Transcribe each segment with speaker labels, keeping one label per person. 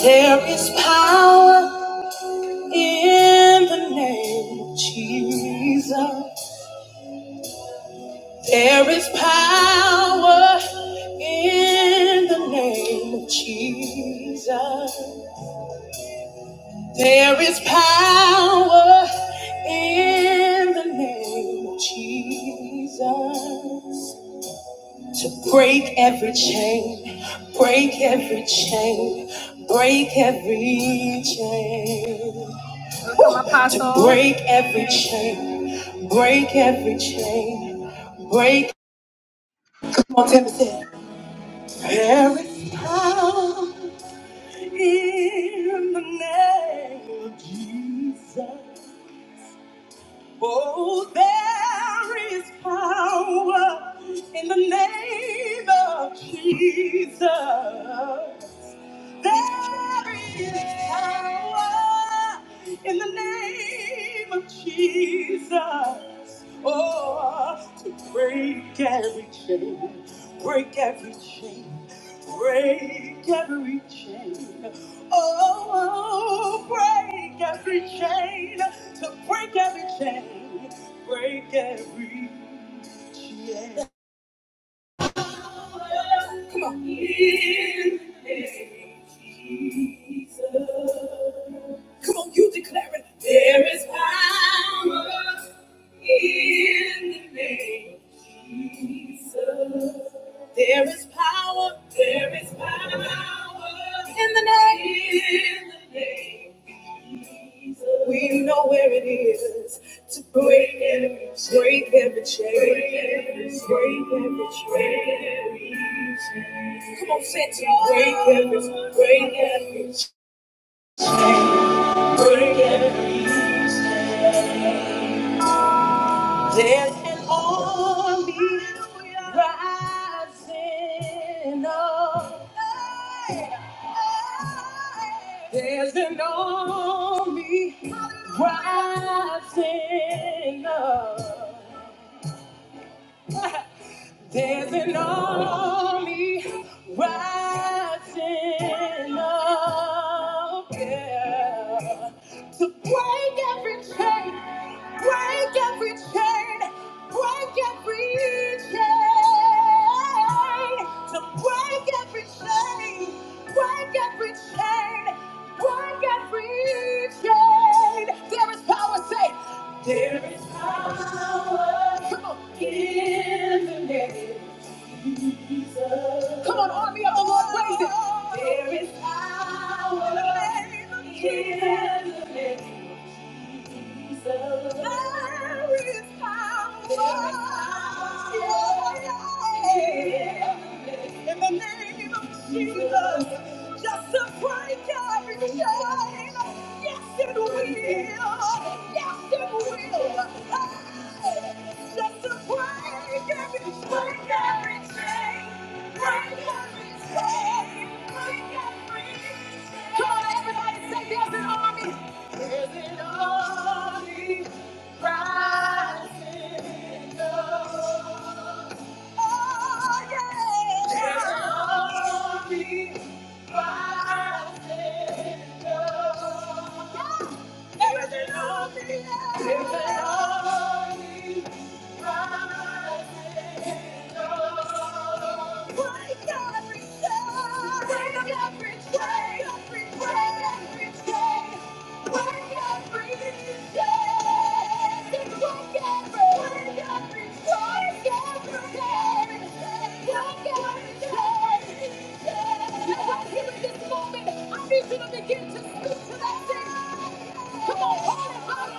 Speaker 1: There is power in the name of Jesus. There is power in the name of Jesus. There is power in the name of Jesus. to break every chain, break every chain, break every chain. To break every chain, break every chain, break. Come on, Timothy. Every power in the name of Jesus. Oh, there is power in the name of Jesus. There is power in the name of Jesus. Oh, to break every chain, break every chain, Break every chain. Oh, break every chain. To break every chain. Break every chain. Come on. Come on, you declare it. There is power. In the name of Jesus, there is power. There is power in the name. In the name of Jesus, we know where it is to break every chain, break every chain, break every break every chain. Come on, say it to me. Break every, break every chain, break every chain. There's an army rising up. There's an army rising up. There's an army rising up yeah, to break every chain, break every chain, break every chain, to break every chain, break every chain, break every chain. There is power, say. There is power Come on. in the name of Come on, army of the Lord, praise it. There is power in the name of just to break every chain. Yes, it will. Yes, it will. Just to break every chain. Break every chain. Break every chain. Come on, everybody, say there's an army. Every army rising up. Oh, yeah. Every army rising up. Every army, every army rising up. Break every chain. Break up every chain. Break every chain. Come on, call it out of his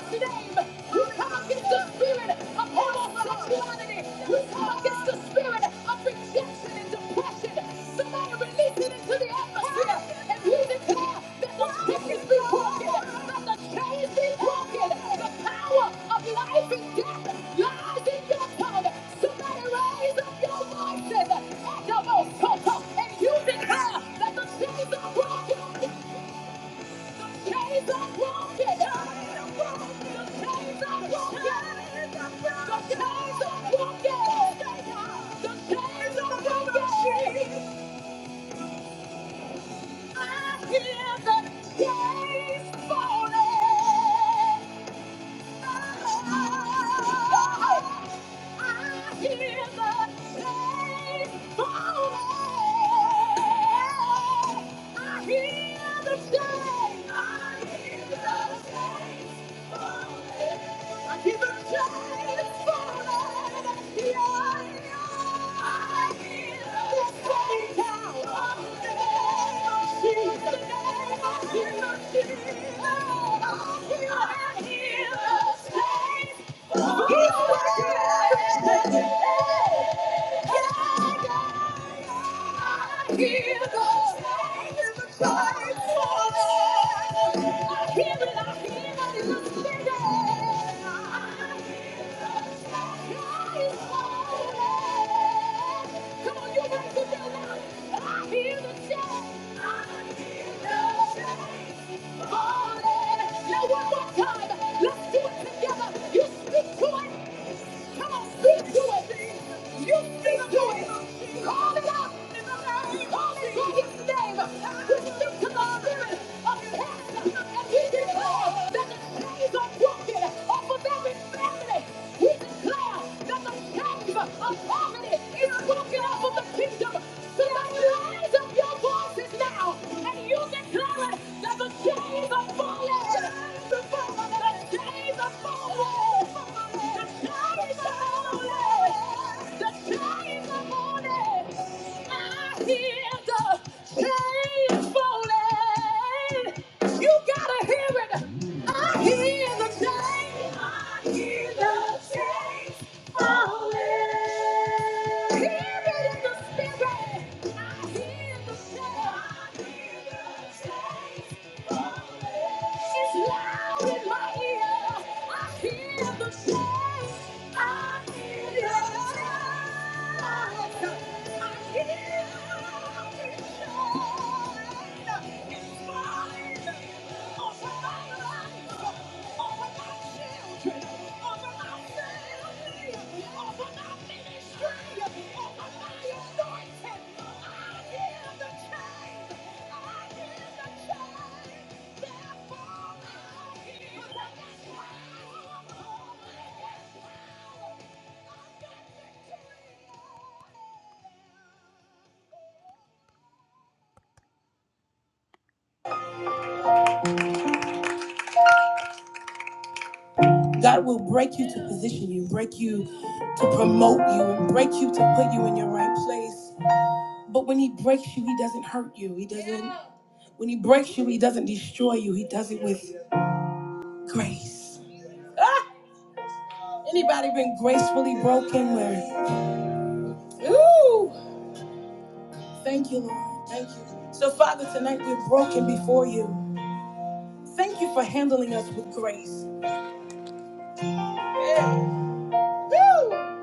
Speaker 1: name. You come against the spirit of homosexuality. You against the spirit of rejection and depression. Somebody release it into the atmosphere. And we declare that the chains be broken. That the chains be broken. The power of life and death lies in your tongue. Somebody raise up your voices. and Double, And you declare that the chains are broken. I hear the days falling. I hear the shame. I hear the shame. He's working everything. Yeah, yeah. Now one more time, Let's do it together. You speak to it. Come on, speak to it. You speak to it. Call it out Call it by his name. We speak to the spirit of cancer and we declare that the chains are broken off of every family. We declare that the chains of poverty is broken off of the kingdom. Somebody raise up your voices now and you declare it that the days are falling. The days are falling. The days are falling. The days are falling. I hear the chains falling. You gotta hear it. I hear the chains. I hear the chains falling. Hear it in the spirit. I hear the chains. I hear the chains falling. It's loud in my ear. I hear the chains. I hear the chains. falling. Thank you. God will break you to position you, break you to promote you, and break you to put you in your right place. But when He breaks you, He doesn't hurt you. He doesn't, when He breaks you, He doesn't destroy you. He does it with grace. Ah! Anybody been gracefully broken where? Ooh! Thank you, Lord. Thank you. So, Father, tonight we're broken before you. Thank you for handling us with grace. Yeah. Woo!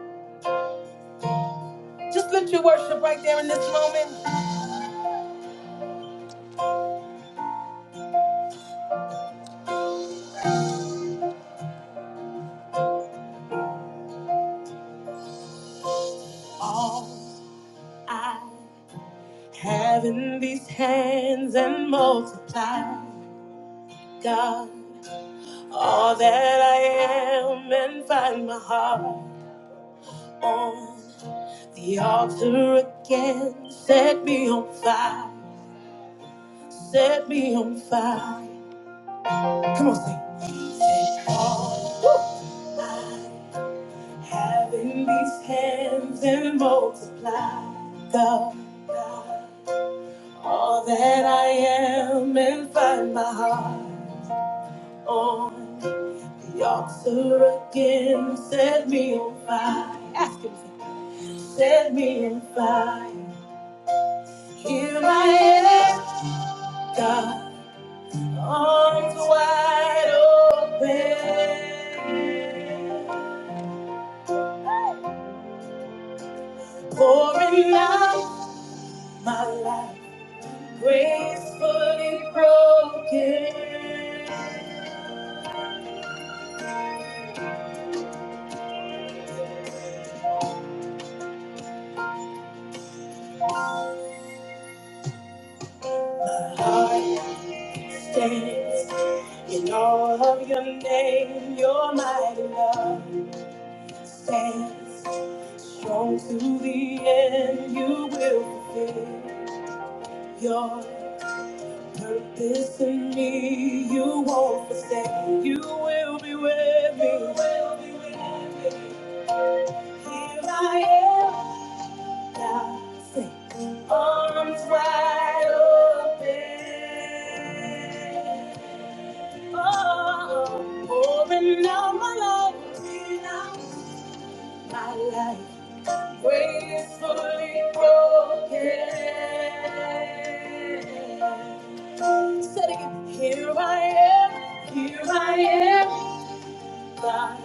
Speaker 1: Just lift your worship right there in this moment. All I. Having these hands and multiply, God, all that I am and find my heart on the altar again. Set me on fire, set me on fire. Come on, sing. Take all, Woo! having these hands and multiply, God, God, all that I am and find my heart on. The altar again set me on fire. Ask him. Set me on fire. Here I am, God, arms wide open, pouring out my life, gracefully broken. My heart stands in all of your name, your mighty love. Stand strong to the end. You will fulfill your purpose in me. You won't forsake. You will be with me. You will be with me. Here I am, God, sing. Arms wide open. Oh, pouring out my life. Pouring out my life. Gracefully broken. Said again, here I am, here I am, God,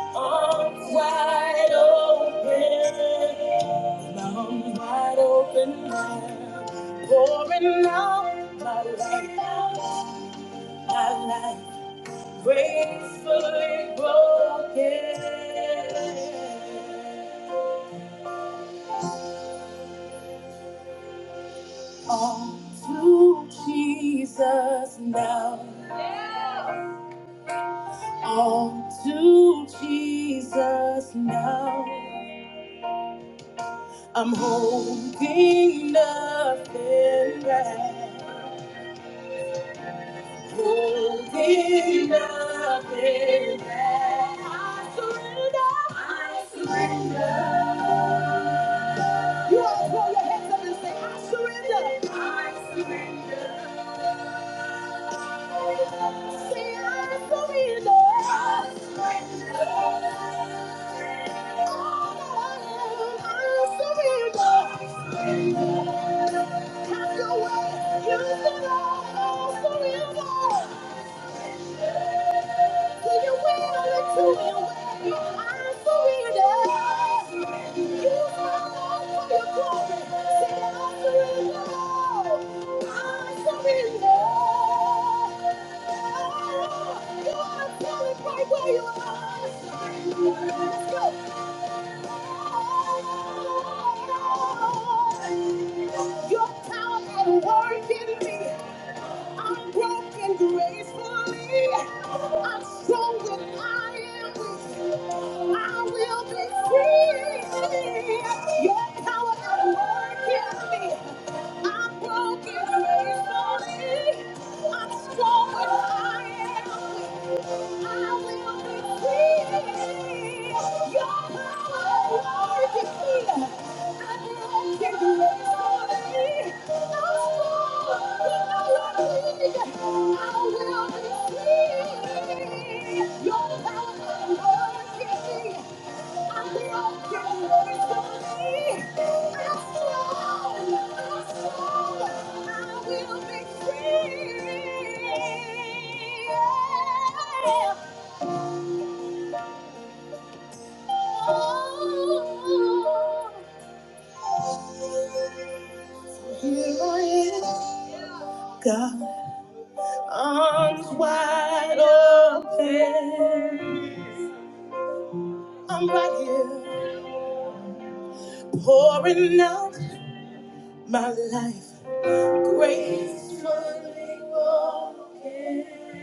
Speaker 1: arms wide open, arms wide open now, pouring out my life, out my life, gracefully broken. All to Jesus now. All to Jesus now. I'm holding nothing back. Holding nothing back. I surrender. I surrender. You all throw your hands up and say, I surrender. I surrender. Have your way, use the law, surrender. To your will to your way, I surrender. You are all for your glory. Say, I surrender. I surrender. Oh, you are solid right where you are. Let's Your power at work in me. I'm broken gracefully. I'm strong when I am weak. I will be free. Your power at work in me. I'm broken raised gracefully. I'm strong when I am weak. I will be free. Your power works in me. I'm broken gracefully. I'm strong when I am weak. I will be free. Your power works in me. Here I am, God, arms wide open. I'm right here, pouring out my life. Gracefully broken.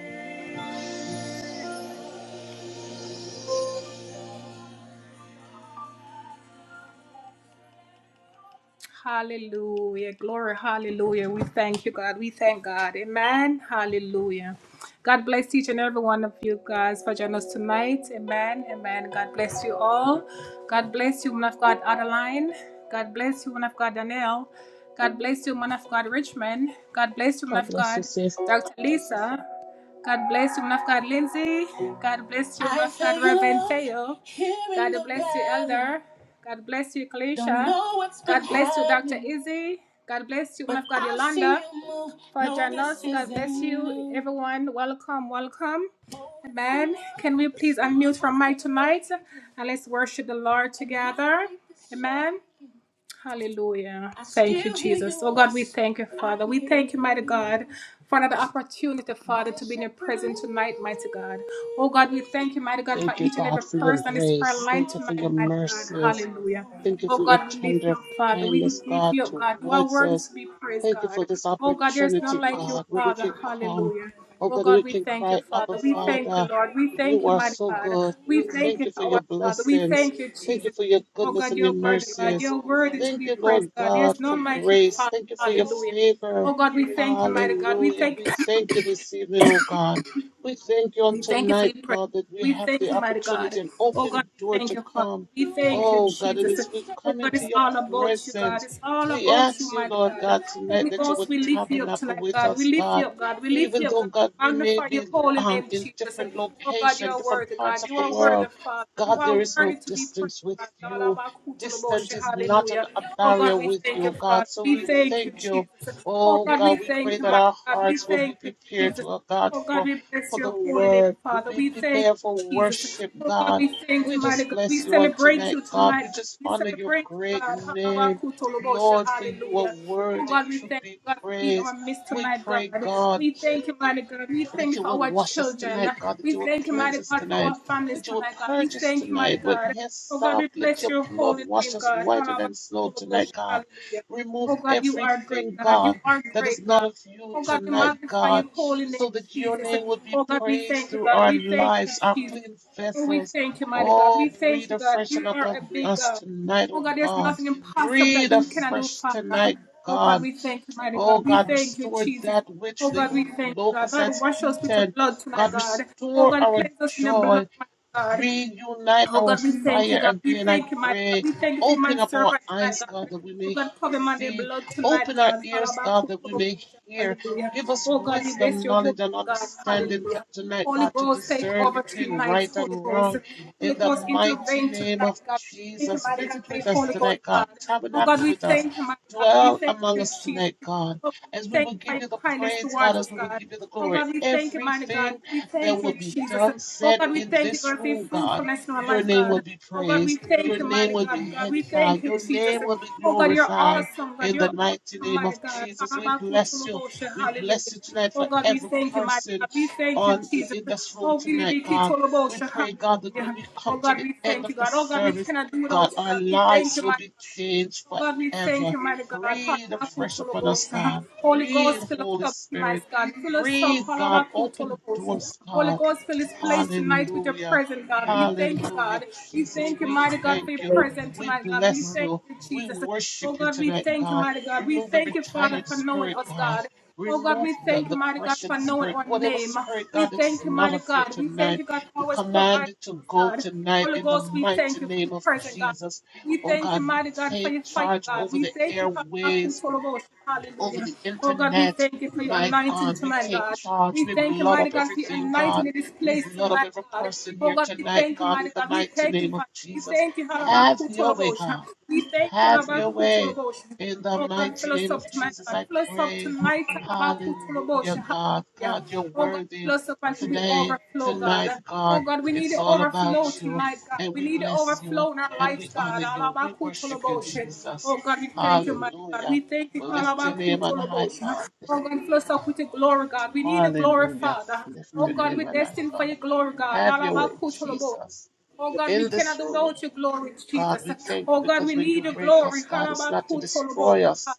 Speaker 1: Hallelujah. Glory. Hallelujah. We thank you, God. We thank God. Amen. Hallelujah. God bless each and every one of you guys for joining us tonight. Amen. Amen. God bless you all. God bless you, woman of God, Adeline. God bless you, woman of God, Danielle. God bless you, woman of God, Richmond. God bless you, woman
Speaker 2: God
Speaker 1: of
Speaker 2: bless
Speaker 1: God,
Speaker 2: you, sis.
Speaker 1: Dr. Lisa. God bless you, woman of God, Lindsay. God bless you, woman of God, Reverend Theo. God bless you, Elder. God bless you, Kalisha. God bless you, Dr. Izzy. God bless you, woman but of God, Yolanda. For No, Janos, God bless you, everyone. Welcome, welcome. Amen. Can we please unmute from mic tonight and let's worship the Lord together? Amen. Hallelujah. Thank you, Jesus. Oh God, we thank you, Father. We thank you, mighty God, for another opportunity, Father, to be in your presence tonight, mighty God. Oh God, we thank you, mighty God, for
Speaker 2: Thank you,
Speaker 1: each and every
Speaker 2: God, for your
Speaker 1: person on this prayer
Speaker 2: grace.
Speaker 1: line
Speaker 2: Thank you for
Speaker 1: tonight,
Speaker 2: your
Speaker 1: mighty God.
Speaker 2: mercies.
Speaker 1: Hallelujah.
Speaker 2: Thank you
Speaker 1: Oh
Speaker 2: for your
Speaker 1: God, we lift you
Speaker 2: tender
Speaker 1: up, Father. We
Speaker 2: kindness,
Speaker 1: lift
Speaker 2: God,
Speaker 1: you up, God. You are
Speaker 2: towards
Speaker 1: worthy
Speaker 2: us.
Speaker 1: to be praised,
Speaker 2: Thank you
Speaker 1: God.
Speaker 2: for this
Speaker 1: Oh God, there is none
Speaker 2: opportunity,
Speaker 1: like you,
Speaker 2: God, where we
Speaker 1: Father.
Speaker 2: can come.
Speaker 1: Hallelujah.
Speaker 2: Oh,
Speaker 1: Oh
Speaker 2: God,
Speaker 1: God,
Speaker 2: we
Speaker 1: we
Speaker 2: can
Speaker 1: thank you,
Speaker 2: cry, Abba,
Speaker 1: Father. We thank you,
Speaker 2: Father,
Speaker 1: Lord. We thank
Speaker 2: you
Speaker 1: you,
Speaker 2: are
Speaker 1: mighty
Speaker 2: so
Speaker 1: God.
Speaker 2: good.
Speaker 1: We
Speaker 2: We
Speaker 1: thank
Speaker 2: thank
Speaker 1: you,
Speaker 2: you for your
Speaker 1: our Father. We
Speaker 2: blessings.
Speaker 1: thank you,
Speaker 2: Thank
Speaker 1: Jesus.
Speaker 2: you for your
Speaker 1: Oh
Speaker 2: goodness
Speaker 1: God,
Speaker 2: and
Speaker 1: you're
Speaker 2: your
Speaker 1: worthy, God.
Speaker 2: mercies.
Speaker 1: You're worthy to
Speaker 2: Thank
Speaker 1: be
Speaker 2: you,
Speaker 1: praised,
Speaker 2: Lord
Speaker 1: God.
Speaker 2: God,
Speaker 1: There's
Speaker 2: for
Speaker 1: none like you,
Speaker 2: grace.
Speaker 1: Father.
Speaker 2: Thank you for your
Speaker 1: Hallelujah. Oh
Speaker 2: favor.
Speaker 1: God, we thank you, mighty God. We
Speaker 2: Hallelujah.
Speaker 1: thank
Speaker 2: We thank you this evening, oh God. We thank you on
Speaker 1: we thank you for
Speaker 2: tonight,
Speaker 1: your prayer.
Speaker 2: God, that we
Speaker 1: We
Speaker 2: have
Speaker 1: thank
Speaker 2: the
Speaker 1: you, mighty God.
Speaker 2: opportunity and
Speaker 1: Oh God,
Speaker 2: open
Speaker 1: we
Speaker 2: door
Speaker 1: thank
Speaker 2: to
Speaker 1: you, Father.
Speaker 2: come
Speaker 1: We thank you,
Speaker 2: Oh God, it
Speaker 1: Jesus.
Speaker 2: is we've
Speaker 1: Oh
Speaker 2: come
Speaker 1: God,
Speaker 2: into
Speaker 1: it's
Speaker 2: your
Speaker 1: all about you, God.
Speaker 2: presence.
Speaker 1: It's all
Speaker 2: We
Speaker 1: about you,
Speaker 2: ask you,
Speaker 1: mighty
Speaker 2: Lord
Speaker 1: God.
Speaker 2: God,
Speaker 1: Holy
Speaker 2: tonight that you
Speaker 1: Ghost,
Speaker 2: would
Speaker 1: we lift you up
Speaker 2: tabernacle
Speaker 1: tonight,
Speaker 2: with
Speaker 1: God. We
Speaker 2: us,
Speaker 1: lift you
Speaker 2: God.
Speaker 1: up, God. We lift
Speaker 2: Even
Speaker 1: you up,
Speaker 2: though
Speaker 1: God.
Speaker 2: God, we may
Speaker 1: Magnify your
Speaker 2: be
Speaker 1: holy
Speaker 2: um,
Speaker 1: name,
Speaker 2: in
Speaker 1: Jesus.
Speaker 2: different
Speaker 1: Oh God, you
Speaker 2: location,
Speaker 1: are
Speaker 2: different
Speaker 1: worthy, God.
Speaker 2: parts of
Speaker 1: You
Speaker 2: the
Speaker 1: are worthy,
Speaker 2: world,
Speaker 1: Father. You
Speaker 2: God, there
Speaker 1: are
Speaker 2: is
Speaker 1: worthy
Speaker 2: no
Speaker 1: to be praised.
Speaker 2: distance with
Speaker 1: God.
Speaker 2: you. Distance is not an,
Speaker 1: Hallelujah.
Speaker 2: a
Speaker 1: Oh
Speaker 2: barrier
Speaker 1: God, we
Speaker 2: with
Speaker 1: thank you,
Speaker 2: you,
Speaker 1: Father.
Speaker 2: God. So
Speaker 1: We
Speaker 2: we
Speaker 1: thank you,
Speaker 2: thank you.
Speaker 1: Jesus. Oh
Speaker 2: Oh
Speaker 1: God, we
Speaker 2: God, we
Speaker 1: thank
Speaker 2: pray
Speaker 1: you,
Speaker 2: that
Speaker 1: mighty
Speaker 2: our
Speaker 1: God. We
Speaker 2: hearts will
Speaker 1: thank
Speaker 2: be
Speaker 1: you,
Speaker 2: prepared,
Speaker 1: Jesus.
Speaker 2: oh God,
Speaker 1: Oh God,
Speaker 2: for
Speaker 1: we bless
Speaker 2: for the
Speaker 1: your holy name,
Speaker 2: word.
Speaker 1: Father.
Speaker 2: Be
Speaker 1: We thank
Speaker 2: prepared for
Speaker 1: you, Jesus.
Speaker 2: worship,
Speaker 1: Oh God,
Speaker 2: God
Speaker 1: we thank
Speaker 2: we
Speaker 1: you, mighty
Speaker 2: just
Speaker 1: God. We
Speaker 2: bless you on
Speaker 1: celebrate
Speaker 2: tonight,
Speaker 1: you
Speaker 2: God.
Speaker 1: tonight,
Speaker 2: We
Speaker 1: God.
Speaker 2: just
Speaker 1: We
Speaker 2: honor your
Speaker 1: celebrate you,
Speaker 2: great
Speaker 1: God.
Speaker 2: name,
Speaker 1: Habakutolobosha.
Speaker 2: Lord, for you are
Speaker 1: Hallelujah. Oh
Speaker 2: worthy
Speaker 1: God, we
Speaker 2: to
Speaker 1: thank you,
Speaker 2: be
Speaker 1: God, for being in our
Speaker 2: praised.
Speaker 1: midst
Speaker 2: We
Speaker 1: tonight, God.
Speaker 2: pray, God
Speaker 1: We thank you, mighty God. We thank
Speaker 2: that
Speaker 1: you
Speaker 2: you
Speaker 1: for
Speaker 2: will
Speaker 1: our
Speaker 2: wash us
Speaker 1: children.
Speaker 2: tonight, God, that
Speaker 1: We
Speaker 2: you will
Speaker 1: thank you,
Speaker 2: cleanse
Speaker 1: mighty
Speaker 2: us
Speaker 1: God, for our
Speaker 2: tonight,
Speaker 1: families
Speaker 2: that you will
Speaker 1: tonight, God. We
Speaker 2: purge us
Speaker 1: thank you, mighty
Speaker 2: tonight with
Speaker 1: God. Oh God,
Speaker 2: hyssop.
Speaker 1: we
Speaker 2: Let
Speaker 1: bless
Speaker 2: your
Speaker 1: your
Speaker 2: blood
Speaker 1: holy
Speaker 2: wash
Speaker 1: name,
Speaker 2: us
Speaker 1: God.
Speaker 2: whiter than snow tonight,
Speaker 1: Habakutolobosha.
Speaker 2: God.
Speaker 1: Hallelujah.
Speaker 2: Remove
Speaker 1: Oh God, you are
Speaker 2: everything,
Speaker 1: great, God. You
Speaker 2: God,
Speaker 1: are
Speaker 2: that is
Speaker 1: great,
Speaker 2: not
Speaker 1: God.
Speaker 2: of you
Speaker 1: Oh God, we
Speaker 2: tonight,
Speaker 1: magnify
Speaker 2: God,
Speaker 1: your holy
Speaker 2: so
Speaker 1: name,
Speaker 2: that your
Speaker 1: Jesus.
Speaker 2: name would be
Speaker 1: Oh God, we
Speaker 2: praised
Speaker 1: thank you,
Speaker 2: through
Speaker 1: God.
Speaker 2: our
Speaker 1: We thank you,
Speaker 2: lives, our
Speaker 1: Jesus.
Speaker 2: clean
Speaker 1: Oh, we
Speaker 2: vessels.
Speaker 1: thank you, mighty God. We
Speaker 2: Oh,
Speaker 1: thank
Speaker 2: breathe
Speaker 1: you,
Speaker 2: a
Speaker 1: God.
Speaker 2: fresh
Speaker 1: You are a
Speaker 2: upon
Speaker 1: big
Speaker 2: us
Speaker 1: God.
Speaker 2: tonight,
Speaker 1: Oh
Speaker 2: oh
Speaker 1: God, there's
Speaker 2: God.
Speaker 1: nothing impossible that
Speaker 2: Breathe
Speaker 1: you cannot do,
Speaker 2: afresh
Speaker 1: Father.
Speaker 2: tonight,
Speaker 1: Oh
Speaker 2: God.
Speaker 1: God, we thank you, mighty God.
Speaker 2: Oh
Speaker 1: We
Speaker 2: God,
Speaker 1: thank you,
Speaker 2: restore
Speaker 1: Jesus.
Speaker 2: that which
Speaker 1: Oh God,
Speaker 2: the
Speaker 1: we thank you, God.
Speaker 2: locusts
Speaker 1: God,
Speaker 2: has
Speaker 1: wash us with your
Speaker 2: eaten.
Speaker 1: blood tonight,
Speaker 2: God,
Speaker 1: God. Oh
Speaker 2: restore
Speaker 1: God,
Speaker 2: our
Speaker 1: cleanse us in your
Speaker 2: joy.
Speaker 1: blood, mighty God.
Speaker 2: Reunite
Speaker 1: Oh
Speaker 2: our
Speaker 1: God, we thank you,
Speaker 2: fire
Speaker 1: God. We
Speaker 2: again, I
Speaker 1: thank you, mighty God.
Speaker 2: pray.
Speaker 1: We thank you for your
Speaker 2: Open
Speaker 1: man
Speaker 2: up our
Speaker 1: servant tonight,
Speaker 2: eyes,
Speaker 1: God.
Speaker 2: God, that we
Speaker 1: Oh
Speaker 2: may
Speaker 1: God, cover him under
Speaker 2: see.
Speaker 1: blood tonight,
Speaker 2: Open our
Speaker 1: God.
Speaker 2: ears, God, that we may hear.
Speaker 1: Hallelujah.
Speaker 2: Give us
Speaker 1: Oh God, we bless
Speaker 2: wisdom,
Speaker 1: your holy
Speaker 2: knowledge, and
Speaker 1: name, God.
Speaker 2: understanding t-
Speaker 1: Hallelujah.
Speaker 2: tonight,
Speaker 1: Holy
Speaker 2: God, to
Speaker 1: Ghost, take
Speaker 2: discern
Speaker 1: over
Speaker 2: between
Speaker 1: tonight,
Speaker 2: right
Speaker 1: Holy
Speaker 2: and
Speaker 1: Ghost.
Speaker 2: wrong.
Speaker 1: Holy
Speaker 2: In the
Speaker 1: Ghost,
Speaker 2: mighty
Speaker 1: intervene
Speaker 2: name
Speaker 1: tonight,
Speaker 2: of
Speaker 1: God. Thank you,
Speaker 2: Jesus,
Speaker 1: mighty God,
Speaker 2: visit
Speaker 1: for your
Speaker 2: with us
Speaker 1: Holy Ghost,
Speaker 2: tonight,
Speaker 1: God.
Speaker 2: God.
Speaker 1: Oh God,
Speaker 2: Tabernacle
Speaker 1: we
Speaker 2: with us.
Speaker 1: thank you, mighty God. We
Speaker 2: Dwell
Speaker 1: thank
Speaker 2: among
Speaker 1: you,
Speaker 2: us tonight,
Speaker 1: Jesus.
Speaker 2: God,
Speaker 1: Oh God, we
Speaker 2: as we
Speaker 1: thank
Speaker 2: will
Speaker 1: you for
Speaker 2: give
Speaker 1: your
Speaker 2: you the
Speaker 1: kindness
Speaker 2: praise, God,
Speaker 1: towards us,
Speaker 2: as we will
Speaker 1: God.
Speaker 2: give you the
Speaker 1: Oh
Speaker 2: glory.
Speaker 1: God, we thank you, mighty
Speaker 2: Everything
Speaker 1: God. We
Speaker 2: that
Speaker 1: thank
Speaker 2: will
Speaker 1: you,
Speaker 2: be
Speaker 1: Jesus.
Speaker 2: done,
Speaker 1: Oh
Speaker 2: said
Speaker 1: God, we
Speaker 2: in
Speaker 1: thank you,
Speaker 2: this
Speaker 1: God, for your
Speaker 2: room, God.
Speaker 1: fruitfulness in our
Speaker 2: Your
Speaker 1: life,
Speaker 2: name
Speaker 1: God.
Speaker 2: will be
Speaker 1: Oh God, we
Speaker 2: praised.
Speaker 1: thank
Speaker 2: Your
Speaker 1: you,
Speaker 2: name
Speaker 1: mighty
Speaker 2: will
Speaker 1: God.
Speaker 2: be
Speaker 1: God, we thank
Speaker 2: edified.
Speaker 1: you,
Speaker 2: Your
Speaker 1: Jesus.
Speaker 2: name will be
Speaker 1: Oh God, you're
Speaker 2: glorified
Speaker 1: awesome, God.
Speaker 2: in the
Speaker 1: You're awesome,
Speaker 2: mighty name
Speaker 1: mighty
Speaker 2: of
Speaker 1: God.
Speaker 2: Jesus. We bless you.
Speaker 1: Arabakutuluboshe,
Speaker 2: We
Speaker 1: Hallelujah.
Speaker 2: bless you tonight
Speaker 1: Oh
Speaker 2: for
Speaker 1: God, we
Speaker 2: every
Speaker 1: thank you, mighty
Speaker 2: person
Speaker 1: God. We thank you,
Speaker 2: on
Speaker 1: Jesus.
Speaker 2: in this room
Speaker 1: Oh, we
Speaker 2: tonight,
Speaker 1: be
Speaker 2: God. We
Speaker 1: kituluboshe,
Speaker 2: pray, God, that when
Speaker 1: Hallelujah.
Speaker 2: we
Speaker 1: Oh
Speaker 2: come to
Speaker 1: God,
Speaker 2: the
Speaker 1: we
Speaker 2: end
Speaker 1: thank
Speaker 2: of
Speaker 1: you,
Speaker 2: the
Speaker 1: God. Oh God, we
Speaker 2: service,
Speaker 1: cannot do without
Speaker 2: God,
Speaker 1: you,
Speaker 2: our
Speaker 1: God. We thank
Speaker 2: lives
Speaker 1: you,
Speaker 2: will
Speaker 1: mighty
Speaker 2: be
Speaker 1: God.
Speaker 2: changed
Speaker 1: Oh God, we thank
Speaker 2: forever.
Speaker 1: you, mighty God.
Speaker 2: Breathe afresh upon us,
Speaker 1: Halabakutolobosha.
Speaker 2: God.
Speaker 1: Holy
Speaker 2: Breathe,
Speaker 1: Ghost, fill us
Speaker 2: Holy
Speaker 1: up tonight,
Speaker 2: Spirit.
Speaker 1: God. Fill us up,
Speaker 2: Breathe, God. Open
Speaker 1: halabakutolobosha.
Speaker 2: doors,
Speaker 1: Holy
Speaker 2: God.
Speaker 1: Ghost, fill this place tonight with your
Speaker 2: Hallelujah.
Speaker 1: presence, God. We thank you,
Speaker 2: Hallelujah,
Speaker 1: God. We
Speaker 2: Jesus.
Speaker 1: thank you,
Speaker 2: We
Speaker 1: mighty God,
Speaker 3: have
Speaker 1: for
Speaker 2: thank
Speaker 3: to
Speaker 1: your
Speaker 2: you.
Speaker 3: wait on
Speaker 1: presence
Speaker 2: We
Speaker 1: tonight, God. We
Speaker 3: my
Speaker 2: bless
Speaker 1: thank
Speaker 2: you.
Speaker 1: you,
Speaker 2: We
Speaker 1: Jesus. Oh
Speaker 2: worship you
Speaker 1: God, we
Speaker 2: tonight,
Speaker 1: thank you,
Speaker 2: God.
Speaker 1: mighty God. We
Speaker 2: Remove every
Speaker 1: thank you, Father,
Speaker 2: tired
Speaker 1: for
Speaker 3: God.
Speaker 1: knowing
Speaker 2: spirit,
Speaker 1: us,
Speaker 2: God.
Speaker 1: God. Oh God, we
Speaker 2: Remove the
Speaker 1: thank you,
Speaker 2: the
Speaker 1: mighty God,
Speaker 2: depression
Speaker 1: for knowing
Speaker 2: spirit,
Speaker 1: our
Speaker 2: whatever
Speaker 1: name.
Speaker 2: spirit,
Speaker 1: We
Speaker 2: God, that is
Speaker 1: thank you,
Speaker 2: not
Speaker 1: mighty
Speaker 2: of you
Speaker 1: God. We thank
Speaker 2: tonight.
Speaker 1: you, God, for
Speaker 2: We
Speaker 1: always
Speaker 2: command
Speaker 1: providing
Speaker 2: it to
Speaker 1: us,
Speaker 2: go
Speaker 1: God.
Speaker 2: tonight
Speaker 1: Holy
Speaker 2: in the
Speaker 1: Ghost, we thank
Speaker 2: mighty
Speaker 1: you for the
Speaker 2: name of
Speaker 1: presence, God.
Speaker 2: Jesus.
Speaker 1: We
Speaker 2: Oh,
Speaker 1: thank you,
Speaker 2: God, we
Speaker 1: mighty God, for your
Speaker 2: take
Speaker 1: fire,
Speaker 2: charge
Speaker 1: God.
Speaker 2: over
Speaker 1: We
Speaker 2: the
Speaker 1: thank you,
Speaker 2: airways
Speaker 1: Hakutolobos.
Speaker 2: over
Speaker 1: hallelujah.
Speaker 2: the
Speaker 1: Oh God, we
Speaker 2: internet.
Speaker 1: thank you for your
Speaker 2: My
Speaker 1: anointing
Speaker 2: God, we
Speaker 1: tonight,
Speaker 2: take
Speaker 1: God.
Speaker 2: charge.
Speaker 1: We
Speaker 2: We
Speaker 1: thank you,
Speaker 2: blood
Speaker 1: mighty
Speaker 2: up
Speaker 1: God, for your
Speaker 2: everything,
Speaker 1: anointing
Speaker 2: God.
Speaker 1: in this
Speaker 2: We
Speaker 1: place
Speaker 2: blood up
Speaker 1: tonight,
Speaker 2: every
Speaker 1: God.
Speaker 2: person
Speaker 1: Oh
Speaker 2: here
Speaker 1: God, we
Speaker 2: tonight,
Speaker 1: thank you,
Speaker 2: God,
Speaker 1: mighty
Speaker 2: in the
Speaker 1: God. We
Speaker 2: mighty
Speaker 1: thank you,
Speaker 2: name of
Speaker 1: Father. We
Speaker 2: Jesus.
Speaker 1: thank you,
Speaker 2: Have your way,
Speaker 1: Halabakutolobos.
Speaker 2: God.
Speaker 1: We thank you,
Speaker 2: Have your way.
Speaker 1: Halabakutolobos.
Speaker 2: In the
Speaker 1: Oh God,
Speaker 2: mighty
Speaker 1: fill us
Speaker 2: name
Speaker 1: up
Speaker 2: of
Speaker 1: tonight,
Speaker 2: Jesus,
Speaker 1: God.
Speaker 2: I
Speaker 1: Fill us up
Speaker 2: pray.
Speaker 1: tonight,
Speaker 2: Hallelujah,
Speaker 1: Halabakutolobos.
Speaker 2: God.
Speaker 1: Hallelujah.
Speaker 2: God, you're
Speaker 1: Oh God, fill
Speaker 2: worthy
Speaker 1: us up until we
Speaker 2: today,
Speaker 1: overflow, God.
Speaker 2: tonight,
Speaker 1: Oh
Speaker 2: God.
Speaker 1: God, we need
Speaker 2: It's
Speaker 1: the
Speaker 2: all about
Speaker 1: overflow
Speaker 2: you.
Speaker 1: tonight, God.
Speaker 2: And
Speaker 1: We
Speaker 2: we
Speaker 1: need the
Speaker 2: bless you
Speaker 1: overflow in our
Speaker 2: and
Speaker 1: lives,
Speaker 2: we honor
Speaker 1: God.
Speaker 2: you. We worship you,
Speaker 1: Oh
Speaker 2: Jesus.
Speaker 1: God, we thank you, mighty God.
Speaker 2: Hallelujah.
Speaker 1: We thank you,
Speaker 2: We lift your name on high,
Speaker 1: Alabakutoloboshe.
Speaker 2: God.
Speaker 1: Oh God, fill us up with your glory, God. We need the glory,
Speaker 2: Hallelujah.
Speaker 1: Father.
Speaker 2: Lift
Speaker 1: Oh
Speaker 2: your
Speaker 1: God, we're
Speaker 2: name on high,
Speaker 1: destined for
Speaker 2: God.
Speaker 1: your glory, God.
Speaker 2: Have your way,
Speaker 1: Alabakutoloboshe.
Speaker 2: Jesus.
Speaker 1: Oh God, we
Speaker 2: In
Speaker 1: cannot
Speaker 2: this
Speaker 1: do without
Speaker 2: room,
Speaker 1: your glory,
Speaker 2: God,
Speaker 1: Jesus.
Speaker 2: we thank you
Speaker 1: Oh God,
Speaker 2: because
Speaker 1: we
Speaker 2: when you
Speaker 1: need your
Speaker 2: break
Speaker 1: glory.
Speaker 2: us, God, it's not to
Speaker 1: Halabakutoloboshe.
Speaker 2: destroy us.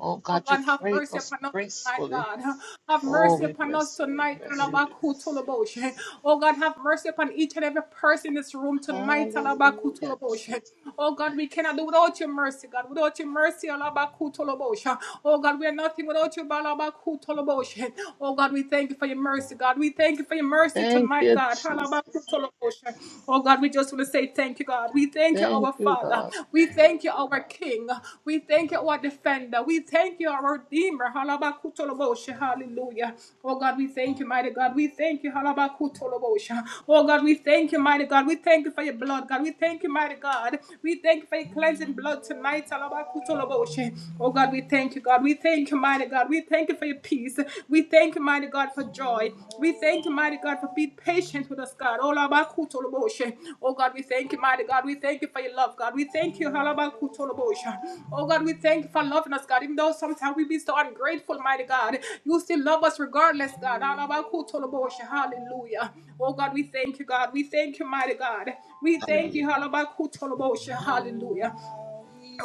Speaker 2: Oh,
Speaker 1: Oh
Speaker 2: God, you
Speaker 1: God, have
Speaker 2: break
Speaker 1: mercy
Speaker 2: us
Speaker 1: upon us tonight,
Speaker 2: gracefully.
Speaker 1: God. Have
Speaker 2: Oh,
Speaker 1: mercy
Speaker 2: we
Speaker 1: upon us
Speaker 2: bless you, we
Speaker 1: tonight,
Speaker 2: bless you, we bless you.
Speaker 1: Talabakutulaboshe. Oh God, have mercy upon each and every person in this room tonight,
Speaker 2: Hallelujah,
Speaker 1: Talabakutulaboshe.
Speaker 2: Jesus.
Speaker 1: Oh God, we cannot do without your mercy, God. Without your mercy, Alabakutulaboshe. Oh God, we are nothing without you, Balabakutulaboshe. Oh God, we thank you for your mercy, God. We thank you for your mercy
Speaker 2: Thank
Speaker 1: tonight,
Speaker 2: you,
Speaker 1: God.
Speaker 2: Jesus.
Speaker 1: Alabakutulaboshe. Oh God, we just want to we say thank you, God. We thank you,
Speaker 2: Thank
Speaker 1: our
Speaker 2: you,
Speaker 1: Father.
Speaker 2: God.
Speaker 1: We thank you, our King. We thank you, our Defender. We thank you, our Redeemer. Halabakutoloboshe. Hallelujah. Oh God, we thank you, mighty God. We thank you. Halabakutoloboshe. Oh God, we thank you, mighty God. We thank you for your blood, God. We thank you, mighty God. We thank you for your cleansing blood tonight. Halabakutoloboshe. Oh God, we thank you, God. We thank you, mighty God. We thank you for your peace. We. We thank you, mighty God, for joy. We thank you, mighty God, for being patient with us, God. Oh, Labakutoloboshe. Oh, God, we thank you, mighty God. We thank you for your love, God. We thank you, Halabakutoloboshe. Oh, God, we thank you for loving us, God. Even though sometimes we be so ungrateful, mighty God, you still love us regardless, God. Halabakutoloboshe. Hallelujah. Oh, God, we thank you, God. We thank you, mighty God. We thank
Speaker 4: Hallelujah.
Speaker 1: you, Halabakutoloboshe. Hallelujah.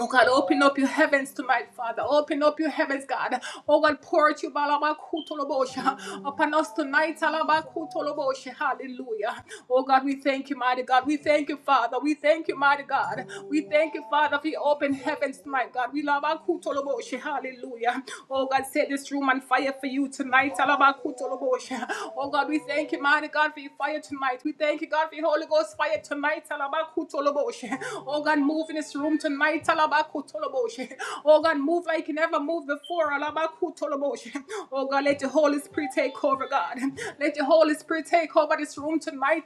Speaker 1: Oh God, open up your heavens tonight, Father. Open up your heavens, God. Oh God, pour out your balabakutolobosha upon us tonight. alabakutolobosha. Hallelujah. Oh God, we thank you, mighty God. We thank you, Father. We thank you, mighty God. We thank you, Father, for your open heavens tonight, God. We love Hallelujah. Oh God, set this room on fire for you tonight. alabakutolobosha. Oh God, we thank you, mighty God, for your fire tonight. We thank you, God, for your Holy Ghost fire tonight. alabakutolobosha. Oh God, move in this room tonight. Talabakutoloboshe. Oh God, move like you never moved before. Oh God, let the Holy Spirit take over, God. Let the Holy Spirit take over this room tonight.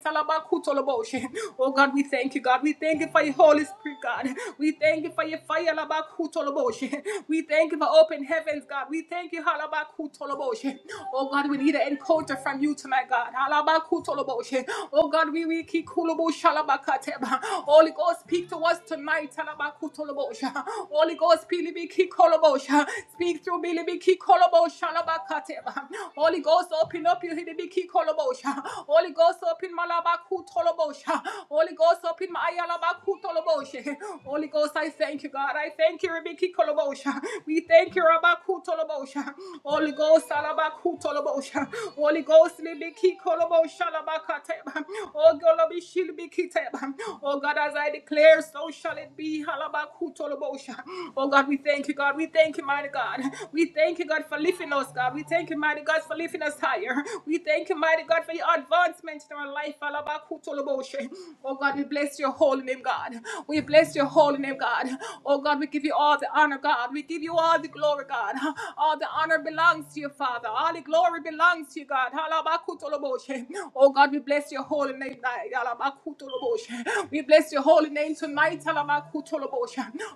Speaker 1: Oh God, we thank you, God. We thank you for your Holy Spirit, God. We thank you for your fire. Alabakutoloboshe. We thank you for open heavens, God. We thank you. Oh God, we need an encounter from you tonight, God. Oh God, we we kikuloboshalabakateba. Holy Ghost, speak to us tonight. Tolobosha. Holy Ghost, Pilibiki Kolobosha. Speak through Bilibiki Kolobosha. Labakateba. Holy Ghost, open up your Hidibiki Kolobosha. Holy Ghost, open Malabaku Tolobosha. Holy Ghost, open my Ayalabaku Tolobosha. Holy Ghost, I thank you, God. I thank you, Ribiki Kolobosha. We thank you, Rabaku Tolobosha. Holy Ghost, Alabaku Tolobosha. Holy Ghost, Libiki Kolobosha Labakateba. Oh, Golobishilibikiteba. Oh, God, as I declare, so shall it be. Halabaka. Oh God, we thank you, God. We thank you, mighty God. We thank you, God, for lifting us, God. We thank you, mighty God, for lifting us higher. We thank you, mighty God, for your advancements in our life. Oh God, we bless your holy name, God. We bless your holy name, God. Oh God, we give you all the honor, God. We give you all the glory, God. All the honor belongs to you, Father. All the glory belongs to you, God. Oh God, we bless your holy name. We bless your holy name tonight.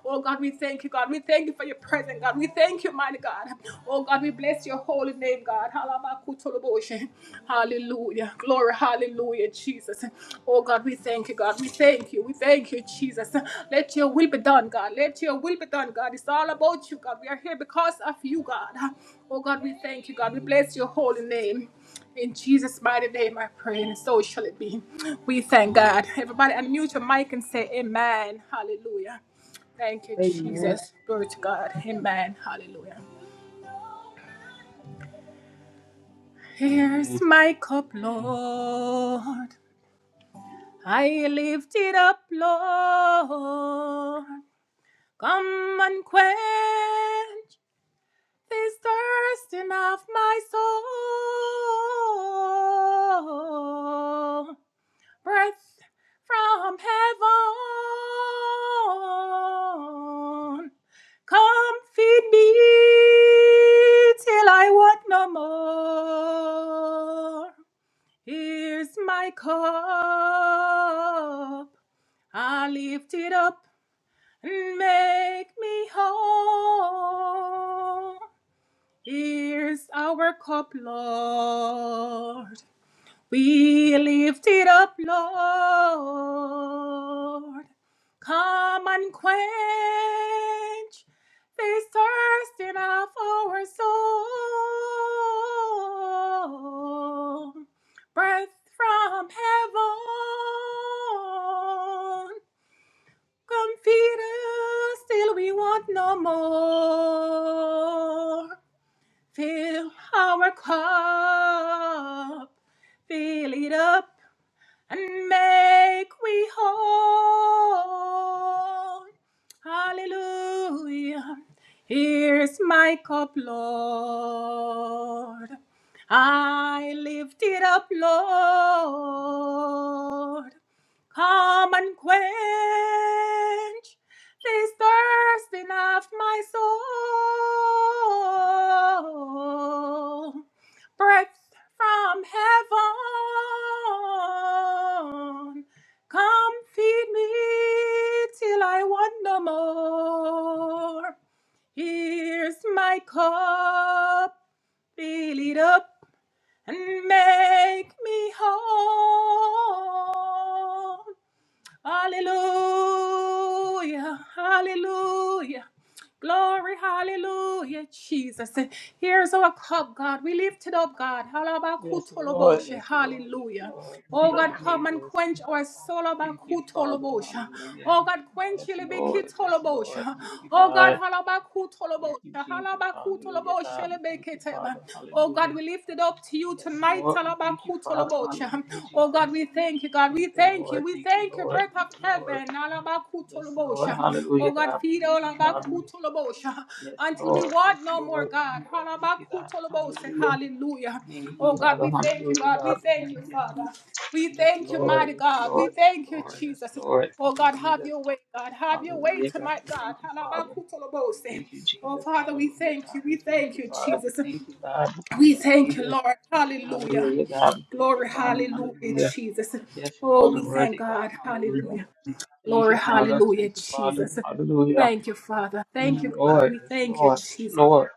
Speaker 1: Oh God, we thank you, God. We thank you for your presence, God. We thank you, mighty God. Oh God, we bless your holy name, God. Halabakutoloboshe. Hallelujah. Glory, hallelujah, Jesus. Oh God, we thank you, God. We thank you. We thank you, Jesus. Let your will be done, God. Let your will be done, God. It's all about you, God. We are here because of you, God. Oh God, we thank you, God. We bless your holy name. In Jesus' mighty name, I pray, and so shall it be. We thank God. Everybody, unmute your mic and say, Amen. Hallelujah. Thank you,
Speaker 3: Amen.
Speaker 1: Jesus. Glory to God. Amen. Hallelujah.
Speaker 5: Amen.
Speaker 1: Here's my cup, Lord. I lift it up, Lord. Come and quench this thirsting of my soul. breath from heaven. Come feed me till I want no more. Here's my cup. I lift it up and make me whole. Here's our cup, Lord. Be lifted up, Lord. Come and quench this thirsting of our soul. Breath from heaven. Come feed us till we want no more. Fill our cup. Fill it up and make we whole. Hallelujah. Here's my cup, Lord. I lift it up, Lord. Come and quench this thirsting of my soul breath from heaven. Come feed me till I want no more. Here's my cup, fill it up and make me whole. Hallelujah. Hallelujah. Glory, hallelujah, Jesus. Here's our cup, God. We lift it up, God.
Speaker 5: Yes, Lord.
Speaker 1: Halabakutoloboshe,
Speaker 5: Yes, Lord. Yes,
Speaker 1: Hallelujah.
Speaker 5: Lord.
Speaker 1: Oh
Speaker 5: Thank
Speaker 1: God,
Speaker 5: you,
Speaker 1: come and
Speaker 5: Jesus.
Speaker 1: quench our soul.
Speaker 5: Thank you, Father.
Speaker 1: Halabakutoloboshe.
Speaker 5: Hallelujah.
Speaker 1: Oh God, quench
Speaker 5: Yes, Lord. Yes, Lord.
Speaker 1: ilibikitoloboshe.
Speaker 5: Thank you,
Speaker 1: Oh God,
Speaker 5: God. Thank
Speaker 1: halabakutoloboshe.
Speaker 5: you, Jesus. Hallelujah,
Speaker 1: Halabakutoloboshe
Speaker 5: God. We thank you,
Speaker 1: lebeketeba.
Speaker 5: Father.
Speaker 1: Oh God,
Speaker 5: Hallelujah.
Speaker 1: we lift it up to you
Speaker 5: Yes,
Speaker 1: tonight.
Speaker 5: Lord. We thank you, Father.
Speaker 1: Halabakutoloboshe.
Speaker 5: Hallelujah,
Speaker 1: Oh
Speaker 5: Jesus.
Speaker 1: God, we thank you, God. We
Speaker 5: Thank
Speaker 1: we
Speaker 5: you,
Speaker 1: thank you.
Speaker 5: Lord.
Speaker 1: We
Speaker 5: Thank you,
Speaker 1: thank you,
Speaker 5: Lord.
Speaker 1: breath of
Speaker 5: Thank you, Lord.
Speaker 1: heaven.
Speaker 5: Yes, Lord.
Speaker 1: Alabakutolobosha.
Speaker 5: Hallelujah,
Speaker 1: Oh God,
Speaker 5: God. We
Speaker 1: feed
Speaker 5: thank
Speaker 1: all
Speaker 5: you, Father.
Speaker 1: alabakutolobosha.
Speaker 5: Yes,
Speaker 1: until we
Speaker 5: Lord. Yes,
Speaker 1: want no more,
Speaker 5: Lord. Yes,
Speaker 1: God.
Speaker 5: Lord. Thank you, God.
Speaker 1: Alabakutolobose.
Speaker 5: Hallelujah.
Speaker 1: Hallelujah.
Speaker 5: Thank you,
Speaker 1: Oh God,
Speaker 5: Father.
Speaker 1: we thank you,
Speaker 5: Hallelujah,
Speaker 1: God. We
Speaker 5: God. We
Speaker 1: thank
Speaker 5: thank
Speaker 1: you,
Speaker 5: you.
Speaker 1: Father. We
Speaker 5: Yes,
Speaker 1: thank you,
Speaker 5: Lord.
Speaker 1: mighty
Speaker 5: Yes,
Speaker 1: God. We
Speaker 5: Lord. Yes,
Speaker 1: thank you,
Speaker 5: Lord. Yes,
Speaker 1: Jesus.
Speaker 5: Lord.
Speaker 1: Oh
Speaker 5: Thank
Speaker 1: God,
Speaker 5: you,
Speaker 1: have
Speaker 5: Jesus.
Speaker 1: your way, God. Have your way
Speaker 5: Hallelujah, God.
Speaker 1: tonight,
Speaker 5: We
Speaker 1: God.
Speaker 5: thank you, Father.
Speaker 1: Halabakutolobose.
Speaker 5: Thank you,
Speaker 1: Oh
Speaker 5: Jesus.
Speaker 1: Father, we
Speaker 5: Hallelujah,
Speaker 1: thank you.
Speaker 5: God.
Speaker 1: We
Speaker 5: We thank
Speaker 1: thank
Speaker 5: you,
Speaker 1: you,
Speaker 5: Father. We
Speaker 1: Jesus.
Speaker 5: thank you, God. We thank
Speaker 1: We
Speaker 5: you,
Speaker 1: thank you,
Speaker 5: Jesus.
Speaker 1: Lord. Hallelujah.
Speaker 5: Hallelujah, God. We thank you,
Speaker 1: Glory,
Speaker 5: Father.
Speaker 1: hallelujah,
Speaker 5: Hallelujah.
Speaker 1: Jesus.
Speaker 5: Yes,
Speaker 1: Oh,
Speaker 5: Lord,
Speaker 1: we
Speaker 5: the
Speaker 1: thank
Speaker 5: worthy God.
Speaker 1: God.
Speaker 5: Hallelujah.
Speaker 1: Hallelujah.
Speaker 5: Thank
Speaker 1: Glory,
Speaker 5: you, Father.
Speaker 1: hallelujah,
Speaker 5: Thank you, Father.
Speaker 1: Jesus.
Speaker 5: Hallelujah.
Speaker 1: Thank you, Father.
Speaker 5: Yes,
Speaker 1: Thank you, God.
Speaker 5: Lord.
Speaker 1: We
Speaker 5: Yes,
Speaker 1: thank you,
Speaker 5: Lord. Yes,
Speaker 1: Jesus.
Speaker 5: Lord.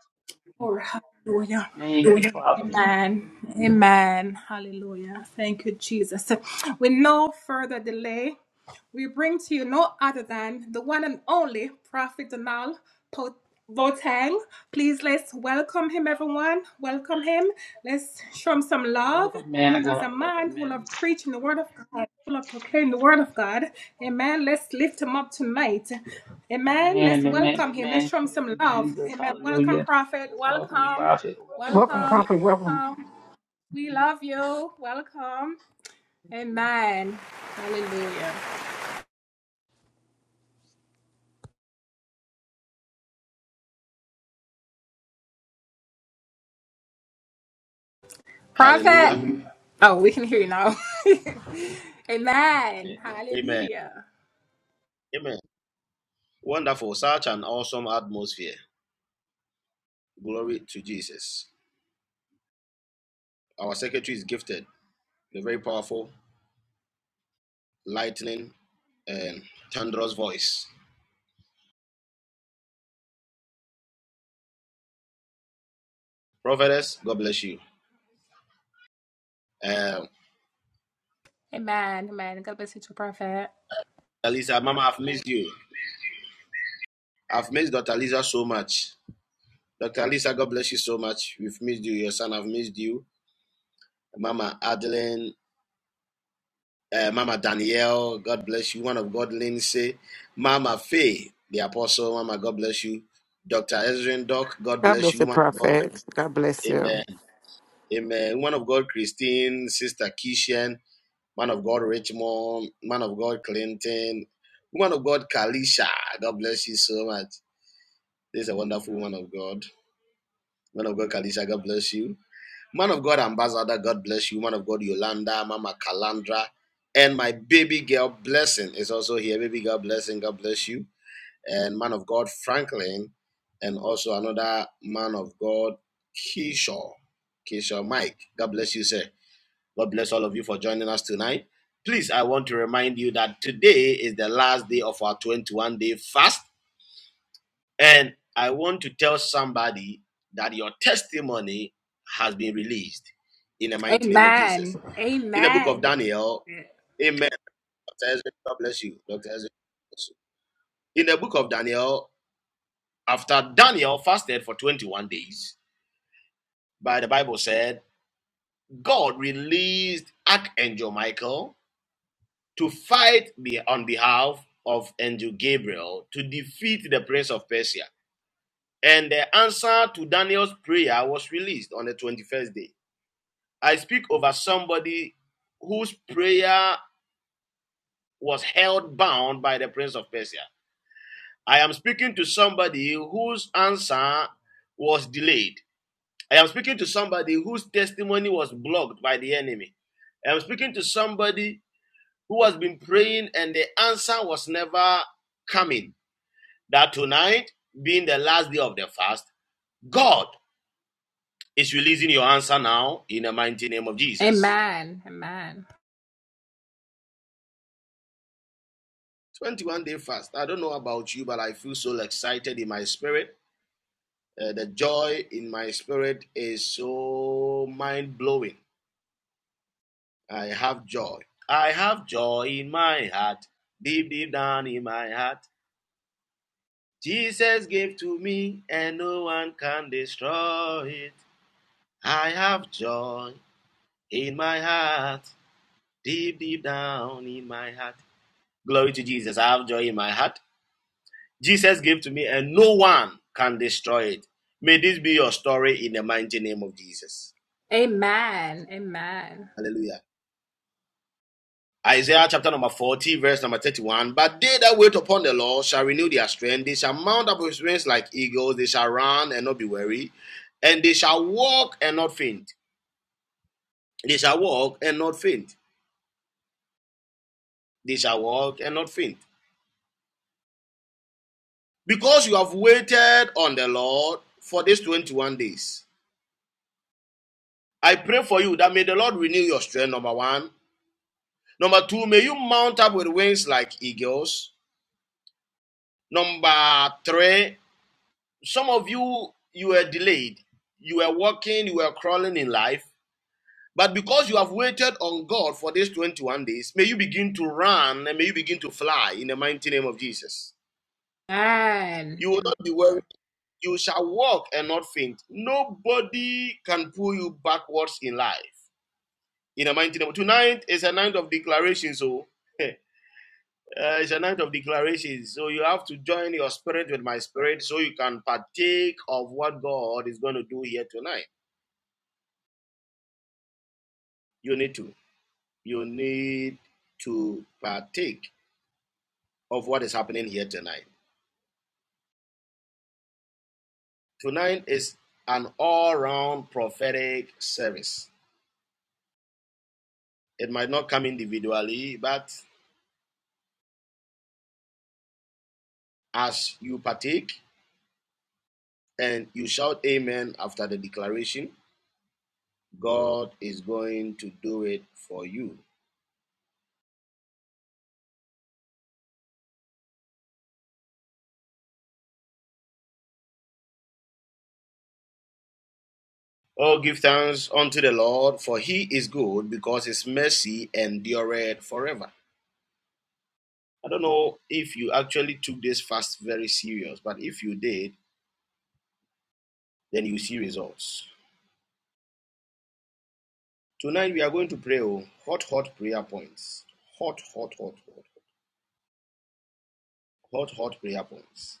Speaker 1: Glory, hallelujah.
Speaker 5: Thank you, Father.
Speaker 1: Amen. Amen. Hallelujah. Thank you, Jesus. With no further delay, we bring to you no other than the one and only Prophet Donal Po- Boateng. Please let's welcome him, everyone. Welcome him. Let's show him some love.
Speaker 5: Welcome, man of
Speaker 1: He's a
Speaker 5: God.
Speaker 1: man
Speaker 5: Welcome,
Speaker 1: who
Speaker 5: man.
Speaker 1: loves preaching the word of God, who loves proclaiming the word of God. Amen. Let's lift him up tonight. Amen. Let's
Speaker 5: Amen. Amen.
Speaker 1: welcome him. Let's
Speaker 5: Amen.
Speaker 1: show him
Speaker 5: Thank
Speaker 1: some
Speaker 5: you,
Speaker 1: love.
Speaker 5: Jesus.
Speaker 1: Amen.
Speaker 5: Hallelujah.
Speaker 1: Welcome, Prophet.
Speaker 5: Welcome,
Speaker 1: Welcome.
Speaker 5: Prophet. Welcome,
Speaker 6: Welcome,
Speaker 1: Welcome.
Speaker 5: Prophet.
Speaker 6: Prophet. Welcome,
Speaker 1: Welcome. We love you. Welcome. Amen. Hallelujah.
Speaker 4: Hallelujah.
Speaker 1: Prophet. Oh, we can hear you now. Amen.
Speaker 4: Amen.
Speaker 1: Hallelujah.
Speaker 4: Amen. Wonderful. Such an awesome atmosphere. Glory to Jesus. Our secretary is gifted with a very powerful, lightning, and thunderous voice. Prophetess, God bless you. Um, Alisa, Mama, I've missed you. I've missed Dr. Lisa so much. Dr. Lisa, God bless you so much. We've missed you. Your son, I've missed you. Mama Adeline, uh, Mama Danielle, God bless you. One of God, Lindsay, Mama Faye, the Apostle, Mama, God bless you. Dr. Ezrin Doc, God
Speaker 7: God
Speaker 4: bless
Speaker 7: bless
Speaker 4: you.
Speaker 7: the
Speaker 4: Woman of God,
Speaker 7: prophet. God bless you.
Speaker 4: Amen. Amen. Woman of God, Christine, Sister Kishan, Man of God, Richmond, Man of God, Clinton, Woman of God, Kalisha, God bless you so much. This is a wonderful woman of God. Man of God, Kalisha, God bless you. Man of God, Ambassador, God bless you. Man of God, Yolanda, Mama Kalandra, and my baby girl, Blessing, is also here. Baby girl, Blessing, God bless you. And man of God, Franklin, and also another man of God, Keyshaw. Keyshaw Mike, God bless you, sir. God bless all of you for joining us tonight. Please, I want to remind you that today is the last day of our 21 day fast and I want to tell somebody that your testimony has been released in the mighty name of Jesus.
Speaker 1: Amen.
Speaker 4: In the book of
Speaker 1: Amen.
Speaker 4: Daniel, amen. Dr. Ezra, God bless you. Dr. Ezra, God bless you. In the book of Daniel, after Daniel fasted for 21 days, by the Bible said, God released Archangel Michael to fight be- on behalf of Angel Gabriel to defeat the prince of Persia. And the answer to Daniel's prayer was released on the 21st day. I speak over somebody whose prayer was held bound by the prince of Persia. I am speaking to somebody whose answer was delayed. I am speaking to somebody whose testimony was blocked by the enemy. I am speaking to somebody who has been praying and the answer was never coming. That tonight, being the last day of the fast, God is releasing your answer now in the mighty name of Jesus.
Speaker 1: Amen. Amen. Amen.
Speaker 4: 21 day fast. I don't know about you, but I feel so excited in my spirit. Uh, the joy in my spirit is so mind blowing. I have joy. I have joy in my heart, deep, deep down in my heart. Jesus gave to me, and no one can destroy it. I have joy in my heart, deep, deep down in my heart. Glory to Jesus. I have joy in my heart. Jesus gave to me, and no one can destroy it. May this be your story in the mighty name of Jesus.
Speaker 1: Amen.
Speaker 4: Hallelujah. Isaiah chapter number 40, verse number 31. But they that wait upon the Lord shall renew their strength. They shall mount up with wings like eagles. They shall run and not be weary. And they shall walk and not faint. They shall walk and not faint. They shall walk and not faint. Because you have waited on the Lord for these 21 days. I pray for you that may the Lord renew your strength, number one. Number two, may you mount up with wings like eagles. Number three, some of you, you were delayed. You were walking, you were crawling in life. But because you have waited on God for these 21 days, may you begin to run and may you begin to fly in the mighty name of Jesus.
Speaker 1: Amen.
Speaker 4: You will not be worried. You shall walk and not faint. Nobody can pull you backwards in life. In the mighty name. Tonight is a night of declaration, so Uh, it's a night of declarations. So you have to join your spirit with my spirit so you can partake of what God is going to do here tonight. You need to. You need to partake of what is happening here tonight. Tonight is an all round prophetic service. It might not come individually, but as you partake and you shout amen after the declaration, God is going to do it for you. Oh, give thanks unto the Lord, for he is good, because his mercy endureth forever. I don't know if you actually took this fast very serious, but if you did, then you see results. Tonight we are going to pray oh, hot, hot prayer points. Hot, hot, hot, hot, hot, hot prayer points.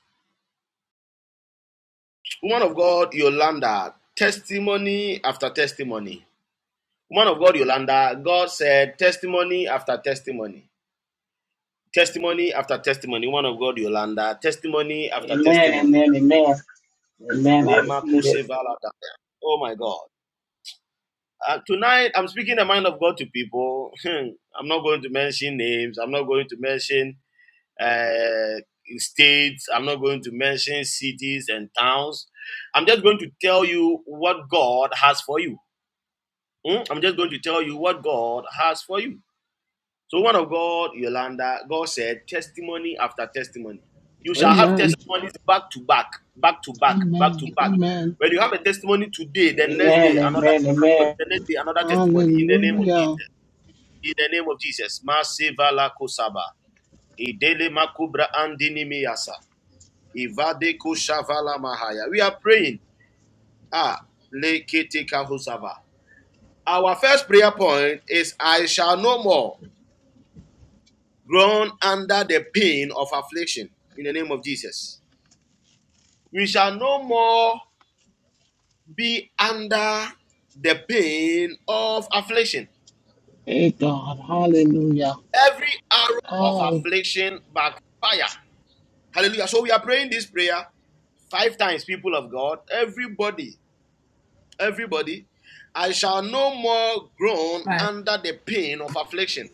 Speaker 4: Woman of God, Yolanda, testimony after testimony. Woman of God, Yolanda, God said testimony after testimony. testimony after testimony, one of God Yolanda, testimony after
Speaker 5: Amen,
Speaker 4: testimony.
Speaker 5: amen, amen. Amen. I receive it.
Speaker 4: Oh my God. Uh, tonight, I'm speaking the mind of God to people. I'm not going to mention names. I'm not going to mention uh, states. I'm not going to mention cities and towns. I'm just going to tell you what God has for you. Hmm? I'm just going to tell you what God has for you. So, one of God, Yolanda, God said, testimony after testimony. You shall have
Speaker 2: Amen.
Speaker 4: testimonies back to back, back to back, back to
Speaker 2: Amen.
Speaker 4: back.
Speaker 2: Amen.
Speaker 4: When you have a testimony today, the next
Speaker 5: Amen,
Speaker 4: day, another
Speaker 5: amen,
Speaker 4: testimony,
Speaker 5: amen.
Speaker 4: the next day, another testimony in the name of
Speaker 2: Hallelujah.
Speaker 4: Jesus. In the name of Jesus. Masivala kosaba. Idele makubra andini miyasa. Ivade koshavala mahaya. We are praying. Ah, lekete kahosava. Our first prayer point is I shall no more. groan under the pain of affliction in the name of Jesus. We shall no more be under the pain of affliction.
Speaker 2: Hey God, hallelujah.
Speaker 4: Every arrow of
Speaker 2: I,
Speaker 4: affliction backfire. Hallelujah. So we are praying this prayer five times, people of God. Everybody, everybody, I shall no more groan
Speaker 1: Amen.
Speaker 4: under the pain of affliction.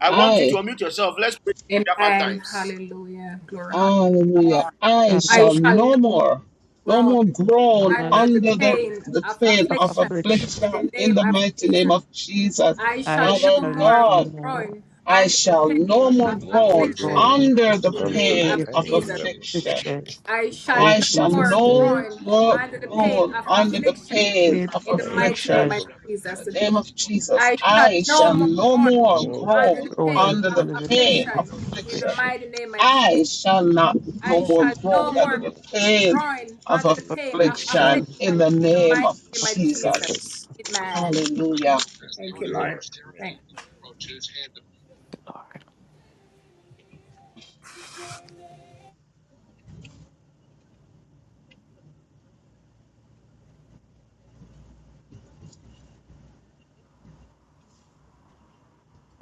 Speaker 4: I want you to
Speaker 2: I,
Speaker 4: unmute yourself. Let's pray this prayer five
Speaker 1: Amen.
Speaker 4: times.
Speaker 1: Hallelujah. Glory. Hallelujah.
Speaker 2: hallelujah, I
Speaker 7: and
Speaker 1: I
Speaker 2: shall
Speaker 1: shall
Speaker 2: no
Speaker 1: not
Speaker 2: more, no
Speaker 1: groan
Speaker 2: more groan
Speaker 7: tunnel
Speaker 1: under the
Speaker 2: under the,
Speaker 1: pain
Speaker 2: the
Speaker 1: of
Speaker 2: pain
Speaker 7: of
Speaker 2: of
Speaker 1: affliction
Speaker 7: affliction
Speaker 1: in the
Speaker 2: affliction in
Speaker 1: name
Speaker 2: the
Speaker 1: of
Speaker 2: mighty
Speaker 1: Jesus.
Speaker 2: name of Jesus.
Speaker 1: I
Speaker 7: I
Speaker 1: shall no
Speaker 2: Father
Speaker 7: shall no
Speaker 1: more
Speaker 2: God,
Speaker 7: more
Speaker 1: groan
Speaker 2: I
Speaker 1: under
Speaker 2: shall
Speaker 1: the
Speaker 2: no
Speaker 1: pain
Speaker 8: That's
Speaker 2: more
Speaker 1: of
Speaker 8: No more
Speaker 2: groan
Speaker 7: go
Speaker 1: affliction
Speaker 8: room
Speaker 7: through
Speaker 2: under
Speaker 1: in
Speaker 2: the
Speaker 1: the
Speaker 7: the
Speaker 8: under
Speaker 1: name of
Speaker 2: pain
Speaker 7: period of
Speaker 2: of
Speaker 8: pain
Speaker 1: Jesus.
Speaker 8: of
Speaker 2: affliction.
Speaker 7: affliction
Speaker 8: affliction.
Speaker 1: I shall
Speaker 7: in
Speaker 2: I
Speaker 1: no
Speaker 2: shall
Speaker 7: Jesus'
Speaker 1: more
Speaker 7: name.
Speaker 2: no
Speaker 1: groan
Speaker 8: No
Speaker 2: more
Speaker 1: under the
Speaker 8: more
Speaker 1: pain
Speaker 2: groan
Speaker 1: of
Speaker 8: room
Speaker 2: under the
Speaker 1: affliction
Speaker 8: under
Speaker 2: pain
Speaker 7: Pain
Speaker 2: of
Speaker 1: in
Speaker 7: of
Speaker 1: the
Speaker 8: pain
Speaker 1: mighty
Speaker 8: of
Speaker 1: name
Speaker 2: affliction.
Speaker 1: of
Speaker 7: affliction,
Speaker 2: In
Speaker 8: affliction.
Speaker 1: Jesus.
Speaker 2: the name of Jesus,
Speaker 1: I shall
Speaker 2: I
Speaker 7: Jesus,
Speaker 1: no
Speaker 2: shall
Speaker 1: more
Speaker 2: no
Speaker 1: groan
Speaker 8: no
Speaker 2: more
Speaker 8: more room under pain of affliction. No more room
Speaker 1: under the
Speaker 2: groan
Speaker 8: under
Speaker 7: thrown
Speaker 1: pain
Speaker 7: in
Speaker 2: under
Speaker 1: of
Speaker 2: the
Speaker 7: under the pain
Speaker 2: pain
Speaker 7: of
Speaker 2: of
Speaker 1: affliction in the
Speaker 7: affliction
Speaker 2: affliction.
Speaker 1: mighty name of Jesus.
Speaker 2: I shall not
Speaker 1: I
Speaker 2: no more
Speaker 1: shall no
Speaker 2: groan under
Speaker 1: more
Speaker 2: the pain
Speaker 1: groan
Speaker 2: of
Speaker 1: under the
Speaker 7: of
Speaker 1: pain of
Speaker 8: pain
Speaker 1: affliction
Speaker 2: affliction
Speaker 7: affliction
Speaker 2: in the
Speaker 1: in the
Speaker 2: name
Speaker 1: mighty
Speaker 2: of
Speaker 1: name
Speaker 7: of
Speaker 1: of Jesus.
Speaker 2: Jesus.
Speaker 7: Jesus,
Speaker 1: Amen.
Speaker 8: of
Speaker 2: Hallelujah.
Speaker 1: Thank you, Lord.
Speaker 8: affliction.
Speaker 1: Thank
Speaker 7: Lord.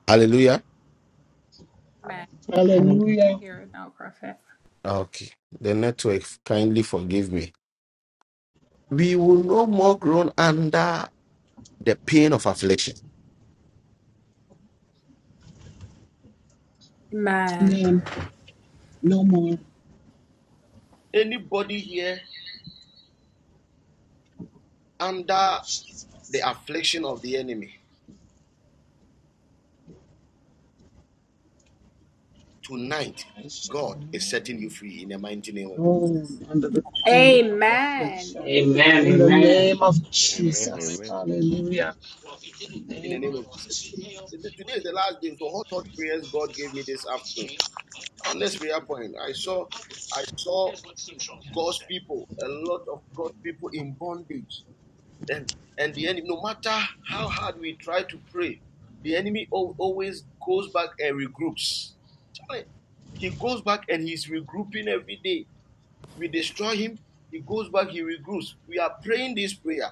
Speaker 9: Hallelujah.
Speaker 1: you, man. I
Speaker 7: And
Speaker 1: can
Speaker 2: Hallelujah.
Speaker 1: hear it now, Prophet.
Speaker 9: Okay. The network kindly forgive me. We will no more groan under the pain of affliction.
Speaker 1: Amen.
Speaker 2: Amen. No more.
Speaker 4: Anybody here under the
Speaker 2: Jesus.
Speaker 4: affliction of the enemy? Tonight,
Speaker 2: I shall
Speaker 4: God is
Speaker 2: no
Speaker 4: setting you free in the mighty name of
Speaker 2: groan under the pain of
Speaker 1: Amen.
Speaker 2: affliction.
Speaker 1: Amen.
Speaker 5: Amen,
Speaker 2: In the
Speaker 5: amen.
Speaker 3: Amen.
Speaker 2: name of
Speaker 8: Amen. Amen. Amen.
Speaker 2: Jesus. Hallelujah. In the
Speaker 4: in the
Speaker 2: name
Speaker 4: name
Speaker 2: of
Speaker 4: of
Speaker 2: Jesus.
Speaker 4: Jesus. Today is the last day. So hot, hot prayers God gave me this afternoon. On this prayer point, I saw I saw God's people, a lot of God's people in bondage. And and the enemy, no matter how hard we try to pray, the enemy always goes back and regroups. He goes back and he's regrouping every day. We destroy him. He goes back, he regroups. We are praying this prayer.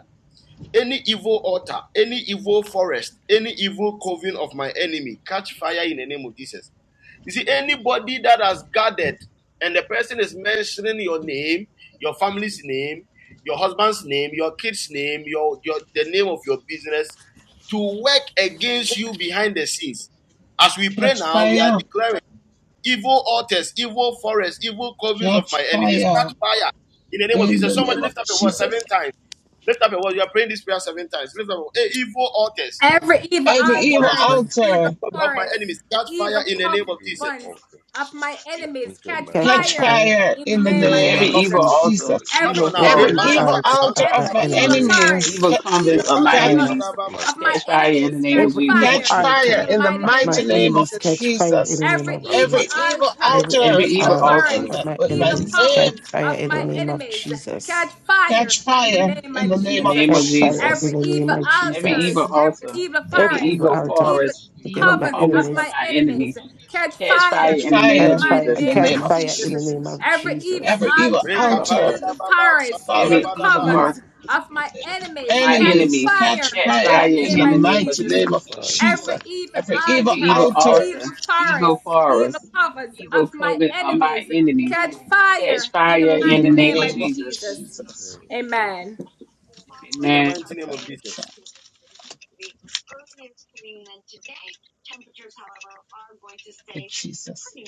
Speaker 4: Any evil altar, any evil forest, any evil coven of my enemy, catch fire in the name of Jesus. You see, anybody that has gathered and the person is mentioning your name, your family's name, your husband's name, your kid's name, your, your the name of your business to work against you behind the scenes. As we pray
Speaker 2: Catch
Speaker 4: now, we are
Speaker 2: fire,
Speaker 4: declaring evil altars, evil forests, evil covens of
Speaker 2: catch
Speaker 4: my enemies, catch
Speaker 2: fire
Speaker 4: fire in the name of
Speaker 2: in
Speaker 4: Jesus.
Speaker 2: the
Speaker 4: Somebody
Speaker 2: name
Speaker 4: lift
Speaker 2: of
Speaker 4: up your voice
Speaker 2: Jesus.
Speaker 4: seven times. Lift up your voice. You are praying this prayer seven times. Lift up your voice. Hey, evil altars,
Speaker 1: Every evil
Speaker 2: Every evil
Speaker 4: forest
Speaker 1: altar,
Speaker 7: mountains
Speaker 1: evil
Speaker 2: altar,
Speaker 4: of my
Speaker 1: forest,
Speaker 4: enemies, catch fire
Speaker 1: evil
Speaker 4: in the
Speaker 8: Every
Speaker 4: name of
Speaker 8: evil
Speaker 4: Jesus.
Speaker 1: covens
Speaker 8: altar,
Speaker 1: of my enemies
Speaker 8: enter
Speaker 7: to
Speaker 1: catch
Speaker 8: my
Speaker 7: catch a
Speaker 8: name.
Speaker 2: catch
Speaker 1: fire
Speaker 7: fire
Speaker 2: fire
Speaker 1: in the
Speaker 2: in the
Speaker 7: in the
Speaker 1: name
Speaker 8: That's
Speaker 1: of
Speaker 7: name
Speaker 5: Every
Speaker 7: of
Speaker 2: name of
Speaker 1: Jesus.
Speaker 8: fire.
Speaker 5: evil
Speaker 7: Jesus.
Speaker 5: altar,
Speaker 2: Jesus.
Speaker 4: Come
Speaker 1: Every
Speaker 5: evil
Speaker 4: on now.
Speaker 1: evil
Speaker 7: Every
Speaker 2: Every
Speaker 5: forest,
Speaker 7: evil
Speaker 2: evil
Speaker 4: Re-ba-da-ba,
Speaker 1: altar,
Speaker 7: altar
Speaker 2: altar
Speaker 7: of my
Speaker 2: of
Speaker 1: every
Speaker 2: my
Speaker 4: shan-da-da-ba,
Speaker 1: evil
Speaker 8: Wherever you
Speaker 7: enemies,
Speaker 1: forest,
Speaker 2: enemies,
Speaker 5: evil
Speaker 2: ca-
Speaker 8: are,
Speaker 5: convents
Speaker 7: catch
Speaker 1: evil
Speaker 5: of my
Speaker 7: fire
Speaker 2: catch
Speaker 1: covens
Speaker 5: enemies,
Speaker 4: le-ka-shi-ba-da-ba,
Speaker 8: my
Speaker 1: of my
Speaker 5: catch
Speaker 8: children,
Speaker 5: fire in the
Speaker 1: enemies
Speaker 5: name
Speaker 1: catch
Speaker 5: of
Speaker 7: Every
Speaker 5: Jesus.
Speaker 7: evil
Speaker 1: fire
Speaker 2: catch
Speaker 8: mention my
Speaker 1: in
Speaker 2: fire
Speaker 1: the
Speaker 7: altar
Speaker 2: in the
Speaker 8: name,
Speaker 1: mighty
Speaker 7: of
Speaker 1: name
Speaker 8: my
Speaker 7: my
Speaker 2: mighty
Speaker 1: of
Speaker 8: children, a
Speaker 2: name
Speaker 7: enemies
Speaker 2: of
Speaker 1: Jesus.
Speaker 7: catch fire in
Speaker 2: Jesus.
Speaker 7: the name
Speaker 1: Every
Speaker 7: of
Speaker 8: lot of
Speaker 1: evil
Speaker 7: Jesus.
Speaker 2: Every
Speaker 8: people, a
Speaker 2: evil
Speaker 1: altars,
Speaker 7: Every
Speaker 5: Every
Speaker 2: altar
Speaker 7: evil
Speaker 2: of
Speaker 1: evil
Speaker 5: evil
Speaker 8: lot
Speaker 2: my
Speaker 7: altar
Speaker 8: of
Speaker 5: altar,
Speaker 7: of
Speaker 2: enemy
Speaker 8: people,
Speaker 1: forests,
Speaker 7: my
Speaker 2: with my
Speaker 1: evil
Speaker 7: enemies catch
Speaker 1: covens
Speaker 2: name,
Speaker 7: fire
Speaker 1: of
Speaker 7: in the
Speaker 1: my
Speaker 8: fire,
Speaker 7: name of
Speaker 1: enemies
Speaker 7: Jesus.
Speaker 1: catch fire
Speaker 2: catch
Speaker 1: in the
Speaker 2: fire
Speaker 1: name
Speaker 2: in
Speaker 1: of
Speaker 2: the
Speaker 5: in the
Speaker 2: name of
Speaker 1: Jesus.
Speaker 5: name
Speaker 8: fire, in
Speaker 5: of
Speaker 7: Catch
Speaker 8: the name
Speaker 5: Jesus.
Speaker 8: of Jesus. Name of
Speaker 7: fire in
Speaker 2: Jesus.
Speaker 1: Every
Speaker 7: the
Speaker 8: Jesus.
Speaker 7: name
Speaker 1: evil
Speaker 7: of
Speaker 5: Every
Speaker 1: altars,
Speaker 5: evil
Speaker 7: Jesus.
Speaker 1: every
Speaker 5: altar,
Speaker 1: evil
Speaker 5: every
Speaker 7: Every
Speaker 1: forest,
Speaker 7: evil
Speaker 5: evil
Speaker 7: altar
Speaker 1: evil
Speaker 5: forest,
Speaker 7: against
Speaker 5: evil
Speaker 7: my
Speaker 1: covers
Speaker 8: Fire,
Speaker 5: convents
Speaker 1: of
Speaker 5: of
Speaker 1: my
Speaker 7: enemies
Speaker 5: my
Speaker 1: enemies
Speaker 5: enemies,
Speaker 1: catch
Speaker 5: catch fire
Speaker 2: Catch
Speaker 1: fire
Speaker 5: in the
Speaker 1: in
Speaker 5: name
Speaker 1: the
Speaker 5: of
Speaker 7: catch
Speaker 2: fire
Speaker 1: mighty
Speaker 7: fire,
Speaker 2: in
Speaker 5: Jesus.
Speaker 8: in
Speaker 2: the
Speaker 8: the
Speaker 1: name of
Speaker 2: name
Speaker 7: catch
Speaker 2: of
Speaker 7: fire in
Speaker 1: Jesus.
Speaker 7: the name
Speaker 2: Jesus.
Speaker 7: of
Speaker 1: Every evil
Speaker 2: Every
Speaker 7: Jesus.
Speaker 2: evil
Speaker 1: altars,
Speaker 5: Evil
Speaker 2: altar,
Speaker 5: altar,
Speaker 1: evil
Speaker 4: re-ka-pa-da-da-ba-ba,
Speaker 1: powers,
Speaker 2: Father,
Speaker 1: evil
Speaker 5: every evil
Speaker 4: shan-da-da-ba-da-ba.
Speaker 5: forest.
Speaker 1: covens of my enemies
Speaker 5: my
Speaker 1: catch
Speaker 2: enemies
Speaker 5: enemies
Speaker 2: catch
Speaker 1: fire
Speaker 5: catch
Speaker 1: in the
Speaker 5: fire
Speaker 2: fire in
Speaker 1: name
Speaker 2: the
Speaker 5: in
Speaker 1: of
Speaker 5: the name of
Speaker 2: mighty
Speaker 1: Jesus.
Speaker 2: name of
Speaker 5: Jesus.
Speaker 2: Jesus.
Speaker 1: Every evil
Speaker 2: Every evil
Speaker 5: Every evil
Speaker 1: altars,
Speaker 5: altar,
Speaker 1: evil
Speaker 2: altars
Speaker 1: powers,
Speaker 5: evil forest,
Speaker 1: evil covens
Speaker 5: evil
Speaker 1: of my
Speaker 5: covenant of my
Speaker 1: enemies
Speaker 5: enemies
Speaker 1: catch
Speaker 5: catch
Speaker 1: fire in the
Speaker 5: fire
Speaker 2: in
Speaker 5: in
Speaker 2: the
Speaker 1: mighty
Speaker 5: the name
Speaker 1: name
Speaker 5: of
Speaker 1: of
Speaker 2: name of
Speaker 5: Jesus.
Speaker 1: Jesus.
Speaker 2: Jesus.
Speaker 8: Spirit
Speaker 1: Amen.
Speaker 4: In the
Speaker 5: Amen.
Speaker 2: Put
Speaker 4: mighty
Speaker 2: the
Speaker 4: name of
Speaker 2: prayer in the
Speaker 4: Jesus.
Speaker 2: chat. In Jesus.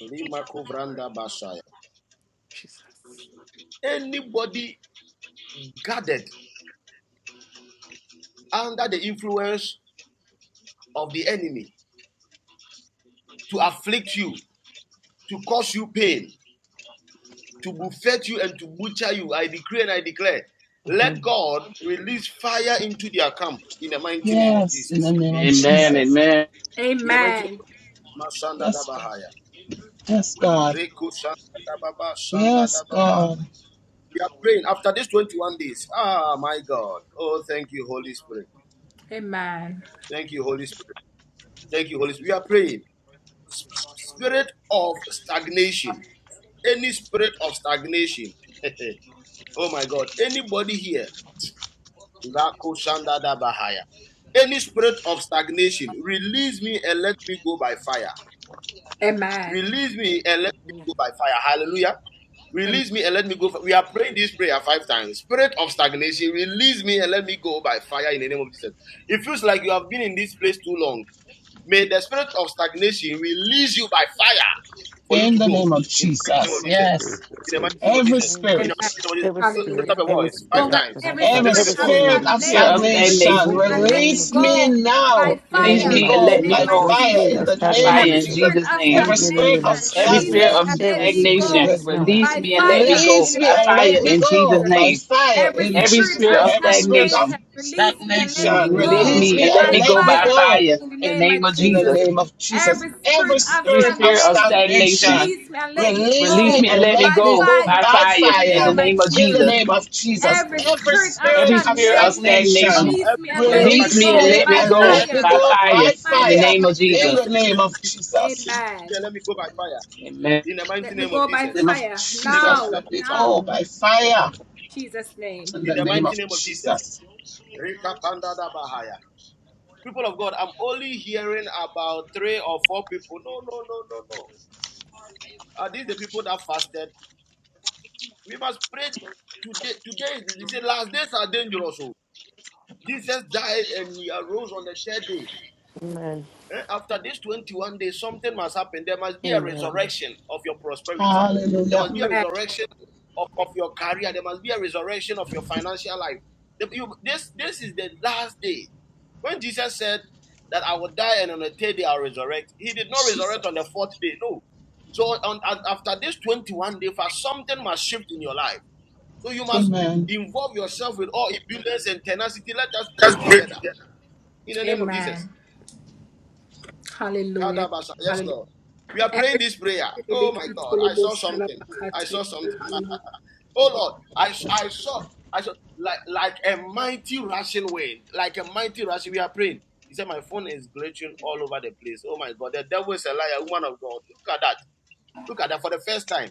Speaker 4: Lima-ko-vranda-ba-shaya.
Speaker 7: Jesus.
Speaker 4: Anybody gathered under the influence of the enemy to afflict you, to cause you pain, to buffet you and to butcher you. I decree and I declare. Let
Speaker 7: Mhm.
Speaker 4: God release fire into their camp in the mighty name of
Speaker 2: Yes, in the
Speaker 4: Jesus.
Speaker 2: name of
Speaker 5: Amen.
Speaker 2: Jesus.
Speaker 5: Amen.
Speaker 4: In the mighty name
Speaker 1: Amen.
Speaker 4: of Mashanda
Speaker 2: Yes, God.
Speaker 4: Dabahaya.
Speaker 2: Yes, God.
Speaker 4: Reku Shanda Dababa Shanda
Speaker 2: Yes,
Speaker 4: Dababa.
Speaker 2: God.
Speaker 4: We are praying after these 21 days. Ah, my God. Oh, thank you, Holy Spirit.
Speaker 1: Amen.
Speaker 4: Thank you, Holy Spirit. Thank you, Holy Spirit. We are praying. Spirit of stagnation. Any spirit of stagnation. oh, my God. Anybody here Rakushandadabahaya. Any spirit of stagnation, release me and let me go by fire.
Speaker 1: Amen.
Speaker 4: Release me and let me go by fire. Hallelujah.
Speaker 1: Amen.
Speaker 4: Release me and let me go. We are praying this prayer five times. Spirit of stagnation, release me and let me go by fire in the name of Jesus. It feels like you have been in this place too long. May the spirit of stagnation release you by fire for you
Speaker 2: In
Speaker 4: to
Speaker 2: the
Speaker 4: go.
Speaker 2: name of
Speaker 4: In the mighty name
Speaker 2: Jesus.
Speaker 4: of
Speaker 6: Revelation.
Speaker 4: Jesus.
Speaker 2: Yes.
Speaker 4: In the mighty
Speaker 6: Release
Speaker 4: name of
Speaker 6: in
Speaker 2: Every
Speaker 6: the
Speaker 4: Jesus.
Speaker 6: name of
Speaker 4: In the
Speaker 6: Jesus.
Speaker 1: Amen.
Speaker 4: mighty
Speaker 2: spirit,
Speaker 4: name of Jesus.
Speaker 7: Every
Speaker 4: So lift
Speaker 7: spirit,
Speaker 4: up
Speaker 1: Hallelujah.
Speaker 4: your
Speaker 7: every
Speaker 4: voice
Speaker 7: spirit
Speaker 4: five
Speaker 1: Oh God,
Speaker 7: that's been
Speaker 4: times.
Speaker 1: every
Speaker 7: occupied,
Speaker 8: spirit
Speaker 2: every
Speaker 6: Moving
Speaker 4: Lift
Speaker 6: the
Speaker 4: up
Speaker 1: spirit
Speaker 4: your
Speaker 7: every
Speaker 1: of
Speaker 4: voice.
Speaker 8: that
Speaker 6: spirit
Speaker 7: spirit.
Speaker 2: spirit
Speaker 6: of
Speaker 2: of
Speaker 6: the
Speaker 5: Fear of
Speaker 1: stagnation,
Speaker 6: stagnation being
Speaker 1: release
Speaker 2: stagnation,
Speaker 1: me
Speaker 5: stagnation.
Speaker 8: Lyrically
Speaker 6: removed in
Speaker 1: and
Speaker 6: the
Speaker 1: let
Speaker 8: backed
Speaker 6: name
Speaker 1: me
Speaker 8: by
Speaker 6: of
Speaker 2: release
Speaker 6: Jesus.
Speaker 2: me
Speaker 1: go by
Speaker 2: now
Speaker 7: In
Speaker 2: and
Speaker 7: the
Speaker 5: Release
Speaker 2: let
Speaker 1: fire
Speaker 2: me
Speaker 7: name
Speaker 5: me
Speaker 8: Genius
Speaker 7: of
Speaker 5: and
Speaker 1: in the
Speaker 5: let
Speaker 2: go
Speaker 8: is
Speaker 5: me
Speaker 2: by
Speaker 1: name
Speaker 7: Jesus,
Speaker 1: of
Speaker 8: sheer
Speaker 7: every
Speaker 5: go in,
Speaker 1: Jesus.
Speaker 2: fire
Speaker 7: spirit
Speaker 6: This
Speaker 2: in
Speaker 7: of
Speaker 2: the
Speaker 5: by
Speaker 2: name
Speaker 5: fire
Speaker 2: of
Speaker 1: Every
Speaker 5: in
Speaker 7: stagnation,
Speaker 2: Jesus
Speaker 1: spirit
Speaker 5: Jesus'
Speaker 1: of
Speaker 5: name.
Speaker 2: every
Speaker 7: leave me in the
Speaker 2: spirit
Speaker 7: name
Speaker 8: Lyrically
Speaker 2: of
Speaker 7: of
Speaker 1: stagnation,
Speaker 8: backed
Speaker 5: Every
Speaker 1: release
Speaker 5: spirit
Speaker 7: Jesus.
Speaker 2: stagnation
Speaker 1: me
Speaker 5: of
Speaker 1: and let
Speaker 7: Every
Speaker 6: is
Speaker 1: me
Speaker 6: being
Speaker 7: spirit
Speaker 5: stagnation,
Speaker 2: Re-
Speaker 1: go
Speaker 7: this
Speaker 6: removed now.
Speaker 7: tonight,
Speaker 5: release
Speaker 1: by
Speaker 5: me and let me
Speaker 1: fire
Speaker 5: go
Speaker 1: in
Speaker 2: Release
Speaker 1: the
Speaker 2: me
Speaker 5: by
Speaker 1: mighty
Speaker 2: and
Speaker 1: name
Speaker 5: fire
Speaker 2: let me
Speaker 1: of
Speaker 5: in
Speaker 2: go
Speaker 5: Jesus'
Speaker 1: Jesus.
Speaker 2: by
Speaker 5: name.
Speaker 8: is
Speaker 2: fire
Speaker 1: Every
Speaker 2: in
Speaker 5: Every
Speaker 8: lyrically
Speaker 1: spirit
Speaker 2: Jesus'
Speaker 5: spirit
Speaker 2: name.
Speaker 1: of
Speaker 8: backed
Speaker 5: of
Speaker 2: Every spirit
Speaker 8: by
Speaker 2: of
Speaker 1: stagnation,
Speaker 5: stagnation,
Speaker 1: release me and let
Speaker 7: leave
Speaker 1: me
Speaker 2: stagnation,
Speaker 7: me
Speaker 5: release
Speaker 1: go
Speaker 2: release
Speaker 5: me
Speaker 7: now.
Speaker 2: me
Speaker 8: Image.
Speaker 5: and
Speaker 2: and
Speaker 5: let
Speaker 1: by
Speaker 5: me
Speaker 2: let
Speaker 5: go
Speaker 2: me
Speaker 5: by
Speaker 1: fire
Speaker 8: Lyrically backed
Speaker 5: fire
Speaker 2: go
Speaker 1: in the
Speaker 5: in the
Speaker 2: in
Speaker 1: name of
Speaker 5: name of
Speaker 2: in the
Speaker 1: Jesus.
Speaker 5: Jesus
Speaker 2: name of Jesus.
Speaker 1: Every
Speaker 2: Every
Speaker 1: spirit of
Speaker 5: Every
Speaker 2: spirit of
Speaker 5: spirit
Speaker 8: by
Speaker 5: of
Speaker 1: stagnation,
Speaker 5: stagnation,
Speaker 2: stagnation,
Speaker 1: release me and let me
Speaker 2: release
Speaker 5: release
Speaker 2: me
Speaker 1: go
Speaker 5: me and
Speaker 2: and
Speaker 8: Image.
Speaker 5: let me
Speaker 2: let
Speaker 1: by
Speaker 2: me
Speaker 5: go
Speaker 2: go
Speaker 5: by
Speaker 1: fire
Speaker 2: by
Speaker 1: in
Speaker 5: fire
Speaker 1: the
Speaker 5: in
Speaker 2: fire
Speaker 5: the
Speaker 1: name of
Speaker 5: name of
Speaker 2: in the
Speaker 1: Jesus.
Speaker 5: Jesus.
Speaker 2: name of Jesus.
Speaker 1: Every
Speaker 2: Every
Speaker 1: spirit
Speaker 8: Lyrically
Speaker 1: of
Speaker 8: backed
Speaker 5: Every
Speaker 2: spirit of
Speaker 5: spirit of
Speaker 1: stagnation,
Speaker 4: Come
Speaker 2: stagnation,
Speaker 5: stagnation,
Speaker 4: on,
Speaker 1: release me
Speaker 4: every
Speaker 1: and
Speaker 4: spirit
Speaker 8: and
Speaker 1: let
Speaker 4: of
Speaker 8: the
Speaker 1: me
Speaker 5: release
Speaker 2: release
Speaker 5: me
Speaker 4: stagnation,
Speaker 8: spirit
Speaker 5: and
Speaker 1: go
Speaker 2: me
Speaker 5: let
Speaker 4: release
Speaker 5: me
Speaker 1: by
Speaker 2: and
Speaker 4: me and
Speaker 5: go
Speaker 4: let
Speaker 2: let
Speaker 4: me
Speaker 2: me
Speaker 1: fire
Speaker 5: by
Speaker 4: go by
Speaker 2: go
Speaker 4: fire.
Speaker 1: in
Speaker 5: fire
Speaker 2: by
Speaker 1: the
Speaker 5: in
Speaker 1: mighty
Speaker 5: the
Speaker 1: name
Speaker 2: fire
Speaker 5: name
Speaker 1: of
Speaker 5: of
Speaker 4: In the
Speaker 2: in
Speaker 5: Jesus.
Speaker 1: Jesus.
Speaker 2: the
Speaker 4: mighty
Speaker 2: name
Speaker 4: name of
Speaker 2: of
Speaker 4: Jesus,
Speaker 2: Jesus.
Speaker 4: release me
Speaker 1: Amen.
Speaker 4: and let me go by fire.
Speaker 5: Amen.
Speaker 4: In the mighty
Speaker 1: Let me
Speaker 4: name of
Speaker 1: go by
Speaker 4: Jesus.
Speaker 2: name of
Speaker 1: fire
Speaker 2: Jesus,
Speaker 1: now,
Speaker 2: let me
Speaker 4: Rekabadabashaya.
Speaker 2: go
Speaker 1: now.
Speaker 2: by fire In
Speaker 4: In
Speaker 2: the
Speaker 4: the
Speaker 2: name
Speaker 4: mighty
Speaker 2: of
Speaker 4: name of Jesus.
Speaker 2: Jesus.
Speaker 4: Rekabandadabahaya. People of God, I'm only hearing about three or four people. No, no, no, no, no. Are these the people that fasted? We must pray today. Today he said, last days are dangerous. oh. Jesus died and he arose on the third day.
Speaker 7: Amen.
Speaker 4: Eh, After this 21 days, something must happen. There must be a
Speaker 7: Amen.
Speaker 4: resurrection of your prosperity. There
Speaker 2: Hallelujah.
Speaker 4: must be a
Speaker 1: Amen.
Speaker 4: resurrection of, of your career. There must be a resurrection of your financial life. The- you- this, this is the last day. When Jesus said that I will die and on the third day I'll resurrect, he did not resurrect
Speaker 2: Jesus.
Speaker 4: on the fourth day. No. So on, on- after this 21 day fast, something must shift in your life. So you must
Speaker 2: Amen.
Speaker 4: involve yourself with all obedience and tenacity. Let us
Speaker 3: Let's
Speaker 4: pray
Speaker 3: pray
Speaker 4: together
Speaker 3: together.
Speaker 4: in the name of Jesus.
Speaker 1: Amen. Hallelujah.
Speaker 4: Kadabasa. Yes,
Speaker 1: Hallelujah.
Speaker 4: Lord. We are praying
Speaker 1: Every
Speaker 4: this prayer. Oh
Speaker 1: spirit
Speaker 4: my God, I saw something. I saw something.
Speaker 1: Hallelujah.
Speaker 4: Oh Lord, I, I saw, I saw like like a mighty rushing wind, like a mighty rushing. We are praying. He said, My phone is glitching all over the place. Oh my God, the devil is a liar, woman of God. Look at that. Look at that for the first time.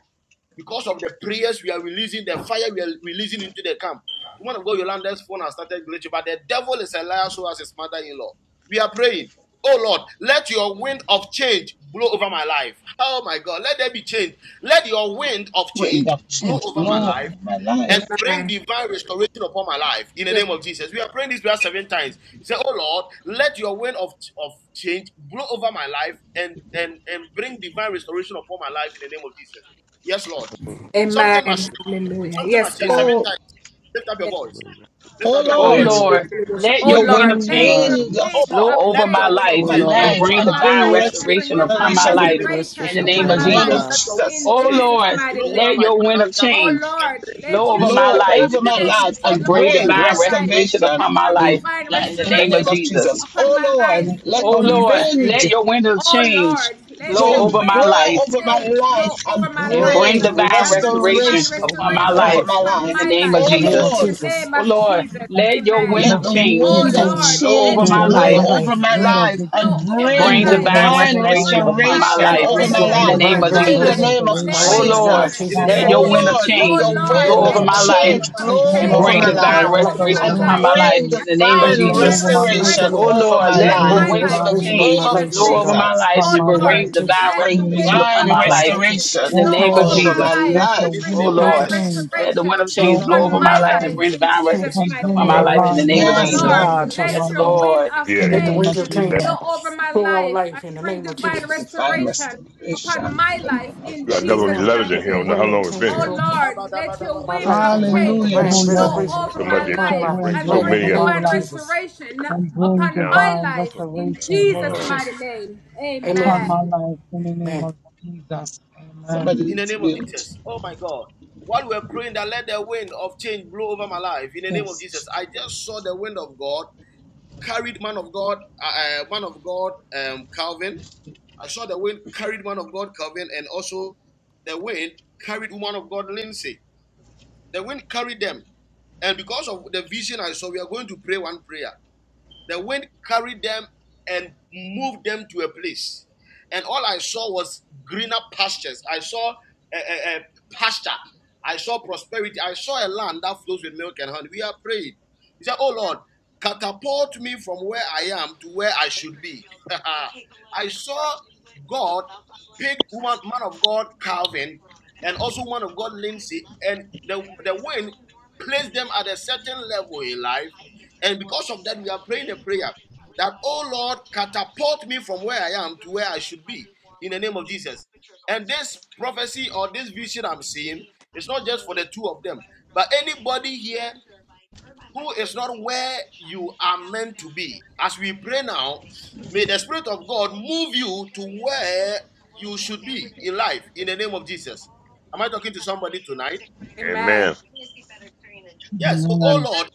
Speaker 4: Because of the prayers we are releasing, the fire we are releasing into the camp. Woman of God, Yolanda's phone has started glitching, but the devil is a liar, so as his mother in law. We are praying. Oh Lord, let your wind of change blow over my life. Oh my God, let there be change. Let your wind of
Speaker 2: Wind
Speaker 4: change
Speaker 2: of
Speaker 4: blow
Speaker 2: change
Speaker 4: over my
Speaker 2: blow
Speaker 4: life
Speaker 2: over my life.
Speaker 4: and bring
Speaker 1: Amen.
Speaker 4: divine restoration upon my life in the
Speaker 1: Yes.
Speaker 4: name of Jesus. We are praying this prayer seven times. Say, Oh Lord, let your wind of, of change blow over my life and, and, and bring divine restoration upon my life in the name of Jesus. Yes, Lord.
Speaker 8: Oh, it's a
Speaker 4: Something must
Speaker 1: Amen.
Speaker 8: women
Speaker 4: shake.
Speaker 8: thing.
Speaker 1: Hallelujah.
Speaker 4: Something
Speaker 8: Oh,
Speaker 1: Yes,
Speaker 4: must shake.
Speaker 8: mama.
Speaker 1: God.
Speaker 4: Seven
Speaker 2: Oh,
Speaker 4: times. Lift up your
Speaker 8: I
Speaker 4: voice.
Speaker 8: love restoration.
Speaker 4: Lift
Speaker 2: oh
Speaker 4: up your
Speaker 5: Oh
Speaker 4: voice.
Speaker 2: Lord,
Speaker 7: Hallelujah.
Speaker 5: Lord,
Speaker 1: Gosha.
Speaker 5: let
Speaker 1: Oh
Speaker 8: I
Speaker 5: your
Speaker 2: let the
Speaker 5: wind
Speaker 1: Lord,
Speaker 5: of
Speaker 7: Oh
Speaker 1: let your
Speaker 5: change
Speaker 7: Lord,
Speaker 2: wind of
Speaker 4: Oh
Speaker 1: wind
Speaker 4: Lord,
Speaker 5: blow
Speaker 1: of
Speaker 8: love
Speaker 5: over
Speaker 4: let
Speaker 5: my
Speaker 4: your
Speaker 1: change
Speaker 4: wind of
Speaker 7: oh
Speaker 5: life
Speaker 2: my
Speaker 4: change
Speaker 7: Lord,
Speaker 4: blow
Speaker 1: blow
Speaker 5: and
Speaker 4: over
Speaker 2: life
Speaker 4: my
Speaker 8: Oh,
Speaker 5: bring
Speaker 1: over
Speaker 2: and
Speaker 1: my
Speaker 4: life
Speaker 2: bring
Speaker 5: divine
Speaker 8: it's a
Speaker 1: life
Speaker 4: and
Speaker 8: women
Speaker 1: and
Speaker 4: bring
Speaker 1: bring
Speaker 5: restoration
Speaker 4: glory
Speaker 8: thing.
Speaker 4: to
Speaker 5: upon
Speaker 4: it
Speaker 1: divine
Speaker 5: my
Speaker 4: in the
Speaker 2: restoration
Speaker 5: life
Speaker 7: bring
Speaker 4: name of
Speaker 1: restoration
Speaker 5: in the
Speaker 7: restoration to
Speaker 2: in
Speaker 5: name
Speaker 1: upon
Speaker 7: my
Speaker 2: the
Speaker 5: of
Speaker 8: Mama.
Speaker 1: my
Speaker 7: life,
Speaker 2: name
Speaker 1: life
Speaker 4: Father.
Speaker 2: of
Speaker 5: Jesus.
Speaker 7: Lord.
Speaker 4: Let your wind
Speaker 1: in
Speaker 2: Jesus.
Speaker 4: of
Speaker 5: Oh
Speaker 4: change
Speaker 1: Jesus'
Speaker 5: Lord,
Speaker 1: mighty
Speaker 4: blow over
Speaker 5: let
Speaker 4: my
Speaker 1: name.
Speaker 5: your wind of
Speaker 4: financial
Speaker 1: Oh
Speaker 4: life
Speaker 5: change
Speaker 4: and
Speaker 1: Lord,
Speaker 4: bring
Speaker 1: let
Speaker 5: blow
Speaker 1: your
Speaker 5: over
Speaker 4: restoration.
Speaker 5: my
Speaker 1: wind
Speaker 2: Blow
Speaker 1: of
Speaker 5: life
Speaker 4: In
Speaker 2: over
Speaker 4: the
Speaker 2: my
Speaker 1: change
Speaker 2: life
Speaker 4: massive
Speaker 2: and
Speaker 5: and
Speaker 1: blow
Speaker 5: bring
Speaker 4: after
Speaker 1: over
Speaker 2: bring
Speaker 1: my
Speaker 5: divine
Speaker 4: that.
Speaker 1: life
Speaker 5: restoration
Speaker 1: and
Speaker 5: upon
Speaker 2: restoration
Speaker 5: my
Speaker 1: bring
Speaker 5: life
Speaker 2: in
Speaker 1: divine
Speaker 5: in
Speaker 2: life
Speaker 5: the
Speaker 2: in the
Speaker 5: name of
Speaker 2: name
Speaker 1: restoration
Speaker 2: of
Speaker 5: Jesus.
Speaker 2: Jesus.
Speaker 1: upon
Speaker 2: Oh
Speaker 1: my
Speaker 2: Lord,
Speaker 1: life
Speaker 2: let
Speaker 1: in
Speaker 5: Oh
Speaker 2: the
Speaker 1: Jesus'
Speaker 5: Lord,
Speaker 2: wind
Speaker 5: let
Speaker 1: name.
Speaker 5: your wind of
Speaker 1: Oh
Speaker 5: change
Speaker 1: Lord, let
Speaker 5: blow
Speaker 1: your
Speaker 2: Change
Speaker 5: over my
Speaker 1: wind of
Speaker 5: life
Speaker 2: blow over my
Speaker 1: change
Speaker 2: life
Speaker 1: blow over
Speaker 2: and
Speaker 6: Oh
Speaker 1: my
Speaker 5: and
Speaker 6: Lord,
Speaker 1: life
Speaker 6: let
Speaker 5: bring
Speaker 6: your will
Speaker 2: bring
Speaker 6: be
Speaker 5: divine
Speaker 1: and
Speaker 6: change
Speaker 1: bring
Speaker 5: restoration
Speaker 1: divine
Speaker 2: restoration
Speaker 6: over
Speaker 5: upon my
Speaker 6: my
Speaker 1: restoration
Speaker 2: over
Speaker 5: life
Speaker 2: my
Speaker 6: life
Speaker 1: upon
Speaker 5: in
Speaker 2: life.
Speaker 5: the
Speaker 1: my
Speaker 5: name of
Speaker 1: life
Speaker 6: in
Speaker 2: Oh
Speaker 6: the name of
Speaker 5: Jesus.
Speaker 1: in
Speaker 2: Lord,
Speaker 1: the
Speaker 6: Jesus.
Speaker 1: name
Speaker 5: Oh
Speaker 1: of
Speaker 5: Lord,
Speaker 1: Jesus.
Speaker 5: let your
Speaker 6: Oh
Speaker 1: Amen.
Speaker 5: wind
Speaker 10: Jesus.
Speaker 2: let
Speaker 5: of
Speaker 6: Lord,
Speaker 2: the
Speaker 5: change
Speaker 10: You,
Speaker 6: will
Speaker 1: Oh
Speaker 2: wind of
Speaker 6: change
Speaker 10: Lord,
Speaker 1: Lord,
Speaker 5: blow over
Speaker 1: let
Speaker 2: change
Speaker 1: your
Speaker 6: go
Speaker 5: my
Speaker 10: let
Speaker 6: over
Speaker 1: wind
Speaker 2: blow
Speaker 5: life
Speaker 6: my
Speaker 10: the
Speaker 1: of
Speaker 2: over
Speaker 6: life
Speaker 2: my
Speaker 10: wind of
Speaker 1: change
Speaker 2: life and
Speaker 1: blow
Speaker 10: victory
Speaker 1: over
Speaker 5: and
Speaker 1: my
Speaker 6: in
Speaker 2: bring
Speaker 5: bring
Speaker 6: the name of
Speaker 1: life
Speaker 5: divine
Speaker 10: blow
Speaker 6: Jesus.
Speaker 2: divine
Speaker 10: over
Speaker 1: and
Speaker 10: my
Speaker 1: bring
Speaker 5: restoration
Speaker 10: life
Speaker 5: upon
Speaker 1: divine
Speaker 5: my
Speaker 4: Oh
Speaker 2: restoration
Speaker 5: life
Speaker 4: Lord,
Speaker 2: over
Speaker 6: Yes,
Speaker 4: let
Speaker 2: my
Speaker 10: and
Speaker 1: restoration
Speaker 5: in
Speaker 4: your
Speaker 6: Lord,
Speaker 5: the
Speaker 2: life
Speaker 4: wind
Speaker 10: bring
Speaker 4: of
Speaker 5: name
Speaker 6: divine
Speaker 1: upon
Speaker 5: of
Speaker 1: my
Speaker 4: change
Speaker 2: in
Speaker 10: divine
Speaker 5: Jesus.
Speaker 2: the
Speaker 1: life
Speaker 4: blow
Speaker 6: restoration
Speaker 4: over
Speaker 2: name
Speaker 4: my
Speaker 1: in
Speaker 2: of
Speaker 1: the
Speaker 6: in my
Speaker 1: name
Speaker 4: life
Speaker 5: Oh
Speaker 1: of
Speaker 6: life
Speaker 10: restoration
Speaker 6: in the name of
Speaker 5: Lord,
Speaker 1: Jesus.
Speaker 2: Jesus.
Speaker 4: in the
Speaker 10: upon
Speaker 4: name
Speaker 6: Jesus.
Speaker 1: Amen.
Speaker 5: let
Speaker 10: my
Speaker 4: of
Speaker 5: your wind
Speaker 10: life
Speaker 2: Oh
Speaker 5: of
Speaker 2: Lord,
Speaker 4: Jesus.
Speaker 10: in
Speaker 2: let
Speaker 1: Oh
Speaker 10: the
Speaker 5: change
Speaker 2: your
Speaker 10: name
Speaker 6: Oh,
Speaker 10: of
Speaker 1: Lord,
Speaker 4: In
Speaker 5: blow
Speaker 2: wind
Speaker 6: Lord,
Speaker 4: the
Speaker 1: let
Speaker 5: over
Speaker 2: of
Speaker 6: let
Speaker 10: Jesus.
Speaker 5: my
Speaker 1: your
Speaker 6: the
Speaker 5: life
Speaker 1: wind
Speaker 6: wind
Speaker 2: change
Speaker 1: of
Speaker 10: Oh
Speaker 6: change,
Speaker 2: blow
Speaker 5: and
Speaker 6: Lord
Speaker 2: over
Speaker 1: change
Speaker 5: bring
Speaker 10: Lord,
Speaker 2: my
Speaker 6: God, over
Speaker 1: blow
Speaker 5: divine
Speaker 2: life
Speaker 6: my
Speaker 10: let
Speaker 1: over
Speaker 10: the
Speaker 6: life,
Speaker 1: my
Speaker 5: restoration
Speaker 6: Lord
Speaker 2: and
Speaker 5: upon
Speaker 6: God.
Speaker 10: wind
Speaker 1: life
Speaker 5: my life
Speaker 2: bring
Speaker 10: change
Speaker 5: in
Speaker 1: I
Speaker 5: the name of
Speaker 1: bring
Speaker 2: divine
Speaker 6: Thank you,
Speaker 10: blow
Speaker 5: Jesus.
Speaker 1: divine
Speaker 10: over my
Speaker 6: Jesus. Thank
Speaker 10: life
Speaker 6: you,
Speaker 2: restoration
Speaker 1: restoration
Speaker 5: Oh
Speaker 6: Lord.
Speaker 2: over
Speaker 5: Lord,
Speaker 2: my
Speaker 10: and
Speaker 5: let
Speaker 1: upon
Speaker 5: the
Speaker 10: bring
Speaker 6: Divine
Speaker 1: my
Speaker 2: life
Speaker 5: wind
Speaker 2: in
Speaker 1: life
Speaker 5: of
Speaker 10: divine
Speaker 2: the
Speaker 6: restoration
Speaker 1: in
Speaker 6: over
Speaker 2: name
Speaker 6: my
Speaker 5: change
Speaker 2: of
Speaker 1: Jesus'
Speaker 6: life,
Speaker 5: blow
Speaker 6: Lord
Speaker 1: name.
Speaker 10: restoration
Speaker 5: over
Speaker 6: God.
Speaker 5: my
Speaker 2: Jesus.
Speaker 5: life
Speaker 10: upon
Speaker 1: Oh
Speaker 5: and
Speaker 10: my
Speaker 6: In the name
Speaker 1: Lord,
Speaker 10: life
Speaker 6: of
Speaker 5: bring
Speaker 6: Jesus.
Speaker 5: divine
Speaker 1: let
Speaker 2: Bring
Speaker 10: in
Speaker 1: the
Speaker 10: the name
Speaker 5: restoration
Speaker 1: wind
Speaker 10: of
Speaker 5: upon
Speaker 2: divine
Speaker 1: of
Speaker 5: my
Speaker 10: Jesus.
Speaker 5: life
Speaker 6: Thank
Speaker 1: change
Speaker 6: you,
Speaker 5: in
Speaker 2: restoration
Speaker 6: Jesus.
Speaker 5: the
Speaker 10: Oh
Speaker 1: blow
Speaker 5: name
Speaker 6: Thank
Speaker 5: of
Speaker 6: you,
Speaker 1: over
Speaker 10: Lord,
Speaker 2: over
Speaker 6: Lord.
Speaker 1: my
Speaker 2: my
Speaker 5: Jesus.
Speaker 1: life
Speaker 10: let the
Speaker 1: and bring
Speaker 2: life.
Speaker 10: wind
Speaker 5: Oh
Speaker 4: name of
Speaker 10: of
Speaker 6: Thank you,
Speaker 1: divine
Speaker 5: Lord,
Speaker 4: Jesus.
Speaker 6: Jesus.
Speaker 10: change
Speaker 5: let the wind
Speaker 1: restoration
Speaker 5: of
Speaker 4: In
Speaker 10: blow
Speaker 5: change blow
Speaker 1: upon
Speaker 10: over
Speaker 5: over
Speaker 10: my
Speaker 5: my
Speaker 1: my
Speaker 5: life
Speaker 6: Thank
Speaker 5: and
Speaker 1: life
Speaker 10: life
Speaker 6: you.
Speaker 5: bring
Speaker 1: in
Speaker 5: divine
Speaker 1: Jesus'
Speaker 6: Change
Speaker 10: and
Speaker 5: restoration
Speaker 1: mighty
Speaker 5: upon
Speaker 10: bring
Speaker 6: over
Speaker 5: my
Speaker 8: What?
Speaker 6: our
Speaker 1: name.
Speaker 5: life in the
Speaker 6: life,
Speaker 10: divine
Speaker 5: name
Speaker 6: Lord
Speaker 5: of
Speaker 1: Oh
Speaker 6: God,
Speaker 2: Yes,
Speaker 6: in
Speaker 5: Jesus.
Speaker 6: the
Speaker 10: restoration
Speaker 1: Lord,
Speaker 6: name of
Speaker 2: Lord.
Speaker 10: upon
Speaker 1: let
Speaker 10: my
Speaker 5: Yes,
Speaker 6: Jesus.
Speaker 1: your
Speaker 10: life
Speaker 1: wind
Speaker 5: Lord.
Speaker 1: of
Speaker 8: Yeah,
Speaker 10: in the
Speaker 6: Let
Speaker 8: you,
Speaker 6: the
Speaker 4: the
Speaker 10: name of
Speaker 1: change
Speaker 4: mighty
Speaker 6: window
Speaker 4: name of
Speaker 8: that,
Speaker 10: Jesus.
Speaker 6: change
Speaker 1: blow over my
Speaker 6: through our
Speaker 1: life
Speaker 6: life
Speaker 1: and
Speaker 6: in the
Speaker 1: bring
Speaker 6: name of
Speaker 1: divine
Speaker 6: Jesus.
Speaker 2: Divine
Speaker 1: restoration upon
Speaker 2: restoration
Speaker 1: my
Speaker 2: in the
Speaker 1: life
Speaker 2: name of
Speaker 1: in
Speaker 8: you got
Speaker 6: Oh
Speaker 8: double
Speaker 2: Jesus.
Speaker 1: Jesus'
Speaker 6: Lord,
Speaker 8: letters
Speaker 1: mighty
Speaker 8: in
Speaker 6: let
Speaker 8: here. I
Speaker 6: the
Speaker 8: don't know
Speaker 1: name.
Speaker 8: how
Speaker 6: window
Speaker 8: long it's been
Speaker 6: change
Speaker 1: Oh
Speaker 8: here.
Speaker 6: through
Speaker 1: Lord, let your
Speaker 6: over my
Speaker 1: wind
Speaker 6: life
Speaker 1: of
Speaker 6: and bring
Speaker 1: change
Speaker 4: Jesus.
Speaker 2: Hallelujah,
Speaker 6: divine
Speaker 10: O
Speaker 1: blow
Speaker 2: Jesus.
Speaker 10: Lord,
Speaker 6: restoration
Speaker 1: over
Speaker 6: uh,
Speaker 8: so much.
Speaker 1: my
Speaker 8: They,
Speaker 10: let
Speaker 6: upon
Speaker 10: your
Speaker 8: they
Speaker 1: life
Speaker 6: my
Speaker 8: bring
Speaker 10: wind
Speaker 1: and
Speaker 8: so
Speaker 10: blow
Speaker 6: life in
Speaker 1: bring
Speaker 10: over
Speaker 6: the
Speaker 8: many of them
Speaker 10: my
Speaker 6: name
Speaker 1: divine
Speaker 6: of
Speaker 10: life
Speaker 6: Jesus.
Speaker 1: restoration
Speaker 10: and bring
Speaker 1: upon
Speaker 8: down.
Speaker 1: my
Speaker 10: divine
Speaker 8: I put,
Speaker 1: life in
Speaker 6: In the
Speaker 10: restoration
Speaker 6: name of
Speaker 1: Jesus'
Speaker 8: uh,
Speaker 1: mighty
Speaker 6: Jesus.
Speaker 1: name.
Speaker 10: upon
Speaker 6: Amen.
Speaker 10: my
Speaker 1: Amen.
Speaker 10: life in the name
Speaker 6: Man,
Speaker 10: of Jesus. Amen.
Speaker 2: Somebody
Speaker 4: in the
Speaker 2: needs to
Speaker 4: name of
Speaker 2: mute.
Speaker 4: Jesus. Oh my God. While we're praying that let the wind of change blow over my life in the name of
Speaker 2: Yes,
Speaker 4: Jesus,
Speaker 2: Jesus.
Speaker 4: I just saw the wind of God carried man of God, uh, uh, man of God, um, Calvin. I saw the wind carried man of God, Calvin, and also the wind carried woman of God, Lindsay. The wind carried them. And because of the vision I saw, we are going to pray one prayer. The wind carried them and moved them to a place. And all I saw was greener pastures. I saw a, a, a pasture. I saw prosperity. I saw a land that flows with milk and honey. We are praying. He said, Oh Lord, catapult me from where I am to where I should be. I saw God pick woman, man of God Calvin and also man of God Lindsay, and the, the wind placed them at a certain level in life and because of that, we are praying a prayer that, oh Lord, catapult me from where I am to where I should be in the name of Jesus. And this prophecy or this vision I'm seeing is not just for the two of them, but anybody here who is not where you are meant to be. As we pray now, may the Spirit of God move you to where you should be in life in the name of Jesus. Am I talking to somebody tonight?
Speaker 1: Amen.
Speaker 8: amen.
Speaker 4: Yes, so, oh
Speaker 10: Amen.
Speaker 4: Lord,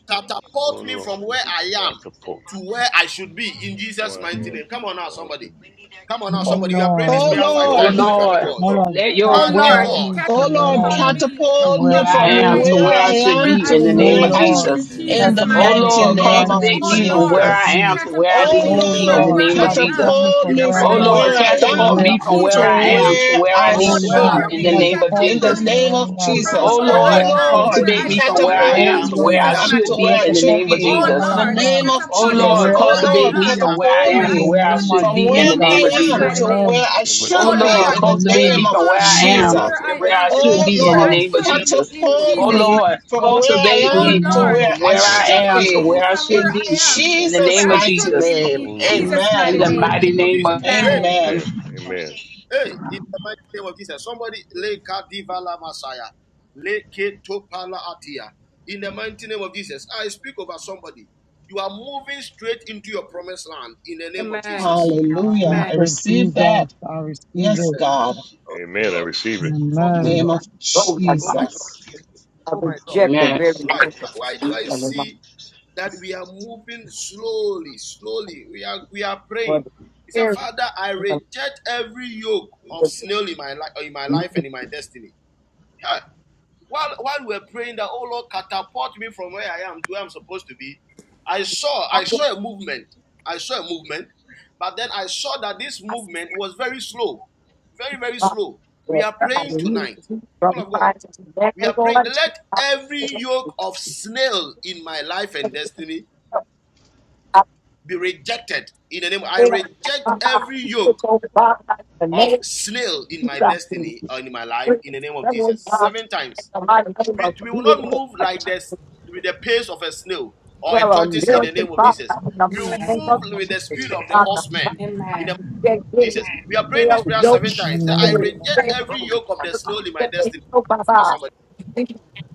Speaker 8: Oh,
Speaker 4: catapult me
Speaker 8: Lord.
Speaker 4: from where I am
Speaker 8: God support.
Speaker 4: to where I should be in Jesus'
Speaker 8: One
Speaker 4: mighty
Speaker 8: hand
Speaker 4: name. Come
Speaker 8: to
Speaker 4: on
Speaker 8: it
Speaker 4: now,
Speaker 8: all to
Speaker 4: somebody.
Speaker 8: be.
Speaker 4: Come on now,
Speaker 10: O
Speaker 2: Oh,
Speaker 4: somebody. You are praying this
Speaker 2: oh
Speaker 10: Lord,
Speaker 4: prayer
Speaker 8: Oh,
Speaker 4: five
Speaker 5: Oh
Speaker 8: Lord.
Speaker 4: times.
Speaker 2: Lord.
Speaker 4: Lift up
Speaker 8: God
Speaker 4: your
Speaker 5: Lord,
Speaker 10: O
Speaker 4: voice.
Speaker 8: support
Speaker 10: Lord,
Speaker 8: me.
Speaker 5: let your
Speaker 1: Oh
Speaker 4: Father,
Speaker 8: One
Speaker 4: oh
Speaker 5: wind
Speaker 10: catapult
Speaker 1: Lord,
Speaker 2: Oh
Speaker 8: hand
Speaker 4: Lord,
Speaker 10: me
Speaker 8: to
Speaker 10: from where
Speaker 8: where I
Speaker 2: Lord,
Speaker 8: ought
Speaker 10: I
Speaker 1: catapult
Speaker 8: to
Speaker 10: am
Speaker 8: be.
Speaker 1: me
Speaker 10: to
Speaker 4: come
Speaker 2: catapult
Speaker 4: on.
Speaker 10: where
Speaker 2: me
Speaker 5: where
Speaker 1: from
Speaker 10: I
Speaker 5: I
Speaker 1: where
Speaker 2: from
Speaker 10: should
Speaker 5: am
Speaker 1: I
Speaker 5: to
Speaker 10: be.
Speaker 5: where
Speaker 2: where
Speaker 5: I
Speaker 2: I
Speaker 8: God
Speaker 1: am to
Speaker 8: support
Speaker 5: should
Speaker 2: am
Speaker 1: where
Speaker 8: me,
Speaker 5: be
Speaker 1: I
Speaker 8: oh,
Speaker 2: to
Speaker 5: in the
Speaker 2: where I
Speaker 8: Lord.
Speaker 10: O
Speaker 1: should
Speaker 5: name
Speaker 2: where
Speaker 5: of
Speaker 2: I
Speaker 1: be
Speaker 8: One
Speaker 2: s-
Speaker 10: Lord,
Speaker 1: in
Speaker 5: Jesus.
Speaker 8: hand
Speaker 2: in
Speaker 8: to
Speaker 1: Jesus'
Speaker 2: the
Speaker 8: where I
Speaker 5: Oh
Speaker 8: ought
Speaker 1: mighty
Speaker 10: catapult me
Speaker 8: to
Speaker 2: mighty
Speaker 5: Lord,
Speaker 10: from
Speaker 1: name.
Speaker 8: be.
Speaker 10: where I
Speaker 2: name of
Speaker 5: cultivate
Speaker 10: am to
Speaker 1: Oh
Speaker 5: me
Speaker 10: where I
Speaker 5: from
Speaker 8: God
Speaker 5: where
Speaker 1: Lord,
Speaker 10: should
Speaker 5: I
Speaker 8: support
Speaker 2: Jesus.
Speaker 5: am
Speaker 10: be.
Speaker 5: to where I
Speaker 4: In
Speaker 1: catapult
Speaker 4: the
Speaker 8: me.
Speaker 2: Oh
Speaker 5: need
Speaker 4: mighty
Speaker 5: to
Speaker 1: me
Speaker 10: O
Speaker 4: name
Speaker 5: be
Speaker 4: of,
Speaker 5: in
Speaker 4: Jesus,
Speaker 2: Lord,
Speaker 1: from
Speaker 5: the
Speaker 10: Lord,
Speaker 1: where
Speaker 5: name
Speaker 8: One
Speaker 5: of
Speaker 1: I
Speaker 8: hand
Speaker 10: catapult
Speaker 5: Jesus.
Speaker 1: am
Speaker 10: me
Speaker 2: catapult
Speaker 4: in
Speaker 10: from
Speaker 1: to
Speaker 4: the
Speaker 2: me
Speaker 10: where
Speaker 1: where
Speaker 10: I
Speaker 5: Oh
Speaker 4: mighty
Speaker 2: from
Speaker 1: I
Speaker 4: name of
Speaker 10: am
Speaker 5: Lord,
Speaker 2: where
Speaker 4: Jesus.
Speaker 1: should
Speaker 8: to
Speaker 1: be
Speaker 4: Oh
Speaker 8: where
Speaker 10: to
Speaker 8: I
Speaker 2: I
Speaker 8: ought
Speaker 4: Lord,
Speaker 5: catapult
Speaker 8: to
Speaker 2: am
Speaker 10: where
Speaker 5: me
Speaker 1: in
Speaker 8: be.
Speaker 10: I
Speaker 5: from
Speaker 4: catapult
Speaker 5: where
Speaker 2: to
Speaker 1: Jesus'
Speaker 4: my
Speaker 10: should
Speaker 5: I
Speaker 10: be.
Speaker 5: am
Speaker 1: name.
Speaker 4: ministry
Speaker 5: to
Speaker 2: where
Speaker 5: where
Speaker 8: Oh,
Speaker 5: I
Speaker 2: I
Speaker 8: I
Speaker 5: need
Speaker 4: from
Speaker 1: Oh
Speaker 10: Oh
Speaker 8: want
Speaker 5: to
Speaker 4: where
Speaker 5: be
Speaker 4: I
Speaker 2: should
Speaker 10: Lord,
Speaker 4: am
Speaker 1: Lord,
Speaker 5: in
Speaker 4: to
Speaker 5: the
Speaker 4: where
Speaker 10: help
Speaker 4: I'm
Speaker 5: name
Speaker 2: be
Speaker 5: of
Speaker 10: depart
Speaker 4: supposed to
Speaker 2: in
Speaker 4: be.
Speaker 2: the
Speaker 10: me
Speaker 1: catapult
Speaker 5: Jesus.
Speaker 10: from
Speaker 8: to
Speaker 10: where
Speaker 2: name
Speaker 1: me
Speaker 8: be.
Speaker 2: of
Speaker 10: I
Speaker 4: Oh
Speaker 10: am
Speaker 4: Lord,
Speaker 1: from
Speaker 5: Oh
Speaker 2: Jesus.
Speaker 1: where
Speaker 10: to
Speaker 4: catapult
Speaker 2: Oh
Speaker 4: my
Speaker 1: I
Speaker 5: Lord,
Speaker 10: where I
Speaker 8: See,
Speaker 1: am
Speaker 10: should
Speaker 1: to
Speaker 4: ministry
Speaker 2: Lord,
Speaker 8: people
Speaker 1: where
Speaker 5: cultivate
Speaker 1: I
Speaker 5: me
Speaker 10: be.
Speaker 8: lives
Speaker 5: from
Speaker 4: from
Speaker 5: where
Speaker 1: should
Speaker 4: where
Speaker 5: I
Speaker 4: I
Speaker 2: catapult
Speaker 1: be
Speaker 8: change
Speaker 10: Oh
Speaker 5: am
Speaker 1: in
Speaker 4: am
Speaker 5: to
Speaker 8: over.
Speaker 4: to
Speaker 5: where
Speaker 4: where
Speaker 5: I
Speaker 4: I
Speaker 1: Jesus'
Speaker 10: Lord,
Speaker 4: am
Speaker 2: I'm
Speaker 1: mighty
Speaker 5: should
Speaker 2: to
Speaker 4: supposed to
Speaker 1: name.
Speaker 2: where
Speaker 5: be
Speaker 10: help
Speaker 2: I
Speaker 5: in
Speaker 8: over.
Speaker 5: the
Speaker 4: be.
Speaker 10: depart
Speaker 2: should
Speaker 5: name of
Speaker 10: me
Speaker 4: Oh
Speaker 2: be
Speaker 4: Lord,
Speaker 10: from
Speaker 1: Oh
Speaker 2: in
Speaker 5: Jesus.
Speaker 10: where I
Speaker 2: the
Speaker 1: Lord,
Speaker 4: catapult my
Speaker 2: name
Speaker 10: am
Speaker 2: of
Speaker 8: Like
Speaker 5: Oh
Speaker 8: That's
Speaker 1: catapult
Speaker 10: to
Speaker 8: over
Speaker 4: ministry
Speaker 1: me
Speaker 8: here.
Speaker 2: Jesus.
Speaker 5: Lord,
Speaker 10: where
Speaker 1: from
Speaker 2: Oh
Speaker 10: I
Speaker 1: where
Speaker 4: from
Speaker 1: I
Speaker 5: cultivate
Speaker 10: should
Speaker 2: Lord,
Speaker 4: where
Speaker 5: me
Speaker 4: I
Speaker 1: am
Speaker 5: from
Speaker 10: be.
Speaker 4: am
Speaker 5: where
Speaker 4: to
Speaker 8: My
Speaker 1: to
Speaker 5: I
Speaker 2: catapult
Speaker 4: where I'm
Speaker 5: am
Speaker 1: where
Speaker 10: In
Speaker 1: I
Speaker 5: to
Speaker 10: the
Speaker 2: me
Speaker 5: where I
Speaker 10: name
Speaker 1: should
Speaker 10: of
Speaker 5: should
Speaker 2: from
Speaker 1: be
Speaker 4: Oh
Speaker 5: be in
Speaker 2: where
Speaker 4: Lord,
Speaker 5: the
Speaker 8: day.
Speaker 1: in
Speaker 10: Jesus.
Speaker 5: name of
Speaker 4: catapult
Speaker 1: Jesus'
Speaker 2: I
Speaker 4: my
Speaker 2: am
Speaker 1: mighty
Speaker 5: Jesus.
Speaker 2: to
Speaker 4: finances
Speaker 1: name.
Speaker 2: where
Speaker 10: Amen.
Speaker 2: I
Speaker 8: It look
Speaker 4: from
Speaker 5: Oh
Speaker 1: Oh
Speaker 2: should
Speaker 4: where I
Speaker 8: easy.
Speaker 2: be
Speaker 5: Lord,
Speaker 1: Lord,
Speaker 4: am
Speaker 2: in the
Speaker 4: to where
Speaker 5: cultivate
Speaker 4: I'm
Speaker 2: name
Speaker 5: me
Speaker 10: Amen.
Speaker 5: from
Speaker 2: of
Speaker 4: supposed
Speaker 5: where
Speaker 4: to
Speaker 1: catapult
Speaker 4: be.
Speaker 5: I
Speaker 1: me
Speaker 8: Oh
Speaker 5: am
Speaker 10: Amen.
Speaker 1: from
Speaker 8: Lord,
Speaker 2: Jesus.
Speaker 1: where
Speaker 4: In
Speaker 5: to
Speaker 4: the
Speaker 1: I
Speaker 5: where
Speaker 4: mighty
Speaker 5: I
Speaker 1: am
Speaker 4: name of
Speaker 5: should
Speaker 10: Yes,
Speaker 2: Oh
Speaker 5: be
Speaker 1: to
Speaker 4: Jesus.
Speaker 5: in
Speaker 1: where
Speaker 5: the
Speaker 2: Lord,
Speaker 1: I
Speaker 10: Lord.
Speaker 5: name of
Speaker 4: In
Speaker 1: should
Speaker 4: the
Speaker 1: be
Speaker 5: Jesus.
Speaker 4: mighty
Speaker 1: in
Speaker 4: name of
Speaker 8: I
Speaker 2: catapult
Speaker 4: Jesus.
Speaker 5: Oh
Speaker 1: Jesus'
Speaker 2: me
Speaker 1: mighty
Speaker 5: Lord,
Speaker 1: name.
Speaker 2: from where
Speaker 5: cultivate
Speaker 2: I
Speaker 1: Oh
Speaker 2: am
Speaker 5: me
Speaker 2: to
Speaker 1: Lord,
Speaker 10: Amen.
Speaker 2: where
Speaker 8: support
Speaker 5: from
Speaker 8: who I
Speaker 2: I
Speaker 5: where I
Speaker 8: am
Speaker 2: should
Speaker 8: to
Speaker 5: am
Speaker 1: catapult
Speaker 8: what I
Speaker 5: to
Speaker 2: be
Speaker 1: me
Speaker 5: where
Speaker 8: ought
Speaker 5: I
Speaker 8: to
Speaker 1: from
Speaker 8: be.
Speaker 5: should
Speaker 1: where
Speaker 2: in
Speaker 1: I
Speaker 5: be
Speaker 1: am
Speaker 5: in the
Speaker 1: to where
Speaker 2: Jesus'
Speaker 5: name
Speaker 1: I
Speaker 5: of
Speaker 2: mighty
Speaker 1: should
Speaker 5: Jesus.
Speaker 1: be
Speaker 8: Oh
Speaker 2: name.
Speaker 1: in
Speaker 8: Lord.
Speaker 1: Jesus' mighty
Speaker 5: In
Speaker 4: In
Speaker 5: the
Speaker 4: the
Speaker 2: Amen.
Speaker 4: mighty
Speaker 1: name.
Speaker 5: mighty
Speaker 4: name of
Speaker 5: name
Speaker 4: Jesus.
Speaker 5: of
Speaker 4: Hey,
Speaker 1: Amen.
Speaker 8: Amen.
Speaker 2: Amen.
Speaker 8: Amen.
Speaker 4: hey, in the mighty name of Jesus. Somebody lay Kadivala Messiah. Lay Ketopala Atia. In the mighty name of Jesus. I speak over somebody. You are moving straight into your promised land in the name of
Speaker 1: Amen.
Speaker 4: Jesus.
Speaker 2: Hallelujah.
Speaker 1: Amen.
Speaker 2: I
Speaker 10: Mr.
Speaker 2: receive
Speaker 10: Jesus,
Speaker 2: that.
Speaker 10: I receive
Speaker 2: Yes,
Speaker 10: it.
Speaker 4: Eh,
Speaker 2: God.
Speaker 4: Oh my
Speaker 8: Amen. I
Speaker 4: God.
Speaker 8: receive it.
Speaker 2: In
Speaker 4: Oh my
Speaker 2: the
Speaker 10: Amen.
Speaker 11: Oh,
Speaker 2: name
Speaker 4: God.
Speaker 2: of
Speaker 11: God, I
Speaker 4: Oh my
Speaker 11: bind,
Speaker 4: God.
Speaker 2: Jesus.
Speaker 11: I
Speaker 4: Oh my God.
Speaker 11: reject the
Speaker 5: Amen.
Speaker 11: very
Speaker 4: Why
Speaker 11: work of
Speaker 4: why do I
Speaker 11: evil in my
Speaker 4: see that we are moving slowly, slowly. We are we are praying.
Speaker 11: body.
Speaker 4: He said,
Speaker 11: Very
Speaker 4: Father, I
Speaker 11: evil.
Speaker 4: reject every yoke of
Speaker 11: work of
Speaker 4: snail in my life in my life
Speaker 11: evil.
Speaker 4: and in my destiny. Huh. While while we're praying that, oh Lord, catapult me from where I am to where I'm supposed to be, I saw I
Speaker 11: I
Speaker 4: saw a movement. I saw a movement, but then I saw that this
Speaker 11: said,
Speaker 4: movement was very slow. Very, very
Speaker 11: God,
Speaker 4: slow. We
Speaker 11: Lord,
Speaker 4: are
Speaker 11: I
Speaker 4: praying
Speaker 11: remove
Speaker 4: tonight.
Speaker 11: you
Speaker 4: People
Speaker 11: from
Speaker 4: of
Speaker 11: my
Speaker 4: God,
Speaker 11: today,
Speaker 4: we are
Speaker 11: Lord.
Speaker 4: praying. Let every yoke of snail in my life and destiny
Speaker 11: I
Speaker 4: be rejected in the name. I
Speaker 11: pray that
Speaker 4: reject
Speaker 11: my
Speaker 4: every
Speaker 11: mind is
Speaker 4: yoke
Speaker 11: over by the
Speaker 4: of
Speaker 11: name of
Speaker 4: snail in
Speaker 11: Jesus.
Speaker 4: my
Speaker 11: I
Speaker 4: destiny or in my life
Speaker 11: pray
Speaker 4: in the name
Speaker 11: that
Speaker 4: of Jesus.
Speaker 11: God,
Speaker 4: Seven
Speaker 11: in
Speaker 4: times.
Speaker 11: the mighty
Speaker 4: We, we will
Speaker 11: name
Speaker 4: not
Speaker 2: Oh
Speaker 4: move
Speaker 11: of
Speaker 4: like
Speaker 11: Jesus,
Speaker 4: this with the pace of a snail or a
Speaker 11: Well, a
Speaker 4: tortoise in the
Speaker 11: miracle,
Speaker 4: name of
Speaker 11: Father,
Speaker 4: Jesus.
Speaker 11: in the
Speaker 4: We will
Speaker 11: mighty name
Speaker 4: move
Speaker 11: of
Speaker 4: with
Speaker 11: Jesus,
Speaker 4: the speed of the
Speaker 11: Father,
Speaker 4: horseman
Speaker 11: Father,
Speaker 4: in the name
Speaker 11: reject
Speaker 4: of
Speaker 11: every
Speaker 4: Jesus. We are praying
Speaker 11: spell,
Speaker 4: this prayer
Speaker 11: yoke,
Speaker 4: seven times. I
Speaker 10: Amen.
Speaker 11: every
Speaker 4: reject
Speaker 11: spell,
Speaker 4: every yoke of the snail in my
Speaker 11: every
Speaker 4: destiny.
Speaker 11: yoke, Father.
Speaker 4: Somebody,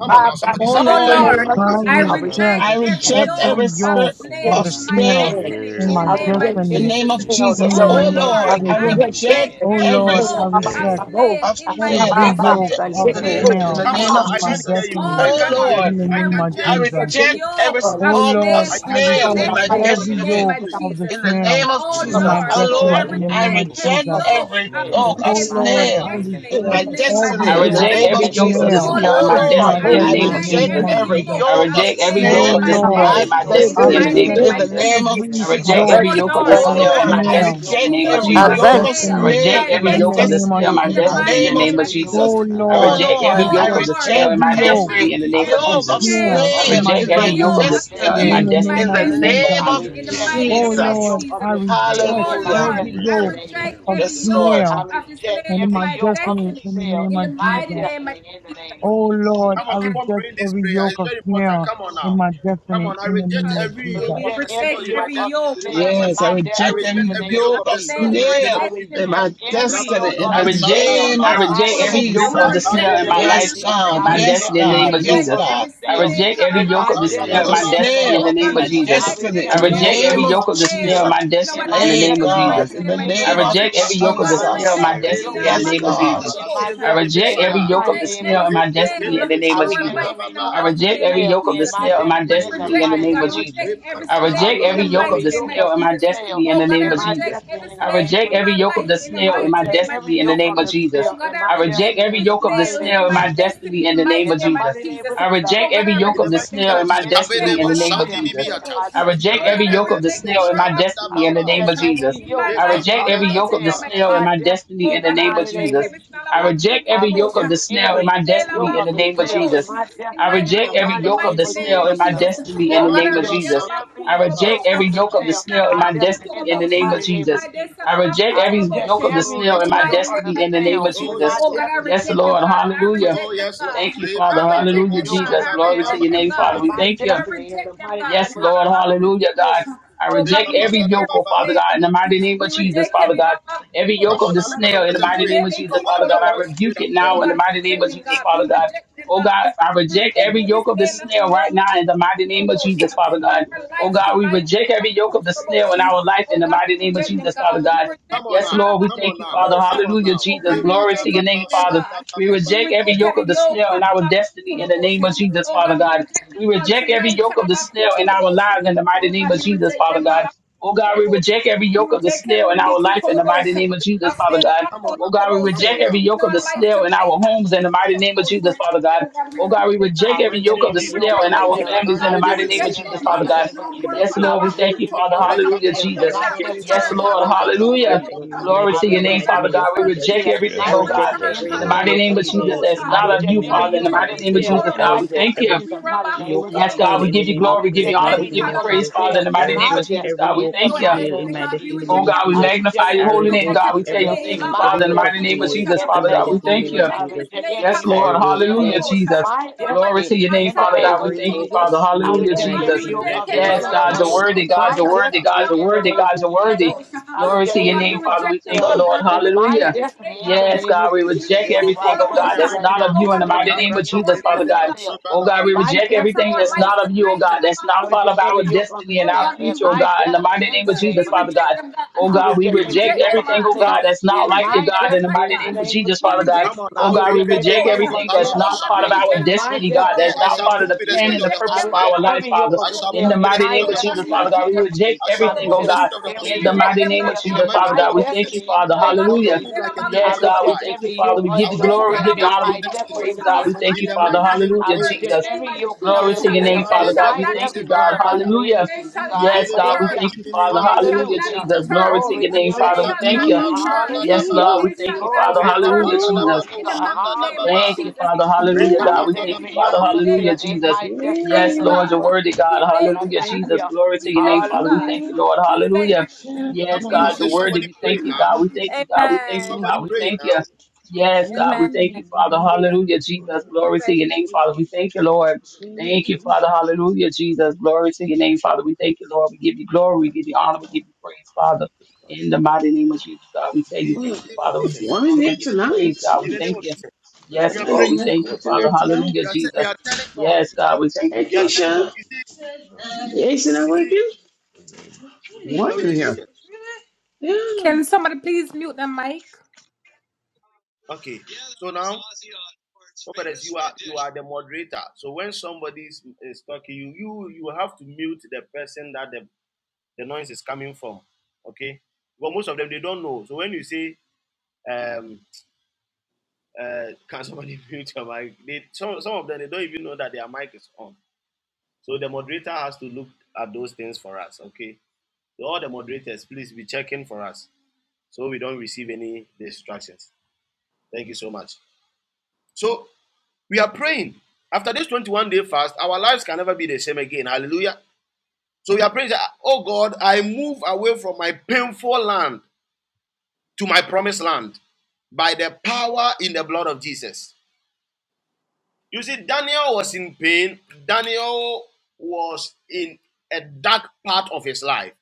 Speaker 4: come on now,
Speaker 11: Father,
Speaker 4: somebody,
Speaker 2: oh,
Speaker 11: in the
Speaker 8: Reject
Speaker 4: seven
Speaker 1: Oh
Speaker 11: mighty
Speaker 2: Lord,
Speaker 4: times.
Speaker 1: Lord,
Speaker 11: name
Speaker 4: Come
Speaker 8: every
Speaker 11: of
Speaker 4: on
Speaker 10: I
Speaker 8: yoke
Speaker 4: now,
Speaker 12: Oh
Speaker 1: I
Speaker 11: Jesus,
Speaker 8: that's
Speaker 11: I
Speaker 12: Lord, I
Speaker 11: reject
Speaker 8: flowing
Speaker 10: reject
Speaker 8: my
Speaker 1: reject
Speaker 2: I
Speaker 12: reject
Speaker 8: destiny.
Speaker 11: that.
Speaker 1: every
Speaker 10: ev-
Speaker 12: every
Speaker 2: reject
Speaker 10: every
Speaker 2: every
Speaker 12: yoke
Speaker 1: yoke
Speaker 12: of
Speaker 11: I
Speaker 1: of
Speaker 12: the
Speaker 10: yoke
Speaker 13: help
Speaker 2: spirit
Speaker 13: that
Speaker 11: reject
Speaker 13: can
Speaker 12: snail
Speaker 1: snail
Speaker 10: of
Speaker 11: every
Speaker 2: of
Speaker 8: I
Speaker 10: the
Speaker 12: in my
Speaker 1: in
Speaker 13: find
Speaker 1: my
Speaker 13: nothing.
Speaker 8: reject
Speaker 10: snail
Speaker 2: stale
Speaker 12: destiny.
Speaker 11: spell,
Speaker 1: destiny
Speaker 10: in
Speaker 1: in
Speaker 13: Oh
Speaker 1: the
Speaker 10: my
Speaker 8: every
Speaker 11: I
Speaker 13: Lord,
Speaker 12: In
Speaker 1: name
Speaker 8: yoke
Speaker 13: I
Speaker 12: my
Speaker 1: of
Speaker 11: reject
Speaker 2: in
Speaker 11: every
Speaker 2: the
Speaker 10: destiny.
Speaker 12: destiny,
Speaker 13: reject
Speaker 2: name
Speaker 1: Jesus.
Speaker 12: in
Speaker 2: of
Speaker 12: the
Speaker 13: every
Speaker 12: name
Speaker 11: spell,
Speaker 8: that's
Speaker 10: In
Speaker 12: of
Speaker 2: Jesus.
Speaker 10: the
Speaker 1: Oh
Speaker 13: spell
Speaker 11: yoke.
Speaker 2: Oh
Speaker 8: flowing
Speaker 10: name
Speaker 8: my
Speaker 12: Jesus.
Speaker 10: of
Speaker 11: I
Speaker 1: Lord,
Speaker 13: of
Speaker 2: Lord,
Speaker 12: Oh
Speaker 2: I
Speaker 1: I
Speaker 8: destiny.
Speaker 12: Lord,
Speaker 10: Jesus.
Speaker 12: I
Speaker 11: reject
Speaker 12: reject
Speaker 2: reject
Speaker 13: sin.
Speaker 1: reject
Speaker 11: every
Speaker 10: O
Speaker 12: every
Speaker 1: every
Speaker 2: every
Speaker 10: Lord,
Speaker 8: In
Speaker 12: yoke
Speaker 11: spell,
Speaker 2: spirit
Speaker 10: I
Speaker 8: the
Speaker 12: of
Speaker 1: yoke
Speaker 12: the
Speaker 11: Father,
Speaker 1: of
Speaker 8: name
Speaker 10: reject
Speaker 11: my
Speaker 8: of
Speaker 12: snail
Speaker 11: Lord.
Speaker 1: snail
Speaker 2: of
Speaker 1: in
Speaker 12: in
Speaker 1: my
Speaker 12: my
Speaker 2: stale in
Speaker 10: every
Speaker 2: my
Speaker 11: I
Speaker 12: destiny.
Speaker 10: yoke
Speaker 1: destiny
Speaker 12: In
Speaker 1: in
Speaker 12: the
Speaker 10: of
Speaker 1: the
Speaker 13: Lord,
Speaker 11: reject
Speaker 10: the
Speaker 13: I
Speaker 12: name
Speaker 1: name
Speaker 12: of
Speaker 2: destiny
Speaker 1: of
Speaker 11: every
Speaker 8: every
Speaker 2: in the
Speaker 10: snail
Speaker 13: reject
Speaker 4: come on
Speaker 1: Jesus.
Speaker 2: name
Speaker 12: Jesus.
Speaker 8: yoke.
Speaker 4: now.
Speaker 11: spell,
Speaker 2: of
Speaker 10: in
Speaker 13: every
Speaker 4: I
Speaker 10: my
Speaker 4: can't hear
Speaker 2: Jesus.
Speaker 4: you.
Speaker 12: Oh
Speaker 13: spell
Speaker 10: destiny
Speaker 13: that
Speaker 4: I
Speaker 12: Lord, I
Speaker 2: Oh
Speaker 1: Oh
Speaker 4: can't
Speaker 1: Lord,
Speaker 13: I
Speaker 4: hear
Speaker 12: reject
Speaker 4: you.
Speaker 10: in
Speaker 2: Lord,
Speaker 10: the
Speaker 8: Every
Speaker 4: I
Speaker 1: I
Speaker 12: every
Speaker 10: name
Speaker 4: can't
Speaker 13: just
Speaker 10: of
Speaker 12: yoke
Speaker 8: yoke.
Speaker 4: hear
Speaker 12: of
Speaker 2: I
Speaker 4: you.
Speaker 12: the
Speaker 1: reject
Speaker 10: Jesus.
Speaker 12: snail
Speaker 1: every
Speaker 2: reject
Speaker 1: yoke
Speaker 2: every
Speaker 12: in my
Speaker 1: of
Speaker 10: O
Speaker 12: in
Speaker 2: spoke
Speaker 12: my
Speaker 2: of
Speaker 10: Lord,
Speaker 8: Every
Speaker 1: slain
Speaker 4: I
Speaker 1: in
Speaker 10: I
Speaker 4: can't
Speaker 12: destiny.
Speaker 8: evil
Speaker 1: my
Speaker 4: hear
Speaker 2: snail
Speaker 12: In the
Speaker 4: you.
Speaker 2: in
Speaker 10: reject
Speaker 8: work, Lord.
Speaker 2: my
Speaker 12: name of
Speaker 1: destiny in the
Speaker 10: every
Speaker 12: Jesus.
Speaker 2: destiny
Speaker 1: name
Speaker 10: yoke
Speaker 1: of
Speaker 4: Oh,
Speaker 10: of the
Speaker 1: Jesus.
Speaker 2: in the
Speaker 10: snail
Speaker 2: name of
Speaker 12: Oh
Speaker 8: I
Speaker 1: Oh
Speaker 12: Lord, I
Speaker 10: in my
Speaker 2: Jesus,
Speaker 1: Lord,
Speaker 8: reject
Speaker 13: Oh
Speaker 12: reject
Speaker 13: Lord,
Speaker 2: oh
Speaker 10: destiny
Speaker 13: I
Speaker 1: I
Speaker 8: every
Speaker 10: in
Speaker 2: Lord,
Speaker 10: the
Speaker 12: every
Speaker 13: reject
Speaker 2: I
Speaker 10: name
Speaker 12: yoke
Speaker 10: of
Speaker 1: reject
Speaker 13: every
Speaker 12: of,
Speaker 1: every
Speaker 13: yoke
Speaker 2: reject
Speaker 13: of
Speaker 10: Jesus.
Speaker 12: of
Speaker 13: the
Speaker 12: the
Speaker 1: yoke
Speaker 2: every
Speaker 1: of
Speaker 12: snail
Speaker 1: the
Speaker 12: in
Speaker 13: snail
Speaker 2: yoke
Speaker 12: my
Speaker 2: of
Speaker 10: O
Speaker 13: in
Speaker 1: slain
Speaker 13: my
Speaker 1: in
Speaker 12: destiny.
Speaker 1: my
Speaker 10: Lord,
Speaker 12: In
Speaker 10: I
Speaker 2: snail
Speaker 13: destiny
Speaker 12: the
Speaker 13: in
Speaker 12: name
Speaker 13: the
Speaker 8: idea.
Speaker 12: of
Speaker 1: destiny
Speaker 13: name
Speaker 2: in
Speaker 13: of
Speaker 1: in
Speaker 10: reject
Speaker 1: the
Speaker 2: my
Speaker 12: Jesus.
Speaker 1: name
Speaker 13: Jesus.
Speaker 1: of
Speaker 10: every
Speaker 5: I
Speaker 2: destiny. In the
Speaker 13: I
Speaker 10: yoke
Speaker 12: I
Speaker 1: Jesus.
Speaker 5: reject
Speaker 2: name
Speaker 10: of
Speaker 5: every
Speaker 2: of
Speaker 13: reject
Speaker 12: reject
Speaker 5: yoke of
Speaker 13: every
Speaker 5: the
Speaker 2: Jesus,
Speaker 12: every
Speaker 10: snail
Speaker 1: Oh
Speaker 13: yoke
Speaker 5: snail
Speaker 12: yoke
Speaker 5: in
Speaker 13: of
Speaker 12: of
Speaker 13: the
Speaker 12: the
Speaker 5: my
Speaker 1: Lord,
Speaker 2: oh
Speaker 10: in my
Speaker 2: Lord,
Speaker 12: snail
Speaker 5: destiny
Speaker 1: I
Speaker 13: snail
Speaker 12: in
Speaker 5: in
Speaker 12: my
Speaker 5: the
Speaker 2: I
Speaker 13: in
Speaker 10: destiny
Speaker 5: name
Speaker 13: my
Speaker 5: of
Speaker 10: in the
Speaker 1: reject
Speaker 12: destiny
Speaker 2: reject
Speaker 10: name
Speaker 5: Jesus.
Speaker 13: destiny in
Speaker 12: in
Speaker 10: of
Speaker 13: the
Speaker 1: every
Speaker 12: the
Speaker 13: name
Speaker 12: name
Speaker 2: every
Speaker 13: of
Speaker 12: of
Speaker 10: Jesus.
Speaker 1: yoke
Speaker 5: I
Speaker 2: yoke
Speaker 1: of
Speaker 13: Jesus.
Speaker 2: of
Speaker 12: Jesus.
Speaker 8: Yes,
Speaker 5: reject
Speaker 8: Lord.
Speaker 5: every
Speaker 1: snail
Speaker 13: I
Speaker 8: Every
Speaker 12: I
Speaker 5: yoke
Speaker 1: in
Speaker 8: evil
Speaker 10: O
Speaker 2: snail
Speaker 5: of the
Speaker 1: my
Speaker 2: in
Speaker 12: reject
Speaker 13: reject
Speaker 5: snail
Speaker 10: Lord,
Speaker 13: every
Speaker 2: my
Speaker 5: in
Speaker 8: work.
Speaker 5: my
Speaker 1: destiny
Speaker 12: every
Speaker 13: yoke
Speaker 1: in
Speaker 13: of
Speaker 12: yoke
Speaker 1: the
Speaker 10: I
Speaker 12: of
Speaker 5: destiny in
Speaker 2: destiny.
Speaker 12: the
Speaker 5: the
Speaker 1: mighty
Speaker 13: snail
Speaker 5: name
Speaker 13: in
Speaker 10: reject
Speaker 5: of
Speaker 1: name
Speaker 12: snail
Speaker 2: In
Speaker 13: my
Speaker 1: of
Speaker 2: the
Speaker 12: in my
Speaker 5: Jesus.
Speaker 2: name
Speaker 1: Jesus.
Speaker 13: destiny
Speaker 2: of
Speaker 13: in
Speaker 12: destiny.
Speaker 13: the
Speaker 5: I
Speaker 10: every
Speaker 13: name of
Speaker 5: reject
Speaker 2: Jesus.
Speaker 1: Oh
Speaker 10: yoke
Speaker 5: every
Speaker 12: In
Speaker 13: Jesus.
Speaker 12: the
Speaker 5: yoke of
Speaker 12: name
Speaker 5: the
Speaker 12: of
Speaker 1: Lord,
Speaker 2: Oh
Speaker 13: I
Speaker 10: of a
Speaker 5: snail
Speaker 1: I
Speaker 12: Jesus,
Speaker 5: in
Speaker 2: Lord,
Speaker 12: I
Speaker 13: reject
Speaker 5: my
Speaker 2: I
Speaker 13: every
Speaker 10: snail
Speaker 1: reject
Speaker 5: destiny
Speaker 13: yoke
Speaker 5: in
Speaker 12: reject
Speaker 5: the
Speaker 1: every
Speaker 2: reject
Speaker 13: of
Speaker 5: name of
Speaker 12: every
Speaker 10: in
Speaker 1: yoke
Speaker 2: every
Speaker 10: my
Speaker 13: snail
Speaker 1: of
Speaker 12: yoke
Speaker 13: in
Speaker 12: of
Speaker 2: yoke
Speaker 5: Jesus.
Speaker 13: my
Speaker 12: the
Speaker 11: Amen.
Speaker 2: of
Speaker 8: Reject
Speaker 5: I
Speaker 1: snail
Speaker 13: destiny
Speaker 10: destiny
Speaker 1: in
Speaker 12: snail
Speaker 8: every evil. work. Every
Speaker 13: in
Speaker 2: snail
Speaker 8: evil
Speaker 5: reject
Speaker 1: my
Speaker 13: the
Speaker 12: in
Speaker 2: in
Speaker 12: my
Speaker 5: every
Speaker 13: name
Speaker 2: my
Speaker 13: of
Speaker 10: in
Speaker 5: yoke
Speaker 10: the
Speaker 5: of the
Speaker 1: destiny
Speaker 12: destiny.
Speaker 10: name
Speaker 13: Jesus.
Speaker 10: of
Speaker 5: snail in
Speaker 2: destiny
Speaker 5: my
Speaker 1: in the
Speaker 2: in the
Speaker 13: I
Speaker 10: Jesus.
Speaker 5: destiny in
Speaker 1: mighty
Speaker 12: In
Speaker 5: the
Speaker 12: the
Speaker 2: name
Speaker 13: reject
Speaker 5: name
Speaker 1: name
Speaker 2: of
Speaker 12: name
Speaker 5: of
Speaker 1: of
Speaker 12: of
Speaker 13: every yoke
Speaker 5: Jesus.
Speaker 2: Jesus.
Speaker 1: Jesus.
Speaker 13: of
Speaker 12: Jesus, I
Speaker 5: I
Speaker 2: Oh
Speaker 13: snail
Speaker 5: reject
Speaker 13: in
Speaker 12: reject
Speaker 5: every
Speaker 2: Lord,
Speaker 13: my
Speaker 1: Oh
Speaker 2: I
Speaker 5: yoke
Speaker 12: every
Speaker 5: of the
Speaker 13: destiny
Speaker 1: Lord,
Speaker 5: snail
Speaker 13: in
Speaker 12: yoke
Speaker 5: in
Speaker 2: reject
Speaker 12: of
Speaker 1: I
Speaker 5: my
Speaker 13: the name
Speaker 12: the
Speaker 13: of Jesus.
Speaker 5: destiny
Speaker 2: every
Speaker 12: snail
Speaker 5: in
Speaker 1: reject
Speaker 5: the
Speaker 12: in
Speaker 13: I
Speaker 12: my
Speaker 5: name
Speaker 1: every
Speaker 5: of
Speaker 13: reject
Speaker 2: yoke
Speaker 12: destiny.
Speaker 5: Jesus.
Speaker 2: of
Speaker 8: work.
Speaker 13: every
Speaker 12: In
Speaker 8: Reject
Speaker 12: the
Speaker 13: yoke
Speaker 1: snail,
Speaker 12: name of
Speaker 5: I
Speaker 13: of
Speaker 8: every
Speaker 13: the
Speaker 2: snail
Speaker 5: reject
Speaker 8: evil
Speaker 2: in
Speaker 12: Jesus.
Speaker 5: every
Speaker 1: every
Speaker 2: my
Speaker 13: snail in
Speaker 5: yoke
Speaker 1: yoke
Speaker 5: of the
Speaker 13: my
Speaker 1: of
Speaker 8: work.
Speaker 5: snail
Speaker 1: the
Speaker 5: in
Speaker 1: snail
Speaker 13: destiny
Speaker 5: my
Speaker 13: in
Speaker 2: destiny
Speaker 13: the
Speaker 1: in
Speaker 12: Oh
Speaker 13: name of
Speaker 1: my
Speaker 2: in
Speaker 5: destiny
Speaker 12: Lord, I
Speaker 5: in
Speaker 13: Jesus.
Speaker 2: the
Speaker 5: the name
Speaker 1: destiny,
Speaker 12: reject
Speaker 5: of
Speaker 2: name
Speaker 13: I
Speaker 2: of
Speaker 5: Jesus.
Speaker 12: every
Speaker 1: in the
Speaker 12: yoke
Speaker 8: Every
Speaker 13: reject
Speaker 12: of
Speaker 1: mighty
Speaker 12: the
Speaker 8: evil.
Speaker 1: name
Speaker 13: every
Speaker 1: of
Speaker 12: snail
Speaker 2: Jesus.
Speaker 13: yoke
Speaker 1: Jesus.
Speaker 13: of the
Speaker 12: in my
Speaker 13: snail in
Speaker 1: Oh
Speaker 13: my
Speaker 12: destiny. In
Speaker 2: Hallelujah.
Speaker 1: Lord,
Speaker 8: we,
Speaker 12: the name
Speaker 13: destiny
Speaker 12: of
Speaker 1: I
Speaker 13: in the
Speaker 8: reject
Speaker 13: name
Speaker 8: every. Every
Speaker 13: of
Speaker 12: Jesus.
Speaker 1: reject
Speaker 8: evil.
Speaker 1: every
Speaker 13: Jesus.
Speaker 2: Yes,
Speaker 1: yoke
Speaker 2: Lord.
Speaker 13: I
Speaker 1: of the
Speaker 13: reject
Speaker 1: snail in
Speaker 13: every
Speaker 1: my
Speaker 13: yoke of the
Speaker 1: destiny,
Speaker 13: snail
Speaker 1: in the
Speaker 13: in my
Speaker 1: mighty name of
Speaker 13: destiny in the name of Jesus.
Speaker 1: Jesus.
Speaker 4: Come on,
Speaker 1: Amen.
Speaker 4: keep on praying this prayer. It's very important. Come on now. Come on. I
Speaker 12: In
Speaker 4: reject every
Speaker 13: I
Speaker 1: Hallelujah.
Speaker 4: yoke
Speaker 1: We
Speaker 4: of
Speaker 13: reject
Speaker 4: the snow
Speaker 13: every
Speaker 1: reject
Speaker 4: in my
Speaker 13: yoke
Speaker 1: every
Speaker 13: of the
Speaker 4: destiny in
Speaker 1: yoke
Speaker 4: the name of
Speaker 1: call
Speaker 13: snare
Speaker 1: on my
Speaker 13: in
Speaker 4: Jesus.
Speaker 2: Yes, I
Speaker 13: my
Speaker 4: I
Speaker 2: reject
Speaker 1: emotion.
Speaker 13: destiny
Speaker 2: every
Speaker 13: in
Speaker 4: reject
Speaker 13: the
Speaker 4: every
Speaker 13: name of
Speaker 4: yoke
Speaker 1: I'm
Speaker 2: yoke
Speaker 4: of the
Speaker 2: of
Speaker 13: Jesus.
Speaker 4: snow in,
Speaker 1: nailing
Speaker 4: my,
Speaker 1: our
Speaker 4: in the
Speaker 2: snail
Speaker 13: I
Speaker 4: name of
Speaker 1: destiny in
Speaker 4: Jesus.
Speaker 2: in my
Speaker 13: reject
Speaker 1: the name of
Speaker 13: every
Speaker 4: Rabba baba
Speaker 2: destiny
Speaker 13: yoke
Speaker 1: Jesus.
Speaker 2: in
Speaker 13: of
Speaker 5: I
Speaker 4: baba
Speaker 2: the
Speaker 13: the
Speaker 5: reject
Speaker 1: We,
Speaker 4: shanda
Speaker 13: snare
Speaker 4: da
Speaker 1: we,
Speaker 2: name
Speaker 5: I
Speaker 1: we,
Speaker 13: in
Speaker 2: of
Speaker 4: baba.
Speaker 1: keep
Speaker 13: my
Speaker 5: reject
Speaker 1: full of
Speaker 5: every
Speaker 1: emotion.
Speaker 13: destiny
Speaker 5: yoke
Speaker 1: we
Speaker 4: Reka
Speaker 5: of the
Speaker 2: Jesus.
Speaker 4: ba
Speaker 8: We
Speaker 13: in
Speaker 4: de
Speaker 13: the
Speaker 1: reject
Speaker 5: snare in
Speaker 4: de
Speaker 1: them,
Speaker 5: my
Speaker 4: be
Speaker 13: name
Speaker 1: God.
Speaker 13: of
Speaker 8: reject
Speaker 4: do
Speaker 1: We
Speaker 5: life,
Speaker 2: Yes,
Speaker 13: Jesus.
Speaker 1: reject
Speaker 4: shanda
Speaker 5: in
Speaker 2: God.
Speaker 13: I
Speaker 4: da
Speaker 5: my
Speaker 2: Yes,
Speaker 4: baba.
Speaker 5: destiny,
Speaker 13: reject
Speaker 5: in the
Speaker 1: We
Speaker 5: name
Speaker 2: God.
Speaker 13: every
Speaker 5: of
Speaker 13: yoke
Speaker 2: Yes,
Speaker 5: Jesus.
Speaker 1: reject
Speaker 13: of the
Speaker 2: God.
Speaker 1: every
Speaker 5: I
Speaker 13: snare
Speaker 1: snake,
Speaker 5: reject every
Speaker 13: in
Speaker 1: karma
Speaker 4: Reka
Speaker 5: yoke
Speaker 13: my
Speaker 5: of the
Speaker 4: panda
Speaker 1: to
Speaker 4: da
Speaker 1: the
Speaker 2: You're
Speaker 5: snare in
Speaker 2: the
Speaker 1: bush.
Speaker 5: my
Speaker 13: destiny
Speaker 4: baba
Speaker 13: in the
Speaker 5: destiny in
Speaker 13: name
Speaker 4: shanda
Speaker 5: the
Speaker 2: snail
Speaker 1: Oh
Speaker 13: of
Speaker 4: da
Speaker 2: in
Speaker 1: God,
Speaker 5: name of
Speaker 2: my
Speaker 1: we
Speaker 13: Jesus.
Speaker 4: baba.
Speaker 5: Jesus.
Speaker 13: I
Speaker 1: reject
Speaker 2: destiny in
Speaker 1: every
Speaker 5: I
Speaker 13: reject
Speaker 2: the
Speaker 5: reject
Speaker 1: yoke
Speaker 13: every
Speaker 1: of
Speaker 5: every
Speaker 2: name
Speaker 1: the
Speaker 13: yoke
Speaker 2: of
Speaker 5: yoke
Speaker 13: of
Speaker 5: of
Speaker 13: the
Speaker 5: the snare
Speaker 13: snare
Speaker 5: in
Speaker 1: snail
Speaker 2: Jesus.
Speaker 5: my
Speaker 1: in
Speaker 13: in
Speaker 1: our
Speaker 5: destiny in
Speaker 13: my
Speaker 5: the
Speaker 2: Hey,
Speaker 5: name
Speaker 1: destiny in
Speaker 5: of
Speaker 1: the
Speaker 13: destiny in
Speaker 2: God,
Speaker 5: Jesus.
Speaker 1: mighty
Speaker 2: in
Speaker 13: the
Speaker 2: the
Speaker 1: name of
Speaker 13: name
Speaker 5: I
Speaker 13: of
Speaker 2: name
Speaker 1: Jesus.
Speaker 2: of
Speaker 5: reject
Speaker 4: Reka
Speaker 5: every
Speaker 13: Jesus.
Speaker 1: Oh
Speaker 5: yoke of
Speaker 4: panda
Speaker 1: God,
Speaker 5: the
Speaker 13: I
Speaker 4: da
Speaker 1: we
Speaker 5: snare in
Speaker 13: reject
Speaker 4: baba.
Speaker 2: Jesus.
Speaker 1: reject
Speaker 5: my
Speaker 13: every
Speaker 4: Re
Speaker 8: every
Speaker 1: every
Speaker 4: de
Speaker 13: yoke
Speaker 5: destiny
Speaker 8: evil.
Speaker 5: in
Speaker 13: of
Speaker 4: de
Speaker 5: the
Speaker 2: Yes,
Speaker 1: alabama
Speaker 13: the
Speaker 4: de
Speaker 5: name
Speaker 4: ma
Speaker 5: of
Speaker 1: to
Speaker 13: snare
Speaker 2: God.
Speaker 5: Jesus.
Speaker 1: the
Speaker 4: la
Speaker 13: in my
Speaker 4: zie
Speaker 1: bush.
Speaker 5: I
Speaker 4: de be
Speaker 1: Oh
Speaker 13: destiny
Speaker 5: reject
Speaker 13: in
Speaker 1: God,
Speaker 13: the
Speaker 5: every
Speaker 1: we
Speaker 5: yoke of
Speaker 13: mighty
Speaker 5: the
Speaker 1: reject
Speaker 13: name of
Speaker 5: snare
Speaker 1: every
Speaker 5: in my
Speaker 4: Eke
Speaker 13: Jesus.
Speaker 4: de
Speaker 5: destiny
Speaker 4: de
Speaker 5: in
Speaker 1: snail
Speaker 5: the
Speaker 4: be
Speaker 13: I
Speaker 5: name
Speaker 1: in
Speaker 5: of
Speaker 4: shanda
Speaker 1: our
Speaker 13: reject
Speaker 4: da
Speaker 5: Jesus.
Speaker 1: life
Speaker 13: every
Speaker 1: in the
Speaker 4: baba.
Speaker 13: yoke
Speaker 5: I
Speaker 13: of
Speaker 1: mighty
Speaker 13: the
Speaker 5: reject
Speaker 1: name of
Speaker 5: every
Speaker 13: snail
Speaker 5: yoke of the
Speaker 13: in
Speaker 1: Jesus.
Speaker 13: my
Speaker 5: snare in
Speaker 8: Every evil yoke. Every
Speaker 5: my
Speaker 1: We
Speaker 13: destiny in
Speaker 8: evil
Speaker 13: the
Speaker 8: yoke.
Speaker 5: destiny in
Speaker 1: reject
Speaker 5: the
Speaker 13: mighty
Speaker 1: them,
Speaker 5: name
Speaker 1: God.
Speaker 5: of
Speaker 1: We
Speaker 13: name of
Speaker 5: Jesus.
Speaker 4: Re
Speaker 1: reject
Speaker 8: I
Speaker 13: Jesus.
Speaker 1: every
Speaker 5: I
Speaker 4: panda da
Speaker 13: I
Speaker 8: reject
Speaker 1: snake
Speaker 5: reject
Speaker 4: baba.
Speaker 1: in
Speaker 8: every
Speaker 1: the
Speaker 5: every
Speaker 13: reject
Speaker 5: yoke of
Speaker 13: every
Speaker 1: mighty
Speaker 5: the
Speaker 8: evil
Speaker 1: name
Speaker 13: yoke
Speaker 1: of
Speaker 13: of
Speaker 5: snare in
Speaker 13: the
Speaker 5: my
Speaker 1: Jesus.
Speaker 8: yoke.
Speaker 13: snail
Speaker 5: destiny in
Speaker 1: Oh
Speaker 5: the
Speaker 1: God,
Speaker 5: name
Speaker 13: in
Speaker 1: I
Speaker 5: of
Speaker 13: my
Speaker 5: Jesus.
Speaker 1: reject
Speaker 13: destiny
Speaker 1: every
Speaker 13: in the
Speaker 5: I
Speaker 13: name
Speaker 1: snake
Speaker 5: reject
Speaker 13: of
Speaker 1: in
Speaker 5: every
Speaker 8: I'm
Speaker 1: my
Speaker 8: in
Speaker 5: yoke of
Speaker 13: Jesus.
Speaker 1: life
Speaker 5: the
Speaker 8: Jesus.
Speaker 1: in the
Speaker 13: I
Speaker 5: snail in my
Speaker 1: mighty
Speaker 13: reject
Speaker 1: name of
Speaker 13: every
Speaker 5: destiny in the
Speaker 13: yoke
Speaker 1: Jesus.
Speaker 5: name
Speaker 13: of
Speaker 5: of
Speaker 13: the
Speaker 5: Jesus.
Speaker 1: Oh
Speaker 13: snail
Speaker 1: God,
Speaker 13: in
Speaker 1: I
Speaker 5: I
Speaker 13: my
Speaker 5: reject
Speaker 1: reject
Speaker 13: destiny
Speaker 5: every
Speaker 1: every
Speaker 13: in the
Speaker 5: yoke of the
Speaker 13: mighty
Speaker 1: snail in
Speaker 5: snail
Speaker 13: name
Speaker 5: in
Speaker 13: of
Speaker 1: my
Speaker 5: my
Speaker 13: Jesus.
Speaker 1: destiny
Speaker 5: destiny
Speaker 1: in the
Speaker 5: in the name
Speaker 13: In
Speaker 1: mighty
Speaker 5: of
Speaker 13: the
Speaker 1: name of
Speaker 5: Jesus.
Speaker 13: mighty name of Jesus,
Speaker 1: Jesus.
Speaker 5: I
Speaker 13: I
Speaker 1: Oh
Speaker 5: reject
Speaker 1: God,
Speaker 5: every
Speaker 13: reject
Speaker 1: I
Speaker 5: yoke
Speaker 4: In
Speaker 5: of
Speaker 13: every
Speaker 4: the
Speaker 5: the
Speaker 4: mighty
Speaker 1: reject them,
Speaker 5: snail
Speaker 4: name
Speaker 1: God.
Speaker 5: in
Speaker 13: yoke,
Speaker 4: of
Speaker 5: my
Speaker 4: Jesus.
Speaker 1: I
Speaker 13: every
Speaker 5: destiny
Speaker 13: yoke
Speaker 1: reject
Speaker 5: in
Speaker 4: Kabelebo
Speaker 13: of
Speaker 5: the
Speaker 13: the
Speaker 5: name of
Speaker 4: Shandi
Speaker 13: snail
Speaker 1: kalabaku
Speaker 5: Jesus.
Speaker 13: in
Speaker 4: Dibiata.
Speaker 13: my
Speaker 5: I
Speaker 1: Kalabakutolobosha.
Speaker 5: reject
Speaker 13: destiny in
Speaker 1: Oh
Speaker 5: every
Speaker 1: God,
Speaker 13: the
Speaker 1: I
Speaker 13: name
Speaker 5: yoke of the
Speaker 1: reject
Speaker 13: of
Speaker 4: Repeledo
Speaker 5: snail
Speaker 1: every
Speaker 5: in
Speaker 13: Jesus.
Speaker 5: my
Speaker 4: Shada da
Speaker 13: I
Speaker 5: destiny in the
Speaker 4: Baba.
Speaker 5: name
Speaker 13: reject
Speaker 5: of
Speaker 1: Rabakutolobosha
Speaker 5: Jesus.
Speaker 13: every
Speaker 1: in my
Speaker 5: I
Speaker 13: yoke
Speaker 1: life in
Speaker 5: reject
Speaker 13: of
Speaker 1: the
Speaker 4: Rekapanda
Speaker 5: every
Speaker 13: the
Speaker 4: da
Speaker 5: yoke
Speaker 1: mighty
Speaker 5: of the
Speaker 13: snail
Speaker 1: name
Speaker 4: Baba.
Speaker 1: of
Speaker 13: in
Speaker 5: snail in
Speaker 13: my
Speaker 1: Jesus.
Speaker 5: my
Speaker 13: destiny
Speaker 5: destiny
Speaker 1: Oh
Speaker 5: in
Speaker 13: in
Speaker 5: the
Speaker 13: the
Speaker 1: God, I
Speaker 5: name of
Speaker 13: mighty name
Speaker 1: reject
Speaker 13: of
Speaker 5: Jesus.
Speaker 1: every snail
Speaker 5: I
Speaker 13: Jesus.
Speaker 1: abaku
Speaker 5: reject every
Speaker 13: I
Speaker 5: yoke of
Speaker 13: reject
Speaker 1: Abakutolobosha.
Speaker 5: the snail in
Speaker 1: Every
Speaker 13: every
Speaker 5: my
Speaker 1: snail
Speaker 13: yoke
Speaker 5: destiny in
Speaker 13: of
Speaker 5: the
Speaker 13: the
Speaker 8: Yoke
Speaker 1: abaku
Speaker 5: name of
Speaker 8: that
Speaker 13: snail
Speaker 8: is
Speaker 13: in
Speaker 5: Jesus.
Speaker 1: Abakutolobosha
Speaker 13: my
Speaker 1: in
Speaker 5: I
Speaker 13: destiny
Speaker 1: my
Speaker 13: in
Speaker 5: reject
Speaker 13: the
Speaker 4: Oh
Speaker 1: life
Speaker 4: my
Speaker 5: every
Speaker 1: in
Speaker 13: mighty
Speaker 1: the
Speaker 5: yoke
Speaker 4: God.
Speaker 5: of the
Speaker 13: name
Speaker 1: mighty
Speaker 13: of
Speaker 1: name
Speaker 8: in
Speaker 4: Oh
Speaker 5: snail
Speaker 1: of
Speaker 5: in
Speaker 4: my
Speaker 13: Jesus.
Speaker 5: my
Speaker 1: Jesus.
Speaker 4: God.
Speaker 5: destiny in
Speaker 1: Oh
Speaker 13: I
Speaker 5: the
Speaker 1: God,
Speaker 5: name
Speaker 1: I
Speaker 5: of
Speaker 4: Rebatima
Speaker 13: reject
Speaker 1: reject
Speaker 5: Jesus.
Speaker 4: Shanda
Speaker 5: I
Speaker 13: every
Speaker 4: Baba.
Speaker 5: reject
Speaker 13: yoke
Speaker 5: every
Speaker 1: Abakutolabosha.
Speaker 13: of the
Speaker 5: yoke of the
Speaker 1: Every
Speaker 13: snail in
Speaker 5: snail in
Speaker 13: my
Speaker 5: my
Speaker 13: destiny in
Speaker 5: destiny in
Speaker 13: the
Speaker 5: the
Speaker 1: Salabakutolabosha.
Speaker 5: name of
Speaker 13: mighty
Speaker 1: In
Speaker 13: name of
Speaker 5: Jesus.
Speaker 1: my day,
Speaker 13: Jesus.
Speaker 5: I reject
Speaker 13: I
Speaker 5: every
Speaker 13: reject
Speaker 5: yoke of
Speaker 1: Salabakutolabosha.
Speaker 5: the
Speaker 4: Oh
Speaker 13: every
Speaker 1: In
Speaker 5: snail
Speaker 4: yes,
Speaker 1: the
Speaker 5: in my
Speaker 4: Lord.
Speaker 1: mighty
Speaker 13: yoke
Speaker 1: name
Speaker 13: of the
Speaker 5: destiny
Speaker 1: of
Speaker 5: in the name
Speaker 13: snail
Speaker 1: Jesus.
Speaker 5: of
Speaker 13: in
Speaker 4: Oh
Speaker 13: my
Speaker 5: Jesus.
Speaker 4: yes,
Speaker 1: Oh God,
Speaker 4: Lord.
Speaker 1: I
Speaker 13: destiny
Speaker 5: Yes,
Speaker 13: in
Speaker 1: reject
Speaker 13: the
Speaker 1: them,
Speaker 5: Lord.
Speaker 1: God.
Speaker 13: mighty
Speaker 1: I
Speaker 13: name of
Speaker 5: Hallelujah.
Speaker 4: Oh
Speaker 1: reject them,
Speaker 4: yes,
Speaker 1: God.
Speaker 13: Jesus.
Speaker 4: Lord.
Speaker 5: Thank you,
Speaker 13: I
Speaker 5: Father.
Speaker 1: I
Speaker 4: Rebada
Speaker 13: reject
Speaker 1: reject
Speaker 13: every
Speaker 5: Hallelujah,
Speaker 4: Baba
Speaker 1: them,
Speaker 13: yoke of
Speaker 1: God.
Speaker 5: Jesus.
Speaker 13: the
Speaker 4: Shanda
Speaker 1: I
Speaker 4: da
Speaker 5: Glory to
Speaker 13: snail
Speaker 4: Baba.
Speaker 5: your
Speaker 1: reject them,
Speaker 5: name,
Speaker 13: in
Speaker 5: Father.
Speaker 8: my
Speaker 1: God.
Speaker 5: We
Speaker 13: my
Speaker 5: thank you.
Speaker 1: I
Speaker 13: destiny in the
Speaker 1: reject them,
Speaker 13: mighty name
Speaker 1: God.
Speaker 5: Yes,
Speaker 13: of
Speaker 5: Lord.
Speaker 13: Jesus.
Speaker 5: Hallelujah, God.
Speaker 1: Halabakutolabosha.
Speaker 5: I
Speaker 1: Oh God,
Speaker 5: reject
Speaker 1: we
Speaker 5: every
Speaker 4: Rekapanda
Speaker 1: reject
Speaker 4: da
Speaker 5: yoke,
Speaker 1: every
Speaker 5: oh
Speaker 4: Baba.
Speaker 5: Father
Speaker 1: snare,
Speaker 5: God, in the
Speaker 1: God.
Speaker 5: mighty name
Speaker 1: We
Speaker 5: of Jesus,
Speaker 1: reject
Speaker 5: Father
Speaker 1: every
Speaker 5: God. Every
Speaker 4: Come
Speaker 5: yoke
Speaker 4: on
Speaker 5: of the
Speaker 4: now,
Speaker 1: Labakutolabosha.
Speaker 4: lift up your
Speaker 5: snail in the
Speaker 4: voice
Speaker 1: We
Speaker 4: and
Speaker 5: mighty
Speaker 4: pray.
Speaker 1: delay
Speaker 5: name of
Speaker 1: me,
Speaker 4: People
Speaker 5: Jesus,
Speaker 4: of
Speaker 5: Father
Speaker 4: lift
Speaker 5: God.
Speaker 4: up your
Speaker 5: I
Speaker 4: voice
Speaker 1: Kikolabosha.
Speaker 4: and pray
Speaker 5: rebuke
Speaker 4: that
Speaker 5: it
Speaker 1: Oh
Speaker 4: prayer.
Speaker 5: now in the
Speaker 1: God,
Speaker 5: mighty
Speaker 1: we
Speaker 5: name
Speaker 1: reject
Speaker 5: of
Speaker 1: them,
Speaker 5: Jesus,
Speaker 1: God. We
Speaker 5: Father God.
Speaker 1: reject them,
Speaker 5: Oh God,
Speaker 1: God.
Speaker 5: I
Speaker 1: We
Speaker 5: reject
Speaker 1: reject
Speaker 5: every
Speaker 1: on this
Speaker 5: yoke of the
Speaker 1: land of the
Speaker 5: snail right
Speaker 1: yoke of
Speaker 5: now in the mighty
Speaker 1: the
Speaker 5: name of Jesus, Father
Speaker 1: in
Speaker 5: God.
Speaker 1: our
Speaker 5: Oh
Speaker 1: lives
Speaker 5: God, we
Speaker 1: tonight.
Speaker 5: reject every yoke
Speaker 1: Malabaku
Speaker 5: of
Speaker 1: to
Speaker 5: the
Speaker 1: the Lord,
Speaker 5: snail in our life in
Speaker 1: Oh
Speaker 5: the
Speaker 1: God,
Speaker 5: mighty
Speaker 1: we
Speaker 5: name of
Speaker 1: reject them,
Speaker 5: Jesus, Father
Speaker 1: God. We
Speaker 5: God.
Speaker 1: reject
Speaker 4: Come on
Speaker 5: Yes,
Speaker 4: now.
Speaker 5: Lord, we
Speaker 4: Come
Speaker 1: Malabaku to
Speaker 5: thank
Speaker 4: on
Speaker 5: you,
Speaker 1: the
Speaker 4: now.
Speaker 5: Father.
Speaker 1: Lord,
Speaker 4: Come on
Speaker 5: Hallelujah,
Speaker 4: now.
Speaker 1: Oh
Speaker 5: Jesus.
Speaker 1: God, we
Speaker 5: Glory
Speaker 4: Rebada
Speaker 5: to
Speaker 1: reject
Speaker 5: your
Speaker 1: every
Speaker 4: Baba
Speaker 5: name,
Speaker 1: spell,
Speaker 5: Father.
Speaker 4: Shanda
Speaker 1: God.
Speaker 4: da
Speaker 5: We
Speaker 4: Baba.
Speaker 1: We
Speaker 5: reject every
Speaker 1: reject
Speaker 5: yoke of
Speaker 1: every
Speaker 5: the snail
Speaker 1: yoke.
Speaker 5: in our
Speaker 1: Kalabaku to
Speaker 5: destiny in
Speaker 1: the
Speaker 5: the
Speaker 1: Lord,
Speaker 5: name of Jesus,
Speaker 1: Oh
Speaker 5: Father
Speaker 1: God, we
Speaker 5: God.
Speaker 1: reject them
Speaker 5: We
Speaker 1: all
Speaker 5: reject every
Speaker 1: tonight.
Speaker 5: yoke of the
Speaker 1: Kalabaku
Speaker 5: snail
Speaker 1: to
Speaker 5: in
Speaker 1: the
Speaker 5: our
Speaker 1: Lord,
Speaker 5: lives in the
Speaker 8: every
Speaker 5: mighty
Speaker 1: Oh
Speaker 5: name
Speaker 8: evil
Speaker 1: God,
Speaker 5: of
Speaker 1: we
Speaker 8: yoke.
Speaker 5: Jesus,
Speaker 1: reject
Speaker 5: Father
Speaker 1: them.
Speaker 5: God.
Speaker 1: Malabaku
Speaker 5: Oh
Speaker 1: to
Speaker 5: God,
Speaker 1: the
Speaker 5: we
Speaker 1: Lord,
Speaker 5: reject every
Speaker 1: We
Speaker 5: yoke of the
Speaker 1: reject
Speaker 5: snail in
Speaker 1: every
Speaker 5: our
Speaker 1: Miki
Speaker 5: life in the mighty
Speaker 1: Kolobosha.
Speaker 5: name of
Speaker 1: I
Speaker 5: Jesus, Father
Speaker 4: Oh,
Speaker 1: stand
Speaker 5: God.
Speaker 1: about
Speaker 4: come on
Speaker 5: Oh
Speaker 4: now.
Speaker 5: God, we
Speaker 1: Kolobosha.
Speaker 4: Come
Speaker 5: reject
Speaker 4: on
Speaker 5: every
Speaker 4: now.
Speaker 1: In
Speaker 5: yoke of
Speaker 4: Come
Speaker 5: the
Speaker 1: our
Speaker 4: on now.
Speaker 1: life
Speaker 5: snail in our
Speaker 1: tonight,
Speaker 5: homes in the mighty
Speaker 1: so,
Speaker 5: name of Jesus, Father God.
Speaker 1: Oh God, we
Speaker 5: Oh God, we
Speaker 1: reject them. God.
Speaker 5: reject
Speaker 13: I
Speaker 4: the
Speaker 5: every
Speaker 4: mighty
Speaker 13: reject
Speaker 5: yoke
Speaker 4: name
Speaker 5: of
Speaker 4: of
Speaker 5: the
Speaker 14: Oh
Speaker 1: We
Speaker 13: every
Speaker 4: Jesus.
Speaker 14: God,
Speaker 13: yoke
Speaker 14: I
Speaker 5: snail
Speaker 13: of
Speaker 1: reject
Speaker 5: in
Speaker 13: the
Speaker 4: Come on,
Speaker 1: them
Speaker 14: reject
Speaker 5: our
Speaker 13: snails
Speaker 4: Libra
Speaker 14: every
Speaker 1: tonight,
Speaker 14: yoke
Speaker 13: in
Speaker 5: families
Speaker 4: and
Speaker 5: in
Speaker 14: of
Speaker 13: my
Speaker 1: God.
Speaker 5: the
Speaker 1: We
Speaker 5: mighty
Speaker 4: Debe
Speaker 5: name
Speaker 13: destiny
Speaker 5: of
Speaker 14: snail
Speaker 1: reject
Speaker 13: in
Speaker 5: Jesus,
Speaker 14: in
Speaker 13: the
Speaker 1: them.
Speaker 4: Subanda
Speaker 14: my
Speaker 5: Father
Speaker 13: mighty
Speaker 4: la
Speaker 5: God.
Speaker 13: name
Speaker 4: Baba.
Speaker 13: of
Speaker 14: destiny
Speaker 1: No
Speaker 14: in the
Speaker 1: more
Speaker 13: Jesus.
Speaker 14: mighty
Speaker 5: Yes,
Speaker 1: for
Speaker 14: name
Speaker 13: I
Speaker 5: Lord,
Speaker 14: of
Speaker 5: we thank
Speaker 13: reject
Speaker 14: Jesus.
Speaker 5: you,
Speaker 13: every
Speaker 5: Father.
Speaker 13: yoke of the
Speaker 1: Halabakutolosha.
Speaker 4: Reka
Speaker 5: Hallelujah,
Speaker 13: snails
Speaker 1: They
Speaker 4: Panda
Speaker 14: I
Speaker 13: in
Speaker 1: will
Speaker 4: da
Speaker 5: Jesus.
Speaker 13: my
Speaker 1: not
Speaker 4: Babu
Speaker 14: reject
Speaker 13: destiny
Speaker 5: Yes,
Speaker 13: in
Speaker 14: every
Speaker 1: return.
Speaker 13: the
Speaker 4: Sanda
Speaker 5: Lord.
Speaker 4: da
Speaker 14: yoke
Speaker 13: mighty
Speaker 14: of
Speaker 4: Baba.
Speaker 13: name of
Speaker 14: snail
Speaker 5: Hallelujah.
Speaker 4: Reka
Speaker 14: in
Speaker 13: Jesus.
Speaker 1: Halabakutolosha.
Speaker 4: Panda
Speaker 14: my
Speaker 5: Glory
Speaker 13: I
Speaker 5: to
Speaker 4: da
Speaker 14: destiny
Speaker 1: They
Speaker 5: your
Speaker 14: in the
Speaker 4: Baba.
Speaker 5: name,
Speaker 1: will
Speaker 13: reject
Speaker 14: mighty
Speaker 1: not
Speaker 5: Father
Speaker 13: every
Speaker 14: name
Speaker 5: God.
Speaker 14: of
Speaker 13: yoke
Speaker 5: We
Speaker 13: of
Speaker 8: Yes,
Speaker 13: the
Speaker 14: Jesus.
Speaker 5: reject
Speaker 1: return.
Speaker 8: Lord.
Speaker 13: snails in
Speaker 5: everything,
Speaker 14: I
Speaker 8: Yes,
Speaker 13: my
Speaker 1: No
Speaker 5: oh
Speaker 8: Lord.
Speaker 5: God,
Speaker 14: reject
Speaker 13: destiny
Speaker 8: Yes,
Speaker 13: in
Speaker 1: return.
Speaker 5: in
Speaker 13: the
Speaker 5: the
Speaker 14: every
Speaker 8: Lord.
Speaker 13: name
Speaker 5: mighty
Speaker 14: yoke
Speaker 13: of
Speaker 5: name
Speaker 14: of
Speaker 5: of
Speaker 13: Jesus.
Speaker 5: Jesus.
Speaker 14: snail
Speaker 8: It
Speaker 5: That's
Speaker 14: in
Speaker 8: is
Speaker 1: Halabakutolosha.
Speaker 5: not
Speaker 13: I
Speaker 14: my
Speaker 5: of
Speaker 13: reject
Speaker 5: you,
Speaker 1: Oh
Speaker 14: destiny in the
Speaker 1: God,
Speaker 13: every
Speaker 5: Father.
Speaker 1: we
Speaker 5: In
Speaker 14: mighty
Speaker 5: the
Speaker 13: yoke of
Speaker 5: mighty
Speaker 14: name
Speaker 13: the
Speaker 14: of
Speaker 5: name
Speaker 1: Jinibiki
Speaker 5: of
Speaker 13: snails
Speaker 14: Jesus.
Speaker 5: Jesus,
Speaker 13: in
Speaker 14: I
Speaker 5: God,
Speaker 13: my
Speaker 5: we
Speaker 1: Kolobosha.
Speaker 14: reject
Speaker 5: thank you.
Speaker 14: every
Speaker 13: destiny in
Speaker 1: We
Speaker 13: the
Speaker 14: s-
Speaker 13: mighty name
Speaker 14: yoke
Speaker 13: of
Speaker 14: of
Speaker 5: Yes, God,
Speaker 14: snail
Speaker 13: Jesus.
Speaker 5: we
Speaker 14: in
Speaker 1: Rabakutolosha.
Speaker 14: the
Speaker 5: give you
Speaker 14: name
Speaker 13: I
Speaker 14: of
Speaker 5: glory, we
Speaker 1: Every
Speaker 5: give
Speaker 14: Jesus,
Speaker 5: you
Speaker 13: reject
Speaker 14: my
Speaker 5: honor,
Speaker 1: snake,
Speaker 5: we
Speaker 13: every
Speaker 8: rejected,
Speaker 14: destiny in
Speaker 5: give
Speaker 8: oh
Speaker 14: the
Speaker 8: God.
Speaker 5: you
Speaker 13: yoke
Speaker 14: name of
Speaker 13: of the
Speaker 5: praise,
Speaker 14: Jesus.
Speaker 5: Father, in
Speaker 13: snail
Speaker 5: the
Speaker 14: I
Speaker 13: in
Speaker 5: mighty name
Speaker 13: my
Speaker 5: of
Speaker 1: Halabakutolosha.
Speaker 14: revoke
Speaker 5: Jesus,
Speaker 14: every
Speaker 5: God.
Speaker 13: destiny
Speaker 5: We
Speaker 14: yoke
Speaker 13: in the
Speaker 14: of
Speaker 5: thank
Speaker 1: Lord,
Speaker 5: you.
Speaker 13: mighty
Speaker 1: that
Speaker 14: snail
Speaker 8: In the name
Speaker 14: in
Speaker 13: name
Speaker 8: of
Speaker 14: my
Speaker 13: of
Speaker 1: synagogue, we
Speaker 14: destiny in
Speaker 8: Jesus.
Speaker 14: the
Speaker 13: Jesus.
Speaker 5: Oh,
Speaker 14: name
Speaker 1: reject
Speaker 14: of
Speaker 1: him,
Speaker 5: God, we
Speaker 13: I
Speaker 14: Jesus.
Speaker 1: God.
Speaker 13: reject
Speaker 5: magnify
Speaker 14: I
Speaker 5: your
Speaker 13: every
Speaker 1: We
Speaker 5: holy
Speaker 13: yoke
Speaker 5: name,
Speaker 13: of
Speaker 1: reject
Speaker 13: the
Speaker 14: revoke
Speaker 1: his
Speaker 5: God. We
Speaker 8: Every
Speaker 5: tell
Speaker 14: every
Speaker 5: you,
Speaker 13: snail
Speaker 8: yoke, every
Speaker 1: name.
Speaker 5: thank
Speaker 13: in
Speaker 5: you,
Speaker 8: yoke.
Speaker 14: sn- every
Speaker 13: my
Speaker 5: Father, in the
Speaker 14: yoke of
Speaker 5: mighty name
Speaker 13: destiny
Speaker 5: of
Speaker 14: snail
Speaker 1: Labakutorobosha.
Speaker 5: Jesus,
Speaker 13: in the
Speaker 14: in
Speaker 5: Father,
Speaker 14: my
Speaker 5: God.
Speaker 13: name
Speaker 1: Oh
Speaker 5: We
Speaker 13: of
Speaker 14: destiny in
Speaker 1: God,
Speaker 14: the
Speaker 1: we
Speaker 5: thank
Speaker 14: name
Speaker 13: Jesus.
Speaker 14: of
Speaker 5: you.
Speaker 13: I
Speaker 1: reject his
Speaker 14: Jesus.
Speaker 13: reject
Speaker 1: name.
Speaker 13: every
Speaker 5: Yes,
Speaker 13: yoke
Speaker 14: I
Speaker 5: Lord.
Speaker 13: of the snail
Speaker 5: Hallelujah,
Speaker 14: revoke.
Speaker 1: Katilibikitorobosha.
Speaker 5: Jesus.
Speaker 13: my
Speaker 1: No one like
Speaker 5: Glory
Speaker 13: destiny
Speaker 5: to your name,
Speaker 1: tonight.
Speaker 13: in the
Speaker 5: Father,
Speaker 13: name
Speaker 5: God. We
Speaker 13: of
Speaker 14: Every
Speaker 5: thank you,
Speaker 14: yoke
Speaker 13: Jesus.
Speaker 14: of
Speaker 1: Salabakutorobosha.
Speaker 5: Father.
Speaker 13: I
Speaker 14: snail
Speaker 5: Hallelujah,
Speaker 14: in
Speaker 1: Oh
Speaker 14: my
Speaker 13: reject
Speaker 1: God, we
Speaker 13: every
Speaker 5: Jesus.
Speaker 14: destiny, in the
Speaker 13: yoke
Speaker 1: reject
Speaker 13: of
Speaker 1: him.
Speaker 13: the
Speaker 4: Reke
Speaker 14: name
Speaker 5: Yes,
Speaker 14: of
Speaker 4: Bala da
Speaker 13: snail
Speaker 5: God, you're
Speaker 14: Jesus.
Speaker 13: and
Speaker 5: worthy,
Speaker 4: Basanda
Speaker 5: God, you're
Speaker 1: Salabakutorobosha.
Speaker 13: my
Speaker 4: Baba.
Speaker 5: worthy, God,
Speaker 13: destiny
Speaker 5: you're
Speaker 13: in the
Speaker 5: worthy,
Speaker 13: name
Speaker 5: God,
Speaker 13: of
Speaker 5: you're
Speaker 13: Jesus.
Speaker 5: worthy.
Speaker 1: Yafalabakutorobosha.
Speaker 13: I
Speaker 5: Glory to
Speaker 13: reject
Speaker 1: Oh
Speaker 5: your
Speaker 13: every
Speaker 1: God, we
Speaker 5: name,
Speaker 13: yoke of
Speaker 5: Father.
Speaker 13: the
Speaker 5: We
Speaker 1: reject them
Speaker 5: thank you,
Speaker 13: snail
Speaker 1: all,
Speaker 2: Oh,
Speaker 8: Mm,
Speaker 5: Lord.
Speaker 1: God. We
Speaker 13: and
Speaker 8: Every
Speaker 1: reject
Speaker 13: my
Speaker 5: Hallelujah.
Speaker 1: his
Speaker 8: yoke,
Speaker 1: name,
Speaker 13: destiny in the
Speaker 5: Yes,
Speaker 1: God.
Speaker 13: name
Speaker 5: God,
Speaker 13: of
Speaker 5: we
Speaker 1: We
Speaker 13: Jesus.
Speaker 5: reject
Speaker 13: Lord,
Speaker 5: everything,
Speaker 13: I
Speaker 5: oh
Speaker 4: In
Speaker 13: thank
Speaker 5: God,
Speaker 4: the
Speaker 13: you
Speaker 1: delibikitorobosha.
Speaker 5: that's
Speaker 4: mighty
Speaker 13: right
Speaker 5: not
Speaker 4: name of
Speaker 13: now
Speaker 5: of
Speaker 1: Oh
Speaker 13: for
Speaker 5: you in
Speaker 1: God,
Speaker 4: Jesus.
Speaker 5: the
Speaker 1: we
Speaker 13: rejecting
Speaker 5: mighty
Speaker 1: reject
Speaker 5: name
Speaker 4: Abra
Speaker 1: them
Speaker 5: of
Speaker 13: every
Speaker 4: de
Speaker 1: from
Speaker 13: yoke
Speaker 5: Jesus,
Speaker 13: of,
Speaker 1: our
Speaker 13: of
Speaker 5: Father
Speaker 4: Sebele
Speaker 13: the
Speaker 1: destiny, God.
Speaker 5: God.
Speaker 13: snail
Speaker 5: Oh God,
Speaker 13: and
Speaker 1: We
Speaker 5: we
Speaker 4: Baba.
Speaker 13: my
Speaker 5: reject
Speaker 1: reject them from
Speaker 5: everything
Speaker 13: destiny in the
Speaker 5: that's
Speaker 1: life
Speaker 13: name
Speaker 5: not of
Speaker 13: of
Speaker 5: you, oh
Speaker 1: tonight.
Speaker 5: God,
Speaker 13: Jesus.
Speaker 5: that's
Speaker 13: I
Speaker 5: not part of
Speaker 13: reject
Speaker 5: our
Speaker 13: every
Speaker 1: Talabakutorobosha.
Speaker 13: yoke of
Speaker 5: destiny
Speaker 13: the
Speaker 5: and
Speaker 1: Oh
Speaker 5: our
Speaker 13: snail
Speaker 1: God, we
Speaker 13: in
Speaker 5: future, oh
Speaker 13: my
Speaker 1: reject
Speaker 5: God,
Speaker 1: them.
Speaker 5: in the
Speaker 13: destiny
Speaker 5: mighty
Speaker 13: in
Speaker 5: name of
Speaker 13: the name
Speaker 1: We
Speaker 5: Jesus,
Speaker 13: of
Speaker 5: Father
Speaker 1: reject
Speaker 5: God.
Speaker 13: Jesus.
Speaker 1: them,
Speaker 5: Oh
Speaker 13: I
Speaker 1: God.
Speaker 5: God, we
Speaker 1: We
Speaker 13: reject every
Speaker 5: reject
Speaker 1: reject
Speaker 13: yoke
Speaker 1: them,
Speaker 13: of the
Speaker 5: everything, oh God,
Speaker 1: God.
Speaker 13: snail
Speaker 5: that's
Speaker 1: We
Speaker 5: not
Speaker 13: in
Speaker 5: like you,
Speaker 1: reject
Speaker 13: my
Speaker 1: them
Speaker 5: God, in the
Speaker 1: tonight,
Speaker 13: destiny
Speaker 5: mighty
Speaker 13: in the
Speaker 5: name of
Speaker 1: God.
Speaker 8: Mm.
Speaker 13: name
Speaker 8: Yes,
Speaker 13: of
Speaker 5: Jesus,
Speaker 1: We
Speaker 5: Father
Speaker 13: Jesus.
Speaker 5: God.
Speaker 1: reject
Speaker 4: Come on
Speaker 13: I
Speaker 5: Oh
Speaker 4: now.
Speaker 5: God, we
Speaker 13: reject
Speaker 4: Reve de
Speaker 13: every
Speaker 5: reject
Speaker 13: yoke
Speaker 4: Bako
Speaker 13: of
Speaker 1: Nikikolobosa.
Speaker 5: everything
Speaker 13: it
Speaker 5: that's
Speaker 4: Bala
Speaker 13: of
Speaker 5: not
Speaker 1: Oh
Speaker 13: the
Speaker 1: God,
Speaker 5: part
Speaker 1: we
Speaker 5: of
Speaker 4: Basaya.
Speaker 13: snail
Speaker 5: our
Speaker 1: reject
Speaker 13: in my
Speaker 4: From
Speaker 5: destiny, God,
Speaker 4: today
Speaker 13: destiny
Speaker 5: that's
Speaker 13: in
Speaker 4: I
Speaker 13: the
Speaker 5: not
Speaker 4: shall
Speaker 13: name
Speaker 5: part
Speaker 1: Abakutolobosa.
Speaker 5: of
Speaker 13: of
Speaker 4: move
Speaker 5: the
Speaker 4: with the
Speaker 1: We
Speaker 5: plan
Speaker 4: speed
Speaker 13: Jesus.
Speaker 5: and
Speaker 4: of
Speaker 5: the
Speaker 4: the
Speaker 1: reject
Speaker 13: I
Speaker 5: purpose
Speaker 1: them,
Speaker 5: for
Speaker 13: reject
Speaker 5: our
Speaker 4: horseman.
Speaker 5: life,
Speaker 13: every yoke
Speaker 5: Father.
Speaker 13: of
Speaker 4: I
Speaker 13: the
Speaker 4: shall
Speaker 5: In
Speaker 1: Abakutolobosa.
Speaker 13: snail
Speaker 5: the
Speaker 4: move with
Speaker 13: in
Speaker 4: the
Speaker 5: mighty
Speaker 4: speed
Speaker 13: my
Speaker 5: name
Speaker 4: of
Speaker 1: Oh
Speaker 5: of
Speaker 4: the
Speaker 1: God,
Speaker 5: Jesus,
Speaker 13: destiny
Speaker 1: we
Speaker 13: in
Speaker 4: horseman.
Speaker 5: Father
Speaker 13: the
Speaker 5: God,
Speaker 1: reject
Speaker 5: we
Speaker 13: name of
Speaker 1: them.
Speaker 5: reject
Speaker 4: I
Speaker 13: Jesus.
Speaker 4: shall
Speaker 13: I
Speaker 5: everything,
Speaker 4: move
Speaker 5: oh
Speaker 4: with
Speaker 13: reject
Speaker 4: the
Speaker 1: Abakutolobosa.
Speaker 5: God,
Speaker 4: speed of the
Speaker 13: every
Speaker 5: in
Speaker 1: We
Speaker 5: the
Speaker 4: horseman.
Speaker 13: yoke
Speaker 1: reject
Speaker 13: of
Speaker 5: mighty
Speaker 13: the
Speaker 1: them,
Speaker 5: name
Speaker 1: God.
Speaker 5: of
Speaker 13: snail
Speaker 4: In the
Speaker 5: Jesus,
Speaker 13: in
Speaker 4: mighty
Speaker 5: Father
Speaker 13: my
Speaker 4: name
Speaker 5: God.
Speaker 4: of
Speaker 5: We thank
Speaker 1: Abakutolobosa.
Speaker 5: you,
Speaker 4: Jesus.
Speaker 13: destiny in
Speaker 5: Father.
Speaker 13: the
Speaker 1: Oh
Speaker 13: name
Speaker 1: God,
Speaker 4: I
Speaker 13: of
Speaker 4: will
Speaker 1: we
Speaker 5: Hallelujah.
Speaker 4: not move
Speaker 1: reject
Speaker 13: Jesus.
Speaker 4: like a
Speaker 5: Yes,
Speaker 13: I
Speaker 4: dirty in
Speaker 5: God,
Speaker 4: my
Speaker 5: we
Speaker 13: reject
Speaker 5: thank
Speaker 4: life.
Speaker 1: Abakutolobosa.
Speaker 5: you,
Speaker 13: every
Speaker 5: Father.
Speaker 13: yoke
Speaker 5: We
Speaker 1: Every
Speaker 13: of
Speaker 4: I
Speaker 5: give you
Speaker 4: will
Speaker 13: the
Speaker 4: not move
Speaker 5: glory, we
Speaker 4: like
Speaker 13: snail
Speaker 4: a
Speaker 5: give you
Speaker 13: in
Speaker 5: honor,
Speaker 4: dirty
Speaker 5: we
Speaker 4: in
Speaker 5: give
Speaker 13: my
Speaker 5: you
Speaker 4: destiny.
Speaker 13: destiny in
Speaker 5: praise,
Speaker 13: the
Speaker 5: God.
Speaker 1: Abakutolobosa
Speaker 5: We
Speaker 13: name of
Speaker 5: thank
Speaker 4: in
Speaker 5: you,
Speaker 4: the
Speaker 13: Jesus.
Speaker 5: Father.
Speaker 4: mighty name of
Speaker 13: I
Speaker 5: Hallelujah,
Speaker 4: Jesus.
Speaker 13: reject
Speaker 5: Jesus.
Speaker 13: every yoke of
Speaker 5: Glory
Speaker 13: the
Speaker 5: to your
Speaker 4: Oh,
Speaker 5: name,
Speaker 13: snail in
Speaker 5: Father God.
Speaker 13: my
Speaker 5: We
Speaker 4: Radebeko
Speaker 1: that
Speaker 5: thank you,
Speaker 13: destiny in
Speaker 5: God.
Speaker 13: the mighty
Speaker 4: Sevarantaya,
Speaker 13: name
Speaker 5: Hallelujah.
Speaker 13: of
Speaker 1: they
Speaker 13: Jesus.
Speaker 1: shall
Speaker 13: God, I
Speaker 1: not
Speaker 5: Yes,
Speaker 4: Ibelebra
Speaker 5: God,
Speaker 13: thank
Speaker 5: we
Speaker 13: you.
Speaker 5: thank
Speaker 1: return.
Speaker 5: you, Father.
Speaker 4: Antibinian
Speaker 1: shall
Speaker 5: Hallelujah,
Speaker 1: not
Speaker 4: Tolobo
Speaker 13: Hallelujah.
Speaker 5: Jesus.
Speaker 4: Tapa,
Speaker 5: Glory to
Speaker 13: Glory
Speaker 1: return.
Speaker 5: your
Speaker 13: to
Speaker 5: name,
Speaker 13: your
Speaker 1: They
Speaker 5: Father.
Speaker 4: Reka
Speaker 5: We
Speaker 13: name,
Speaker 1: shall
Speaker 5: thank
Speaker 1: not
Speaker 13: Jesus.
Speaker 5: you.
Speaker 4: Talaba
Speaker 2: we give
Speaker 4: Shanda
Speaker 1: return.
Speaker 4: da
Speaker 5: Yes,
Speaker 13: Hallelujah.
Speaker 4: Baba,
Speaker 5: Lord, we
Speaker 1: They
Speaker 5: thank
Speaker 1: shall
Speaker 2: you
Speaker 5: you,
Speaker 1: not
Speaker 5: Father.
Speaker 13: Glory,
Speaker 4: Reka
Speaker 5: Hallelujah,
Speaker 13: glory,
Speaker 4: Panda da
Speaker 2: all
Speaker 5: Jesus.
Speaker 13: glory,
Speaker 1: return.
Speaker 4: Babo
Speaker 1: In the
Speaker 13: God.
Speaker 1: mighty
Speaker 4: Shanda da
Speaker 1: name of
Speaker 5: Thank
Speaker 4: Baba,
Speaker 5: you,
Speaker 13: Hallelujah,
Speaker 1: Jesus.
Speaker 5: Father.
Speaker 13: Jesus.
Speaker 2: the
Speaker 1: Oh
Speaker 5: Hallelujah,
Speaker 4: Reka
Speaker 13: I
Speaker 1: God, we
Speaker 5: God. We
Speaker 4: Panda
Speaker 13: reject
Speaker 4: da
Speaker 1: thank
Speaker 5: thank
Speaker 1: you,
Speaker 5: you,
Speaker 13: every
Speaker 4: Baba.
Speaker 13: yoke
Speaker 1: God.
Speaker 5: Father.
Speaker 13: of
Speaker 1: We
Speaker 13: the
Speaker 1: thank
Speaker 5: Hallelujah,
Speaker 13: snail in
Speaker 1: you.
Speaker 5: Jesus.
Speaker 13: my
Speaker 1: We
Speaker 13: destiny
Speaker 1: thank
Speaker 5: Yes,
Speaker 13: in
Speaker 1: you,
Speaker 13: the
Speaker 2: glory.
Speaker 5: Lord,
Speaker 13: name
Speaker 1: God.
Speaker 5: you're
Speaker 13: of
Speaker 5: worthy,
Speaker 13: Jesus.
Speaker 1: We
Speaker 5: God.
Speaker 1: thank
Speaker 13: God,
Speaker 1: you,
Speaker 13: I
Speaker 5: Hallelujah,
Speaker 13: thank
Speaker 5: Jesus.
Speaker 1: God.
Speaker 5: Glory
Speaker 1: We
Speaker 5: to your name,
Speaker 1: thank
Speaker 13: you.
Speaker 1: you,
Speaker 5: Father. We
Speaker 1: God.
Speaker 5: thank you, Lord.
Speaker 1: We thank you,
Speaker 5: Hallelujah.
Speaker 1: God.
Speaker 2: Worship
Speaker 4: Come
Speaker 5: Yes,
Speaker 4: on
Speaker 1: In
Speaker 5: God,
Speaker 2: you,
Speaker 4: now,
Speaker 5: you're
Speaker 4: is
Speaker 1: Jesus'
Speaker 5: worthy.
Speaker 4: somebody
Speaker 5: We thank
Speaker 4: praying
Speaker 5: you,
Speaker 4: now?
Speaker 5: God.
Speaker 2: our
Speaker 5: We
Speaker 1: name.
Speaker 5: thank you, God. We
Speaker 4: Is
Speaker 5: thank
Speaker 1: Amen.
Speaker 5: you,
Speaker 4: somebody
Speaker 5: God. We
Speaker 4: praying
Speaker 5: thank
Speaker 2: Lord.
Speaker 5: you.
Speaker 4: now?
Speaker 5: Yes, God.
Speaker 1: Amen.
Speaker 5: We thank you, Father.
Speaker 1: Hallelujah.
Speaker 5: Hallelujah, Jesus.
Speaker 1: We
Speaker 5: Glory to
Speaker 1: thank
Speaker 5: your
Speaker 1: you.
Speaker 5: name, Father. We thank you, Lord. Thank you, Father. Hallelujah, Jesus. Glory to your name, Father. We thank you, Lord. We give you glory. We give you honor. We give you
Speaker 8: Lord.
Speaker 5: praise, Father. In the mighty name of Jesus, God, we say you
Speaker 4: In
Speaker 5: thank
Speaker 2: Oh,
Speaker 4: the
Speaker 5: you,
Speaker 4: name of
Speaker 5: Father. We
Speaker 2: it's
Speaker 5: give
Speaker 4: Jesus,
Speaker 5: you
Speaker 8: The
Speaker 2: warm in
Speaker 5: honor. We
Speaker 2: here
Speaker 8: confrontation of
Speaker 5: give you
Speaker 8: the
Speaker 5: praise,
Speaker 2: tonight.
Speaker 8: spirit of
Speaker 5: God. We
Speaker 4: in
Speaker 2: Oh,
Speaker 4: the
Speaker 8: faith,
Speaker 5: thank
Speaker 4: name of
Speaker 5: you.
Speaker 4: Jesus,
Speaker 8: the
Speaker 5: Yes,
Speaker 4: we are
Speaker 2: I
Speaker 5: Lord,
Speaker 2: didn't
Speaker 5: we
Speaker 4: praying.
Speaker 2: like
Speaker 5: thank you,
Speaker 2: what's in
Speaker 5: Father.
Speaker 2: there
Speaker 8: spirit of
Speaker 2: tonight.
Speaker 5: Hallelujah,
Speaker 4: We
Speaker 8: witchcraft.
Speaker 4: are, sa- we
Speaker 5: Jesus.
Speaker 4: are
Speaker 8: The
Speaker 4: telling
Speaker 8: spirit
Speaker 4: God,
Speaker 5: Yes, God, we thank
Speaker 2: Hey,
Speaker 5: you,
Speaker 4: we are
Speaker 5: Father.
Speaker 4: telling God,
Speaker 2: Keisha.
Speaker 4: you see,
Speaker 8: of
Speaker 2: The AC not
Speaker 4: you see,
Speaker 2: working?
Speaker 8: the name
Speaker 2: What
Speaker 4: glory to
Speaker 2: in here?
Speaker 4: Jesus.
Speaker 2: Yeah.
Speaker 1: Can somebody please mute the mic?
Speaker 4: Okay, so now Prophetess, you are you are the moderator. So when somebody is, is talking, you you you have to mute the person that the, the noise is coming from. Okay, but most of them they don't know. So when you say, um, uh, can somebody mute your mic? They some some of them they don't even know that their mic is on. So the moderator has to look at those things for us. Okay, so all the moderators, please be checking for us so we don't receive any distractions. Thank you so much. So We are praying. After this 21 day fast, our lives can never be the same again. Hallelujah. So we are praying, that, oh God, I move away from my painful land to my promised land by the power in the blood of Jesus. You see, Daniel was in pain. Daniel was in a dark part of his life.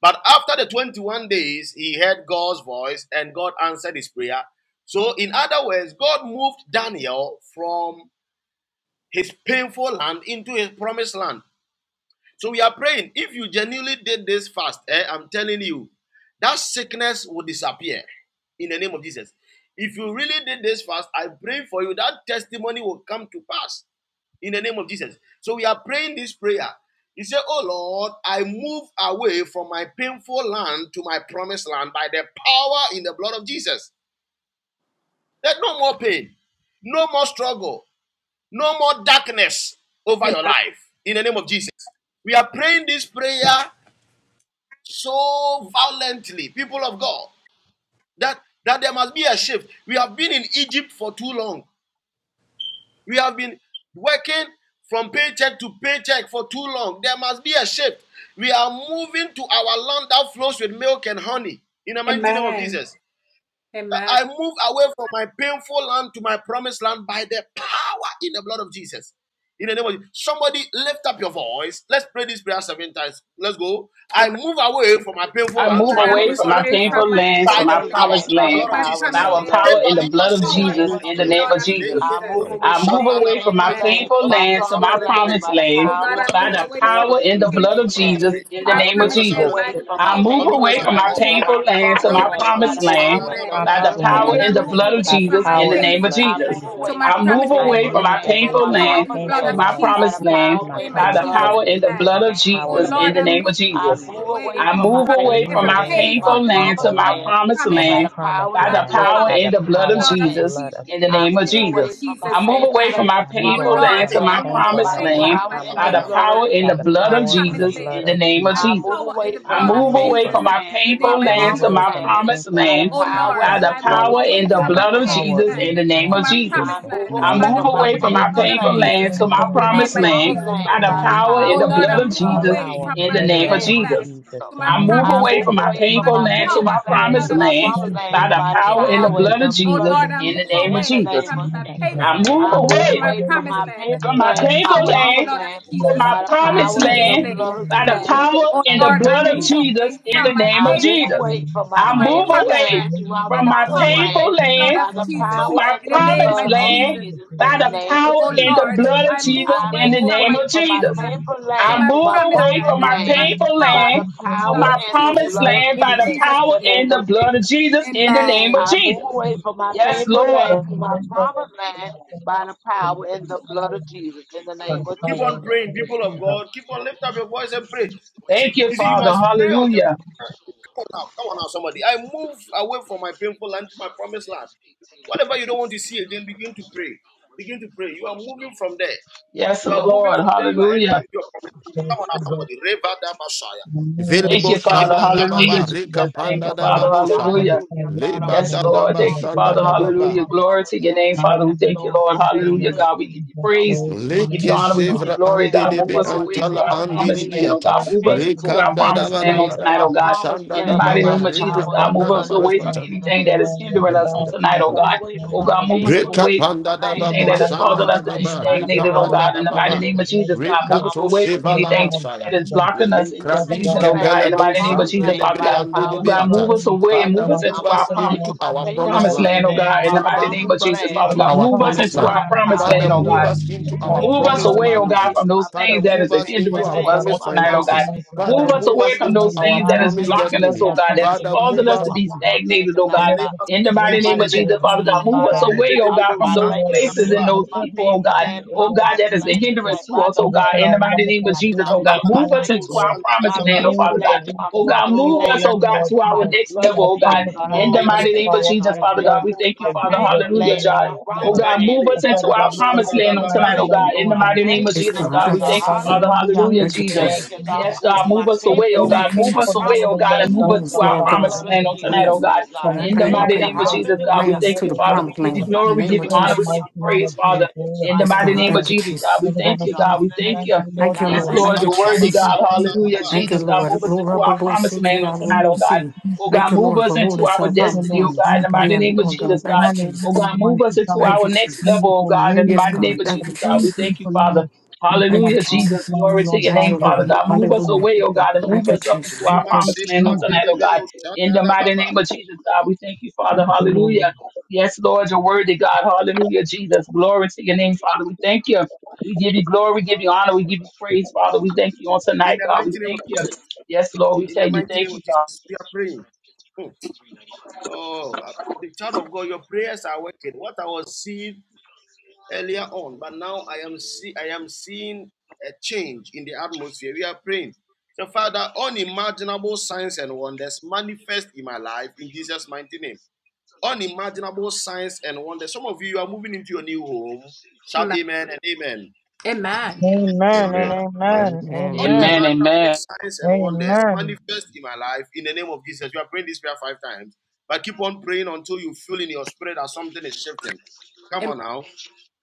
Speaker 4: But after the 21 days, he heard God's voice and God answered his prayer. So, in other words, God moved Daniel from his painful land into his promised land. So we are praying. If you genuinely did this fast, eh, I'm telling you, that sickness will disappear in the name of Jesus. If you really did this fast, I pray for you that testimony will come to pass in the name of Jesus. So we are praying this prayer. You say, Oh Lord, I move away from my painful land to my promised land by the power in the blood of Jesus. There's no more pain, no more struggle, no more darkness over your
Speaker 1: Amen.
Speaker 4: life in the name of Jesus. We are praying this prayer so violently, people of God, that, that there must be a shift. We have been in Egypt for too long. We have been working from paycheck to paycheck for too long. There must be a shift. We are moving to our land that flows with milk and honey. In the mighty name of Jesus.
Speaker 1: Amen.
Speaker 4: I move away from my painful land to my promised land by the power in the blood of Jesus. In the name of Jesus. Somebody lift up your voice. Let's pray this prayer seven times. Let's go. I
Speaker 1: Amen.
Speaker 4: move away from my painful
Speaker 5: I
Speaker 4: land to
Speaker 5: move
Speaker 1: that
Speaker 4: my
Speaker 1: I
Speaker 5: away
Speaker 1: move
Speaker 4: promised
Speaker 5: from
Speaker 4: land
Speaker 5: my
Speaker 1: away from
Speaker 13: land,
Speaker 5: painful
Speaker 1: my
Speaker 5: land to
Speaker 4: by the
Speaker 1: painful
Speaker 5: my
Speaker 13: promised
Speaker 1: land
Speaker 4: power
Speaker 8: I,
Speaker 5: promised
Speaker 13: land
Speaker 4: in the
Speaker 13: by
Speaker 8: I
Speaker 13: the
Speaker 1: to
Speaker 4: blood
Speaker 5: land
Speaker 4: of
Speaker 1: my
Speaker 8: believe
Speaker 13: power
Speaker 8: you
Speaker 13: and
Speaker 5: by
Speaker 13: the
Speaker 4: Jesus.
Speaker 1: promised
Speaker 8: will.
Speaker 5: our
Speaker 1: land
Speaker 13: blood
Speaker 5: power
Speaker 13: of
Speaker 5: in
Speaker 8: And
Speaker 5: the
Speaker 8: I
Speaker 1: by
Speaker 8: uh,
Speaker 13: Jesus.
Speaker 4: Kebadiba
Speaker 5: blood of
Speaker 13: In the
Speaker 4: seka.
Speaker 1: power
Speaker 13: name
Speaker 5: Jesus,
Speaker 13: of
Speaker 1: in
Speaker 5: in the
Speaker 1: the
Speaker 8: pray for
Speaker 13: Jesus,
Speaker 5: name
Speaker 1: blood
Speaker 5: of
Speaker 1: of
Speaker 8: you for
Speaker 5: Jesus.
Speaker 4: Leke
Speaker 13: I
Speaker 8: my
Speaker 1: Jesus.
Speaker 13: move
Speaker 8: promise.
Speaker 4: kodobo
Speaker 13: away
Speaker 5: I
Speaker 13: from
Speaker 5: move
Speaker 4: shanda
Speaker 13: my
Speaker 1: Name,
Speaker 5: away from my
Speaker 13: painful
Speaker 1: amen.
Speaker 13: land,
Speaker 5: painful
Speaker 13: my
Speaker 4: Unmute
Speaker 5: land to
Speaker 4: yourself
Speaker 5: my
Speaker 4: and
Speaker 13: promised
Speaker 4: let's
Speaker 13: land
Speaker 4: pray.
Speaker 8: I
Speaker 5: promised
Speaker 13: by the
Speaker 5: land
Speaker 1: Oh
Speaker 4: Unmute
Speaker 1: God, I
Speaker 13: power
Speaker 8: move
Speaker 4: yourself
Speaker 5: by
Speaker 4: and
Speaker 1: move
Speaker 13: and
Speaker 8: away
Speaker 13: the
Speaker 4: let's
Speaker 5: the
Speaker 8: from
Speaker 1: away
Speaker 4: pray.
Speaker 8: my
Speaker 13: blood
Speaker 1: from
Speaker 5: power
Speaker 13: of
Speaker 8: past and
Speaker 5: in the
Speaker 8: my
Speaker 1: my
Speaker 13: Jesus.
Speaker 4: Unmute
Speaker 5: blood
Speaker 1: painful
Speaker 5: of
Speaker 4: yourself and
Speaker 1: land
Speaker 8: promise
Speaker 13: Amen.
Speaker 15: Die
Speaker 4: let's
Speaker 8: and
Speaker 5: Jesus,
Speaker 15: in
Speaker 4: pray.
Speaker 8: the
Speaker 5: in
Speaker 1: to
Speaker 5: the
Speaker 1: my
Speaker 13: I
Speaker 5: name of
Speaker 15: the
Speaker 4: Unmute
Speaker 1: promised
Speaker 13: move
Speaker 4: yourself
Speaker 1: land
Speaker 4: and
Speaker 5: Jesus.
Speaker 1: by
Speaker 4: let's
Speaker 13: away
Speaker 1: the
Speaker 4: pray.
Speaker 13: from my
Speaker 5: I
Speaker 8: power
Speaker 1: power
Speaker 8: of
Speaker 1: in
Speaker 8: the
Speaker 5: move
Speaker 1: the
Speaker 13: painful
Speaker 4: Unmute
Speaker 1: blood
Speaker 5: away
Speaker 8: blood
Speaker 1: of
Speaker 8: of
Speaker 4: yourself
Speaker 5: from
Speaker 4: and
Speaker 13: land
Speaker 5: my
Speaker 4: let's
Speaker 8: Jesus.
Speaker 13: to the,
Speaker 1: Jesus.
Speaker 4: pray.
Speaker 5: painful
Speaker 13: my
Speaker 5: land
Speaker 1: The
Speaker 5: to
Speaker 4: Hey,
Speaker 13: promised
Speaker 1: Name
Speaker 5: my
Speaker 1: by
Speaker 4: come
Speaker 13: land by
Speaker 5: promised
Speaker 13: the
Speaker 1: Jesus,
Speaker 5: land
Speaker 4: on
Speaker 13: power
Speaker 16: my
Speaker 13: and
Speaker 4: now!
Speaker 13: the
Speaker 1: amen.
Speaker 5: by
Speaker 16: promised
Speaker 5: the
Speaker 13: blood of
Speaker 1: Oh
Speaker 8: And
Speaker 1: God,
Speaker 5: power
Speaker 16: land
Speaker 13: Jesus.
Speaker 1: I
Speaker 5: in the
Speaker 13: In
Speaker 1: move
Speaker 13: the
Speaker 5: blood
Speaker 13: name
Speaker 5: of
Speaker 1: away
Speaker 13: of
Speaker 16: by the
Speaker 1: from
Speaker 5: Jesus,
Speaker 1: my
Speaker 13: Jesus,
Speaker 5: in
Speaker 16: power
Speaker 5: the
Speaker 16: and the
Speaker 5: name
Speaker 1: painful
Speaker 5: of
Speaker 16: blood of
Speaker 13: I
Speaker 1: land
Speaker 13: move
Speaker 5: Jesus.
Speaker 16: Jesus.
Speaker 1: to
Speaker 13: away
Speaker 1: my
Speaker 5: I
Speaker 13: from my
Speaker 5: move
Speaker 1: promised
Speaker 16: I
Speaker 8: remember
Speaker 1: land
Speaker 5: away
Speaker 8: you.
Speaker 13: painful
Speaker 5: from my
Speaker 16: move
Speaker 13: land
Speaker 1: by
Speaker 13: to
Speaker 16: away
Speaker 1: the
Speaker 5: painful
Speaker 13: my
Speaker 16: from my
Speaker 1: power
Speaker 5: land
Speaker 1: in the
Speaker 13: promised
Speaker 1: blood
Speaker 5: to
Speaker 16: painful
Speaker 1: of
Speaker 13: land
Speaker 5: my
Speaker 16: land
Speaker 13: by
Speaker 1: Jesus.
Speaker 5: promised
Speaker 13: the
Speaker 8: I
Speaker 5: land
Speaker 13: power
Speaker 16: to
Speaker 8: think
Speaker 16: my
Speaker 1: Name
Speaker 13: and
Speaker 8: well,
Speaker 13: the
Speaker 1: by
Speaker 5: by
Speaker 8: that's
Speaker 16: promised
Speaker 5: the
Speaker 8: my
Speaker 13: blood
Speaker 1: Jesus,
Speaker 13: of
Speaker 8: promise.
Speaker 5: power
Speaker 16: land
Speaker 5: in the
Speaker 8: man.
Speaker 13: Jesus.
Speaker 1: amen.
Speaker 13: In the
Speaker 5: blood
Speaker 16: by the
Speaker 5: of
Speaker 13: name of
Speaker 1: Oh
Speaker 16: power
Speaker 5: Jesus,
Speaker 16: and
Speaker 13: Jesus.
Speaker 16: the
Speaker 5: in
Speaker 1: Lord,
Speaker 5: the
Speaker 1: I
Speaker 16: blood
Speaker 5: name
Speaker 8: The
Speaker 1: move
Speaker 5: of
Speaker 16: of
Speaker 8: power
Speaker 13: I
Speaker 8: and the
Speaker 5: Jesus.
Speaker 8: blood
Speaker 13: move
Speaker 16: Jesus.
Speaker 8: of Jesus.
Speaker 13: away
Speaker 1: away
Speaker 5: I
Speaker 13: from my
Speaker 5: move
Speaker 15: middle,
Speaker 1: from
Speaker 16: I
Speaker 5: away
Speaker 13: painful
Speaker 16: move
Speaker 5: from
Speaker 1: every
Speaker 5: my
Speaker 16: away
Speaker 13: land to
Speaker 16: from
Speaker 13: my
Speaker 1: painful
Speaker 16: my
Speaker 5: painful
Speaker 1: land,
Speaker 5: land
Speaker 13: promised
Speaker 5: to
Speaker 16: painful
Speaker 1: from
Speaker 5: my
Speaker 1: the
Speaker 16: land
Speaker 13: land
Speaker 5: promised
Speaker 16: to
Speaker 13: and
Speaker 1: promised
Speaker 16: my
Speaker 13: by the
Speaker 1: land,
Speaker 5: land
Speaker 13: power
Speaker 16: promised
Speaker 5: by
Speaker 13: and
Speaker 8: That's
Speaker 13: the
Speaker 1: by the
Speaker 5: the
Speaker 8: my
Speaker 16: land
Speaker 8: faith.
Speaker 13: blood
Speaker 5: power
Speaker 1: power
Speaker 13: of
Speaker 16: by
Speaker 5: and
Speaker 16: the
Speaker 1: of
Speaker 5: the
Speaker 8: My
Speaker 13: Jesus.
Speaker 1: the
Speaker 5: blood of
Speaker 8: promise.
Speaker 16: power
Speaker 1: blood
Speaker 16: of the
Speaker 1: of
Speaker 13: Amen.
Speaker 5: Jesus,
Speaker 16: blood
Speaker 1: Jesus.
Speaker 16: of
Speaker 5: in the
Speaker 13: I
Speaker 1: In
Speaker 5: name of
Speaker 1: the
Speaker 16: Jesus.
Speaker 13: move
Speaker 1: name of
Speaker 5: Jesus.
Speaker 13: away from my
Speaker 5: I
Speaker 1: Jesus,
Speaker 5: move
Speaker 13: paper
Speaker 5: away from
Speaker 16: And
Speaker 1: amen.
Speaker 5: my
Speaker 13: land
Speaker 16: I
Speaker 13: to my
Speaker 16: move
Speaker 1: Oh
Speaker 5: painful
Speaker 16: away
Speaker 1: Lord,
Speaker 5: land
Speaker 13: farmer's
Speaker 16: from
Speaker 5: to
Speaker 16: my
Speaker 1: I
Speaker 5: my
Speaker 13: land
Speaker 4: come on
Speaker 1: move
Speaker 16: painful
Speaker 4: now.
Speaker 13: by
Speaker 8: 35
Speaker 5: promised
Speaker 13: the
Speaker 16: land
Speaker 1: away
Speaker 16: to my
Speaker 1: from
Speaker 5: land
Speaker 1: my
Speaker 13: power
Speaker 4: Come
Speaker 13: and
Speaker 16: promised
Speaker 5: by
Speaker 13: the
Speaker 4: on now.
Speaker 5: the
Speaker 16: land
Speaker 1: painful
Speaker 13: blood of
Speaker 5: power
Speaker 1: life
Speaker 5: and
Speaker 16: by
Speaker 5: the
Speaker 16: the
Speaker 13: Jesus,
Speaker 1: to
Speaker 13: in
Speaker 5: blood
Speaker 13: the
Speaker 1: my
Speaker 5: of
Speaker 16: power
Speaker 13: name of
Speaker 16: and the
Speaker 1: promised
Speaker 5: Jesus,
Speaker 13: Jesus.
Speaker 5: in
Speaker 16: blood
Speaker 1: land
Speaker 8: more
Speaker 5: the
Speaker 16: of
Speaker 5: name of
Speaker 1: by the
Speaker 13: I
Speaker 16: Jesus.
Speaker 13: move
Speaker 5: Jesus.
Speaker 1: power in the
Speaker 13: away
Speaker 5: I
Speaker 13: from
Speaker 16: In
Speaker 1: blood
Speaker 16: the
Speaker 1: of
Speaker 13: my
Speaker 8: anyone
Speaker 5: move
Speaker 16: name of
Speaker 8: in
Speaker 5: away
Speaker 13: painful
Speaker 16: Jesus.
Speaker 1: Jesus.
Speaker 5: from my
Speaker 13: land
Speaker 1: In the
Speaker 13: to my
Speaker 5: painful
Speaker 1: name of
Speaker 16: I
Speaker 5: land
Speaker 16: move
Speaker 5: to
Speaker 13: promised
Speaker 16: away
Speaker 1: Jesus,
Speaker 5: my
Speaker 16: from my
Speaker 13: land
Speaker 1: amen.
Speaker 5: promised
Speaker 16: painful
Speaker 13: by the
Speaker 5: land
Speaker 1: O
Speaker 16: land to my
Speaker 13: power
Speaker 1: Lord,
Speaker 5: by
Speaker 13: and the
Speaker 5: the
Speaker 16: promised
Speaker 1: I move
Speaker 13: blood
Speaker 16: land
Speaker 13: of
Speaker 5: power
Speaker 1: away
Speaker 5: and the
Speaker 13: Jesus,
Speaker 1: from
Speaker 16: by the
Speaker 1: my
Speaker 13: in
Speaker 5: blood
Speaker 13: the
Speaker 5: of
Speaker 13: name
Speaker 1: painful
Speaker 16: power
Speaker 13: of
Speaker 5: Jesus,
Speaker 16: in
Speaker 5: in
Speaker 16: the
Speaker 1: land
Speaker 5: the
Speaker 13: Jesus.
Speaker 5: name
Speaker 1: to
Speaker 16: blood
Speaker 5: of
Speaker 1: my
Speaker 16: of
Speaker 5: Jesus.
Speaker 13: I
Speaker 1: promised
Speaker 16: Jesus.
Speaker 13: move
Speaker 16: In
Speaker 1: land
Speaker 16: the
Speaker 5: I
Speaker 13: away
Speaker 1: by
Speaker 16: name
Speaker 1: the
Speaker 5: move
Speaker 13: from
Speaker 16: of
Speaker 13: my
Speaker 1: power
Speaker 5: away
Speaker 1: and
Speaker 5: from
Speaker 1: the
Speaker 5: my
Speaker 16: Jesus,
Speaker 13: painful
Speaker 1: blood of
Speaker 5: painful
Speaker 13: land
Speaker 1: Jesus.
Speaker 5: land
Speaker 16: I
Speaker 5: to my
Speaker 16: move
Speaker 1: In
Speaker 13: to
Speaker 16: away
Speaker 1: the
Speaker 13: my
Speaker 1: name
Speaker 5: promised
Speaker 16: from
Speaker 1: of
Speaker 16: my
Speaker 5: land
Speaker 13: promised
Speaker 16: painful
Speaker 1: Jesus,
Speaker 16: land
Speaker 5: by
Speaker 13: land
Speaker 16: to
Speaker 5: the
Speaker 13: by
Speaker 16: my
Speaker 1: amen.
Speaker 13: the
Speaker 5: power
Speaker 16: promised
Speaker 1: O
Speaker 5: and the
Speaker 13: power
Speaker 16: land
Speaker 1: Lord,
Speaker 13: and
Speaker 5: blood
Speaker 1: I
Speaker 13: the
Speaker 16: by
Speaker 5: of
Speaker 1: move
Speaker 16: the
Speaker 13: blood of
Speaker 5: Jesus,
Speaker 1: away
Speaker 16: power
Speaker 1: from
Speaker 16: in
Speaker 13: Jesus,
Speaker 5: in
Speaker 1: my
Speaker 5: the
Speaker 16: the
Speaker 13: in the
Speaker 5: name of
Speaker 16: blood
Speaker 13: name
Speaker 16: of
Speaker 1: painful
Speaker 13: of
Speaker 1: land
Speaker 5: Jesus.
Speaker 16: Jesus.
Speaker 13: Jesus.
Speaker 1: to my
Speaker 16: In
Speaker 10: Thank
Speaker 5: I
Speaker 16: the
Speaker 5: move
Speaker 16: name
Speaker 13: I
Speaker 1: promised
Speaker 16: of
Speaker 5: away
Speaker 13: move
Speaker 1: land
Speaker 5: from my
Speaker 16: Jesus.
Speaker 13: away from
Speaker 1: by
Speaker 5: painful
Speaker 1: the
Speaker 13: my
Speaker 5: land to
Speaker 1: power
Speaker 13: painful
Speaker 5: my
Speaker 1: and the
Speaker 13: land
Speaker 5: promised
Speaker 1: blood
Speaker 13: to my
Speaker 1: of
Speaker 16: Hallelujah.
Speaker 5: land
Speaker 8: This
Speaker 1: Jesus.
Speaker 13: promised land
Speaker 5: by
Speaker 1: name.
Speaker 5: the
Speaker 13: by the
Speaker 5: power and the
Speaker 1: Amen.
Speaker 13: power and
Speaker 5: blood of
Speaker 13: the
Speaker 16: Hallelujah.
Speaker 1: O
Speaker 13: blood of
Speaker 5: Jesus
Speaker 1: Lord, I
Speaker 5: in the
Speaker 1: move
Speaker 13: Jesus.
Speaker 5: name
Speaker 13: In
Speaker 5: of
Speaker 13: the
Speaker 1: away
Speaker 5: Jesus.
Speaker 13: name
Speaker 1: from
Speaker 13: of
Speaker 1: my
Speaker 16: Thank
Speaker 8: no.
Speaker 13: Jesus.
Speaker 16: you,
Speaker 1: painful
Speaker 5: I
Speaker 8: no,
Speaker 16: Lord.
Speaker 5: move
Speaker 1: land
Speaker 13: I
Speaker 8: you-
Speaker 13: move
Speaker 1: to
Speaker 5: away
Speaker 1: my
Speaker 13: away from
Speaker 1: promised
Speaker 13: my
Speaker 1: land
Speaker 13: painful
Speaker 5: from my
Speaker 1: by the
Speaker 13: land to my
Speaker 5: painful
Speaker 1: power and the
Speaker 5: land
Speaker 13: promised
Speaker 1: blood of
Speaker 13: land
Speaker 5: to
Speaker 1: Jesus.
Speaker 5: my
Speaker 13: by the
Speaker 1: In
Speaker 5: promised
Speaker 13: power and
Speaker 1: Jesus'
Speaker 13: the
Speaker 5: land
Speaker 16: Hallelujah.
Speaker 1: name,
Speaker 13: blood of
Speaker 5: by the
Speaker 1: amen.
Speaker 13: Jesus.
Speaker 5: power
Speaker 13: In the
Speaker 1: O
Speaker 5: and
Speaker 8: 22nd.
Speaker 5: the
Speaker 13: name
Speaker 1: Lord,
Speaker 13: of
Speaker 1: I
Speaker 5: blood of
Speaker 1: move
Speaker 13: Jesus.
Speaker 5: Jesus
Speaker 1: away
Speaker 5: in the
Speaker 1: from my
Speaker 5: name
Speaker 13: I
Speaker 5: of
Speaker 13: move
Speaker 1: painful land
Speaker 5: Jesus.
Speaker 13: away from my
Speaker 5: I
Speaker 1: to my
Speaker 5: move
Speaker 13: painful
Speaker 16: Hallelujah.
Speaker 1: promised
Speaker 8: Twelfth
Speaker 5: away
Speaker 1: land
Speaker 13: land to
Speaker 8: birthday
Speaker 13: my
Speaker 1: by
Speaker 8: of
Speaker 5: from
Speaker 1: the
Speaker 5: my
Speaker 13: promised
Speaker 1: power
Speaker 5: painful
Speaker 13: land
Speaker 1: and the blood
Speaker 5: land
Speaker 1: of
Speaker 13: by the
Speaker 5: to
Speaker 1: Jesus.
Speaker 8: Louis
Speaker 13: power
Speaker 5: my
Speaker 13: and
Speaker 1: In the
Speaker 13: the
Speaker 1: name
Speaker 5: promised
Speaker 1: of
Speaker 13: blood of
Speaker 5: land
Speaker 1: Jesus,
Speaker 13: Jesus. In
Speaker 5: by
Speaker 13: the
Speaker 5: the
Speaker 1: amen.
Speaker 13: name of
Speaker 5: power
Speaker 1: Oh
Speaker 5: and
Speaker 13: Jesus.
Speaker 5: the
Speaker 1: Lord,
Speaker 5: blood of
Speaker 1: I move
Speaker 5: Jesus
Speaker 13: I
Speaker 5: in
Speaker 1: away
Speaker 13: move
Speaker 5: the
Speaker 1: from
Speaker 5: name
Speaker 1: my
Speaker 13: away
Speaker 5: of
Speaker 13: from my
Speaker 1: painful
Speaker 5: Jesus.
Speaker 1: land
Speaker 13: painful
Speaker 1: to
Speaker 5: I
Speaker 13: land
Speaker 1: my
Speaker 13: to
Speaker 5: move
Speaker 13: my
Speaker 1: promised
Speaker 5: away from
Speaker 13: promised
Speaker 1: land
Speaker 5: my
Speaker 1: by
Speaker 13: land
Speaker 1: the
Speaker 5: painful
Speaker 8: at
Speaker 1: power
Speaker 13: by
Speaker 5: land
Speaker 13: the
Speaker 5: to
Speaker 1: and the
Speaker 13: power
Speaker 1: blood
Speaker 5: my
Speaker 1: of
Speaker 13: and
Speaker 8: room
Speaker 13: the
Speaker 1: Jesus.
Speaker 5: promised
Speaker 13: blood of
Speaker 5: land by
Speaker 1: In
Speaker 5: the
Speaker 13: Jesus. In
Speaker 1: Jesus'
Speaker 5: power
Speaker 13: the
Speaker 1: name,
Speaker 5: and
Speaker 13: name
Speaker 5: the
Speaker 13: of
Speaker 5: blood of
Speaker 13: Jesus.
Speaker 5: Jesus in the name of
Speaker 1: amen.
Speaker 13: I move
Speaker 5: Jesus.
Speaker 13: away from my
Speaker 5: Yes,
Speaker 13: painful land
Speaker 5: Lord.
Speaker 13: to my promised land by the power and the blood of Jesus. In the name of
Speaker 4: Keep on
Speaker 13: Jesus.
Speaker 4: praying, people of
Speaker 13: Amen.
Speaker 4: God. Keep on lift up your voice and pray. See,
Speaker 5: Thank you,
Speaker 4: you see, you
Speaker 5: Father.
Speaker 4: must pray until come
Speaker 5: Hallelujah.
Speaker 4: on now, come on now, somebody. I move away from my painful land to my promised land. Whatever you don't want to see again, begin to pray. Begin to pray. You are moving from there.
Speaker 5: Yes,
Speaker 4: You are moving
Speaker 5: Lord.
Speaker 4: from there. You are entering
Speaker 5: Hallelujah.
Speaker 4: your promised land. Come on now,
Speaker 10: you.
Speaker 4: somebody. Revada Bashaya.
Speaker 10: and
Speaker 5: Thank
Speaker 10: Knowing
Speaker 9: Available
Speaker 5: you,
Speaker 4: Oh
Speaker 10: from our
Speaker 5: Father.
Speaker 9: Shanda
Speaker 10: faith
Speaker 9: da
Speaker 10: and
Speaker 5: Hallelujah,
Speaker 9: Baba,
Speaker 10: from
Speaker 9: Rika
Speaker 5: Jesus.
Speaker 10: the
Speaker 13: Thank
Speaker 5: Thank you,
Speaker 9: Panda
Speaker 13: you,
Speaker 9: da
Speaker 5: Father.
Speaker 10: fountain
Speaker 9: Baba
Speaker 13: Father.
Speaker 9: Shapa,
Speaker 10: and the
Speaker 5: Hallelujah.
Speaker 13: Hallelujah.
Speaker 10: fire
Speaker 13: God,
Speaker 10: and
Speaker 13: I
Speaker 10: the
Speaker 9: Leba
Speaker 5: Yes,
Speaker 13: move
Speaker 10: blood
Speaker 9: da
Speaker 10: of
Speaker 13: from
Speaker 9: da
Speaker 13: my
Speaker 5: Lord.
Speaker 9: ba
Speaker 5: Thank
Speaker 10: Jesus,
Speaker 5: you,
Speaker 13: promise,
Speaker 10: In the
Speaker 9: Shanda
Speaker 5: Father.
Speaker 9: da
Speaker 10: name of Jesus.
Speaker 13: moving to
Speaker 9: Baba.
Speaker 5: Hallelujah.
Speaker 13: my
Speaker 5: Glory to
Speaker 13: promised
Speaker 5: your name,
Speaker 13: land.
Speaker 5: Father. We
Speaker 13: Yes,
Speaker 5: thank you,
Speaker 10: Hallelujah,
Speaker 13: Lord. In
Speaker 5: Lord.
Speaker 10: thank
Speaker 13: the
Speaker 10: you,
Speaker 13: name
Speaker 5: Hallelujah,
Speaker 13: of
Speaker 10: Lord
Speaker 5: God. We give
Speaker 13: Jesus.
Speaker 5: you
Speaker 10: Jesus,
Speaker 5: praise.
Speaker 10: glory to
Speaker 13: I
Speaker 10: your
Speaker 5: We give
Speaker 10: name,
Speaker 5: you
Speaker 9: Leke
Speaker 5: honor.
Speaker 10: mighty
Speaker 5: We give
Speaker 10: God.
Speaker 5: you
Speaker 9: Shivra
Speaker 13: promised
Speaker 5: glory,
Speaker 13: land.
Speaker 9: ande
Speaker 5: God.
Speaker 9: de
Speaker 10: Father
Speaker 13: Yes,
Speaker 5: Move
Speaker 10: God,
Speaker 5: us
Speaker 10: we
Speaker 13: Lord, in
Speaker 5: away
Speaker 13: the
Speaker 10: thank
Speaker 5: to
Speaker 9: antala
Speaker 13: name
Speaker 10: you
Speaker 5: our
Speaker 13: of
Speaker 10: for
Speaker 13: Jesus,
Speaker 10: your
Speaker 9: andi
Speaker 13: I'm
Speaker 9: di
Speaker 5: promised
Speaker 13: here
Speaker 10: angel,
Speaker 5: land, oh
Speaker 13: moved
Speaker 9: biata,
Speaker 5: God.
Speaker 10: God,
Speaker 5: Move
Speaker 10: for the
Speaker 5: us
Speaker 10: goodness
Speaker 5: into
Speaker 13: painful
Speaker 5: our
Speaker 10: and
Speaker 9: da
Speaker 10: mercy
Speaker 5: promised
Speaker 9: ba
Speaker 10: of
Speaker 5: land
Speaker 9: da
Speaker 10: your
Speaker 5: on
Speaker 9: ba
Speaker 13: land to
Speaker 9: da
Speaker 5: tonight,
Speaker 13: my
Speaker 9: ba,
Speaker 5: oh
Speaker 10: Jesus.
Speaker 5: God.
Speaker 13: promised
Speaker 9: Shanda
Speaker 5: In the
Speaker 9: da
Speaker 13: land
Speaker 5: mighty
Speaker 13: by
Speaker 10: Lord,
Speaker 9: Baba,
Speaker 5: name
Speaker 13: the
Speaker 5: of
Speaker 10: Lord,
Speaker 13: power
Speaker 5: Jesus,
Speaker 9: Rika
Speaker 10: I
Speaker 13: of
Speaker 5: God,
Speaker 13: the
Speaker 10: move
Speaker 5: move
Speaker 9: Panda da
Speaker 10: away
Speaker 5: us
Speaker 13: blood of
Speaker 5: away
Speaker 10: from
Speaker 5: from
Speaker 10: our
Speaker 9: Baba.
Speaker 13: Jesus. In the
Speaker 5: anything
Speaker 10: future
Speaker 5: that
Speaker 13: name of
Speaker 5: is
Speaker 10: land, Lord
Speaker 5: hindering
Speaker 13: Jesus,
Speaker 5: us on
Speaker 10: God, from
Speaker 5: tonight,
Speaker 13: I'm
Speaker 10: our
Speaker 5: oh
Speaker 13: moving
Speaker 5: God.
Speaker 10: promised
Speaker 13: away from
Speaker 5: Oh
Speaker 10: land,
Speaker 13: my
Speaker 5: God,
Speaker 10: Lord
Speaker 5: move us
Speaker 10: Jesus,
Speaker 13: painful
Speaker 9: Reka
Speaker 5: away
Speaker 9: panda
Speaker 5: from
Speaker 9: da
Speaker 13: land
Speaker 10: in
Speaker 13: to
Speaker 5: anything
Speaker 10: the
Speaker 9: babo
Speaker 5: that
Speaker 13: my
Speaker 5: is
Speaker 10: life and
Speaker 9: shanda
Speaker 5: causing
Speaker 10: the
Speaker 13: promised
Speaker 5: us
Speaker 9: da
Speaker 5: to be
Speaker 13: land
Speaker 9: baba.
Speaker 10: situations,
Speaker 13: by the
Speaker 10: Lord
Speaker 9: Reka
Speaker 5: stagnated, oh
Speaker 10: God,
Speaker 13: power
Speaker 10: in
Speaker 13: of
Speaker 9: panda
Speaker 5: God.
Speaker 10: the
Speaker 13: the
Speaker 5: In
Speaker 9: da
Speaker 5: the
Speaker 13: blood
Speaker 5: mighty
Speaker 10: power of
Speaker 13: of
Speaker 9: baba.
Speaker 5: name
Speaker 10: the
Speaker 5: of
Speaker 10: blood
Speaker 13: Jesus.
Speaker 5: Jesus,
Speaker 10: of
Speaker 5: God,
Speaker 9: Reka
Speaker 5: move
Speaker 10: Jesus,
Speaker 5: us
Speaker 13: I'm
Speaker 9: to
Speaker 5: away
Speaker 13: moving
Speaker 5: from
Speaker 13: away
Speaker 10: in
Speaker 9: shiva
Speaker 13: from
Speaker 10: the
Speaker 9: la
Speaker 13: my
Speaker 5: anything
Speaker 10: name of
Speaker 13: painful
Speaker 9: basaya.
Speaker 5: that is
Speaker 10: Jesus.
Speaker 5: blocking us in
Speaker 9: Ilekra
Speaker 5: this
Speaker 10: Father
Speaker 13: land to
Speaker 5: season,
Speaker 10: God,
Speaker 5: oh
Speaker 10: I
Speaker 5: God. In
Speaker 10: thank
Speaker 9: diskepele
Speaker 5: the
Speaker 10: you
Speaker 13: my
Speaker 9: do
Speaker 5: mighty
Speaker 10: for
Speaker 5: name
Speaker 10: my
Speaker 5: of
Speaker 13: promised
Speaker 9: sante
Speaker 5: Jesus,
Speaker 10: goodness,
Speaker 13: land
Speaker 5: Father
Speaker 13: by
Speaker 9: lebre
Speaker 5: God.
Speaker 13: the
Speaker 10: because I
Speaker 9: de
Speaker 13: power
Speaker 10: don't
Speaker 5: Oh
Speaker 13: of the
Speaker 10: live
Speaker 5: God,
Speaker 10: my
Speaker 13: blood
Speaker 5: move
Speaker 9: beata.
Speaker 13: of
Speaker 5: us
Speaker 10: way
Speaker 5: away
Speaker 13: Jesus.
Speaker 5: and
Speaker 10: for
Speaker 5: move
Speaker 9: Father,
Speaker 5: us
Speaker 10: my
Speaker 9: move
Speaker 5: into
Speaker 13: I'm
Speaker 5: our
Speaker 9: us
Speaker 13: moving
Speaker 10: sinful
Speaker 5: promise
Speaker 8: day,
Speaker 13: away
Speaker 9: into
Speaker 13: from
Speaker 10: life,
Speaker 13: my
Speaker 10: for
Speaker 9: our
Speaker 10: my
Speaker 9: promised
Speaker 13: painful
Speaker 5: promised
Speaker 10: powerful
Speaker 9: land.
Speaker 5: land, oh
Speaker 13: land to
Speaker 5: God,
Speaker 10: life,
Speaker 5: in
Speaker 13: my
Speaker 5: the mighty
Speaker 9: Father,
Speaker 5: name
Speaker 13: promised
Speaker 5: of
Speaker 9: move us
Speaker 5: Jesus,
Speaker 13: land
Speaker 10: for
Speaker 5: Father
Speaker 9: into
Speaker 10: my
Speaker 5: God.
Speaker 9: our
Speaker 5: Move
Speaker 13: by
Speaker 5: us
Speaker 13: the
Speaker 9: promised
Speaker 5: into
Speaker 10: promising
Speaker 5: our
Speaker 9: land.
Speaker 13: by the
Speaker 10: life,
Speaker 5: promised
Speaker 13: power of
Speaker 9: Father,
Speaker 5: land,
Speaker 10: God.
Speaker 5: oh
Speaker 13: the
Speaker 9: move
Speaker 5: God.
Speaker 13: blood of
Speaker 9: us into
Speaker 13: Jesus.
Speaker 9: our
Speaker 10: All of the
Speaker 5: Move us
Speaker 13: I'm
Speaker 9: promised
Speaker 5: away,
Speaker 10: burden,
Speaker 5: oh
Speaker 13: moving
Speaker 5: God,
Speaker 13: away
Speaker 9: marriages.
Speaker 5: from
Speaker 13: from
Speaker 5: those
Speaker 13: my
Speaker 9: Father,
Speaker 10: of the
Speaker 5: things that
Speaker 9: move
Speaker 5: is a
Speaker 9: us into
Speaker 13: Faithful
Speaker 5: hindrance
Speaker 9: our
Speaker 10: Father
Speaker 5: to us
Speaker 10: God,
Speaker 13: land,
Speaker 10: I
Speaker 13: you
Speaker 5: on
Speaker 9: promised
Speaker 13: are
Speaker 10: thank
Speaker 5: tonight,
Speaker 10: you
Speaker 5: oh
Speaker 10: for
Speaker 13: promised
Speaker 5: God.
Speaker 9: finances.
Speaker 10: my
Speaker 13: land. Right
Speaker 9: Father,
Speaker 5: Move
Speaker 10: God.
Speaker 13: now, in
Speaker 5: us
Speaker 13: the
Speaker 9: move
Speaker 5: away
Speaker 8: Yeah.
Speaker 9: us
Speaker 13: name
Speaker 5: from
Speaker 10: And
Speaker 13: of
Speaker 10: I
Speaker 9: into
Speaker 10: will
Speaker 5: those
Speaker 13: Jesus,
Speaker 10: be
Speaker 9: our
Speaker 5: things
Speaker 13: God,
Speaker 5: that
Speaker 13: I
Speaker 5: is
Speaker 10: moving
Speaker 9: promised
Speaker 13: pray for
Speaker 10: away
Speaker 5: blocking
Speaker 13: them
Speaker 5: us,
Speaker 10: from
Speaker 13: to
Speaker 9: destiny.
Speaker 5: oh
Speaker 10: my
Speaker 13: have
Speaker 5: God,
Speaker 13: my
Speaker 5: that
Speaker 10: first
Speaker 5: is
Speaker 9: Father,
Speaker 13: faithful
Speaker 5: causing
Speaker 13: land.
Speaker 9: move
Speaker 10: surrender,
Speaker 5: us
Speaker 9: us
Speaker 5: to
Speaker 13: You
Speaker 10: Lord
Speaker 13: are
Speaker 5: be
Speaker 10: Jesus.
Speaker 13: promised land
Speaker 5: stagnated, oh
Speaker 13: tonight,
Speaker 5: God.
Speaker 10: Whatever
Speaker 13: God.
Speaker 10: the
Speaker 5: In the
Speaker 13: In the
Speaker 5: mighty name
Speaker 13: mighty
Speaker 5: of
Speaker 10: situations that
Speaker 13: name
Speaker 10: will
Speaker 5: Jesus,
Speaker 13: of
Speaker 10: be
Speaker 5: Father
Speaker 13: Jesus,
Speaker 10: in
Speaker 5: God,
Speaker 10: my
Speaker 5: move
Speaker 13: God,
Speaker 5: us
Speaker 13: I,
Speaker 10: God.
Speaker 5: away, oh
Speaker 13: I,
Speaker 5: God,
Speaker 13: I
Speaker 5: from
Speaker 10: Oh
Speaker 5: those
Speaker 13: thank
Speaker 10: Lord
Speaker 13: you for
Speaker 5: places
Speaker 10: Jesus,
Speaker 13: moving
Speaker 5: and
Speaker 13: me to
Speaker 5: those
Speaker 13: my
Speaker 10: whatever
Speaker 5: people,
Speaker 10: we
Speaker 5: oh
Speaker 13: faithful
Speaker 5: God.
Speaker 10: do,
Speaker 13: land to
Speaker 10: oh
Speaker 13: my
Speaker 5: Oh
Speaker 10: Lord
Speaker 5: God,
Speaker 13: promised
Speaker 5: that is a
Speaker 10: Jesus,
Speaker 13: land tonight
Speaker 5: hindrance to
Speaker 13: by
Speaker 5: us,
Speaker 13: the
Speaker 5: oh
Speaker 10: whether it's
Speaker 13: blood
Speaker 5: God.
Speaker 10: in
Speaker 13: of
Speaker 5: In the
Speaker 10: our
Speaker 13: Jesus
Speaker 5: mighty
Speaker 10: life,
Speaker 5: name of
Speaker 10: our
Speaker 13: tonight,
Speaker 5: Jesus,
Speaker 13: God.
Speaker 5: oh
Speaker 10: business,
Speaker 5: God,
Speaker 10: our
Speaker 5: move
Speaker 13: I
Speaker 5: us
Speaker 13: thank you
Speaker 10: finances,
Speaker 5: into
Speaker 13: for
Speaker 10: Lord,
Speaker 5: our
Speaker 13: moving from
Speaker 5: promised
Speaker 13: my
Speaker 5: land, oh
Speaker 10: remove
Speaker 13: painful
Speaker 5: Father God.
Speaker 13: land to
Speaker 10: away
Speaker 13: my
Speaker 10: from
Speaker 5: Oh
Speaker 10: our
Speaker 5: God,
Speaker 13: promised
Speaker 5: move
Speaker 10: painful
Speaker 5: us,
Speaker 13: land
Speaker 4: yes,
Speaker 5: oh
Speaker 10: land,
Speaker 5: God,
Speaker 10: Lord
Speaker 4: Lord.
Speaker 5: to our
Speaker 13: by
Speaker 10: Jesus,
Speaker 13: the
Speaker 5: next
Speaker 13: blood of
Speaker 5: level,
Speaker 10: our
Speaker 5: oh
Speaker 13: Jesus.
Speaker 5: God.
Speaker 10: promised
Speaker 13: God, I
Speaker 5: In
Speaker 4: Oh
Speaker 5: the
Speaker 10: land
Speaker 13: thank
Speaker 10: by
Speaker 4: yes,
Speaker 13: you
Speaker 10: the
Speaker 5: mighty
Speaker 4: Lord.
Speaker 5: name of
Speaker 13: tonight.
Speaker 10: power
Speaker 13: God,
Speaker 5: Jesus,
Speaker 10: in
Speaker 13: I
Speaker 10: the
Speaker 5: Father
Speaker 13: thank you
Speaker 5: God,
Speaker 10: blood
Speaker 5: we
Speaker 13: for
Speaker 5: thank you,
Speaker 13: my
Speaker 10: of
Speaker 5: Father.
Speaker 10: Jesus,
Speaker 13: paper
Speaker 10: in the
Speaker 5: Hallelujah,
Speaker 13: land,
Speaker 10: name
Speaker 5: God.
Speaker 13: my
Speaker 10: of
Speaker 4: In the
Speaker 5: Oh
Speaker 10: Jesus.
Speaker 13: promised
Speaker 4: mighty
Speaker 5: God,
Speaker 13: land,
Speaker 5: move
Speaker 10: So
Speaker 4: name,
Speaker 5: us into
Speaker 10: Father
Speaker 13: with the
Speaker 4: Kadaba
Speaker 5: our
Speaker 10: God, we
Speaker 13: blood of
Speaker 10: thank
Speaker 4: Shanda
Speaker 5: promised
Speaker 10: you
Speaker 5: land on
Speaker 13: Jesus.
Speaker 10: tonight,
Speaker 4: Dababa,
Speaker 5: tonight,
Speaker 10: oh
Speaker 5: oh
Speaker 13: Thank
Speaker 10: Lord
Speaker 13: you,
Speaker 5: God. In the
Speaker 13: Lord. I
Speaker 10: Jesus.
Speaker 5: mighty name
Speaker 13: thank
Speaker 5: of
Speaker 13: you
Speaker 6: it's
Speaker 5: Jesus,
Speaker 10: And
Speaker 6: gone.
Speaker 5: God,
Speaker 13: tonight,
Speaker 10: oh
Speaker 6: Thank
Speaker 5: we
Speaker 6: you,
Speaker 13: God.
Speaker 10: Lord
Speaker 5: thank you,
Speaker 10: God,
Speaker 6: Jesus.
Speaker 10: we
Speaker 5: Father.
Speaker 10: will be
Speaker 13: Hallelujah.
Speaker 5: Hallelujah,
Speaker 10: moved,
Speaker 6: Thank you,
Speaker 10: oh
Speaker 5: Jesus.
Speaker 13: Thank
Speaker 10: Lord
Speaker 6: Jesus.
Speaker 13: you, God,
Speaker 10: Jesus,
Speaker 5: Yes,
Speaker 13: for
Speaker 5: God,
Speaker 13: moving
Speaker 5: move
Speaker 13: my
Speaker 5: us
Speaker 10: from
Speaker 5: away,
Speaker 13: paper
Speaker 5: oh
Speaker 10: any
Speaker 6: Thank
Speaker 5: God.
Speaker 13: land,
Speaker 6: you,
Speaker 5: Move
Speaker 13: my
Speaker 5: us
Speaker 10: painful
Speaker 6: Jesus.
Speaker 5: away,
Speaker 10: land,
Speaker 5: oh
Speaker 13: promised
Speaker 10: oh
Speaker 5: God,
Speaker 10: Lord
Speaker 5: and
Speaker 13: land,
Speaker 5: move
Speaker 10: God,
Speaker 5: us
Speaker 10: into
Speaker 5: to
Speaker 6: Yes,
Speaker 10: our
Speaker 5: our
Speaker 13: by
Speaker 6: Lord
Speaker 13: the
Speaker 10: promised
Speaker 6: God,
Speaker 5: promised
Speaker 13: blood of
Speaker 10: land,
Speaker 5: land
Speaker 10: Lord
Speaker 5: on
Speaker 13: Jesus
Speaker 5: tonight,
Speaker 6: away
Speaker 5: oh
Speaker 10: God.
Speaker 5: God.
Speaker 6: fro-
Speaker 13: tonight,
Speaker 10: That
Speaker 13: God.
Speaker 6: from
Speaker 10: we
Speaker 6: the
Speaker 13: I
Speaker 5: In
Speaker 10: may
Speaker 5: the
Speaker 6: pain, my
Speaker 13: thank
Speaker 10: live
Speaker 5: mighty
Speaker 13: you.
Speaker 10: a
Speaker 5: name
Speaker 6: pain,
Speaker 5: of Jesus,
Speaker 10: sanctuary
Speaker 5: God,
Speaker 10: of
Speaker 5: we
Speaker 10: your
Speaker 13: Hallelujah.
Speaker 6: nameless
Speaker 5: thank
Speaker 10: will,
Speaker 6: to
Speaker 5: you,
Speaker 6: the
Speaker 10: oh
Speaker 13: Thank
Speaker 5: Father.
Speaker 13: you
Speaker 10: Lord
Speaker 5: We
Speaker 13: for
Speaker 6: promised
Speaker 5: give
Speaker 10: Jesus
Speaker 5: you
Speaker 13: moving
Speaker 6: land.
Speaker 13: my
Speaker 5: glory,
Speaker 6: In
Speaker 5: we
Speaker 6: the
Speaker 4: in
Speaker 6: name
Speaker 5: give
Speaker 6: of
Speaker 4: the
Speaker 5: you
Speaker 13: paper
Speaker 10: in
Speaker 5: honor,
Speaker 10: the
Speaker 13: land,
Speaker 5: we give
Speaker 6: Jesus.
Speaker 10: mighty
Speaker 13: my
Speaker 5: you
Speaker 10: name of
Speaker 5: praise,
Speaker 13: promised
Speaker 5: Father.
Speaker 10: Jesus.
Speaker 13: land,
Speaker 5: In the
Speaker 13: by
Speaker 6: Yes,
Speaker 13: the
Speaker 5: mighty
Speaker 6: God.
Speaker 13: blood
Speaker 5: name of
Speaker 13: of
Speaker 10: hallelujah.
Speaker 6: Thank you,
Speaker 5: Jesus,
Speaker 13: Jesus
Speaker 5: God,
Speaker 6: Jesus.
Speaker 5: we
Speaker 10: Father God,
Speaker 5: thank
Speaker 13: tonight,
Speaker 5: you,
Speaker 10: I
Speaker 13: God.
Speaker 10: thank
Speaker 5: God.
Speaker 13: In
Speaker 10: you
Speaker 5: We
Speaker 13: the
Speaker 5: thank
Speaker 10: tonight,
Speaker 13: name
Speaker 5: you.
Speaker 13: of
Speaker 10: my
Speaker 13: Jesus,
Speaker 10: Lord
Speaker 6: Thank
Speaker 13: I
Speaker 6: you,
Speaker 5: Yes,
Speaker 10: God.
Speaker 6: Lord.
Speaker 4: great
Speaker 13: thank
Speaker 5: Lord,
Speaker 6: Thank you,
Speaker 13: you.
Speaker 5: you're worthy,
Speaker 4: Kadaba
Speaker 13: Thank
Speaker 10: Thank
Speaker 13: you,
Speaker 6: Jesus.
Speaker 10: you,
Speaker 5: God.
Speaker 4: Shanda
Speaker 13: thank
Speaker 10: Jesus.
Speaker 13: you,
Speaker 5: Hallelujah,
Speaker 13: thank
Speaker 4: Dababa,
Speaker 13: you.
Speaker 6: Thank you,
Speaker 5: Jesus. God,
Speaker 6: Lord.
Speaker 5: move us
Speaker 6: Glory,
Speaker 5: into our
Speaker 6: Babo, see,
Speaker 5: promised land on tonight,
Speaker 10: Thank
Speaker 5: oh
Speaker 6: Kiara,
Speaker 10: you,
Speaker 5: God.
Speaker 6: see.
Speaker 10: Jesus.
Speaker 5: Oh
Speaker 6: Thank
Speaker 5: God,
Speaker 6: you,
Speaker 5: move
Speaker 6: Lord,
Speaker 5: us
Speaker 6: for holding
Speaker 5: into
Speaker 6: us to
Speaker 5: our
Speaker 6: our
Speaker 10: Thank you,
Speaker 6: promised
Speaker 5: destiny,
Speaker 10: Lord
Speaker 5: oh God.
Speaker 6: land.
Speaker 5: In the
Speaker 10: Jesus.
Speaker 5: mighty
Speaker 6: Land,
Speaker 5: name of
Speaker 6: Lord
Speaker 5: Jesus,
Speaker 6: God. Thank
Speaker 5: God.
Speaker 6: you,
Speaker 5: Oh
Speaker 6: Jesus.
Speaker 10: Hallelujah,
Speaker 5: God, move us
Speaker 10: mighty
Speaker 5: into
Speaker 10: God.
Speaker 6: Thank
Speaker 5: our
Speaker 6: you,
Speaker 5: next
Speaker 6: Jesus.
Speaker 10: Move
Speaker 5: level,
Speaker 10: us
Speaker 5: oh God,
Speaker 10: away
Speaker 5: in the
Speaker 6: Yes,
Speaker 5: mighty
Speaker 10: Lord
Speaker 5: name
Speaker 6: God.
Speaker 5: of
Speaker 10: Jesus,
Speaker 6: Thank
Speaker 10: from
Speaker 6: you,
Speaker 5: Jesus, God.
Speaker 8: Yeah.
Speaker 10: any
Speaker 5: We
Speaker 6: Jesus.
Speaker 8: Yeah.
Speaker 5: thank you,
Speaker 10: sinful
Speaker 5: Father.
Speaker 10: life and from
Speaker 6: Thank
Speaker 10: our
Speaker 6: you,
Speaker 5: Hallelujah,
Speaker 10: parents,
Speaker 5: Jesus.
Speaker 6: Jesus.
Speaker 10: Lord,
Speaker 5: Glory to
Speaker 10: Lord
Speaker 5: your
Speaker 6: Thank
Speaker 10: God,
Speaker 5: name,
Speaker 6: you,
Speaker 10: we
Speaker 5: Father
Speaker 10: give
Speaker 6: Lord.
Speaker 5: God.
Speaker 10: thanks
Speaker 5: Move
Speaker 10: to
Speaker 5: us
Speaker 10: you,
Speaker 6: Hallelujah.
Speaker 5: away,
Speaker 10: Lord
Speaker 5: oh
Speaker 10: God.
Speaker 5: God, and move
Speaker 6: Thank you,
Speaker 5: us up
Speaker 4: in
Speaker 5: into
Speaker 4: the
Speaker 6: Jesus.
Speaker 5: our
Speaker 10: We
Speaker 4: name of
Speaker 10: say,
Speaker 5: promised land on
Speaker 10: Jesus,
Speaker 4: Sebrande
Speaker 5: tonight,
Speaker 10: thank
Speaker 5: oh
Speaker 8: Yeah.
Speaker 5: God.
Speaker 4: Debedo
Speaker 5: In
Speaker 4: Shanda
Speaker 5: the mighty
Speaker 4: Dababa,
Speaker 5: name of Jesus, God, we thank you, Father.
Speaker 10: you, Lord.
Speaker 5: Hallelujah. Yes, Lord, you're
Speaker 8: yeah,
Speaker 5: worthy, God. Hallelujah, Jesus. Glory to your name, Father. We thank you. We give you glory. We give you honor. We give you praise, Father. We thank you on
Speaker 4: in
Speaker 5: tonight,
Speaker 4: the
Speaker 5: God. We
Speaker 4: mighty name of
Speaker 5: thank you.
Speaker 4: Jesus,
Speaker 5: Yes, Lord, we
Speaker 4: in the
Speaker 5: tell you,
Speaker 4: mighty
Speaker 5: thank
Speaker 4: name of
Speaker 5: you, Father.
Speaker 4: Jesus, we are praying. Hmm. Oh, uh, the child of God, your prayers are working. What I was seeing earlier on, but now I am see, I am seeing a change in the atmosphere. We are praying. So, Father, unimaginable signs and wonders manifest in my life in Jesus' mighty name. unimaginable signs and wonders. Some of you, you are moving into your new home. Shout
Speaker 1: Amen.
Speaker 4: amen and amen.
Speaker 1: Amen.
Speaker 8: yeah.
Speaker 10: Amen and
Speaker 8: Amen. Amen.
Speaker 10: amen.
Speaker 11: Amen.
Speaker 5: Amen,
Speaker 10: Amen.
Speaker 4: Unimaginable
Speaker 5: amen.
Speaker 4: signs and wonders
Speaker 10: Amen.
Speaker 4: manifest in my life in the name of Jesus. You are praying this prayer five times, but keep on praying until you feel in your spirit that something is shifting. Come
Speaker 1: amen.
Speaker 4: on now.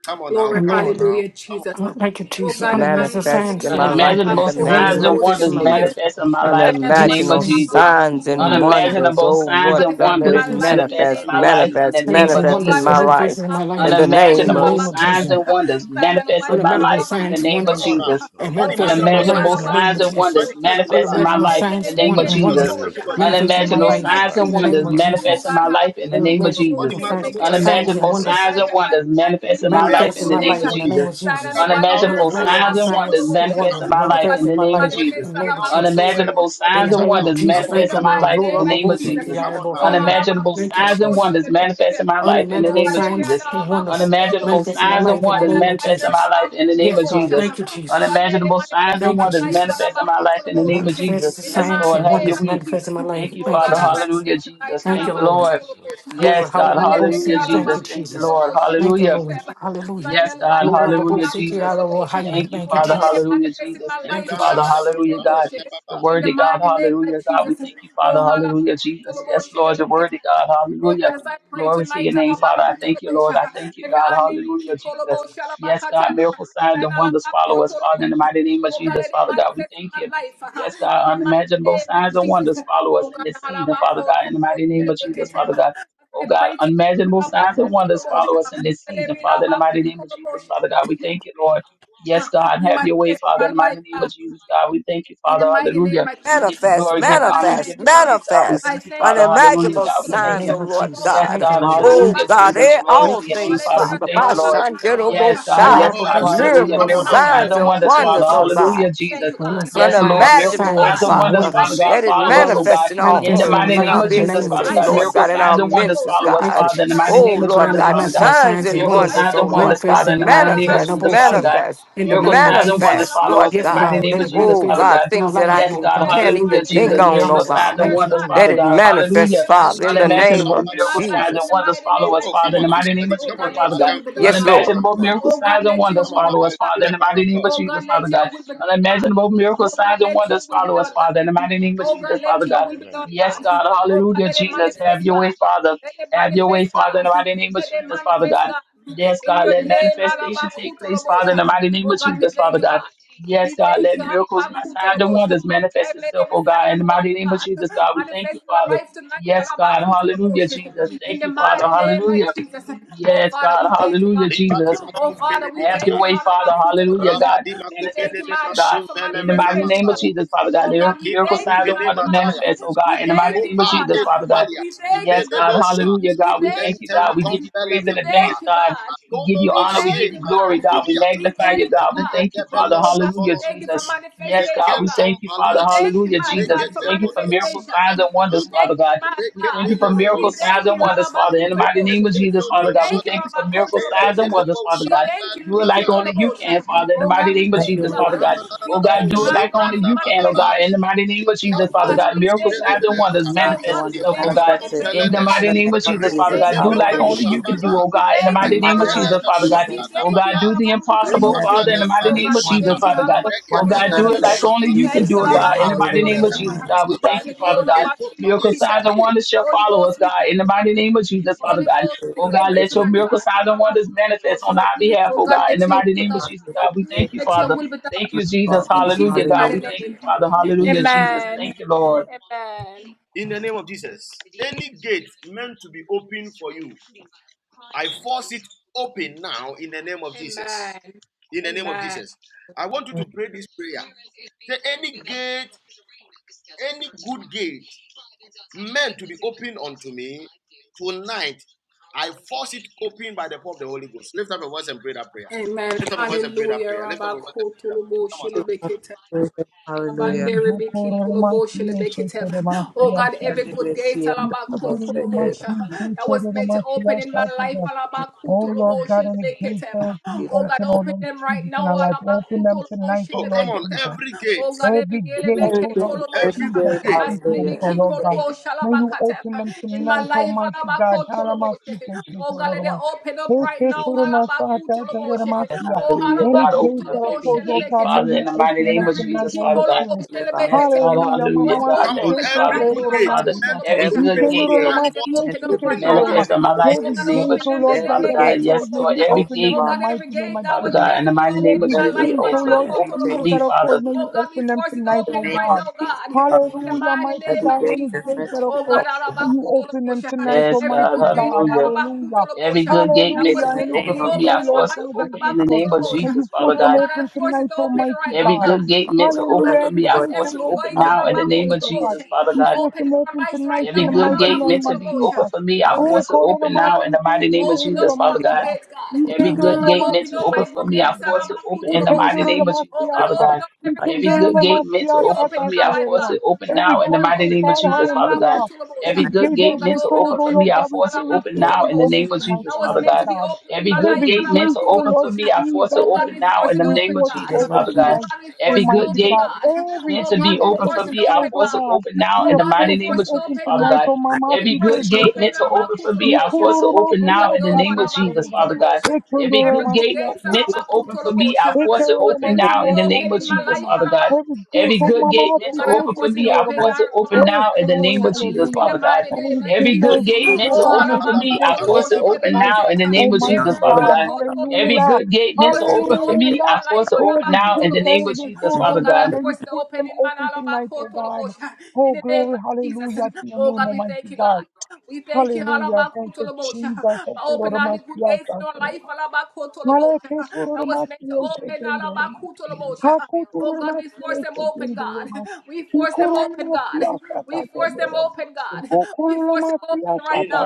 Speaker 4: Come on now.
Speaker 1: Glory,
Speaker 4: Come
Speaker 6: Amen.
Speaker 4: on now.
Speaker 1: hallelujah,
Speaker 4: Come on,
Speaker 1: Jesus.
Speaker 6: Thank you,
Speaker 1: Oh
Speaker 6: Jesus.
Speaker 1: God,
Speaker 6: Under the
Speaker 1: and in the
Speaker 11: manifest
Speaker 6: signs,
Speaker 11: in
Speaker 1: name
Speaker 11: my
Speaker 6: Lord
Speaker 1: of
Speaker 11: life
Speaker 6: God,
Speaker 1: our
Speaker 11: in
Speaker 5: unimaginable
Speaker 11: the
Speaker 8: Yeah.
Speaker 6: and
Speaker 1: Lord, to
Speaker 6: wonders
Speaker 5: signs
Speaker 1: the
Speaker 11: name of
Speaker 5: and
Speaker 1: Lord, shall
Speaker 6: manifest in
Speaker 5: wonders
Speaker 6: my
Speaker 1: make it.
Speaker 6: life.
Speaker 11: Jesus.
Speaker 5: manifest in my life in
Speaker 1: Zion,
Speaker 5: the name
Speaker 6: Jesus'
Speaker 5: of
Speaker 11: Unimaginable
Speaker 8: yeah.
Speaker 6: name.
Speaker 1: wonder,
Speaker 5: Jesus.
Speaker 1: Abba,
Speaker 11: signs
Speaker 1: Kutu,
Speaker 11: and
Speaker 1: Lord. shall
Speaker 11: wonders.
Speaker 5: Unimaginable
Speaker 11: Oh
Speaker 5: signs
Speaker 11: Lord
Speaker 5: and
Speaker 1: manifest
Speaker 11: God,
Speaker 1: in
Speaker 11: let it
Speaker 5: wonders
Speaker 1: my
Speaker 6: Miracles,
Speaker 1: life in the
Speaker 5: manifest
Speaker 1: name
Speaker 5: in
Speaker 11: manifest,
Speaker 8: Mind
Speaker 5: my
Speaker 1: of
Speaker 8: your
Speaker 5: life
Speaker 8: wonder.
Speaker 1: Jesus.
Speaker 5: in the
Speaker 11: manifest,
Speaker 8: My
Speaker 5: name
Speaker 6: signs,
Speaker 5: of
Speaker 6: and
Speaker 1: Oh
Speaker 8: mind.
Speaker 11: manifest in
Speaker 1: God,
Speaker 6: wonders
Speaker 11: my
Speaker 5: Jesus.
Speaker 11: life
Speaker 6: manifested in my
Speaker 11: in
Speaker 6: life
Speaker 11: the
Speaker 1: Analabakutulobo
Speaker 6: in
Speaker 11: name
Speaker 6: the
Speaker 11: of
Speaker 5: Unimaginable
Speaker 6: name of
Speaker 1: Shalabakete.
Speaker 5: signs
Speaker 6: Jesus.
Speaker 5: and wonders
Speaker 1: Sign and
Speaker 5: manifest in my
Speaker 1: wonder
Speaker 6: Unimaginable
Speaker 5: life in the
Speaker 6: signs,
Speaker 5: name of
Speaker 4: come
Speaker 1: Halabakutulobo.
Speaker 6: wonders,
Speaker 4: on
Speaker 8: Sorrow.
Speaker 4: now.
Speaker 5: Jesus.
Speaker 6: and
Speaker 1: Oh God,
Speaker 6: manifested in
Speaker 1: may
Speaker 6: my
Speaker 4: Unimaginable
Speaker 8: Manifest
Speaker 1: they
Speaker 8: in
Speaker 4: signs
Speaker 6: life
Speaker 5: Unimaginable
Speaker 8: my
Speaker 6: in
Speaker 4: and
Speaker 6: the
Speaker 8: life.
Speaker 6: name
Speaker 5: signs
Speaker 6: of
Speaker 8: In
Speaker 5: and
Speaker 8: my
Speaker 4: wonders
Speaker 8: life.
Speaker 6: Jesus.
Speaker 5: wonders
Speaker 4: manifest
Speaker 1: Halabakutulobo.
Speaker 4: in my
Speaker 5: manifest in
Speaker 4: life.
Speaker 5: my
Speaker 6: Unimaginable
Speaker 5: life
Speaker 1: Manifest
Speaker 5: in the
Speaker 1: in the
Speaker 6: signs
Speaker 5: name
Speaker 6: won-
Speaker 5: of
Speaker 1: Beke
Speaker 4: Commit
Speaker 6: and
Speaker 8: I am
Speaker 4: yourself,
Speaker 5: Jesus.
Speaker 6: wonders
Speaker 1: Tolobo.
Speaker 8: with you.
Speaker 4: everybody.
Speaker 1: In
Speaker 6: manifested
Speaker 1: the
Speaker 6: in my
Speaker 8: Manifest
Speaker 5: Unimaginable
Speaker 8: in
Speaker 1: name
Speaker 8: my
Speaker 1: of
Speaker 8: life.
Speaker 6: life
Speaker 8: In
Speaker 5: signs and
Speaker 6: in the
Speaker 1: Jesus.
Speaker 6: name
Speaker 5: wonders
Speaker 6: of
Speaker 8: my life.
Speaker 1: Oh
Speaker 5: manifest in
Speaker 6: Jesus.
Speaker 1: God,
Speaker 5: my life in the name of
Speaker 1: Halabakutulobo
Speaker 6: Unimaginable
Speaker 5: Jesus.
Speaker 8: The
Speaker 6: signs,
Speaker 4: Unimaginable
Speaker 8: Lord
Speaker 1: Shelebekete.
Speaker 4: signs and
Speaker 6: signs
Speaker 8: is a
Speaker 6: and
Speaker 5: Unimaginable
Speaker 4: wonders.
Speaker 1: If
Speaker 6: wonders
Speaker 8: miracle
Speaker 5: signs
Speaker 8: man.
Speaker 5: and
Speaker 1: every
Speaker 5: wonders
Speaker 1: animal
Speaker 5: manifest in
Speaker 1: be
Speaker 5: my
Speaker 4: I am
Speaker 5: life
Speaker 6: manifested
Speaker 5: in
Speaker 6: in
Speaker 5: the
Speaker 6: my
Speaker 1: Kikolobo.
Speaker 4: seeing
Speaker 5: name of
Speaker 6: life
Speaker 1: Sign
Speaker 6: in the
Speaker 4: money
Speaker 6: name
Speaker 5: Jesus
Speaker 6: of
Speaker 1: and
Speaker 6: Jesus.
Speaker 4: coming out from
Speaker 1: wonders
Speaker 5: unimaginable
Speaker 8: I
Speaker 4: nowhere
Speaker 6: Unimaginable
Speaker 5: signs
Speaker 8: know
Speaker 4: to
Speaker 8: in
Speaker 5: and wonders
Speaker 8: this.
Speaker 4: somebody's
Speaker 6: signs and
Speaker 5: manifest
Speaker 4: account.
Speaker 5: in
Speaker 6: wonders
Speaker 1: Halabakutulobo.
Speaker 5: my
Speaker 1: Oh
Speaker 5: life
Speaker 1: God,
Speaker 5: in
Speaker 6: manifested in
Speaker 5: the
Speaker 6: my
Speaker 5: name of
Speaker 6: life
Speaker 4: Money
Speaker 1: manifest
Speaker 6: in
Speaker 5: Jesus.
Speaker 6: the
Speaker 4: coming
Speaker 6: name of
Speaker 4: out of
Speaker 6: Jesus.
Speaker 4: nowhere
Speaker 8: Well,
Speaker 1: Halabakutulobo
Speaker 4: into
Speaker 5: Unimaginable
Speaker 6: In
Speaker 5: signs
Speaker 6: the
Speaker 4: somebody's
Speaker 5: and
Speaker 6: name of
Speaker 4: account.
Speaker 5: wonders
Speaker 4: Come
Speaker 6: Jesus,
Speaker 4: on
Speaker 1: in
Speaker 6: thank
Speaker 5: manifest
Speaker 1: the
Speaker 6: you,
Speaker 4: now.
Speaker 5: in my
Speaker 6: Lord.
Speaker 1: mighty
Speaker 5: life in the
Speaker 6: Glory,
Speaker 1: name of
Speaker 5: name
Speaker 6: Babo,
Speaker 5: of
Speaker 1: Jesus.
Speaker 6: Siki,
Speaker 5: Jesus.
Speaker 4: Come on
Speaker 6: Ayabo,
Speaker 4: now.
Speaker 1: Oh,
Speaker 6: Haya.
Speaker 5: Unimaginable
Speaker 6: Thank you,
Speaker 5: signs and
Speaker 6: Jesus.
Speaker 5: wonders manifest
Speaker 1: halabakutoloboshelebekete.
Speaker 5: in my life in the
Speaker 1: Lord
Speaker 6: unimaginable
Speaker 5: name
Speaker 1: God,
Speaker 5: of
Speaker 1: every hand
Speaker 6: signs
Speaker 5: Jesus.
Speaker 6: and
Speaker 1: on our
Speaker 8: Hallelujah.
Speaker 6: wonders
Speaker 5: Unimaginable
Speaker 1: kutoloboshe.
Speaker 6: manifest in my
Speaker 5: signs and
Speaker 6: life in the
Speaker 1: Sign
Speaker 5: wonders
Speaker 6: name
Speaker 1: and
Speaker 6: of
Speaker 5: manifest in
Speaker 1: wonder
Speaker 5: my
Speaker 6: Jesus.
Speaker 1: on our
Speaker 5: life in the name
Speaker 6: Yes,
Speaker 5: of
Speaker 6: God,
Speaker 5: Jesus.
Speaker 6: thank you,
Speaker 1: kutoloboshe. Oh
Speaker 6: Jesus.
Speaker 1: God, may they
Speaker 5: Unimaginable signs
Speaker 1: manifest in
Speaker 5: and
Speaker 1: my
Speaker 6: Thank you,
Speaker 5: wonders
Speaker 1: life on our
Speaker 6: Jesus.
Speaker 5: manifest in my life in the name of
Speaker 6: Manifest
Speaker 5: Jesus.
Speaker 6: the
Speaker 1: kutoloboshe. in the
Speaker 5: Yes,
Speaker 6: signs
Speaker 1: mighty
Speaker 5: Lord,
Speaker 6: and
Speaker 5: have
Speaker 1: name
Speaker 5: your
Speaker 6: wonders
Speaker 1: of
Speaker 5: way.
Speaker 6: manifest
Speaker 1: Jesus.
Speaker 6: in my life.
Speaker 5: Thank you,
Speaker 1: Oh
Speaker 6: Thank you,
Speaker 1: God,
Speaker 5: Father.
Speaker 1: as I
Speaker 6: Jesus.
Speaker 1: pray
Speaker 5: Hallelujah,
Speaker 1: tonight,
Speaker 5: Jesus.
Speaker 1: on
Speaker 6: Thank
Speaker 5: Thank
Speaker 6: you,
Speaker 5: you,
Speaker 1: our
Speaker 6: Lord.
Speaker 5: Lord. Yes,
Speaker 6: Glory,
Speaker 1: kutoloboshe. oh
Speaker 5: God.
Speaker 1: God,
Speaker 6: hallelujah.
Speaker 1: let every
Speaker 5: Hallelujah,
Speaker 6: Bosi.
Speaker 1: on
Speaker 6: Thank
Speaker 1: our
Speaker 6: you,
Speaker 5: Jesus. Thank you,
Speaker 6: Jesus.
Speaker 5: Lord.
Speaker 1: kutoloboshe, let
Speaker 6: Thank you,
Speaker 1: it
Speaker 5: Hallelujah.
Speaker 1: be
Speaker 6: Lord.
Speaker 1: kept.
Speaker 6: Hallelujah.
Speaker 1: sign
Speaker 5: Yes,
Speaker 1: and
Speaker 5: God.
Speaker 1: wonder
Speaker 6: Glory,
Speaker 1: on
Speaker 5: Hallelujah,
Speaker 1: our
Speaker 6: Bosi,
Speaker 5: Jesus.
Speaker 6: Kiara,
Speaker 1: kutoloboshe.
Speaker 6: Rohaya.
Speaker 5: Thank you,
Speaker 6: Thank you,
Speaker 1: Oh
Speaker 4: Come
Speaker 5: Father.
Speaker 1: God,
Speaker 4: on
Speaker 1: let
Speaker 4: now.
Speaker 1: it
Speaker 6: Jesus.
Speaker 5: Hallelujah,
Speaker 1: manifest in
Speaker 5: Jesus.
Speaker 1: my
Speaker 5: Thank
Speaker 6: Thank
Speaker 5: you,
Speaker 1: life
Speaker 6: you,
Speaker 1: on
Speaker 5: Father.
Speaker 1: our
Speaker 6: Jesus.
Speaker 5: Hallelujah, God.
Speaker 1: kutoloboshe.
Speaker 5: You're
Speaker 1: in the
Speaker 5: worthy, God.
Speaker 1: mighty name of
Speaker 5: Hallelujah, God.
Speaker 1: Jesus.
Speaker 5: We thank you, Father.
Speaker 1: Oh, hallelujah.
Speaker 5: Hallelujah,
Speaker 1: Oh
Speaker 5: Jesus. Yes, Lord, you're worthy, God.
Speaker 1: God,
Speaker 5: Hallelujah.
Speaker 1: as I pray
Speaker 5: Glory to
Speaker 1: tonight,
Speaker 5: your name, Father. I thank you, Lord.
Speaker 1: Alabakutolobosha,
Speaker 5: I thank you,
Speaker 1: every
Speaker 5: God.
Speaker 1: anemiki
Speaker 5: Hallelujah, Jesus.
Speaker 1: kolobosha,
Speaker 5: Yes, God.
Speaker 1: Alabakateba,
Speaker 5: Miracle signs
Speaker 1: and
Speaker 5: and wonders follow us, Father. In the
Speaker 1: Alabakotolobosha.
Speaker 5: mighty name of
Speaker 1: Oh God,
Speaker 5: Jesus,
Speaker 1: let it
Speaker 5: Father God, we
Speaker 1: manifest in
Speaker 5: thank
Speaker 1: my
Speaker 5: you.
Speaker 1: life uh,
Speaker 5: Yes, God.
Speaker 1: in the mighty
Speaker 5: Unimaginable
Speaker 1: name
Speaker 5: signs
Speaker 1: of
Speaker 5: and
Speaker 1: Jesus.
Speaker 5: wonders follow us
Speaker 1: Oh
Speaker 5: in
Speaker 1: God,
Speaker 5: this season, Father God. In the mighty name
Speaker 1: Alabakotolobosha,
Speaker 5: of Jesus,
Speaker 1: as
Speaker 5: Father God. Oh
Speaker 1: I
Speaker 5: God,
Speaker 1: pray tonight,
Speaker 5: unmeasurable signs and wonders follow us
Speaker 1: Alabakutolobosha,
Speaker 5: in this
Speaker 1: let
Speaker 5: season,
Speaker 1: every
Speaker 5: Father, in the mighty name of Jesus.
Speaker 1: Alabakutolobosha,
Speaker 5: Father God, we thank you, Lord. Yes,
Speaker 1: God,
Speaker 5: God,
Speaker 1: be
Speaker 5: have
Speaker 1: manifest
Speaker 5: your way,
Speaker 1: in
Speaker 5: Father,
Speaker 1: my
Speaker 5: in the
Speaker 1: life,
Speaker 5: mighty name
Speaker 1: God.
Speaker 5: of Jesus, God. We thank you,
Speaker 1: In the
Speaker 5: Father.
Speaker 1: mighty name
Speaker 5: Hallelujah.
Speaker 1: of Jesus.
Speaker 5: Give you
Speaker 11: manifest,
Speaker 5: glory,
Speaker 1: Oh
Speaker 5: give you
Speaker 1: God, I
Speaker 5: honor, we
Speaker 1: thank
Speaker 5: give
Speaker 11: manifest,
Speaker 5: you
Speaker 1: you, God.
Speaker 5: praise, God. We
Speaker 11: manifest.
Speaker 1: I
Speaker 5: thank you,
Speaker 1: thank
Speaker 5: Father.
Speaker 1: you,
Speaker 5: Hallelujah,
Speaker 11: Unimaginable
Speaker 5: God. We
Speaker 6: In the
Speaker 5: thank
Speaker 11: signs,
Speaker 1: Harabakutorobosha.
Speaker 5: you.
Speaker 11: oh
Speaker 6: name of
Speaker 11: Lord
Speaker 1: Oh
Speaker 6: Jesus.
Speaker 1: God, I
Speaker 5: Yes,
Speaker 11: God.
Speaker 6: Thank you,
Speaker 5: God.
Speaker 1: thank you,
Speaker 6: Lord.
Speaker 11: Oh
Speaker 5: Hallelujah,
Speaker 11: God,
Speaker 5: Jesus.
Speaker 11: eh,
Speaker 1: Harabakutorobosha.
Speaker 5: Glory
Speaker 11: all
Speaker 5: to
Speaker 6: Thank you,
Speaker 5: your
Speaker 1: My
Speaker 5: name,
Speaker 11: things,
Speaker 1: lady, the
Speaker 5: Father.
Speaker 6: Jesus.
Speaker 5: We
Speaker 1: rest
Speaker 11: Father.
Speaker 5: thank you,
Speaker 1: of
Speaker 4: Oh
Speaker 5: Lord.
Speaker 4: yes,
Speaker 11: Bashan,
Speaker 4: Lord.
Speaker 5: Yes,
Speaker 11: Jerobo,
Speaker 1: Harabakutorobosha.
Speaker 5: God.
Speaker 1: My
Speaker 11: Shah.
Speaker 5: Yes,
Speaker 6: Glory,
Speaker 4: Oh
Speaker 5: God.
Speaker 4: yes,
Speaker 6: Bosi,
Speaker 4: Lord.
Speaker 1: life
Speaker 5: Hallelujah.
Speaker 1: in
Speaker 6: Kiara,
Speaker 4: Come
Speaker 1: the
Speaker 11: Miracles,
Speaker 4: on
Speaker 5: Miracle
Speaker 4: now.
Speaker 1: mighty
Speaker 6: Rohaya.
Speaker 5: signs
Speaker 11: signs,
Speaker 1: name
Speaker 5: and
Speaker 1: of
Speaker 11: and
Speaker 5: wonders,
Speaker 1: Jesus.
Speaker 4: Oh
Speaker 6: Thank you,
Speaker 5: Father.
Speaker 11: wonders,
Speaker 4: come
Speaker 11: oh
Speaker 4: on. now.
Speaker 1: Oh,
Speaker 6: Jesus.
Speaker 11: God.
Speaker 5: Hallelujah,
Speaker 1: thank
Speaker 5: Jesus.
Speaker 1: you,
Speaker 4: Oh
Speaker 1: God.
Speaker 6: Goodness,
Speaker 4: come on
Speaker 5: Yes,
Speaker 4: now.
Speaker 1: I
Speaker 6: signs,
Speaker 5: Lord.
Speaker 1: thank
Speaker 5: Miracle
Speaker 1: you,
Speaker 11: unimaginable, oh
Speaker 5: signs
Speaker 1: God.
Speaker 6: signs,
Speaker 5: and
Speaker 6: and
Speaker 5: wonders,
Speaker 4: He
Speaker 11: Father.
Speaker 1: I
Speaker 5: Father
Speaker 4: must
Speaker 6: wonders
Speaker 4: save
Speaker 5: God.
Speaker 11: Let
Speaker 1: thank you,
Speaker 4: them.
Speaker 11: it
Speaker 1: God.
Speaker 5: Follow us, oh God.
Speaker 11: manifest
Speaker 6: follows
Speaker 11: in
Speaker 1: Oh God,
Speaker 11: our
Speaker 5: In the
Speaker 1: I
Speaker 6: manifesting
Speaker 1: thank you,
Speaker 6: in
Speaker 5: mighty
Speaker 11: homes, in
Speaker 5: name
Speaker 1: Father.
Speaker 11: our
Speaker 6: life
Speaker 5: of
Speaker 6: in the
Speaker 5: Jesus,
Speaker 6: name of
Speaker 5: Father
Speaker 1: I
Speaker 11: businesses,
Speaker 5: God,
Speaker 11: Lord
Speaker 1: thank
Speaker 6: Jesus.
Speaker 1: you,
Speaker 5: miracle
Speaker 11: God, in
Speaker 5: signs
Speaker 11: our
Speaker 5: and wonders
Speaker 11: ministries,
Speaker 5: follow
Speaker 1: Rebecca.
Speaker 5: us,
Speaker 6: Thank you,
Speaker 11: God.
Speaker 5: Father.
Speaker 1: Oh
Speaker 5: In the
Speaker 1: God, I
Speaker 5: mighty
Speaker 6: Jesus,
Speaker 11: Oh
Speaker 5: name of
Speaker 6: for
Speaker 11: Lord
Speaker 5: Jesus,
Speaker 6: that
Speaker 11: God,
Speaker 5: Father God,
Speaker 6: maximum
Speaker 11: signs
Speaker 6: signs and
Speaker 11: and
Speaker 5: miracle
Speaker 1: I
Speaker 6: wonders
Speaker 11: wonders,
Speaker 5: signs and
Speaker 11: oh
Speaker 1: thank you,
Speaker 11: Lord
Speaker 5: wonders,
Speaker 1: mighty God,
Speaker 11: God,
Speaker 5: Father.
Speaker 6: manifesting
Speaker 5: In
Speaker 6: in
Speaker 5: the
Speaker 6: my
Speaker 1: for
Speaker 5: mighty
Speaker 6: life
Speaker 5: name
Speaker 6: in
Speaker 5: of
Speaker 6: the
Speaker 11: manifest,
Speaker 5: Jesus,
Speaker 6: double
Speaker 5: Father
Speaker 6: C
Speaker 5: God,
Speaker 1: Marabakutolobosha.
Speaker 11: manifest,
Speaker 6: in the
Speaker 1: Oh God,
Speaker 5: miracle
Speaker 1: I
Speaker 6: name of
Speaker 5: signs and
Speaker 1: thank you,
Speaker 5: wonders
Speaker 11: manifest,
Speaker 6: Jesus.
Speaker 5: follow us.
Speaker 11: Lord
Speaker 5: In
Speaker 6: Yes,
Speaker 5: the
Speaker 11: God.
Speaker 5: mighty
Speaker 6: God,
Speaker 5: name
Speaker 6: let
Speaker 1: Marabakutolobosha.
Speaker 5: of
Speaker 6: it
Speaker 5: Jesus,
Speaker 11: Oh
Speaker 1: For
Speaker 5: Father
Speaker 6: manifest
Speaker 1: on
Speaker 11: God,
Speaker 5: God.
Speaker 6: in our
Speaker 11: things
Speaker 1: every
Speaker 11: that I
Speaker 6: lives,
Speaker 5: Yes,
Speaker 11: can
Speaker 6: Lord
Speaker 5: God,
Speaker 6: God,
Speaker 1: imaginable
Speaker 11: can't
Speaker 5: hallelujah,
Speaker 11: even
Speaker 6: in the
Speaker 1: signs
Speaker 11: think
Speaker 5: Jesus.
Speaker 6: name of
Speaker 11: on,
Speaker 5: Miracle
Speaker 11: oh
Speaker 1: and
Speaker 6: Jesus.
Speaker 5: signs and
Speaker 11: God.
Speaker 6: Thank
Speaker 1: wonders,
Speaker 6: you,
Speaker 5: wonders,
Speaker 1: God, I
Speaker 11: Let
Speaker 6: Lord.
Speaker 5: Father
Speaker 11: it
Speaker 1: thank
Speaker 5: God,
Speaker 1: you, God,
Speaker 6: Thank you,
Speaker 1: for letting
Speaker 11: manifest,
Speaker 5: hallelujah.
Speaker 1: them
Speaker 4: He
Speaker 6: Jesus.
Speaker 4: must
Speaker 11: Father, in
Speaker 4: save
Speaker 11: the
Speaker 4: them.
Speaker 1: manifest
Speaker 11: name
Speaker 5: Unimaginable
Speaker 11: of
Speaker 1: in
Speaker 4: Somebody.
Speaker 1: my
Speaker 5: miracle signs
Speaker 1: life
Speaker 5: and
Speaker 1: in
Speaker 11: Jesus.
Speaker 1: the
Speaker 5: wonders
Speaker 1: mighty name
Speaker 5: follow us,
Speaker 4: Oh
Speaker 1: of
Speaker 5: Father.
Speaker 4: come
Speaker 5: In
Speaker 4: on
Speaker 5: the
Speaker 1: Jesus.
Speaker 4: now,
Speaker 5: mighty name
Speaker 4: somebody.
Speaker 5: of
Speaker 1: Oh
Speaker 4: Come
Speaker 5: Jesus,
Speaker 4: on
Speaker 1: God,
Speaker 4: now.
Speaker 5: Father
Speaker 1: let
Speaker 4: I
Speaker 1: your
Speaker 5: God.
Speaker 4: can
Speaker 1: will be
Speaker 4: feel
Speaker 1: done,
Speaker 4: the
Speaker 11: Yes, Lord.
Speaker 1: God.
Speaker 4: power of
Speaker 5: Unimaginable
Speaker 4: God.
Speaker 5: miracle
Speaker 1: Oh God,
Speaker 5: signs and
Speaker 1: let your
Speaker 5: wonders
Speaker 4: Come
Speaker 1: will
Speaker 4: on
Speaker 1: be
Speaker 4: now.
Speaker 5: follow
Speaker 1: done,
Speaker 5: us,
Speaker 4: I
Speaker 1: God.
Speaker 4: feel
Speaker 5: Father. In
Speaker 4: the
Speaker 5: the
Speaker 4: power
Speaker 5: mighty
Speaker 4: of
Speaker 5: name of
Speaker 4: God.
Speaker 1: Oh
Speaker 5: Jesus,
Speaker 1: God,
Speaker 5: Father
Speaker 1: let your
Speaker 5: God.
Speaker 1: will be done, God.
Speaker 5: Unimaginable miracle
Speaker 1: Oh God,
Speaker 5: signs and
Speaker 1: let your
Speaker 5: wonders
Speaker 1: will be
Speaker 5: follow us,
Speaker 1: done,
Speaker 5: Father. In the
Speaker 1: God.
Speaker 5: mighty name of
Speaker 1: Oh God,
Speaker 5: Jesus,
Speaker 1: let
Speaker 5: Father God.
Speaker 1: your will be done,
Speaker 5: Yes,
Speaker 1: God.
Speaker 5: God.
Speaker 1: Oh God,
Speaker 5: Hallelujah,
Speaker 1: let it
Speaker 5: Jesus.
Speaker 1: manifest,
Speaker 5: Have your way,
Speaker 1: God.
Speaker 5: Father.
Speaker 1: Let it
Speaker 5: Have your way,
Speaker 1: manifest,
Speaker 5: Father, in the
Speaker 1: God.
Speaker 5: mighty name of
Speaker 1: Let it
Speaker 5: Jesus, Father
Speaker 1: manifest,
Speaker 5: God.
Speaker 1: God.
Speaker 5: Yes,
Speaker 1: In
Speaker 5: God.
Speaker 1: your
Speaker 5: Let
Speaker 1: name,
Speaker 5: manifestation take place, Father, in the
Speaker 1: Malabakutolobosha.
Speaker 5: mighty name
Speaker 1: Oh
Speaker 5: of
Speaker 1: God, we
Speaker 5: Jesus,
Speaker 1: thank
Speaker 5: Father
Speaker 1: you,
Speaker 5: God.
Speaker 1: God.
Speaker 5: Yes,
Speaker 1: We
Speaker 5: God.
Speaker 1: thank you,
Speaker 5: Let miracles, my signs and
Speaker 1: Halabakutolobosha.
Speaker 5: wonders manifest
Speaker 1: Right, let
Speaker 5: itself,
Speaker 1: every
Speaker 5: oh
Speaker 1: sign
Speaker 5: God, in the
Speaker 1: and
Speaker 5: mighty
Speaker 1: wonder,
Speaker 5: name of
Speaker 1: God,
Speaker 5: Jesus, God. We thank you,
Speaker 1: manifest in our
Speaker 5: Father.
Speaker 1: life tonight,
Speaker 5: Yes, God. Hallelujah, Jesus.
Speaker 1: Halabakutolobosha. in
Speaker 5: Thank
Speaker 1: the
Speaker 5: you, Father.
Speaker 1: mighty name of
Speaker 5: Hallelujah.
Speaker 1: Jesus. Oh,
Speaker 5: Yes,
Speaker 1: Father,
Speaker 5: God.
Speaker 1: we thank you, God.
Speaker 5: Hallelujah, Jesus.
Speaker 1: Oh, Father, we
Speaker 5: Have
Speaker 1: thank
Speaker 5: your
Speaker 4: Libadimakupilidiata.
Speaker 1: you,
Speaker 5: way, Father. Hallelujah,
Speaker 1: Halabakutolobosha.
Speaker 5: God.
Speaker 1: We thank you,
Speaker 5: Manifestation,
Speaker 1: mighty
Speaker 5: God.
Speaker 1: God, for
Speaker 5: In the mighty
Speaker 4: Rabadimakupilidimasuvelemena
Speaker 1: manifestation,
Speaker 5: name of
Speaker 1: God.
Speaker 5: Jesus, Father God.
Speaker 1: Oh
Speaker 5: Mir-
Speaker 1: God, we
Speaker 5: Miracle
Speaker 1: thank
Speaker 5: signs
Speaker 1: you,
Speaker 5: and
Speaker 4: Ikebalugene
Speaker 1: mighty
Speaker 5: wonder
Speaker 4: Mataya,
Speaker 5: manifest,
Speaker 1: God.
Speaker 5: oh
Speaker 1: We
Speaker 5: God. In the mighty
Speaker 1: thank you,
Speaker 5: name of
Speaker 4: Ikopa te
Speaker 5: Jesus,
Speaker 1: Father.
Speaker 5: Father God.
Speaker 4: Kubalias,
Speaker 1: We thank
Speaker 5: Yes,
Speaker 1: you,
Speaker 5: God.
Speaker 4: Ivedebosa,
Speaker 1: God.
Speaker 5: Hallelujah,
Speaker 1: We
Speaker 5: God. We
Speaker 1: thank
Speaker 5: thank
Speaker 1: you,
Speaker 5: you,
Speaker 4: Lenten
Speaker 5: God. We
Speaker 1: God.
Speaker 5: give you
Speaker 4: Tombele
Speaker 5: praise
Speaker 1: We
Speaker 5: in
Speaker 4: Makuba,
Speaker 5: advance,
Speaker 1: thank you,
Speaker 5: God.
Speaker 1: God.
Speaker 5: We give you
Speaker 1: We
Speaker 5: honor. We
Speaker 4: Adomolosie
Speaker 1: thank
Speaker 5: give you
Speaker 1: you, God.
Speaker 5: glory, God. We
Speaker 1: We
Speaker 4: Matibiliatas,
Speaker 5: magnify you,
Speaker 1: thank you,
Speaker 5: God. We thank you,
Speaker 1: God.
Speaker 5: Father.
Speaker 1: Oh God, we
Speaker 5: Hallelujah,
Speaker 1: thank you for
Speaker 4: Regedebelosovolodos,
Speaker 5: Jesus. Yes, God.
Speaker 1: manifestation,
Speaker 5: We
Speaker 1: God.
Speaker 4: Ikenton
Speaker 5: thank you, Father.
Speaker 1: We
Speaker 4: Palias,
Speaker 1: thank you,
Speaker 5: Hallelujah,
Speaker 1: mighty
Speaker 5: Jesus.
Speaker 1: God,
Speaker 5: We
Speaker 1: for
Speaker 5: thank you for
Speaker 4: Regedebodos,
Speaker 5: miracle
Speaker 1: manifestation.
Speaker 5: signs and
Speaker 1: We
Speaker 5: wonders,
Speaker 4: Adamama,
Speaker 1: thank
Speaker 5: Father
Speaker 1: you,
Speaker 5: God.
Speaker 1: mighty
Speaker 5: We thank
Speaker 4: Regete
Speaker 5: you for
Speaker 1: God. We
Speaker 5: miracle
Speaker 4: lelebos.
Speaker 5: signs
Speaker 1: thank
Speaker 5: and
Speaker 1: you,
Speaker 5: wonders, Father. In the mighty name of
Speaker 4: Regete
Speaker 1: Halabakutolabosha.
Speaker 5: Jesus,
Speaker 1: We
Speaker 5: Father God.
Speaker 4: dodos
Speaker 5: We
Speaker 1: thank you,
Speaker 5: thank
Speaker 4: adat.
Speaker 5: you for miracle
Speaker 4: Lebe de
Speaker 5: signs and
Speaker 1: Rabakotolabosha.
Speaker 5: wonders, Father
Speaker 1: We
Speaker 5: God.
Speaker 1: thank
Speaker 4: Regededodosadat,
Speaker 1: you,
Speaker 4: Lebedebosanda
Speaker 5: Do it
Speaker 1: Rebecca
Speaker 5: like
Speaker 4: Baba,
Speaker 5: only you
Speaker 1: Kolobosha.
Speaker 5: can, Father, in the
Speaker 1: Oh
Speaker 5: mighty
Speaker 1: God, we
Speaker 5: name of
Speaker 17: Thank
Speaker 1: thank
Speaker 17: you,
Speaker 1: you,
Speaker 5: Jesus,
Speaker 17: Lord,
Speaker 5: Father
Speaker 1: God.
Speaker 17: for
Speaker 5: God.
Speaker 1: We
Speaker 5: Oh
Speaker 4: Ramananamo,
Speaker 5: God,
Speaker 1: thank you,
Speaker 5: do it
Speaker 1: mighty
Speaker 5: like
Speaker 1: God,
Speaker 5: only
Speaker 1: for
Speaker 4: Sevranda
Speaker 5: you
Speaker 1: manifestation
Speaker 5: can, oh
Speaker 4: Badaba,
Speaker 5: God, in
Speaker 1: station,
Speaker 5: the
Speaker 1: God.
Speaker 5: mighty name of
Speaker 1: Oh,
Speaker 5: Jesus, Father
Speaker 1: Father,
Speaker 5: God.
Speaker 1: we
Speaker 5: Miracles,
Speaker 1: thank you.
Speaker 5: signs, and wonders
Speaker 4: Ikakorosi-bele-bele-ata.
Speaker 17: miracles,
Speaker 1: Oh,
Speaker 17: signs, and
Speaker 1: God,
Speaker 5: manifest
Speaker 17: wonders
Speaker 5: itself, oh God,
Speaker 17: manifested
Speaker 1: defender,
Speaker 5: in
Speaker 1: we
Speaker 5: the
Speaker 17: in
Speaker 1: thank
Speaker 4: Ikankompeledes.
Speaker 5: mighty
Speaker 17: the
Speaker 1: you.
Speaker 5: name
Speaker 17: name
Speaker 5: of
Speaker 17: of
Speaker 5: Jesus,
Speaker 1: We
Speaker 5: Father
Speaker 17: Jesus.
Speaker 5: God.
Speaker 1: thank you,
Speaker 5: Do
Speaker 1: O
Speaker 5: like
Speaker 1: our
Speaker 17: Hallelujah.
Speaker 5: only
Speaker 1: King.
Speaker 5: you
Speaker 17: Jesus.
Speaker 5: can
Speaker 4: Rekedebedo-sababa.
Speaker 5: do, oh
Speaker 1: We
Speaker 5: God, in the
Speaker 1: thank
Speaker 17: In the
Speaker 5: mighty
Speaker 1: you, O
Speaker 5: name
Speaker 1: our
Speaker 5: of
Speaker 17: mighty name of
Speaker 5: Jesus,
Speaker 1: Rock.
Speaker 5: Father God.
Speaker 1: We
Speaker 17: Jesus,
Speaker 5: Oh
Speaker 1: thank you,
Speaker 5: God,
Speaker 4: Reketelebe-shandadababa.
Speaker 5: do the impossible,
Speaker 1: Alabakutolobosha.
Speaker 5: Father, in
Speaker 17: imagination,
Speaker 5: the mighty
Speaker 1: Oh,
Speaker 17: signs,
Speaker 5: name
Speaker 1: God,
Speaker 5: of
Speaker 1: we
Speaker 5: Jesus,
Speaker 4: Repadadababo-shata.
Speaker 1: thank
Speaker 17: wonders,
Speaker 1: you,
Speaker 5: Father God. Oh
Speaker 17: wonders
Speaker 5: God, do it
Speaker 1: Alabakutolobosha.
Speaker 5: like
Speaker 17: manifest
Speaker 5: only
Speaker 4: Rekededebe-shaba.
Speaker 1: We
Speaker 17: in
Speaker 5: you can
Speaker 1: thank you,
Speaker 17: Jesus'
Speaker 5: do it,
Speaker 17: name.
Speaker 5: God, in the mighty
Speaker 17: Hallelujah.
Speaker 5: name
Speaker 17: In
Speaker 5: of
Speaker 1: Alabakutolobosha.
Speaker 5: Jesus,
Speaker 17: the name
Speaker 5: God. We
Speaker 4: Ekatibele-matusa.
Speaker 5: thank
Speaker 1: Heavenly
Speaker 5: you, Father
Speaker 1: God,
Speaker 5: God. Miracle signs
Speaker 1: Alabashilibikiteba.
Speaker 5: and
Speaker 4: Iketopale-sadie.
Speaker 5: wonders shall
Speaker 1: Holy
Speaker 5: follow us,
Speaker 1: Ghost, we
Speaker 5: God,
Speaker 1: thank
Speaker 5: in the
Speaker 1: you, God.
Speaker 5: mighty name of Jesus, Father
Speaker 1: Holy
Speaker 5: God.
Speaker 17: of
Speaker 1: Ghost, we
Speaker 5: Oh
Speaker 17: Jesus. Hallelujah.
Speaker 5: God,
Speaker 1: thank you
Speaker 17: Praise
Speaker 5: let your
Speaker 1: tonight,
Speaker 17: the
Speaker 5: miracle
Speaker 1: God.
Speaker 5: signs and wonders manifest
Speaker 1: Alabakutolobosha.
Speaker 5: on our behalf,
Speaker 1: Oh,
Speaker 5: oh
Speaker 1: God,
Speaker 5: God. In
Speaker 1: let
Speaker 5: the
Speaker 1: your will
Speaker 5: mighty
Speaker 1: be
Speaker 5: name
Speaker 1: done.
Speaker 5: of Jesus,
Speaker 17: Lord.
Speaker 5: God, we thank you,
Speaker 1: Let your
Speaker 5: Father.
Speaker 1: will be
Speaker 5: Thank you, Jesus.
Speaker 1: done
Speaker 17: Oh,
Speaker 1: in
Speaker 17: God.
Speaker 1: Jesus'
Speaker 5: Hallelujah, God.
Speaker 1: mighty
Speaker 5: We
Speaker 17: Hallelujah.
Speaker 5: thank you,
Speaker 1: name.
Speaker 5: Father.
Speaker 17: Thank
Speaker 5: Hallelujah,
Speaker 17: you for
Speaker 5: Jesus.
Speaker 1: Amen.
Speaker 5: Thank you, Lord.
Speaker 17: that.
Speaker 1: Amen.
Speaker 4: In the name of Jesus, any gate meant to be open for you, I force it open now in the name of Jesus.
Speaker 1: Amen.
Speaker 4: In the name of
Speaker 1: Amen.
Speaker 4: Jesus, I want you to pray this prayer. Say, any gate any good gate meant to be opened unto me tonight, I force it open by the power of the Holy Ghost. Lift up your voice and pray that prayer.
Speaker 1: Amen.
Speaker 4: Lift up your voice and pray that
Speaker 1: Hallelujah.
Speaker 4: prayer. Lift up
Speaker 1: Rabba
Speaker 4: your voice and pray that prayer.
Speaker 1: Kotulubo
Speaker 4: Come on now.
Speaker 1: Shilibeketa.
Speaker 17: Hallelujah.
Speaker 1: Abandere biki tulobo shele beki teba. Oh God,
Speaker 17: And
Speaker 1: every
Speaker 10: Amen.
Speaker 17: it
Speaker 1: good
Speaker 17: is
Speaker 1: gate
Speaker 17: here on
Speaker 10: Oh
Speaker 17: the
Speaker 1: alabako
Speaker 17: double
Speaker 1: tulobo
Speaker 17: second.
Speaker 1: sha- that was meant to open in my life. alabaku tulobo
Speaker 10: Lord God,
Speaker 1: shele
Speaker 10: and a
Speaker 1: beki
Speaker 10: gate
Speaker 1: teba.
Speaker 10: that is to be
Speaker 17: Jesus.
Speaker 1: Oh God,
Speaker 10: open, oh
Speaker 1: open
Speaker 10: Lord
Speaker 1: them right
Speaker 10: Jesus, in
Speaker 1: now.
Speaker 10: our life. Open
Speaker 1: alabaku
Speaker 10: them
Speaker 1: tulobo
Speaker 10: tonight, oh
Speaker 1: shele
Speaker 4: Oh, come
Speaker 10: Lord
Speaker 1: beki
Speaker 4: on.
Speaker 10: Jesus.
Speaker 1: teba.
Speaker 4: Every
Speaker 1: Oh
Speaker 4: gate,
Speaker 1: God, every
Speaker 10: Every
Speaker 1: gate
Speaker 10: gate,
Speaker 17: Every
Speaker 10: oh
Speaker 1: beki
Speaker 10: Lord
Speaker 17: day,
Speaker 1: tulobo
Speaker 17: every
Speaker 1: sha.
Speaker 4: every
Speaker 10: Jesus,
Speaker 4: good
Speaker 17: day,
Speaker 10: of
Speaker 4: gate,
Speaker 1: that's the
Speaker 10: influence,
Speaker 17: hallelujah,
Speaker 10: oh
Speaker 1: biki
Speaker 17: every
Speaker 10: Lord God.
Speaker 17: day.
Speaker 1: tulobo
Speaker 10: May you
Speaker 1: shalabaka
Speaker 10: open
Speaker 1: teba.
Speaker 10: them
Speaker 1: in my
Speaker 10: tonight,
Speaker 1: life.
Speaker 10: Almighty God.
Speaker 1: alabako tulobo she. Oh God, let it
Speaker 10: Halamasikechetoroma.
Speaker 1: open up right now. alabaku tulobo she.
Speaker 5: Yes,
Speaker 17: Hallelujah.
Speaker 10: Heketoremasatatatataremasia.
Speaker 1: Oh,
Speaker 5: hallelujah,
Speaker 10: Any
Speaker 5: God.
Speaker 1: halabaku
Speaker 10: gates
Speaker 5: Open up
Speaker 10: that are
Speaker 1: tulobo
Speaker 5: every
Speaker 10: closed,
Speaker 1: shele
Speaker 10: oh
Speaker 5: gate,
Speaker 10: God,
Speaker 1: beki teba.
Speaker 10: may
Speaker 5: Father, in
Speaker 10: you
Speaker 5: the mighty
Speaker 10: open
Speaker 5: name
Speaker 1: Every
Speaker 10: them
Speaker 5: of
Speaker 10: tonight,
Speaker 5: Jesus,
Speaker 1: rebeki
Speaker 10: Holy
Speaker 5: Father
Speaker 1: kolo
Speaker 5: God.
Speaker 10: Spirit.
Speaker 5: Yes,
Speaker 1: shelebekete
Speaker 5: God.
Speaker 10: Hallelujah.
Speaker 1: was
Speaker 5: Hallelujah,
Speaker 1: supposed
Speaker 5: God.
Speaker 4: come
Speaker 1: to
Speaker 4: on.
Speaker 5: Thank
Speaker 1: open
Speaker 5: you,
Speaker 1: in my
Speaker 4: Every
Speaker 5: Father.
Speaker 1: life.
Speaker 4: good
Speaker 5: Thank you,
Speaker 4: gate
Speaker 10: Mamamasikechetoroma.
Speaker 5: Father.
Speaker 1: alabakuto
Speaker 4: meant to be
Speaker 5: Every
Speaker 17: Every
Speaker 4: open
Speaker 5: good
Speaker 17: good
Speaker 4: for
Speaker 5: gate
Speaker 4: me,
Speaker 1: Oh
Speaker 5: meant
Speaker 17: gate
Speaker 4: I
Speaker 1: God,
Speaker 5: to
Speaker 1: let it
Speaker 4: force
Speaker 5: be
Speaker 4: it
Speaker 17: meant
Speaker 1: open
Speaker 17: to
Speaker 1: up
Speaker 17: be
Speaker 1: right
Speaker 4: open
Speaker 1: now,
Speaker 4: now in the
Speaker 10: Ichenoromasiesheketoroma.
Speaker 17: open,
Speaker 5: manifest in
Speaker 4: name
Speaker 1: God.
Speaker 4: of
Speaker 5: my life
Speaker 1: Oh
Speaker 5: in
Speaker 10: Every
Speaker 17: hallelujah.
Speaker 1: God,
Speaker 4: Jesus.
Speaker 5: the name
Speaker 10: gate,
Speaker 5: of
Speaker 1: open
Speaker 10: oh
Speaker 1: them.
Speaker 5: Jesus,
Speaker 10: Lord God,
Speaker 17: Every
Speaker 5: Father
Speaker 10: that is
Speaker 5: God.
Speaker 17: gate
Speaker 1: elebeketo
Speaker 10: closed,
Speaker 5: Yes,
Speaker 17: meant
Speaker 10: may
Speaker 17: to
Speaker 5: Lord.
Speaker 10: you
Speaker 17: be
Speaker 1: lobosha.
Speaker 5: Every
Speaker 17: open,
Speaker 10: open them
Speaker 5: gate,
Speaker 1: Oh
Speaker 10: in the
Speaker 1: God,
Speaker 17: Father,
Speaker 10: mighty
Speaker 1: every
Speaker 17: in the
Speaker 10: name
Speaker 1: gate
Speaker 17: name
Speaker 10: of
Speaker 1: that
Speaker 5: Father
Speaker 1: was
Speaker 17: of
Speaker 10: Jesus.
Speaker 5: God, in
Speaker 1: meant
Speaker 17: Jesus.
Speaker 1: to
Speaker 5: the
Speaker 1: be
Speaker 5: mighty
Speaker 1: open
Speaker 5: name
Speaker 1: in
Speaker 5: of
Speaker 10: Every
Speaker 17: Let
Speaker 1: my
Speaker 17: it
Speaker 5: Jesus,
Speaker 17: be
Speaker 1: life.
Speaker 10: gate,
Speaker 5: meant
Speaker 10: oh
Speaker 5: to
Speaker 17: open.
Speaker 10: Lord
Speaker 5: be
Speaker 17: Every
Speaker 1: alabakoto
Speaker 5: open for
Speaker 10: Jesus,
Speaker 17: gate
Speaker 5: me,
Speaker 10: that
Speaker 17: meant
Speaker 10: are closed,
Speaker 5: Father.
Speaker 10: may
Speaker 1: Oh
Speaker 10: you
Speaker 1: God, we
Speaker 10: open them
Speaker 1: force it to
Speaker 17: in
Speaker 10: tonight,
Speaker 17: the
Speaker 1: open
Speaker 10: oh
Speaker 17: name
Speaker 1: right
Speaker 17: of
Speaker 10: God.
Speaker 1: now,
Speaker 17: Jesus,
Speaker 1: God. In the
Speaker 17: hallelujah.
Speaker 10: Hallelujah,
Speaker 1: mighty
Speaker 10: mighty
Speaker 1: name
Speaker 17: Every
Speaker 1: of
Speaker 10: God.
Speaker 17: gate
Speaker 10: Any
Speaker 1: Jesus.
Speaker 17: is
Speaker 10: gates
Speaker 17: meant
Speaker 10: that
Speaker 17: to
Speaker 10: are
Speaker 1: Oh
Speaker 17: be
Speaker 10: closed,
Speaker 1: God,
Speaker 17: open,
Speaker 10: may you
Speaker 1: alabakuto
Speaker 10: open them
Speaker 1: lobosha.
Speaker 17: and
Speaker 10: tonight, oh
Speaker 5: Yes,
Speaker 1: every
Speaker 5: God.
Speaker 10: mighty
Speaker 1: good gate
Speaker 10: God.
Speaker 5: Hallelujah.
Speaker 1: alabakuto
Speaker 10: Hallelujah.
Speaker 5: Every
Speaker 1: lobosha,
Speaker 5: good gate
Speaker 17: the
Speaker 1: that
Speaker 17: gate
Speaker 5: meant
Speaker 10: Hallelujah.
Speaker 1: was
Speaker 5: to
Speaker 17: in the
Speaker 5: be
Speaker 1: meant
Speaker 10: Any
Speaker 1: to
Speaker 5: open
Speaker 1: be
Speaker 17: name of
Speaker 5: for
Speaker 10: gates,
Speaker 5: me,
Speaker 17: Jesus,
Speaker 1: open
Speaker 5: I
Speaker 10: oh
Speaker 1: in
Speaker 10: Lord
Speaker 1: our
Speaker 5: force it
Speaker 1: life.
Speaker 10: God, that has
Speaker 5: open in
Speaker 10: been
Speaker 5: the
Speaker 10: closed,
Speaker 1: alabakuto
Speaker 5: name of
Speaker 17: hallelujah.
Speaker 10: may you
Speaker 5: Jesus, Father
Speaker 10: force
Speaker 1: Oh
Speaker 10: them
Speaker 5: God.
Speaker 1: God, I
Speaker 10: open
Speaker 1: force it
Speaker 10: tonight,
Speaker 1: to
Speaker 10: oh
Speaker 1: Open
Speaker 10: mighty
Speaker 1: right now,
Speaker 5: Every
Speaker 1: God.
Speaker 10: God.
Speaker 5: good gate
Speaker 17: Father,
Speaker 5: meant to
Speaker 17: we
Speaker 1: Oh,
Speaker 5: open
Speaker 1: God,
Speaker 17: bless
Speaker 10: Hallelujah.
Speaker 1: we
Speaker 5: for
Speaker 10: Every
Speaker 17: you,
Speaker 5: me, I
Speaker 1: force
Speaker 17: Lord
Speaker 10: gate,
Speaker 1: every
Speaker 5: force
Speaker 10: oh
Speaker 5: it
Speaker 1: good
Speaker 10: Lord
Speaker 17: Jesus,
Speaker 5: open
Speaker 1: going to
Speaker 10: Jesus,
Speaker 5: now
Speaker 17: hallelujah.
Speaker 10: that
Speaker 5: in the
Speaker 10: are
Speaker 5: name
Speaker 10: closed,
Speaker 5: of
Speaker 1: Alabakuto the
Speaker 10: oh
Speaker 1: boat.
Speaker 10: God.
Speaker 5: Jesus, Father
Speaker 10: You
Speaker 5: God.
Speaker 10: force
Speaker 1: Open
Speaker 10: them
Speaker 1: our
Speaker 10: open
Speaker 1: lives
Speaker 10: tonight
Speaker 1: right
Speaker 10: in
Speaker 5: Every
Speaker 1: now,
Speaker 10: the
Speaker 5: good
Speaker 10: mighty
Speaker 17: Lord
Speaker 5: gate
Speaker 17: Jesus,
Speaker 5: meant
Speaker 10: name
Speaker 1: Alabakuto
Speaker 5: to
Speaker 10: of
Speaker 1: the
Speaker 5: be
Speaker 1: boat.
Speaker 5: open
Speaker 10: Jesus.
Speaker 5: for me, I
Speaker 1: Oh,
Speaker 17: Amen.
Speaker 10: Oh,
Speaker 1: God,
Speaker 5: force it
Speaker 1: open
Speaker 5: open
Speaker 1: them,
Speaker 10: Koromasi,
Speaker 1: God.
Speaker 5: now in
Speaker 10: you
Speaker 5: the
Speaker 10: change
Speaker 5: mighty name of
Speaker 10: the
Speaker 1: Open up
Speaker 5: Jesus,
Speaker 1: our
Speaker 5: Father
Speaker 10: Romasi.
Speaker 1: good
Speaker 5: God.
Speaker 1: gates, God.
Speaker 10: You
Speaker 5: Every
Speaker 10: change the
Speaker 1: Oh,
Speaker 5: good
Speaker 1: God,
Speaker 5: gate meant
Speaker 1: open
Speaker 5: to
Speaker 1: up my
Speaker 5: open for
Speaker 1: good
Speaker 5: me, I
Speaker 1: gates,
Speaker 10: Romasi,
Speaker 5: force it open
Speaker 1: Alabakuto
Speaker 5: in
Speaker 17: Thank
Speaker 1: the
Speaker 5: the mighty
Speaker 1: boat.
Speaker 5: name of Jesus,
Speaker 1: Oh,
Speaker 17: you,
Speaker 1: God,
Speaker 5: Father
Speaker 17: Lord.
Speaker 10: Ekendorodamasiasa,
Speaker 1: open
Speaker 5: God.
Speaker 1: up every
Speaker 17: I
Speaker 1: good
Speaker 5: Every
Speaker 1: gates
Speaker 5: good
Speaker 1: that was
Speaker 5: gate meant
Speaker 1: meant to
Speaker 5: to
Speaker 1: be
Speaker 17: bless you.
Speaker 5: open
Speaker 1: open
Speaker 5: for
Speaker 1: in
Speaker 5: me,
Speaker 1: my
Speaker 5: I
Speaker 1: life,
Speaker 5: force
Speaker 10: Ekendorodamasiasakatererema.
Speaker 5: it
Speaker 1: God.
Speaker 5: open
Speaker 10: Every
Speaker 5: now in
Speaker 1: Oh
Speaker 5: the
Speaker 1: God,
Speaker 10: ghost
Speaker 5: mighty
Speaker 10: of
Speaker 1: open
Speaker 5: name of
Speaker 1: them,
Speaker 10: God,
Speaker 5: Jesus, Father
Speaker 17: Open
Speaker 5: God.
Speaker 10: hallelujah.
Speaker 17: your
Speaker 5: Every
Speaker 1: Alabakutolobosha.
Speaker 10: Every
Speaker 17: mind.
Speaker 5: good
Speaker 10: gate that
Speaker 1: Oh
Speaker 5: gate
Speaker 10: has
Speaker 1: God,
Speaker 5: meant
Speaker 10: been
Speaker 5: to
Speaker 1: open
Speaker 10: closed,
Speaker 5: open
Speaker 1: up
Speaker 10: oh
Speaker 5: for
Speaker 1: every
Speaker 5: me,
Speaker 10: Lord
Speaker 5: I
Speaker 10: God,
Speaker 1: gate,
Speaker 10: we
Speaker 5: force
Speaker 10: pray
Speaker 5: it
Speaker 17: Thank
Speaker 10: we
Speaker 5: open
Speaker 17: you,
Speaker 10: force
Speaker 17: Lord.
Speaker 5: now
Speaker 10: them
Speaker 5: in the
Speaker 1: Alabakutolobosha.
Speaker 5: name
Speaker 10: open
Speaker 5: of
Speaker 10: tonight,
Speaker 1: That
Speaker 5: Jesus,
Speaker 1: was
Speaker 5: Father
Speaker 10: Almighty
Speaker 1: meant to
Speaker 5: God.
Speaker 1: be
Speaker 10: God.
Speaker 1: open in
Speaker 5: Every
Speaker 1: my
Speaker 5: good
Speaker 1: life,
Speaker 10: Every
Speaker 5: gate meant
Speaker 10: gate,
Speaker 5: to
Speaker 10: oh
Speaker 5: open for
Speaker 10: Lord
Speaker 5: me,
Speaker 1: Alabakutolobosha.
Speaker 5: I
Speaker 10: Jesus,
Speaker 5: force it
Speaker 10: that
Speaker 1: Oh
Speaker 10: has
Speaker 1: God,
Speaker 5: open
Speaker 1: we
Speaker 10: been
Speaker 5: now
Speaker 10: open,
Speaker 1: force
Speaker 5: in
Speaker 1: it
Speaker 5: the
Speaker 10: we
Speaker 1: open,
Speaker 5: name of
Speaker 10: force
Speaker 17: In
Speaker 10: it
Speaker 17: the
Speaker 5: Jesus,
Speaker 1: God.
Speaker 17: name of
Speaker 10: open
Speaker 5: Father God.
Speaker 1: Oh
Speaker 17: Jesus.
Speaker 10: tonight,
Speaker 1: God, we
Speaker 5: Every
Speaker 1: force it
Speaker 5: good
Speaker 10: Almighty
Speaker 5: gate
Speaker 1: open,
Speaker 10: God.
Speaker 1: God.
Speaker 10: Every
Speaker 5: meant
Speaker 1: Oh
Speaker 5: to
Speaker 1: God,
Speaker 5: be
Speaker 10: gate
Speaker 1: we
Speaker 10: that
Speaker 5: open
Speaker 10: has
Speaker 5: for
Speaker 1: force it
Speaker 10: been
Speaker 5: me are
Speaker 1: open,
Speaker 10: closed, oh
Speaker 5: forced
Speaker 1: God.
Speaker 5: to
Speaker 10: God,
Speaker 5: open now
Speaker 10: we
Speaker 1: Oh
Speaker 5: in
Speaker 10: have
Speaker 5: the
Speaker 1: God, we
Speaker 5: mighty
Speaker 10: forced
Speaker 5: name
Speaker 10: them
Speaker 1: force
Speaker 5: of
Speaker 1: it
Speaker 10: open
Speaker 5: Jesus,
Speaker 1: open,
Speaker 5: Father
Speaker 10: tonight,
Speaker 5: God.
Speaker 10: oh
Speaker 1: God.
Speaker 10: Mama,
Speaker 1: We
Speaker 5: Every
Speaker 1: force
Speaker 5: good
Speaker 1: it
Speaker 5: gate
Speaker 1: open,
Speaker 5: meant to
Speaker 10: Sikeshekererema.
Speaker 5: open for me are forced to
Speaker 1: Alabakutolobosha.
Speaker 5: open
Speaker 1: Oh God,
Speaker 5: now in the
Speaker 1: yo,
Speaker 5: name of
Speaker 1: para ba
Speaker 5: Jesus,
Speaker 1: kuto
Speaker 10: Ikururumasiasakatererema.
Speaker 5: Father God. Every
Speaker 1: Every
Speaker 5: good
Speaker 1: good
Speaker 5: gate o-
Speaker 1: gate, ala
Speaker 5: meant
Speaker 1: ba
Speaker 5: to open
Speaker 1: kuto
Speaker 10: Ekendoromasiasakatererema.
Speaker 5: for
Speaker 1: lo bo
Speaker 5: me are forced to
Speaker 1: God,
Speaker 5: open
Speaker 1: name to
Speaker 5: now
Speaker 1: be
Speaker 5: in the name
Speaker 1: open
Speaker 5: of
Speaker 1: in my
Speaker 5: Jesus,
Speaker 1: life,
Speaker 10: Ekelelemakiashategelema.
Speaker 5: Father
Speaker 1: ala ba
Speaker 5: God.
Speaker 10: Every gate,
Speaker 5: Every
Speaker 10: oh
Speaker 5: good gate
Speaker 10: mama,
Speaker 1: Oh
Speaker 5: meant to
Speaker 1: God, I
Speaker 5: open for
Speaker 1: force it
Speaker 5: me are
Speaker 1: open,
Speaker 10: sikosotelelema.
Speaker 5: forced to
Speaker 1: ala
Speaker 5: open
Speaker 1: ba
Speaker 5: now
Speaker 1: kuto
Speaker 5: in the
Speaker 10: Ekele,
Speaker 5: name of Jesus,
Speaker 1: In
Speaker 10: hallelujah.
Speaker 1: the
Speaker 5: Father God.
Speaker 1: mighty
Speaker 10: And any
Speaker 1: name of
Speaker 5: Every
Speaker 10: gate that
Speaker 1: Jesus.
Speaker 5: good
Speaker 10: is
Speaker 5: gate
Speaker 10: closed,
Speaker 5: meant
Speaker 10: oh
Speaker 1: Oh,
Speaker 5: to
Speaker 10: God, may
Speaker 5: open
Speaker 1: ala
Speaker 5: for
Speaker 10: it
Speaker 1: ba
Speaker 10: be
Speaker 5: me
Speaker 1: kuto
Speaker 5: are
Speaker 10: forced
Speaker 1: lo
Speaker 5: forced to
Speaker 10: open
Speaker 5: open
Speaker 10: tonight.
Speaker 5: now in the name of
Speaker 1: Every
Speaker 10: Almighty
Speaker 5: Jesus, Father
Speaker 1: riba
Speaker 10: God,
Speaker 5: God.
Speaker 1: kuto
Speaker 5: Every
Speaker 10: hallelujah,
Speaker 5: good gate
Speaker 1: that
Speaker 5: meant
Speaker 1: was
Speaker 5: to
Speaker 17: Thank
Speaker 1: meant to
Speaker 5: open for
Speaker 17: you.
Speaker 1: open
Speaker 5: me
Speaker 1: in
Speaker 10: hallelujah.
Speaker 5: are
Speaker 1: my life.
Speaker 5: forced to
Speaker 10: May
Speaker 5: open
Speaker 10: every
Speaker 5: now in
Speaker 10: gate
Speaker 5: the
Speaker 10: that
Speaker 5: name
Speaker 10: has
Speaker 1: Alabakutoloboshe.
Speaker 5: of
Speaker 10: been
Speaker 5: Jesus,
Speaker 10: closed,
Speaker 1: Oh
Speaker 5: Father
Speaker 10: oh
Speaker 1: God,
Speaker 10: God,
Speaker 5: God.
Speaker 1: I
Speaker 10: may you
Speaker 1: force it to
Speaker 10: force
Speaker 1: open
Speaker 10: them
Speaker 1: in my
Speaker 10: open tonight, oh God.
Speaker 1: alabakotoloboshe. In
Speaker 10: Oh,
Speaker 1: the name
Speaker 10: glory,
Speaker 1: of Jesus.
Speaker 10: hallelujah to your
Speaker 1: Oh
Speaker 10: name,
Speaker 1: God, we
Speaker 10: Almighty
Speaker 1: thank you, God.
Speaker 10: God.
Speaker 1: We thank you,
Speaker 10: Hallelujah. Thank you,
Speaker 1: alabakutoloboshe.
Speaker 10: Jesus.
Speaker 1: For open all the good
Speaker 10: Hallelujah.
Speaker 1: gates in our life. alabakotoloboshe. That was meant to open
Speaker 10: Hallelujah.
Speaker 3: Amen.
Speaker 1: alabakutoloboshe. Oh God, we force them
Speaker 10: Hakuturumasiese
Speaker 1: open, God.
Speaker 10: genduruma.
Speaker 1: We force them open, God.
Speaker 10: Kikurumasiasa
Speaker 1: We force them
Speaker 10: katenerema.
Speaker 1: open, God. We force them open
Speaker 10: Gokurumasiasa
Speaker 1: right now.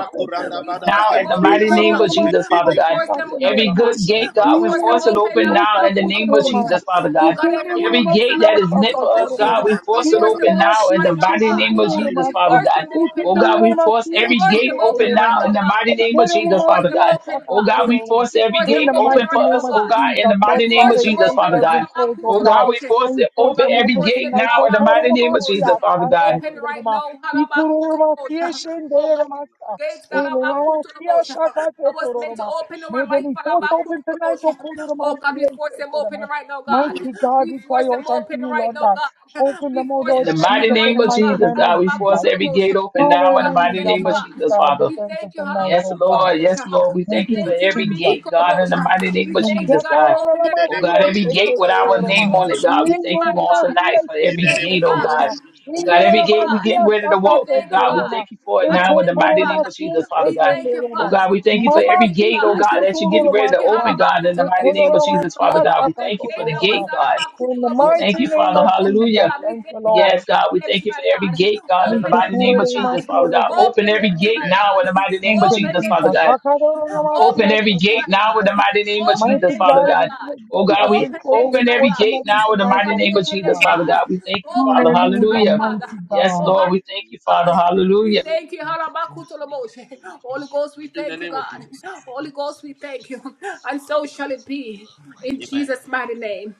Speaker 1: We force
Speaker 5: now
Speaker 4: Are
Speaker 1: them
Speaker 5: in
Speaker 4: you
Speaker 5: the
Speaker 1: open
Speaker 10: İyi
Speaker 4: praying
Speaker 5: mighty
Speaker 1: right
Speaker 5: name
Speaker 1: now.
Speaker 4: somebody?
Speaker 5: of
Speaker 10: korunamaz,
Speaker 5: Jesus,
Speaker 10: iyi
Speaker 5: Father
Speaker 1: We
Speaker 5: God.
Speaker 1: force
Speaker 10: açmaktan
Speaker 1: them open,
Speaker 5: Every good
Speaker 10: gönderilmez.
Speaker 1: God.
Speaker 5: gate,
Speaker 1: We.
Speaker 5: God,
Speaker 10: İyi
Speaker 5: we force it
Speaker 10: olamaz,
Speaker 1: Oh God,
Speaker 10: iyi
Speaker 5: open
Speaker 10: o
Speaker 5: now in the
Speaker 10: sokak
Speaker 5: name of
Speaker 10: yormaya.
Speaker 5: Jesus,
Speaker 1: we
Speaker 5: Father
Speaker 10: İyi
Speaker 5: God.
Speaker 10: kemer
Speaker 5: Every
Speaker 10: olamaz,
Speaker 5: gate
Speaker 10: iyi
Speaker 5: that is meant
Speaker 10: açmaktan
Speaker 5: for
Speaker 4: In
Speaker 5: us, God,
Speaker 10: gönderilmez.
Speaker 5: we force
Speaker 10: İyi
Speaker 5: it open
Speaker 10: olamaz,
Speaker 5: now in the
Speaker 10: iyi şey
Speaker 1: oh
Speaker 5: mighty
Speaker 1: God,
Speaker 10: kötü
Speaker 5: name of
Speaker 1: we
Speaker 5: Jesus, Father
Speaker 10: yormazsa.
Speaker 1: force
Speaker 5: God.
Speaker 1: them,
Speaker 10: İyi
Speaker 5: Oh
Speaker 10: kötü
Speaker 5: God,
Speaker 1: God.
Speaker 5: we
Speaker 10: olamaz,
Speaker 5: force
Speaker 1: We
Speaker 10: iyi
Speaker 5: every
Speaker 10: şey
Speaker 1: force
Speaker 5: gate
Speaker 1: them
Speaker 10: kötü
Speaker 1: open
Speaker 5: open now
Speaker 1: right now,
Speaker 10: yormaz.
Speaker 5: in the
Speaker 1: God.
Speaker 5: mighty
Speaker 10: İyi
Speaker 5: name of
Speaker 10: kere
Speaker 1: We
Speaker 5: Jesus,
Speaker 1: force
Speaker 10: olamaz,
Speaker 5: Father
Speaker 10: iyi
Speaker 5: God.
Speaker 10: açmaktan
Speaker 5: Oh God,
Speaker 1: God.
Speaker 5: we
Speaker 10: gönderilmez.
Speaker 5: force
Speaker 1: We
Speaker 5: every
Speaker 1: force
Speaker 10: In
Speaker 1: them
Speaker 5: gate
Speaker 10: the
Speaker 1: open
Speaker 5: open
Speaker 10: mighty
Speaker 5: for
Speaker 1: right now,
Speaker 10: name
Speaker 5: us,
Speaker 10: of
Speaker 5: oh God,
Speaker 1: God.
Speaker 5: in
Speaker 10: Jesus,
Speaker 5: the
Speaker 1: We
Speaker 10: Lord
Speaker 5: mighty name
Speaker 10: God,
Speaker 1: force
Speaker 5: of
Speaker 10: every
Speaker 1: them
Speaker 5: Jesus,
Speaker 10: gate
Speaker 1: open.
Speaker 10: that
Speaker 5: Father
Speaker 10: has been
Speaker 5: God.
Speaker 10: closed, oh
Speaker 5: Oh
Speaker 10: God.
Speaker 5: God, we
Speaker 1: Halabakutoboche.
Speaker 5: force
Speaker 10: And
Speaker 5: it
Speaker 1: Oh
Speaker 10: force
Speaker 5: open
Speaker 1: God,
Speaker 10: them
Speaker 1: we
Speaker 5: every
Speaker 10: open
Speaker 1: force
Speaker 5: gate
Speaker 1: every
Speaker 10: tonight,
Speaker 5: now
Speaker 10: oh
Speaker 5: in the mighty name of
Speaker 1: labakutoboche.
Speaker 5: Jesus, Father God.
Speaker 1: Open right now. Halabakutoboche. Oh God.
Speaker 10: God,
Speaker 1: Gates Dalabakutoboche. I was meant to
Speaker 10: Elorosiashakatetororoma.
Speaker 1: open
Speaker 10: May
Speaker 1: our life.
Speaker 10: the doors open tonight, O
Speaker 1: Halabakutoboche.
Speaker 10: Kodoroma,
Speaker 1: Oh God, we force them open
Speaker 10: Sietetoroma.
Speaker 1: right now, God.
Speaker 10: Mighty God,
Speaker 1: We
Speaker 10: we cry
Speaker 1: force
Speaker 10: out
Speaker 1: them
Speaker 10: unto
Speaker 1: open
Speaker 10: you,
Speaker 1: right
Speaker 10: Lord
Speaker 1: now,
Speaker 10: God.
Speaker 1: God.
Speaker 10: Open
Speaker 1: We
Speaker 10: them, O
Speaker 1: force
Speaker 5: In
Speaker 10: Lord
Speaker 1: them
Speaker 5: the
Speaker 1: open
Speaker 5: mighty
Speaker 10: Jesus, in
Speaker 1: right
Speaker 10: the
Speaker 5: name of
Speaker 1: now,
Speaker 10: mighty
Speaker 1: God.
Speaker 5: Jesus,
Speaker 10: name of
Speaker 5: God, we force
Speaker 10: Jesus.
Speaker 5: every
Speaker 1: Halabakutoboche.
Speaker 5: gate open now in the
Speaker 1: God, we
Speaker 5: mighty
Speaker 10: Hallelujah,
Speaker 1: thank you,
Speaker 5: name of
Speaker 1: God.
Speaker 10: mighty
Speaker 5: Jesus,
Speaker 10: God. We
Speaker 5: Father.
Speaker 1: We
Speaker 10: thank you
Speaker 1: thank you,
Speaker 10: tonight,
Speaker 5: Yes,
Speaker 10: O God.
Speaker 5: Lord. Yes,
Speaker 1: Halabakutolobosha.
Speaker 5: Lord. We
Speaker 1: We
Speaker 10: Thank
Speaker 5: thank you
Speaker 10: you,
Speaker 5: for
Speaker 1: thank you,
Speaker 5: every
Speaker 10: Jesus.
Speaker 1: Ribiki
Speaker 5: gate, God, in the
Speaker 1: Kolobosha.
Speaker 5: mighty name
Speaker 1: We
Speaker 5: of
Speaker 1: thank you,
Speaker 10: Ya
Speaker 5: Jesus,
Speaker 1: God, for
Speaker 5: God.
Speaker 1: opening
Speaker 10: kararına
Speaker 1: every
Speaker 4: the
Speaker 5: Oh,
Speaker 1: God
Speaker 4: name of
Speaker 5: God,
Speaker 10: başlıya
Speaker 5: every
Speaker 4: Jesus.
Speaker 5: gate
Speaker 10: işleket
Speaker 5: with
Speaker 1: Halabakutolobosha.
Speaker 5: our
Speaker 10: yoruma.
Speaker 5: name
Speaker 1: Oh
Speaker 5: on it,
Speaker 1: God, we
Speaker 5: God. We
Speaker 1: thank you,
Speaker 5: thank you
Speaker 1: mighty
Speaker 10: İngilizlerin
Speaker 5: on
Speaker 1: God.
Speaker 10: başlıya
Speaker 5: tonight for
Speaker 4: In
Speaker 1: We
Speaker 5: every
Speaker 4: the
Speaker 10: işleket
Speaker 4: name
Speaker 1: thank you,
Speaker 5: gate,
Speaker 4: of
Speaker 5: oh,
Speaker 4: Jesus.
Speaker 1: God.
Speaker 5: God.
Speaker 10: yoruma.
Speaker 5: Oh,
Speaker 1: We
Speaker 5: God, every
Speaker 1: thank
Speaker 10: İndelere
Speaker 1: you,
Speaker 5: gate we're
Speaker 1: God.
Speaker 5: getting
Speaker 10: başlıya
Speaker 5: ready to
Speaker 1: We
Speaker 5: walk through,
Speaker 10: sakatet
Speaker 1: thank you,
Speaker 5: God. We
Speaker 10: yoruma.
Speaker 5: thank
Speaker 1: God.
Speaker 5: you for it
Speaker 1: I
Speaker 5: now
Speaker 10: Ekot
Speaker 5: in the
Speaker 1: thank you,
Speaker 5: mighty name
Speaker 1: Father.
Speaker 5: of
Speaker 10: yorulmasıya
Speaker 5: Jesus, Father,
Speaker 10: işleket
Speaker 1: We
Speaker 5: God.
Speaker 1: thank you,
Speaker 5: Oh,
Speaker 10: yoruma.
Speaker 1: Father.
Speaker 5: God, we thank you for
Speaker 1: We
Speaker 10: mama
Speaker 5: every
Speaker 1: thank you,
Speaker 5: gate,
Speaker 10: siki
Speaker 5: oh,
Speaker 1: God.
Speaker 5: God,
Speaker 10: şut
Speaker 5: that you're
Speaker 1: We
Speaker 5: getting ready
Speaker 1: thank
Speaker 5: to
Speaker 1: you,
Speaker 10: yorulmasıya.
Speaker 5: open, God, in the mighty
Speaker 10: Ekot
Speaker 1: Halabakutolabosha,
Speaker 5: name of Jesus,
Speaker 1: for
Speaker 5: Father,
Speaker 10: yorulmasıya
Speaker 1: opening
Speaker 5: God.
Speaker 1: up
Speaker 5: We
Speaker 1: every
Speaker 5: thank you
Speaker 10: sakatet
Speaker 5: for
Speaker 1: gate
Speaker 5: the
Speaker 1: that was
Speaker 5: gate,
Speaker 10: yoruma.
Speaker 5: God.
Speaker 10: In the
Speaker 5: We
Speaker 1: Halabakutolabosha.
Speaker 10: mighty
Speaker 5: thank you,
Speaker 10: name
Speaker 1: Make
Speaker 5: Father.
Speaker 1: it
Speaker 10: of
Speaker 1: open,
Speaker 5: Hallelujah.
Speaker 10: Jesus,
Speaker 1: God. We
Speaker 10: thank the
Speaker 1: thank you, God, for
Speaker 5: Yes,
Speaker 10: Lord.
Speaker 5: God,
Speaker 1: opening
Speaker 5: we
Speaker 1: them
Speaker 5: thank
Speaker 1: to
Speaker 5: you
Speaker 1: my
Speaker 5: for every
Speaker 1: God.
Speaker 5: gate, God, in the
Speaker 10: Thank
Speaker 1: Open
Speaker 10: you,
Speaker 1: them
Speaker 5: mighty
Speaker 1: to
Speaker 5: name
Speaker 1: my
Speaker 5: of Jesus,
Speaker 1: God.
Speaker 5: Father God.
Speaker 10: Jesus.
Speaker 5: Open
Speaker 10: Thank
Speaker 1: Open
Speaker 5: every
Speaker 1: them to
Speaker 5: gate
Speaker 1: my
Speaker 4: Amen.
Speaker 5: now in
Speaker 1: God.
Speaker 5: the mighty
Speaker 10: you,
Speaker 5: name of
Speaker 1: Open
Speaker 5: Jesus,
Speaker 10: Jesus.
Speaker 1: them
Speaker 5: Father
Speaker 1: to my
Speaker 5: God.
Speaker 10: Akararına
Speaker 1: God.
Speaker 5: Open
Speaker 10: başlıya
Speaker 1: Open them
Speaker 5: every
Speaker 1: to
Speaker 5: gate
Speaker 1: my
Speaker 5: now
Speaker 10: sakatet
Speaker 5: in the
Speaker 1: God.
Speaker 5: mighty name of
Speaker 10: Mighty
Speaker 1: Open
Speaker 5: Jesus,
Speaker 1: them to
Speaker 5: Father
Speaker 10: God,
Speaker 1: my
Speaker 5: God.
Speaker 1: God.
Speaker 10: everything
Speaker 5: Oh
Speaker 10: that
Speaker 5: God,
Speaker 10: has
Speaker 5: we
Speaker 10: been
Speaker 1: Open
Speaker 10: closed, may
Speaker 1: them to
Speaker 10: you
Speaker 5: open
Speaker 1: my
Speaker 5: every
Speaker 10: force
Speaker 1: God.
Speaker 10: them
Speaker 5: gate
Speaker 10: open
Speaker 5: now in the
Speaker 1: Oh
Speaker 10: tonight,
Speaker 1: God,
Speaker 5: mighty name
Speaker 10: Almighty
Speaker 5: of
Speaker 1: open them,
Speaker 5: Jesus,
Speaker 10: God.
Speaker 5: Father God.
Speaker 1: God.
Speaker 5: We
Speaker 8: yeah.
Speaker 5: thank you, Father.
Speaker 1: Open them to my
Speaker 10: Hallelujah,
Speaker 5: Hallelujah.
Speaker 10: mighty
Speaker 1: Father.
Speaker 5: Yes,
Speaker 1: Oh
Speaker 10: God.
Speaker 1: God,
Speaker 5: Lord, we thank you, Father.
Speaker 1: God. We
Speaker 5: Hallelujah.
Speaker 1: thank you, Harabakutoloboshe. Holy Ghost, we
Speaker 4: In the
Speaker 1: thank you,
Speaker 4: name of
Speaker 1: God.
Speaker 4: Jesus.
Speaker 1: Holy Ghost, we thank you. And so shall it be in
Speaker 4: Amen.
Speaker 1: Jesus' mighty name.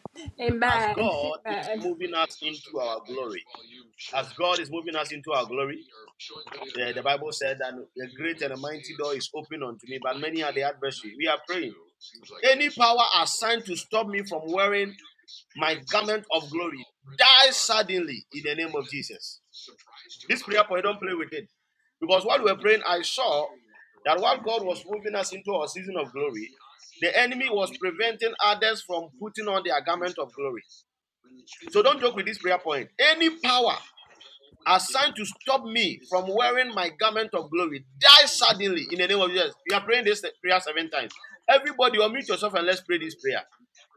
Speaker 4: As
Speaker 1: Amen.
Speaker 4: God is
Speaker 1: Amen.
Speaker 4: moving us into our glory, as God is moving us into our glory, eh, the Bible said that a great and a mighty door is open unto me, but many are the adversary. We are praying. Any power assigned to stop me from wearing my garment of glory, die suddenly in the name of Jesus This prayer point, don't play with it. Because while we were praying, I saw that while God was moving us into our season of glory, the enemy was preventing others from putting on their garment of glory. So don't joke with this prayer point. Any power assigned to stop me from wearing my garment of glory, die suddenly in the name of Jesus. We are praying this prayer seven times. Everybody, unmute yourself and let's pray this prayer.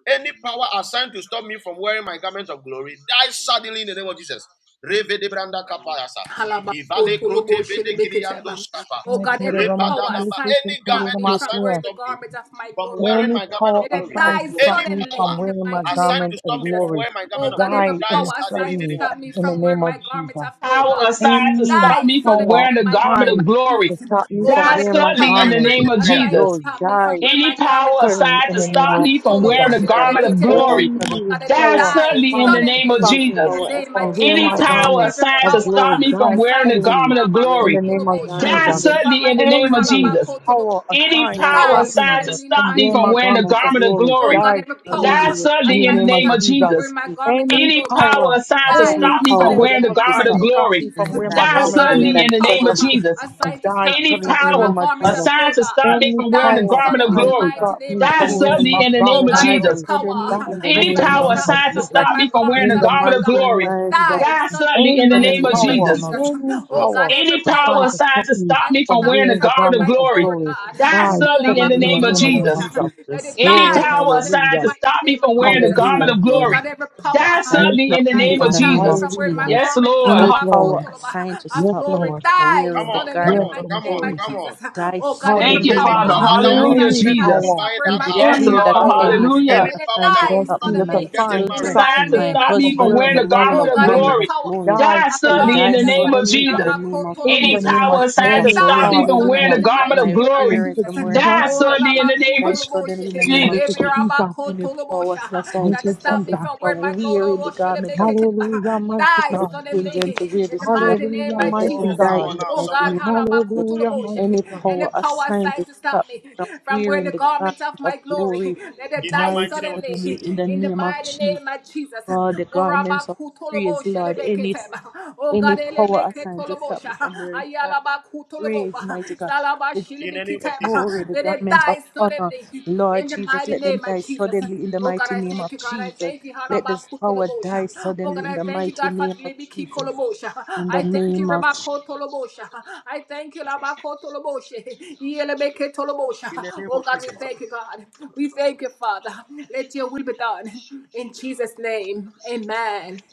Speaker 4: Any power assigned to stop me from wearing my garment of glory dies suddenly in the name of Jesus. Revedebranda kapayasa. Ivale
Speaker 3: Yes,
Speaker 4: krote vede kiriando
Speaker 1: Halabakotoloboshelebeketeba.
Speaker 4: skapa.
Speaker 1: Oh God, every power
Speaker 4: Repadadaba.
Speaker 1: assigned to
Speaker 4: Any
Speaker 1: stop
Speaker 4: garment
Speaker 1: me from
Speaker 4: assigned to
Speaker 1: wearing the
Speaker 4: stop me
Speaker 1: garment of my
Speaker 4: from
Speaker 1: glory, God.
Speaker 4: wearing
Speaker 10: Any
Speaker 4: my garment of
Speaker 10: power
Speaker 1: Let it
Speaker 4: glory,
Speaker 10: assigned
Speaker 1: die
Speaker 10: to stop
Speaker 4: any
Speaker 10: me
Speaker 1: suddenly
Speaker 4: power
Speaker 10: from
Speaker 1: in the
Speaker 10: wearing my
Speaker 1: mighty name
Speaker 4: assigned
Speaker 1: of
Speaker 10: garment
Speaker 4: to
Speaker 10: of
Speaker 4: stop me
Speaker 1: Jesus.
Speaker 4: from
Speaker 10: glory,
Speaker 4: wearing my
Speaker 1: Oh
Speaker 4: garment of
Speaker 1: God,
Speaker 4: glory
Speaker 1: every
Speaker 10: die in
Speaker 4: dies
Speaker 10: the
Speaker 1: power
Speaker 4: suddenly in
Speaker 1: assigned
Speaker 4: the
Speaker 1: to
Speaker 10: suddenly
Speaker 4: name of
Speaker 1: stop me
Speaker 10: in the
Speaker 4: Jesus.
Speaker 1: from
Speaker 10: name
Speaker 1: wearing
Speaker 10: of
Speaker 1: my garment
Speaker 10: Jesus.
Speaker 1: of glory,
Speaker 5: Power
Speaker 1: God.
Speaker 5: aside to
Speaker 10: Any
Speaker 5: stop
Speaker 1: Die
Speaker 5: me from
Speaker 1: suddenly
Speaker 10: power
Speaker 1: in
Speaker 5: wearing
Speaker 1: the
Speaker 5: the
Speaker 1: mighty
Speaker 5: garment
Speaker 1: name of
Speaker 5: of
Speaker 10: assigned
Speaker 5: glory.
Speaker 10: to
Speaker 1: Jesus.
Speaker 10: stop me
Speaker 1: Oh
Speaker 10: from
Speaker 5: Die
Speaker 1: God,
Speaker 10: wearing
Speaker 1: every
Speaker 10: my
Speaker 4: Hey,
Speaker 5: suddenly
Speaker 4: are
Speaker 5: in
Speaker 4: you
Speaker 1: power
Speaker 5: the
Speaker 10: garment
Speaker 4: praying
Speaker 5: name
Speaker 4: this
Speaker 5: of
Speaker 4: prayer?
Speaker 10: of
Speaker 1: assigned to
Speaker 5: Jesus.
Speaker 10: glory,
Speaker 1: stop me from
Speaker 10: die
Speaker 1: wearing
Speaker 5: any
Speaker 1: my garment,
Speaker 5: power
Speaker 1: God.
Speaker 10: suddenly
Speaker 5: assigned
Speaker 10: in
Speaker 5: to
Speaker 10: the name
Speaker 5: stop
Speaker 10: of
Speaker 5: me from
Speaker 10: Jesus.
Speaker 5: wearing the garment of
Speaker 1: Lebekitoloboshelebeketeba.
Speaker 5: glory.
Speaker 1: Oh God,
Speaker 10: Any
Speaker 1: that they
Speaker 5: Die
Speaker 10: power
Speaker 1: die
Speaker 5: suddenly in the
Speaker 10: assigned to
Speaker 5: name of
Speaker 1: suddenly
Speaker 10: stop me
Speaker 1: in the
Speaker 5: Jesus.
Speaker 1: name of
Speaker 10: from
Speaker 16: Glory
Speaker 10: wearing
Speaker 5: Any
Speaker 1: Jesus.
Speaker 10: my
Speaker 16: died
Speaker 5: power
Speaker 10: garment
Speaker 1: Every
Speaker 5: assigned to
Speaker 10: of
Speaker 16: suddenly in the
Speaker 5: stop
Speaker 16: name
Speaker 1: power
Speaker 10: glory
Speaker 16: of
Speaker 5: me from
Speaker 10: dies
Speaker 16: Jesus.
Speaker 5: wearing the
Speaker 1: assigned
Speaker 16: Any
Speaker 1: to
Speaker 10: suddenly
Speaker 5: garment
Speaker 16: power
Speaker 5: of
Speaker 10: in the
Speaker 5: glory.
Speaker 16: in
Speaker 10: name of
Speaker 1: Rabakotolobosha.
Speaker 5: Die
Speaker 10: Jesus.
Speaker 1: We find
Speaker 5: suddenly in
Speaker 1: my
Speaker 5: the
Speaker 1: glory,
Speaker 5: name of
Speaker 10: Any
Speaker 5: Jesus.
Speaker 1: Halabakotolobosha.
Speaker 10: power
Speaker 5: Any
Speaker 10: assigned to
Speaker 15: die
Speaker 5: power
Speaker 15: in
Speaker 10: stop
Speaker 1: Die
Speaker 15: the
Speaker 10: me
Speaker 5: assigned
Speaker 15: name
Speaker 5: to
Speaker 15: of
Speaker 1: suddenly in the
Speaker 5: stop
Speaker 10: from
Speaker 1: mighty
Speaker 5: me
Speaker 10: wearing
Speaker 15: Jesus.
Speaker 5: from
Speaker 10: my
Speaker 1: name of
Speaker 5: wearing the
Speaker 10: garment of
Speaker 1: Jesus.
Speaker 5: garment of
Speaker 10: glory
Speaker 1: Oh
Speaker 5: glory.
Speaker 1: God,
Speaker 10: dies
Speaker 1: every
Speaker 5: Die
Speaker 10: suddenly
Speaker 1: power
Speaker 15: Hallelujah.
Speaker 10: in
Speaker 5: suddenly
Speaker 10: the
Speaker 5: in
Speaker 1: assigned
Speaker 5: the
Speaker 10: name
Speaker 1: to
Speaker 10: of
Speaker 5: name
Speaker 1: stop
Speaker 5: of
Speaker 15: Thank
Speaker 1: me from
Speaker 10: Jesus.
Speaker 1: wearing
Speaker 5: Jesus.
Speaker 1: my
Speaker 15: you,
Speaker 1: garment of
Speaker 15: Jesus.
Speaker 10: Any
Speaker 5: Any
Speaker 1: glory,
Speaker 5: power
Speaker 1: God.
Speaker 10: power,
Speaker 5: assigned to
Speaker 1: Die
Speaker 15: Any
Speaker 10: any
Speaker 5: stop me from
Speaker 15: power
Speaker 1: suddenly
Speaker 10: power
Speaker 5: wearing the
Speaker 15: assigned
Speaker 10: that's
Speaker 15: to
Speaker 1: in the
Speaker 5: garment
Speaker 1: mighty
Speaker 10: assigned
Speaker 5: of
Speaker 15: stop
Speaker 10: to
Speaker 1: name of
Speaker 10: stop
Speaker 5: glory.
Speaker 10: me
Speaker 15: me from wearing
Speaker 10: from
Speaker 15: the
Speaker 10: wearing
Speaker 1: Jesus.
Speaker 10: my
Speaker 5: Die
Speaker 15: garment
Speaker 1: Oh
Speaker 15: of
Speaker 10: garment of
Speaker 1: God,
Speaker 15: glory,
Speaker 5: suddenly
Speaker 1: every
Speaker 15: die
Speaker 5: in
Speaker 10: glory
Speaker 5: the name of
Speaker 10: of,
Speaker 15: suddenly
Speaker 1: power
Speaker 15: in the
Speaker 5: Jesus
Speaker 15: name
Speaker 10: of
Speaker 15: of
Speaker 1: assigned to
Speaker 15: Jesus.
Speaker 10: die
Speaker 1: stop me
Speaker 5: any
Speaker 1: from
Speaker 10: suddenly in the
Speaker 1: wearing my
Speaker 15: Holy
Speaker 5: power
Speaker 10: name of
Speaker 1: garment
Speaker 15: power
Speaker 10: Jesus.
Speaker 1: of
Speaker 5: assigned to
Speaker 1: God.
Speaker 5: stop
Speaker 15: of
Speaker 5: me
Speaker 10: Any
Speaker 5: from wearing
Speaker 15: God,
Speaker 5: the
Speaker 1: Die
Speaker 10: power
Speaker 5: garment
Speaker 1: suddenly
Speaker 5: of
Speaker 15: we thank you in
Speaker 10: assigned
Speaker 15: the
Speaker 10: to
Speaker 5: glory,
Speaker 1: in the
Speaker 15: garden
Speaker 1: mighty
Speaker 10: stop
Speaker 1: name
Speaker 10: me
Speaker 1: of
Speaker 15: of
Speaker 5: die
Speaker 10: from
Speaker 15: glory.
Speaker 10: wearing
Speaker 1: Jesus.
Speaker 5: suddenly
Speaker 10: my
Speaker 5: in the
Speaker 1: Oh
Speaker 5: name
Speaker 10: garment
Speaker 5: of
Speaker 1: God,
Speaker 10: of
Speaker 15: Die
Speaker 1: every
Speaker 5: Jesus.
Speaker 10: glory, die
Speaker 15: suddenly
Speaker 1: power
Speaker 15: in the
Speaker 5: Any
Speaker 10: today in
Speaker 1: assigned
Speaker 15: name
Speaker 1: to
Speaker 10: the
Speaker 5: power
Speaker 15: of
Speaker 10: name
Speaker 1: stop
Speaker 10: of
Speaker 1: me
Speaker 5: assigned to
Speaker 1: from
Speaker 15: Jesus.
Speaker 5: stop
Speaker 10: Jesus.
Speaker 1: wearing my
Speaker 5: me from wearing
Speaker 1: garment
Speaker 5: the
Speaker 10: In the
Speaker 1: of glory,
Speaker 5: garment of
Speaker 10: mighty
Speaker 1: God
Speaker 10: name
Speaker 5: glory,
Speaker 10: of
Speaker 15: Die
Speaker 10: Jesus.
Speaker 1: die
Speaker 5: die
Speaker 15: suddenly,
Speaker 1: suddenly in
Speaker 5: suddenly
Speaker 1: the
Speaker 5: in the
Speaker 10: Any
Speaker 1: mighty
Speaker 5: name
Speaker 15: suddenly
Speaker 5: of
Speaker 15: in
Speaker 1: name
Speaker 15: the
Speaker 1: of
Speaker 10: power,
Speaker 15: name
Speaker 5: Jesus.
Speaker 15: of
Speaker 1: Jesus.
Speaker 10: any
Speaker 1: Oh
Speaker 15: Jesus.
Speaker 1: God,
Speaker 10: power
Speaker 1: every
Speaker 5: Any power
Speaker 10: assigned
Speaker 1: power
Speaker 10: to
Speaker 5: assigned
Speaker 10: stop
Speaker 5: to
Speaker 10: me
Speaker 5: stop
Speaker 1: Life
Speaker 5: me
Speaker 1: to
Speaker 5: from
Speaker 10: from
Speaker 1: stop
Speaker 5: wearing
Speaker 1: me
Speaker 5: the
Speaker 10: wearing the
Speaker 1: from where
Speaker 5: garment of
Speaker 10: garment
Speaker 1: my
Speaker 10: of
Speaker 5: glory,
Speaker 1: glory,
Speaker 10: glory,
Speaker 1: God.
Speaker 5: die
Speaker 15: In
Speaker 10: die
Speaker 15: the
Speaker 1: Yeah, I'm
Speaker 5: suddenly in
Speaker 1: about
Speaker 10: today
Speaker 15: mighty
Speaker 5: the
Speaker 10: in the
Speaker 5: name
Speaker 1: to
Speaker 15: no-
Speaker 5: of
Speaker 10: name
Speaker 1: total
Speaker 10: of
Speaker 15: name
Speaker 1: motion.
Speaker 15: of
Speaker 5: Jesus.
Speaker 10: Jesus.
Speaker 1: Let
Speaker 15: Jesus.
Speaker 1: it
Speaker 5: Any
Speaker 10: Glory,
Speaker 1: die
Speaker 5: power
Speaker 1: suddenly in the
Speaker 5: assigned
Speaker 10: hallelujah,
Speaker 5: to
Speaker 1: mighty
Speaker 5: stop me
Speaker 1: name of
Speaker 5: from wearing
Speaker 15: Coming
Speaker 5: the
Speaker 1: Jesus.
Speaker 5: garment
Speaker 10: hallelujah.
Speaker 15: from
Speaker 5: of
Speaker 1: Oh
Speaker 15: where you
Speaker 5: glory,
Speaker 1: God, every power
Speaker 5: die
Speaker 15: die
Speaker 10: Thank
Speaker 5: suddenly
Speaker 10: you,
Speaker 5: in the
Speaker 1: assigned
Speaker 15: suddenly
Speaker 5: name
Speaker 1: to
Speaker 15: in
Speaker 5: of
Speaker 10: Jesus.
Speaker 15: the
Speaker 1: stop
Speaker 15: name
Speaker 1: me
Speaker 5: Jesus.
Speaker 15: of
Speaker 1: from wearing my
Speaker 10: Hallelujah.
Speaker 15: Jesus.
Speaker 5: Yes,
Speaker 1: garment
Speaker 5: Lord.
Speaker 10: Yes,
Speaker 15: Any
Speaker 5: Ha-
Speaker 10: Lord.
Speaker 15: power
Speaker 1: talabakotoloba,
Speaker 15: assigned to
Speaker 1: of
Speaker 10: Yes,
Speaker 15: stop
Speaker 1: glory
Speaker 15: me
Speaker 10: Lord.
Speaker 15: from
Speaker 1: die
Speaker 4: Come
Speaker 15: wearing the
Speaker 4: on,
Speaker 1: suddenly in
Speaker 4: come
Speaker 1: the
Speaker 10: Yes,
Speaker 15: garment
Speaker 4: on,
Speaker 15: of
Speaker 1: mighty
Speaker 10: Lord
Speaker 4: come
Speaker 1: name
Speaker 4: on,
Speaker 1: of
Speaker 15: glory,
Speaker 10: Jesus.
Speaker 4: come
Speaker 1: Jesus.
Speaker 4: on.
Speaker 15: die
Speaker 1: Oh God,
Speaker 5: Thank
Speaker 1: every
Speaker 5: you,
Speaker 15: suddenly
Speaker 4: Any
Speaker 15: in
Speaker 10: Hallelujah.
Speaker 1: power
Speaker 15: the
Speaker 5: Father.
Speaker 4: power that
Speaker 15: name
Speaker 4: wants to
Speaker 15: of
Speaker 5: Hallelujah,
Speaker 1: assigned
Speaker 10: Any
Speaker 1: to
Speaker 4: prevent you
Speaker 15: Jesus.
Speaker 1: stop
Speaker 4: from
Speaker 1: me
Speaker 5: Jesus.
Speaker 10: power,
Speaker 1: from
Speaker 4: buying
Speaker 1: wearing
Speaker 15: We
Speaker 4: that
Speaker 1: my
Speaker 4: house,
Speaker 5: Yes,
Speaker 1: garment
Speaker 10: any
Speaker 15: declare
Speaker 1: of
Speaker 15: that
Speaker 5: Lord.
Speaker 1: glory,
Speaker 10: power
Speaker 15: any
Speaker 1: God.
Speaker 15: power
Speaker 5: Hallelujah.
Speaker 4: any
Speaker 1: Let it
Speaker 4: power
Speaker 15: assigned
Speaker 4: that
Speaker 15: to
Speaker 4: wants
Speaker 1: die
Speaker 10: Lord
Speaker 4: to
Speaker 15: stop
Speaker 4: stop you
Speaker 10: Jesus, a
Speaker 4: from
Speaker 15: my
Speaker 1: suddenly
Speaker 4: getting
Speaker 10: sign to
Speaker 1: in
Speaker 5: a
Speaker 4: married.
Speaker 1: the
Speaker 15: children,
Speaker 10: stop
Speaker 5: sign
Speaker 1: mighty
Speaker 5: to
Speaker 10: me
Speaker 15: my
Speaker 1: name of
Speaker 5: stop me
Speaker 10: from
Speaker 5: from
Speaker 1: Jesus.
Speaker 15: husband
Speaker 10: wearing
Speaker 5: wearing
Speaker 15: from
Speaker 10: the
Speaker 5: the
Speaker 10: garment
Speaker 15: wearing
Speaker 1: Oh
Speaker 5: garment
Speaker 15: the
Speaker 10: of
Speaker 5: of
Speaker 1: God, every
Speaker 10: glory.
Speaker 15: garment of
Speaker 5: glory.
Speaker 1: power
Speaker 15: glory,
Speaker 10: Die
Speaker 5: Die
Speaker 1: of
Speaker 10: for
Speaker 15: they
Speaker 10: me
Speaker 5: suddenly
Speaker 10: in
Speaker 5: in
Speaker 15: die
Speaker 10: the
Speaker 1: garment
Speaker 5: the
Speaker 1: of
Speaker 10: name
Speaker 5: name
Speaker 10: of
Speaker 1: sanctification.
Speaker 5: of
Speaker 15: suddenly in
Speaker 10: Jesus.
Speaker 5: Jesus.
Speaker 15: the name of
Speaker 10: In
Speaker 5: Any
Speaker 10: the
Speaker 15: Jesus.
Speaker 10: name of
Speaker 5: power
Speaker 1: Let
Speaker 5: assigned
Speaker 10: Jesus.
Speaker 5: to
Speaker 1: it
Speaker 15: Any
Speaker 10: Glory,
Speaker 5: stop
Speaker 1: die
Speaker 5: me
Speaker 15: power
Speaker 5: from wearing
Speaker 1: suddenly
Speaker 15: assigned
Speaker 5: the
Speaker 10: hallelujah.
Speaker 1: in
Speaker 15: to
Speaker 1: the
Speaker 15: stop
Speaker 5: garment
Speaker 1: mighty
Speaker 5: of
Speaker 15: my
Speaker 1: name of
Speaker 5: glory.
Speaker 10: Thank
Speaker 15: parents
Speaker 10: you,
Speaker 1: Jesus.
Speaker 15: from wearing the
Speaker 10: Jesus.
Speaker 5: Die
Speaker 1: Oh,
Speaker 15: garment of
Speaker 5: suddenly
Speaker 15: glory,
Speaker 5: in the name
Speaker 15: die
Speaker 5: of
Speaker 15: suddenly
Speaker 1: halabakutolobosha.
Speaker 15: in the name
Speaker 10: Thank
Speaker 15: of
Speaker 5: Jesus.
Speaker 10: you,
Speaker 1: Every
Speaker 15: Jesus.
Speaker 10: Jesus.
Speaker 15: Any power,
Speaker 1: rabakotolobosha.
Speaker 15: us, not trying
Speaker 10: Thank
Speaker 1: Trying to
Speaker 10: you,
Speaker 1: stop
Speaker 15: stop
Speaker 1: me
Speaker 15: me
Speaker 10: Jesus.
Speaker 1: from where my
Speaker 15: from
Speaker 1: goal oh,
Speaker 15: wearing the
Speaker 1: oh,
Speaker 15: garment of
Speaker 10: Hallelujah,
Speaker 1: shilibikiteba.
Speaker 10: mighty
Speaker 1: die
Speaker 15: my
Speaker 10: God.
Speaker 15: children
Speaker 1: suddenly
Speaker 15: to wear the
Speaker 1: in the
Speaker 15: garment of
Speaker 1: mighty name
Speaker 10: Hallelujah,
Speaker 15: God.
Speaker 1: of
Speaker 15: Let
Speaker 10: mighty
Speaker 15: them
Speaker 4: Oh,
Speaker 1: Jesus.
Speaker 4: come
Speaker 15: die
Speaker 10: God.
Speaker 4: on
Speaker 15: in the
Speaker 4: now,
Speaker 1: Oh
Speaker 15: mighty
Speaker 1: God,
Speaker 15: name
Speaker 4: somebody.
Speaker 15: of Jesus.
Speaker 10: Hallelujah,
Speaker 1: halabakutuloboshe.
Speaker 10: mighty
Speaker 15: Any
Speaker 10: God.
Speaker 1: any
Speaker 15: power
Speaker 1: power
Speaker 15: assigned to
Speaker 1: assigned to stop
Speaker 15: stop
Speaker 1: me
Speaker 15: me from
Speaker 1: from wearing the
Speaker 15: wearing the
Speaker 1: garment of
Speaker 15: garment of
Speaker 1: my glory,
Speaker 15: glory
Speaker 1: let it
Speaker 4: In the
Speaker 1: die
Speaker 15: die
Speaker 4: mighty name of
Speaker 15: suddenly
Speaker 4: Jesus.
Speaker 15: in
Speaker 1: suddenly
Speaker 15: the
Speaker 1: in the
Speaker 15: name of
Speaker 1: mighty
Speaker 15: Jesus.
Speaker 1: name of Jesus.
Speaker 15: God, the
Speaker 1: Oh
Speaker 15: garments of praise,
Speaker 1: rabakutuloboshe
Speaker 15: Lord. Any
Speaker 1: lebeketeba. Oh,
Speaker 15: any
Speaker 1: God,
Speaker 15: power assigned to stop
Speaker 1: elebeketolobosha.
Speaker 15: me from wearing the garment of praise,
Speaker 1: Ayalabakutoloboba.
Speaker 15: mighty God the garment
Speaker 4: In the
Speaker 15: of
Speaker 4: name of
Speaker 15: glory,
Speaker 4: Jesus.
Speaker 1: Salabashilibikiteba.
Speaker 15: the
Speaker 1: let it
Speaker 15: garment of
Speaker 1: die
Speaker 15: honor.
Speaker 1: suddenly
Speaker 15: Lord
Speaker 1: in the
Speaker 15: Jesus,
Speaker 1: mighty
Speaker 15: let them
Speaker 1: name
Speaker 15: die
Speaker 1: of Jesus.
Speaker 15: suddenly in the
Speaker 1: Oh God,
Speaker 15: mighty
Speaker 1: I
Speaker 15: name
Speaker 1: thank
Speaker 15: of
Speaker 1: you, God. I
Speaker 15: Jesus.
Speaker 1: thank you,
Speaker 15: Let this power
Speaker 1: Harabakutolobosha.
Speaker 15: die
Speaker 1: Oh
Speaker 15: suddenly
Speaker 1: God,
Speaker 15: in
Speaker 1: I
Speaker 15: the
Speaker 1: thank you,
Speaker 15: mighty
Speaker 1: God, for
Speaker 15: name of
Speaker 1: Libiki
Speaker 15: Jesus.
Speaker 1: Kolobosha.
Speaker 15: In the
Speaker 1: I thank you,
Speaker 15: name of Jesus.
Speaker 1: Rebakotolobosha. I thank you, Labakotolobosha. Yelebeke Tolobosha.
Speaker 4: In the name
Speaker 1: Oh
Speaker 4: of
Speaker 1: God, we
Speaker 4: Jesus.
Speaker 1: thank you, God. We thank you, Father. Let your will be done. In Jesus' name. Amen.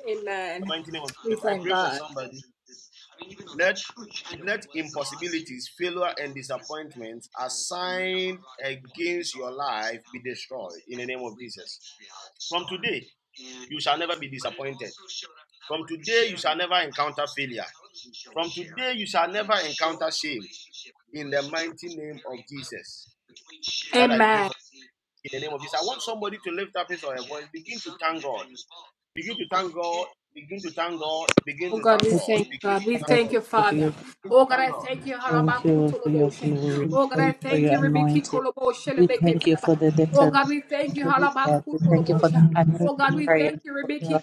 Speaker 4: The
Speaker 1: Amen.
Speaker 4: mighty name of
Speaker 1: We
Speaker 4: Jesus. I
Speaker 1: thank
Speaker 4: pray for
Speaker 1: God.
Speaker 4: somebody. Let let impossibilities, failure, and disappointments assigned against your life be destroyed in the name of Jesus. From today, you shall never be disappointed. From today, you shall never encounter failure. From today, you shall never encounter shame in the mighty name of Jesus. That I pray
Speaker 1: Amen.
Speaker 4: in the name of Jesus. I want somebody to lift up his or her voice. Begin to thank God. Begin to thank God. Begin to thank God. Begin
Speaker 1: Oh
Speaker 4: to
Speaker 1: God,
Speaker 4: thank
Speaker 1: we
Speaker 15: Thank
Speaker 4: God.
Speaker 1: thank
Speaker 15: you,
Speaker 4: Begin to
Speaker 1: God. We
Speaker 4: thank
Speaker 15: Father.
Speaker 1: thank
Speaker 4: God.
Speaker 1: you,
Speaker 15: Thank
Speaker 1: Father.
Speaker 4: Begin to
Speaker 1: Oh God,
Speaker 4: thank
Speaker 1: I
Speaker 4: God.
Speaker 1: thank you,
Speaker 15: you for your grace. thank you for your
Speaker 1: Halabakutoloboshe.
Speaker 15: glory.
Speaker 1: Oh God,
Speaker 15: Thank
Speaker 1: I
Speaker 15: you for
Speaker 1: thank
Speaker 15: your
Speaker 1: you, Rebeki
Speaker 15: anointing.
Speaker 1: Koloboshe
Speaker 15: We thank you
Speaker 1: Lebeketaba.
Speaker 15: for the
Speaker 1: Oh
Speaker 15: declaration,
Speaker 1: God, we thank you,
Speaker 15: God. We thank you for the
Speaker 1: Halabakutoloboshe.
Speaker 15: answered
Speaker 1: Oh God, we
Speaker 15: prayer,
Speaker 1: thank you,
Speaker 15: Lord
Speaker 1: Rebeki
Speaker 15: God.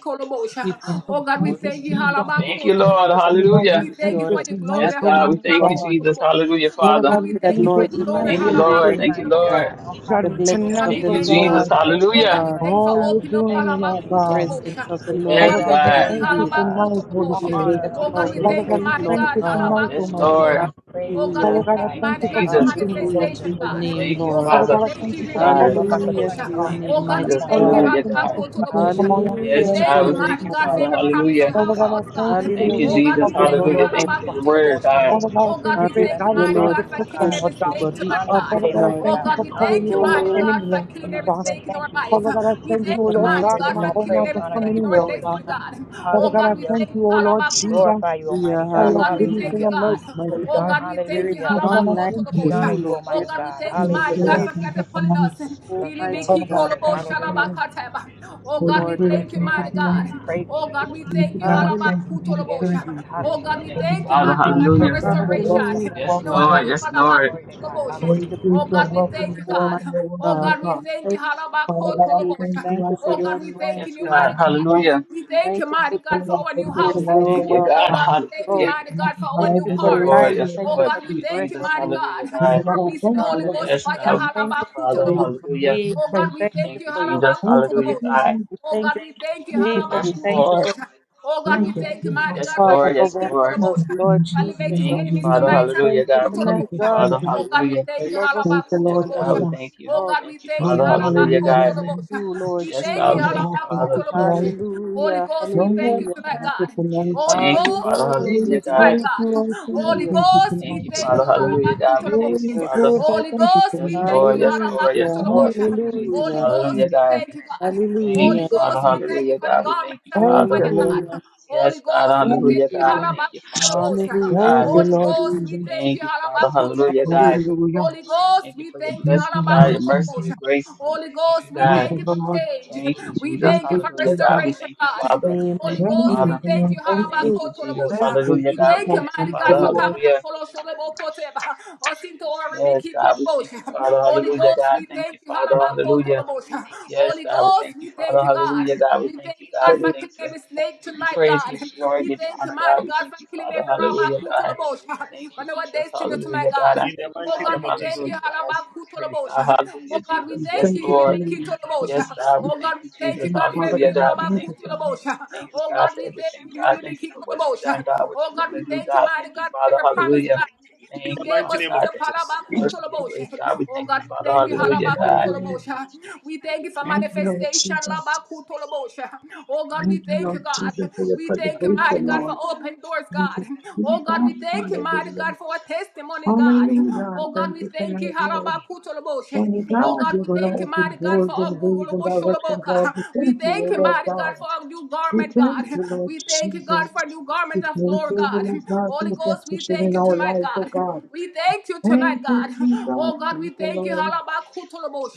Speaker 15: We thank you
Speaker 1: Oh God, we
Speaker 10: Thank
Speaker 15: for
Speaker 10: you,
Speaker 1: thank you,
Speaker 10: Jesus.
Speaker 5: Thank you,
Speaker 15: peace.
Speaker 5: Lord.
Speaker 1: Halabakutolobosha.
Speaker 10: Father God,
Speaker 5: Hallelujah.
Speaker 10: we
Speaker 1: We
Speaker 10: thank
Speaker 1: thank you
Speaker 10: you
Speaker 1: for
Speaker 15: Lord,
Speaker 1: your
Speaker 15: I
Speaker 10: tonight,
Speaker 1: glory,
Speaker 15: thank
Speaker 5: Yes, God. We
Speaker 15: you
Speaker 10: Almighty
Speaker 15: for
Speaker 5: thank
Speaker 15: us,
Speaker 5: you,
Speaker 10: God.
Speaker 5: Jesus.
Speaker 15: mighty
Speaker 1: Halabakutolobosha.
Speaker 5: Hallelujah,
Speaker 15: God. We
Speaker 10: Father
Speaker 1: Oh
Speaker 5: Father.
Speaker 1: God,
Speaker 15: thank
Speaker 10: God,
Speaker 1: we
Speaker 10: we
Speaker 15: you that,
Speaker 1: thank
Speaker 10: thank
Speaker 1: you for
Speaker 10: you
Speaker 15: Lord,
Speaker 16: the name
Speaker 1: your
Speaker 15: even
Speaker 16: of Jesus.
Speaker 1: glory,
Speaker 10: tonight,
Speaker 15: as
Speaker 16: Hallelujah.
Speaker 15: we
Speaker 5: Thank you,
Speaker 16: We
Speaker 10: Holy
Speaker 15: pray
Speaker 16: thank
Speaker 5: Lord.
Speaker 16: you,
Speaker 15: right
Speaker 10: Spirit.
Speaker 5: Thank you,
Speaker 15: now,
Speaker 16: mighty
Speaker 1: Halabakutolobosha.
Speaker 15: God,
Speaker 5: Lord.
Speaker 16: God. Oh,
Speaker 15: the
Speaker 10: God,
Speaker 1: Oh
Speaker 16: hallelujah.
Speaker 15: blessings
Speaker 1: God,
Speaker 15: of
Speaker 10: tonight,
Speaker 1: we
Speaker 5: Thank
Speaker 15: the
Speaker 5: you,
Speaker 10: oh
Speaker 1: thank you,
Speaker 15: Lord,
Speaker 1: God.
Speaker 5: Jesus.
Speaker 10: God,
Speaker 15: mighty
Speaker 16: Praise your
Speaker 1: Oh
Speaker 5: Hallelujah.
Speaker 1: God, we
Speaker 16: name,
Speaker 15: God,
Speaker 1: thank
Speaker 16: mighty
Speaker 1: you for
Speaker 10: all
Speaker 16: God.
Speaker 10: you're
Speaker 16: We
Speaker 1: opening up
Speaker 16: thank
Speaker 10: doing,
Speaker 16: you,
Speaker 10: oh
Speaker 15: the
Speaker 16: Jesus.
Speaker 10: God.
Speaker 15: presence
Speaker 1: Halabakutolobosha.
Speaker 15: of the
Speaker 16: We
Speaker 1: Oh
Speaker 16: give
Speaker 15: Lord
Speaker 5: Yes,
Speaker 10: Father
Speaker 16: you
Speaker 1: God,
Speaker 15: is
Speaker 1: we
Speaker 16: all
Speaker 10: God,
Speaker 15: in
Speaker 10: we
Speaker 15: this
Speaker 5: God.
Speaker 1: thank
Speaker 16: glory,
Speaker 1: you,
Speaker 10: thank
Speaker 16: mighty
Speaker 10: you
Speaker 15: place,
Speaker 16: God.
Speaker 10: tonight, Holy
Speaker 16: All
Speaker 3: We
Speaker 1: Halabakutolobosha.
Speaker 10: Spirit.
Speaker 3: thank
Speaker 16: honor
Speaker 3: you,
Speaker 16: and
Speaker 15: that
Speaker 16: all
Speaker 15: you
Speaker 1: Oh
Speaker 3: Lord,
Speaker 1: God,
Speaker 15: are
Speaker 16: praise,
Speaker 1: we
Speaker 3: for
Speaker 15: with
Speaker 3: that
Speaker 10: Father
Speaker 1: thank you,
Speaker 10: God,
Speaker 15: us,
Speaker 16: almighty
Speaker 10: we
Speaker 1: mighty
Speaker 10: thank
Speaker 16: God.
Speaker 15: Lord
Speaker 1: God,
Speaker 10: you
Speaker 15: God.
Speaker 10: tonight,
Speaker 5: Yes,
Speaker 16: We
Speaker 10: Almighty
Speaker 1: Halabakutolobosha.
Speaker 16: give
Speaker 5: Lord.
Speaker 10: God.
Speaker 16: you praise,
Speaker 1: Oh God, we
Speaker 10: Father
Speaker 15: Hallelujah.
Speaker 16: almighty
Speaker 10: God, I
Speaker 1: thank
Speaker 16: God,
Speaker 1: you,
Speaker 5: Thank
Speaker 10: thank
Speaker 16: and
Speaker 5: you,
Speaker 1: mighty
Speaker 10: you
Speaker 16: thank
Speaker 10: for
Speaker 1: God for
Speaker 16: you,
Speaker 5: Jesus.
Speaker 10: keeping me,
Speaker 16: Lord
Speaker 15: Hallelujah
Speaker 10: Lord
Speaker 16: Jesus,
Speaker 1: manifestation,
Speaker 15: to
Speaker 10: Jesus.
Speaker 16: for
Speaker 15: your
Speaker 16: your
Speaker 1: God.
Speaker 15: name,
Speaker 5: Thank
Speaker 16: goodness,
Speaker 5: you,
Speaker 1: Oh
Speaker 16: Lord
Speaker 15: Lord.
Speaker 1: God,
Speaker 10: Father
Speaker 1: we
Speaker 5: Father.
Speaker 16: God.
Speaker 10: God, I
Speaker 1: thank
Speaker 5: Thank
Speaker 10: thank
Speaker 1: you,
Speaker 10: you
Speaker 16: We
Speaker 5: you,
Speaker 1: here
Speaker 10: for
Speaker 16: thank
Speaker 1: living
Speaker 16: you,
Speaker 5: God.
Speaker 16: Lord
Speaker 10: covering
Speaker 1: people
Speaker 10: me,
Speaker 16: God,
Speaker 1: of
Speaker 16: for
Speaker 15: Hallelujah
Speaker 10: Almighty
Speaker 16: turning
Speaker 1: Osha.
Speaker 15: to your
Speaker 10: God.
Speaker 5: Thank
Speaker 16: around
Speaker 15: name,
Speaker 5: you,
Speaker 16: every
Speaker 1: Oh God, we
Speaker 15: mighty
Speaker 5: Jesus.
Speaker 10: Father
Speaker 1: thank you,
Speaker 10: God,
Speaker 15: God.
Speaker 10: I
Speaker 5: Hallelujah,
Speaker 16: disappointment.
Speaker 10: thank you
Speaker 5: God.
Speaker 10: for keeping
Speaker 16: Father,
Speaker 10: me
Speaker 16: in
Speaker 1: Harabakotolobosha.
Speaker 10: from
Speaker 16: the name
Speaker 10: all
Speaker 16: of
Speaker 1: We
Speaker 15: Hallelujah
Speaker 5: Yes,
Speaker 10: accidents,
Speaker 15: to
Speaker 10: O
Speaker 1: thank
Speaker 5: God,
Speaker 15: your
Speaker 5: we
Speaker 16: Jesus,
Speaker 1: you,
Speaker 10: Lord
Speaker 15: name,
Speaker 5: thank
Speaker 1: mighty
Speaker 5: you,
Speaker 1: God,
Speaker 10: Jesus.
Speaker 1: for
Speaker 5: Father.
Speaker 15: almighty
Speaker 16: we
Speaker 1: every
Speaker 16: honor
Speaker 15: God.
Speaker 16: you,
Speaker 1: promise you
Speaker 5: Hallelujah.
Speaker 16: mighty
Speaker 1: have
Speaker 10: Father
Speaker 1: for
Speaker 16: God.
Speaker 10: God, I
Speaker 1: us,
Speaker 16: We give
Speaker 10: thank
Speaker 16: you
Speaker 1: God.
Speaker 10: you for
Speaker 5: Thank
Speaker 16: thanks
Speaker 10: your
Speaker 5: you,
Speaker 16: and
Speaker 15: Hallelujah
Speaker 1: Oh
Speaker 10: great
Speaker 1: God,
Speaker 16: praise,
Speaker 5: Jesus.
Speaker 15: to
Speaker 1: we
Speaker 15: your
Speaker 10: coverage,
Speaker 16: Lord
Speaker 10: O
Speaker 1: thank you,
Speaker 15: name,
Speaker 16: God.
Speaker 5: Hallelujah.
Speaker 10: Lord
Speaker 15: Lord.
Speaker 5: Thank you for
Speaker 10: Jesus.
Speaker 5: your
Speaker 16: We
Speaker 15: Jesus.
Speaker 5: word,
Speaker 16: bless
Speaker 1: Harabakotolobosha.
Speaker 16: your
Speaker 5: God.
Speaker 16: name,
Speaker 10: Father God, I
Speaker 1: Oh
Speaker 16: Jesus.
Speaker 1: God,
Speaker 10: thank you
Speaker 1: we
Speaker 16: We
Speaker 10: for
Speaker 15: Hallelujah,
Speaker 10: your
Speaker 1: thank
Speaker 16: bless
Speaker 1: you,
Speaker 16: and
Speaker 10: guidance,
Speaker 16: we
Speaker 10: for
Speaker 1: mighty
Speaker 10: your
Speaker 15: Lord.
Speaker 16: honor
Speaker 1: God,
Speaker 16: you,
Speaker 15: We
Speaker 1: for
Speaker 16: Lord
Speaker 1: killing
Speaker 10: protection,
Speaker 16: God.
Speaker 15: worship
Speaker 10: Lord
Speaker 1: every
Speaker 15: you,
Speaker 10: God.
Speaker 1: snake
Speaker 15: God.
Speaker 16: We
Speaker 1: to
Speaker 15: We
Speaker 1: my
Speaker 16: honor you
Speaker 15: honor you,
Speaker 1: God.
Speaker 10: Father
Speaker 16: today,
Speaker 10: God, I
Speaker 16: mighty
Speaker 15: Lord.
Speaker 1: Oh
Speaker 10: thank you
Speaker 1: God,
Speaker 10: for
Speaker 16: God.
Speaker 1: we
Speaker 16: We honor
Speaker 10: covering
Speaker 1: thank
Speaker 10: me
Speaker 16: you,
Speaker 1: you,
Speaker 16: O
Speaker 10: from the
Speaker 1: mighty
Speaker 16: Lord.
Speaker 15: Oh,
Speaker 1: God,
Speaker 10: enemy,
Speaker 1: for
Speaker 10: Lord
Speaker 16: We
Speaker 1: killing
Speaker 16: honor
Speaker 1: every
Speaker 16: you
Speaker 10: Jesus.
Speaker 16: and
Speaker 1: snake in our
Speaker 16: thank you,
Speaker 10: Father
Speaker 1: life.
Speaker 10: God,
Speaker 16: Jesus.
Speaker 10: I
Speaker 1: We
Speaker 10: thank
Speaker 15: in
Speaker 10: you,
Speaker 1: thank
Speaker 10: O
Speaker 15: the
Speaker 1: you,
Speaker 10: Lord
Speaker 1: mighty
Speaker 16: Give
Speaker 10: God,
Speaker 16: your
Speaker 15: mighty
Speaker 10: for
Speaker 1: God,
Speaker 10: my
Speaker 16: name
Speaker 15: name
Speaker 1: for
Speaker 16: all
Speaker 10: going
Speaker 1: killing
Speaker 10: out
Speaker 16: praise,
Speaker 1: every
Speaker 10: and
Speaker 16: honor,
Speaker 1: snake
Speaker 15: of
Speaker 10: coming
Speaker 16: and
Speaker 1: in
Speaker 10: in,
Speaker 1: our
Speaker 15: Jesus.
Speaker 10: Lord
Speaker 15: In
Speaker 16: glory.
Speaker 10: God.
Speaker 15: the
Speaker 1: destiny,
Speaker 15: mighty
Speaker 1: God.
Speaker 10: Father
Speaker 1: Oh
Speaker 10: God,
Speaker 1: God,
Speaker 10: I
Speaker 1: we
Speaker 16: Hallelujah.
Speaker 10: thank
Speaker 1: thank
Speaker 10: you, O Lord
Speaker 16: We
Speaker 1: you,
Speaker 10: Jesus.
Speaker 16: glorify you,
Speaker 15: name. Hallelujah,
Speaker 16: Almighty
Speaker 10: for
Speaker 1: Oh
Speaker 16: God.
Speaker 10: your
Speaker 1: God, we
Speaker 10: goodness
Speaker 1: thank
Speaker 15: hallelujah,
Speaker 10: and
Speaker 1: you,
Speaker 16: Hallelujah.
Speaker 10: your mercy,
Speaker 15: Jesus.
Speaker 1: God.
Speaker 10: mighty
Speaker 1: Oh
Speaker 10: God.
Speaker 1: God, we
Speaker 15: There
Speaker 1: thank
Speaker 15: is
Speaker 1: you.
Speaker 16: Hallelujah.
Speaker 10: Father God,
Speaker 15: none
Speaker 10: I
Speaker 15: like
Speaker 10: thank you
Speaker 16: We
Speaker 10: for
Speaker 3: truth
Speaker 15: you,
Speaker 16: honor
Speaker 1: Halabakotolobosha.
Speaker 10: you.
Speaker 16: you,
Speaker 15: Lord. There
Speaker 1: Oh
Speaker 15: is
Speaker 16: Almighty
Speaker 1: God, we
Speaker 16: God.
Speaker 1: thank you,
Speaker 10: Holy
Speaker 1: mighty
Speaker 10: Spirit,
Speaker 15: none
Speaker 1: God,
Speaker 10: I
Speaker 15: like
Speaker 16: Hallelujah.
Speaker 1: for
Speaker 10: thank you for
Speaker 1: catapulting
Speaker 10: tonight.
Speaker 1: us.
Speaker 15: you,
Speaker 16: Bless your name,
Speaker 15: Almighty
Speaker 10: Father God,
Speaker 15: God,
Speaker 10: I
Speaker 16: Jesus.
Speaker 10: thank
Speaker 1: Ilibikikolobosa
Speaker 10: you for
Speaker 16: Hallelujah.
Speaker 10: tonight.
Speaker 1: labakataba. Oh
Speaker 10: Holy
Speaker 1: God, we
Speaker 16: We
Speaker 15: Lord.
Speaker 10: Spirit, I
Speaker 1: thank
Speaker 16: thank
Speaker 1: you,
Speaker 16: you,
Speaker 10: thank you
Speaker 1: mighty
Speaker 16: Almighty God.
Speaker 10: tonight.
Speaker 1: God.
Speaker 16: We praise
Speaker 1: Oh
Speaker 16: you,
Speaker 1: God,
Speaker 16: Jesus.
Speaker 1: we thank
Speaker 10: Mighty
Speaker 1: you.
Speaker 10: God, I
Speaker 15: Hallelujah,
Speaker 10: thank you, Holy
Speaker 16: Yes,
Speaker 1: Halabakutolobosha.
Speaker 10: Spirit.
Speaker 16: God.
Speaker 15: Lord Jesus.
Speaker 1: Oh God, we
Speaker 5: Thank
Speaker 16: Hallelujah.
Speaker 10: Holy
Speaker 5: you,
Speaker 1: thank you,
Speaker 5: Father.
Speaker 10: Spirit,
Speaker 1: mighty
Speaker 16: Thank
Speaker 10: you're
Speaker 16: you,
Speaker 1: God, for
Speaker 16: Almighty
Speaker 5: Hallelujah.
Speaker 10: welcome, you're
Speaker 16: God.
Speaker 1: restoration
Speaker 10: welcome, you're
Speaker 5: Yes,
Speaker 1: in
Speaker 10: welcome,
Speaker 15: Hallelujah,
Speaker 1: our
Speaker 5: Lord.
Speaker 10: Lord
Speaker 1: life.
Speaker 5: Yes,
Speaker 10: Jesus.
Speaker 5: Lord.
Speaker 16: Glory
Speaker 1: Halabakutolobosha.
Speaker 16: to God.
Speaker 15: Thank
Speaker 10: Holy
Speaker 15: you for
Speaker 16: Hallelujah.
Speaker 10: Spirit,
Speaker 1: Oh
Speaker 10: you're
Speaker 1: God, we
Speaker 15: your peace,
Speaker 10: welcome,
Speaker 1: thank you,
Speaker 10: you're
Speaker 15: Almighty
Speaker 10: welcome,
Speaker 1: God.
Speaker 10: you're welcome,
Speaker 1: Oh
Speaker 15: God.
Speaker 10: you're
Speaker 1: God, we
Speaker 10: God.
Speaker 1: thank you,
Speaker 15: Thank you for
Speaker 10: Father
Speaker 15: your
Speaker 10: God, I
Speaker 15: grace.
Speaker 10: thank
Speaker 1: Halabakotolobosha.
Speaker 10: you,
Speaker 15: Thank
Speaker 10: I
Speaker 15: you for
Speaker 1: Oh
Speaker 10: thank
Speaker 15: your
Speaker 1: God, we
Speaker 10: you, I
Speaker 1: thank
Speaker 10: thank
Speaker 5: Yes,
Speaker 10: you,
Speaker 1: you,
Speaker 15: anointing,
Speaker 10: Lord
Speaker 1: mighty
Speaker 5: God.
Speaker 15: mighty
Speaker 10: Jesus.
Speaker 1: God.
Speaker 10: Holy
Speaker 5: Hallelujah.
Speaker 1: We
Speaker 15: God.
Speaker 1: thank
Speaker 15: Thank
Speaker 1: you,
Speaker 15: you
Speaker 1: mighty
Speaker 15: for
Speaker 1: God,
Speaker 10: Spirit,
Speaker 1: for
Speaker 10: I
Speaker 1: our new
Speaker 10: thank
Speaker 15: the
Speaker 10: you
Speaker 15: blessings,
Speaker 1: houses.
Speaker 10: tonight
Speaker 15: oh
Speaker 10: for
Speaker 5: Thank you,
Speaker 15: God,
Speaker 10: mighty
Speaker 5: God.
Speaker 1: Oh God,
Speaker 10: God.
Speaker 15: that you
Speaker 1: we thank you,
Speaker 5: Hallelujah.
Speaker 15: wrote.
Speaker 1: mighty God, for
Speaker 10: Mighty
Speaker 1: our
Speaker 15: Thank
Speaker 1: new
Speaker 10: God,
Speaker 15: you
Speaker 5: Yes,
Speaker 10: you
Speaker 15: for
Speaker 10: are worthy,
Speaker 1: cars.
Speaker 5: Lord.
Speaker 15: life.
Speaker 10: you are
Speaker 5: Yes,
Speaker 15: Thank
Speaker 1: Oh
Speaker 15: you
Speaker 5: Lord.
Speaker 15: for
Speaker 1: God,
Speaker 15: the
Speaker 1: we
Speaker 5: Thank
Speaker 10: worthy.
Speaker 5: you,
Speaker 1: thank
Speaker 15: breath
Speaker 1: you,
Speaker 5: Jesus.
Speaker 15: of
Speaker 1: mighty
Speaker 15: life,
Speaker 5: Hallelujah,
Speaker 1: God,
Speaker 10: Father
Speaker 5: God.
Speaker 15: Almighty
Speaker 1: for
Speaker 10: God, I
Speaker 1: releasing the
Speaker 10: thank you,
Speaker 1: Holy
Speaker 15: God.
Speaker 10: Lord
Speaker 1: Ghost
Speaker 5: Yes,
Speaker 1: fire,
Speaker 15: We
Speaker 5: God.
Speaker 10: Jesus.
Speaker 5: We thank
Speaker 15: thank
Speaker 5: you,
Speaker 15: you for
Speaker 5: Father.
Speaker 10: Holy
Speaker 15: your
Speaker 1: Halabakotolobosha.
Speaker 5: Hallelujah.
Speaker 10: Spirit, I
Speaker 15: grace.
Speaker 1: Oh
Speaker 15: We
Speaker 10: thank
Speaker 1: God, we
Speaker 15: thank
Speaker 10: you.
Speaker 1: thank
Speaker 15: you
Speaker 5: Thank
Speaker 1: you,
Speaker 5: you,
Speaker 15: for your
Speaker 5: Jesus.
Speaker 10: Thank you,
Speaker 15: glory.
Speaker 5: Hallelujah,
Speaker 10: Jesus.
Speaker 1: Halabakutolobosha.
Speaker 5: God.
Speaker 15: We
Speaker 1: Oh
Speaker 15: thank
Speaker 1: God,
Speaker 15: you
Speaker 1: we thank you,
Speaker 15: for
Speaker 10: Thank you,
Speaker 15: favor.
Speaker 5: Yes,
Speaker 15: We
Speaker 10: Jesus.
Speaker 15: thank you
Speaker 5: Lord.
Speaker 15: for
Speaker 1: Halabakutolobosha. Oh God,
Speaker 10: Thank
Speaker 15: we
Speaker 1: we
Speaker 10: you,
Speaker 1: thank you,
Speaker 15: believe,
Speaker 1: mighty
Speaker 10: Jesus.
Speaker 5: Yes,
Speaker 1: God,
Speaker 15: God,
Speaker 5: Lord.
Speaker 15: above
Speaker 5: Yes,
Speaker 15: all
Speaker 5: Lord.
Speaker 1: for
Speaker 10: Thank
Speaker 15: else,
Speaker 10: you,
Speaker 15: Lord
Speaker 10: Jesus.
Speaker 1: liberating
Speaker 15: Jesus.
Speaker 1: the
Speaker 15: Uh,
Speaker 5: Thank you,
Speaker 1: enemies
Speaker 5: Father.
Speaker 15: We
Speaker 10: Hallelujah.
Speaker 1: tonight,
Speaker 15: thank
Speaker 5: Hallelujah,
Speaker 15: you
Speaker 5: God. We
Speaker 10: Thank
Speaker 5: thank
Speaker 15: tonight,
Speaker 5: you,
Speaker 10: you,
Speaker 1: Halabakutolobosha.
Speaker 15: God,
Speaker 5: Father.
Speaker 15: that
Speaker 10: Jesus.
Speaker 15: you
Speaker 1: God, we
Speaker 5: Hallelujah.
Speaker 1: thank you.
Speaker 15: love us
Speaker 10: Thank
Speaker 15: with
Speaker 10: the
Speaker 15: an
Speaker 5: Yes,
Speaker 10: Lord
Speaker 15: everlasting love.
Speaker 5: God.
Speaker 1: Halabakutolobosha.
Speaker 5: We
Speaker 10: Jesus.
Speaker 5: thank you.
Speaker 1: Oh
Speaker 15: Oh,
Speaker 1: God,
Speaker 5: Thank
Speaker 1: we thank
Speaker 5: you,
Speaker 1: you.
Speaker 5: Father.
Speaker 10: Glory,
Speaker 15: we
Speaker 5: Hallelujah,
Speaker 15: thank
Speaker 10: hallelujah,
Speaker 5: God.
Speaker 10: Lord.
Speaker 15: you, Lord
Speaker 1: We
Speaker 5: Yes,
Speaker 1: thank
Speaker 5: God,
Speaker 1: you.
Speaker 5: we
Speaker 10: Father
Speaker 15: Jesus.
Speaker 5: thank
Speaker 10: God, I
Speaker 5: you,
Speaker 10: thank
Speaker 5: Father.
Speaker 10: you tonight.
Speaker 1: Holy
Speaker 15: Hallelujah,
Speaker 1: Ghost, we thank
Speaker 10: Lord,
Speaker 1: you
Speaker 15: hallelujah,
Speaker 10: I
Speaker 1: tonight,
Speaker 10: thank you
Speaker 1: God.
Speaker 10: tonight.
Speaker 1: Holy
Speaker 5: Thank you,
Speaker 1: Ghost,
Speaker 5: Father.
Speaker 1: we thank you
Speaker 5: Hallelujah,
Speaker 15: hallelujah,
Speaker 10: Holy
Speaker 1: tonight,
Speaker 5: God.
Speaker 15: Lord.
Speaker 10: Spirit,
Speaker 1: God.
Speaker 10: you are God.
Speaker 1: Holy
Speaker 10: I
Speaker 15: Hallelujah.
Speaker 10: Thank you
Speaker 1: Ghost,
Speaker 5: Thank
Speaker 1: we
Speaker 5: you,
Speaker 15: In
Speaker 10: tonight.
Speaker 1: thank
Speaker 15: the
Speaker 5: Father.
Speaker 1: you.
Speaker 15: name
Speaker 5: Hallelujah, God. We
Speaker 15: of
Speaker 5: thank you,
Speaker 10: Holy
Speaker 15: Jesus.
Speaker 5: Father.
Speaker 10: Spirit, I
Speaker 1: Holy
Speaker 10: thank you tonight. Holy Spirit, I thank you
Speaker 1: Ghost,
Speaker 5: Yes,
Speaker 1: we
Speaker 10: tonight. Thank you,
Speaker 1: thank
Speaker 5: Lord.
Speaker 1: you.
Speaker 5: Yes, Lord. Yes,
Speaker 15: Hallelujah,
Speaker 5: Lord. Thank you, Jesus.
Speaker 1: Holy
Speaker 15: hallelujah,
Speaker 1: Ghost,
Speaker 5: Hallelujah, God.
Speaker 1: we thank you,
Speaker 15: hallelujah,
Speaker 1: God.
Speaker 5: Thank
Speaker 15: hallelujah,
Speaker 1: Holy
Speaker 5: you, Father.
Speaker 1: Ghost, we thank you
Speaker 5: Hallelujah,
Speaker 1: for the
Speaker 5: God. We thank you,
Speaker 1: garments of new
Speaker 10: Thank
Speaker 5: Father.
Speaker 10: you,
Speaker 1: fire,
Speaker 10: Lord.
Speaker 1: God. Holy
Speaker 5: Yes, God.
Speaker 1: Ghost, we
Speaker 10: Thank
Speaker 1: thank
Speaker 5: Hallelujah,
Speaker 1: you.
Speaker 10: you,
Speaker 5: God.
Speaker 10: Lord.
Speaker 5: Thank you, Father. Thank you,
Speaker 10: Thank
Speaker 5: God.
Speaker 10: you,
Speaker 15: hallelujah.
Speaker 1: Holy
Speaker 10: Lord
Speaker 1: Ghost, we
Speaker 10: Jesus.
Speaker 1: thank
Speaker 5: Thank
Speaker 1: you.
Speaker 5: you, Father. Hallelujah,
Speaker 15: hallelujah.
Speaker 5: God.
Speaker 10: Hallelujah.
Speaker 1: Holy Ghost,
Speaker 5: Thank you
Speaker 1: we
Speaker 5: for your
Speaker 1: thank you.
Speaker 10: Thank
Speaker 5: blessings,
Speaker 10: you,
Speaker 5: God,
Speaker 10: Lord
Speaker 5: your
Speaker 1: Holy Ghost,
Speaker 5: mercy,
Speaker 10: Jesus.
Speaker 1: we
Speaker 5: your grace. Thank you,
Speaker 10: Thank
Speaker 5: God.
Speaker 1: thank
Speaker 10: you,
Speaker 1: you for children.
Speaker 10: Lord.
Speaker 5: Thank you,
Speaker 1: We
Speaker 5: Jesus.
Speaker 10: Thank
Speaker 1: thank you for
Speaker 10: you,
Speaker 5: Hallelujah,
Speaker 10: Jesus.
Speaker 1: restoration,
Speaker 5: God. We thank you, Father.
Speaker 15: name of
Speaker 5: Thank you,
Speaker 10: Thank
Speaker 1: Ghost,
Speaker 15: Jesus.
Speaker 1: we
Speaker 10: you,
Speaker 5: Father.
Speaker 1: thank you,
Speaker 10: Lord.
Speaker 15: Thank
Speaker 5: Thank
Speaker 15: you.
Speaker 5: you,
Speaker 1: Halabakotolobos.
Speaker 5: Jesus.
Speaker 10: Thank you,
Speaker 5: Hallelujah,
Speaker 1: We
Speaker 10: Jesus.
Speaker 5: God. We
Speaker 1: thank you,
Speaker 5: thank you,
Speaker 1: mighty
Speaker 10: Thank
Speaker 1: God,
Speaker 5: Father.
Speaker 1: for
Speaker 10: you, Lord.
Speaker 1: coming to
Speaker 5: Hallelujah.
Speaker 1: Kolosolobokoteba. Osinto
Speaker 5: Yes,
Speaker 1: oribiki
Speaker 5: God, we thank
Speaker 1: kotobosha.
Speaker 5: you, Father.
Speaker 1: Holy
Speaker 5: Hallelujah,
Speaker 1: Ghost,
Speaker 5: God.
Speaker 1: we
Speaker 5: Thank
Speaker 1: thank
Speaker 5: you,
Speaker 1: you.
Speaker 5: Father. Hallelujah.
Speaker 1: Halabakotobosha.
Speaker 5: Yes,
Speaker 1: Holy
Speaker 5: God, we
Speaker 1: Ghost,
Speaker 5: thank you,
Speaker 1: we thank
Speaker 5: Father.
Speaker 1: you, God.
Speaker 5: Hallelujah, God. We
Speaker 1: We
Speaker 5: thank
Speaker 1: thank
Speaker 5: you,
Speaker 1: you,
Speaker 5: God.
Speaker 1: God,
Speaker 5: We
Speaker 1: for
Speaker 3: today.
Speaker 5: thank
Speaker 1: killing
Speaker 5: you.
Speaker 1: every snake
Speaker 5: Give you
Speaker 1: tonight,
Speaker 5: praise,
Speaker 1: God.
Speaker 5: give you glory,
Speaker 1: We
Speaker 5: give you
Speaker 1: thank you,
Speaker 5: honor,
Speaker 1: mighty
Speaker 5: God. We
Speaker 1: God,
Speaker 5: thank
Speaker 1: for
Speaker 5: you,
Speaker 1: killing
Speaker 5: Father.
Speaker 1: every
Speaker 5: Hallelujah, God.
Speaker 1: rabakutolobosha.
Speaker 5: Thank
Speaker 1: For
Speaker 5: you,
Speaker 1: our
Speaker 5: Jesus.
Speaker 1: destiny tonight,
Speaker 5: Hallelujah, God.
Speaker 1: God.
Speaker 5: I
Speaker 4: In the
Speaker 5: thank you,
Speaker 1: Oh
Speaker 4: mighty
Speaker 5: Father.
Speaker 1: God,
Speaker 4: name
Speaker 1: we
Speaker 4: of
Speaker 1: thank you,
Speaker 4: Jesus.
Speaker 5: Hallelujah, God. I give you praise, God.
Speaker 1: halabakutolobosha. Oh
Speaker 5: Hallelujah,
Speaker 1: God, we
Speaker 5: Jesus.
Speaker 1: thank
Speaker 5: Yes,
Speaker 1: you,
Speaker 10: Thank you for
Speaker 5: Lord.
Speaker 10: me.
Speaker 5: Yes,
Speaker 1: hilibikitolobosha.
Speaker 10: Thank
Speaker 5: God. We
Speaker 1: Oh
Speaker 5: thank
Speaker 1: God,
Speaker 5: you,
Speaker 1: we thank
Speaker 5: Jesus.
Speaker 1: you,
Speaker 10: you,
Speaker 1: God, for
Speaker 10: Father
Speaker 5: Hallelujah,
Speaker 1: every
Speaker 10: God.
Speaker 5: God. We
Speaker 10: Thank
Speaker 5: thank
Speaker 10: you
Speaker 5: you.
Speaker 10: for me.
Speaker 1: yonabakutolobosha.
Speaker 5: Thank you,
Speaker 1: Oh
Speaker 5: God,
Speaker 1: God,
Speaker 5: for
Speaker 1: we thank
Speaker 5: everything.
Speaker 1: you,
Speaker 5: God, thank you for what you've
Speaker 1: hilibikitolobosha.
Speaker 5: done, God, what
Speaker 1: Oh
Speaker 5: you're
Speaker 1: God, we
Speaker 5: going to do,
Speaker 1: thank you,
Speaker 5: God.
Speaker 1: mighty
Speaker 5: Thank you,
Speaker 1: God, for
Speaker 5: Father.
Speaker 1: every promised
Speaker 5: Hallelujah.
Speaker 1: land.
Speaker 4: In
Speaker 5: Thank
Speaker 1: You
Speaker 4: the
Speaker 5: you,
Speaker 1: gave
Speaker 4: mighty
Speaker 5: Father
Speaker 1: us
Speaker 4: name
Speaker 1: with
Speaker 5: God.
Speaker 4: of
Speaker 1: your
Speaker 5: Thank you
Speaker 4: Jesus.
Speaker 5: for your
Speaker 10: Thank
Speaker 5: mercy,
Speaker 10: you,
Speaker 5: your grace,
Speaker 1: palabakutolobosha.
Speaker 5: God. We
Speaker 1: Oh
Speaker 5: thank
Speaker 1: God,
Speaker 5: you,
Speaker 1: we
Speaker 5: Father.
Speaker 1: thank you,
Speaker 5: Hallelujah,
Speaker 10: Lord.
Speaker 5: God.
Speaker 10: Hallelujah.
Speaker 1: halabakutolobosha. We thank you for
Speaker 10: Thank you, Lord
Speaker 1: manifestation,
Speaker 10: Jesus.
Speaker 1: labakutolobosha. Oh God, we
Speaker 10: Thank you,
Speaker 1: thank you,
Speaker 10: Lord
Speaker 1: God.
Speaker 10: Jesus, for your
Speaker 1: We thank you, mighty
Speaker 10: preservation,
Speaker 1: God, for
Speaker 10: Lord.
Speaker 1: open doors,
Speaker 10: Thank
Speaker 1: God.
Speaker 10: you,
Speaker 1: Oh God, we
Speaker 10: Jesus.
Speaker 1: thank you, mighty
Speaker 10: Hallelujah.
Speaker 1: God, for our testimony, God.
Speaker 10: Hallelujah.
Speaker 1: Oh God,
Speaker 10: Thank
Speaker 1: we
Speaker 10: you
Speaker 1: thank
Speaker 10: tonight,
Speaker 1: you,
Speaker 10: Lord.
Speaker 1: halabakutolobosha.
Speaker 10: Oh
Speaker 1: Oh
Speaker 10: God,
Speaker 1: God,
Speaker 10: you're
Speaker 1: we
Speaker 10: going to
Speaker 1: thank you,
Speaker 10: open
Speaker 1: mighty God,
Speaker 10: doors
Speaker 1: for our
Speaker 10: and ways
Speaker 1: Google
Speaker 10: and directions, Lord. We
Speaker 1: We
Speaker 10: thank you,
Speaker 1: thank
Speaker 10: oh
Speaker 1: you,
Speaker 10: Lord
Speaker 1: mighty God,
Speaker 10: God.
Speaker 1: for our new
Speaker 10: We
Speaker 1: garment, God.
Speaker 10: thank you, Lord
Speaker 1: We thank you, God,
Speaker 10: Jesus.
Speaker 1: for new
Speaker 10: We
Speaker 1: garment of
Speaker 10: thank
Speaker 1: glory,
Speaker 10: you,
Speaker 1: God.
Speaker 10: Lord God, for
Speaker 1: Holy
Speaker 10: the
Speaker 1: Ghost, we
Speaker 10: protection
Speaker 1: thank
Speaker 10: in
Speaker 1: you
Speaker 10: our
Speaker 1: tonight,
Speaker 10: lives, oh
Speaker 1: God.
Speaker 10: God.
Speaker 1: We thank you tonight,
Speaker 10: Thank you,
Speaker 1: God.
Speaker 10: Jesus.
Speaker 1: Oh God,
Speaker 10: Thank
Speaker 1: we
Speaker 10: you,
Speaker 1: thank you.
Speaker 10: Lord.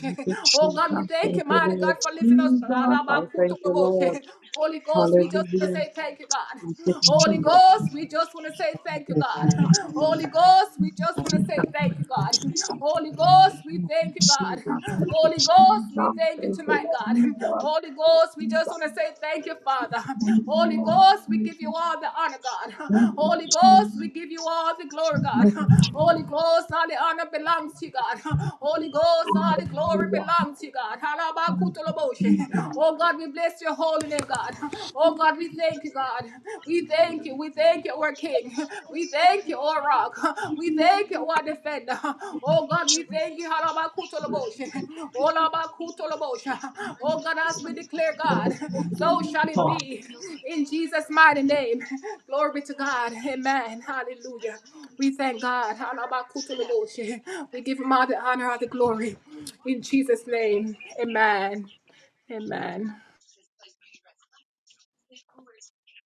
Speaker 10: Thank you,
Speaker 1: Oh
Speaker 10: Jesus.
Speaker 1: God, we thank
Speaker 10: Thank
Speaker 1: you,
Speaker 10: you,
Speaker 1: mighty God,
Speaker 10: Lord.
Speaker 1: for lifting us.
Speaker 10: Jesus, I thank you, Lord.
Speaker 1: Halabakutoloboshe. Holy Ghost, we just want to
Speaker 10: Hallelujah.
Speaker 1: say thank you, God.
Speaker 10: Thank you,
Speaker 1: Holy
Speaker 10: Jesus.
Speaker 1: Ghost, we just want to say
Speaker 10: Thank
Speaker 1: thank you,
Speaker 10: you,
Speaker 1: God.
Speaker 10: Jesus.
Speaker 1: Holy Ghost, we just want to
Speaker 10: Jesus.
Speaker 1: say
Speaker 10: Thank
Speaker 1: thank you,
Speaker 10: you,
Speaker 1: God.
Speaker 10: Jesus. Thank
Speaker 1: Holy Ghost, we we thank
Speaker 10: you,
Speaker 1: you,
Speaker 10: Jesus.
Speaker 1: God.
Speaker 10: Thank you,
Speaker 1: Holy
Speaker 10: Jesus.
Speaker 1: Ghost, we thank you tonight,
Speaker 10: Thank you,
Speaker 1: God. Holy Ghost,
Speaker 10: Jesus.
Speaker 1: we just
Speaker 10: Jesus.
Speaker 1: want to say thank you, Father.
Speaker 10: Thank you,
Speaker 1: Holy
Speaker 10: Lord.
Speaker 1: Ghost, we
Speaker 10: Jesus.
Speaker 1: give you all the honor, God.
Speaker 10: Thank you,
Speaker 1: Holy
Speaker 10: Jesus.
Speaker 1: Ghost, we give you all the glory, God.
Speaker 10: Thank you,
Speaker 1: Holy Ghost, all the honor belongs to you, God. Holy Ghost, all the glory belongs to you, God. Halabakutoloboshe.
Speaker 10: Jesus.
Speaker 1: Oh God, we bless your holy name, God. Oh God, we thank you, God. We thank you. We thank thank you, our King. We thank you, our Rock. We thank you, our Defender. Oh God, we thank you. Halabakutoloboshe. Olabakutoloboshe. Oh God, as we declare, God, so shall it be. In Jesus' mighty name. Glory to God. Amen. Hallelujah. We thank God. Halabakutoloboshe. We give him all the honor, all the glory. In Jesus' name. Amen. Amen.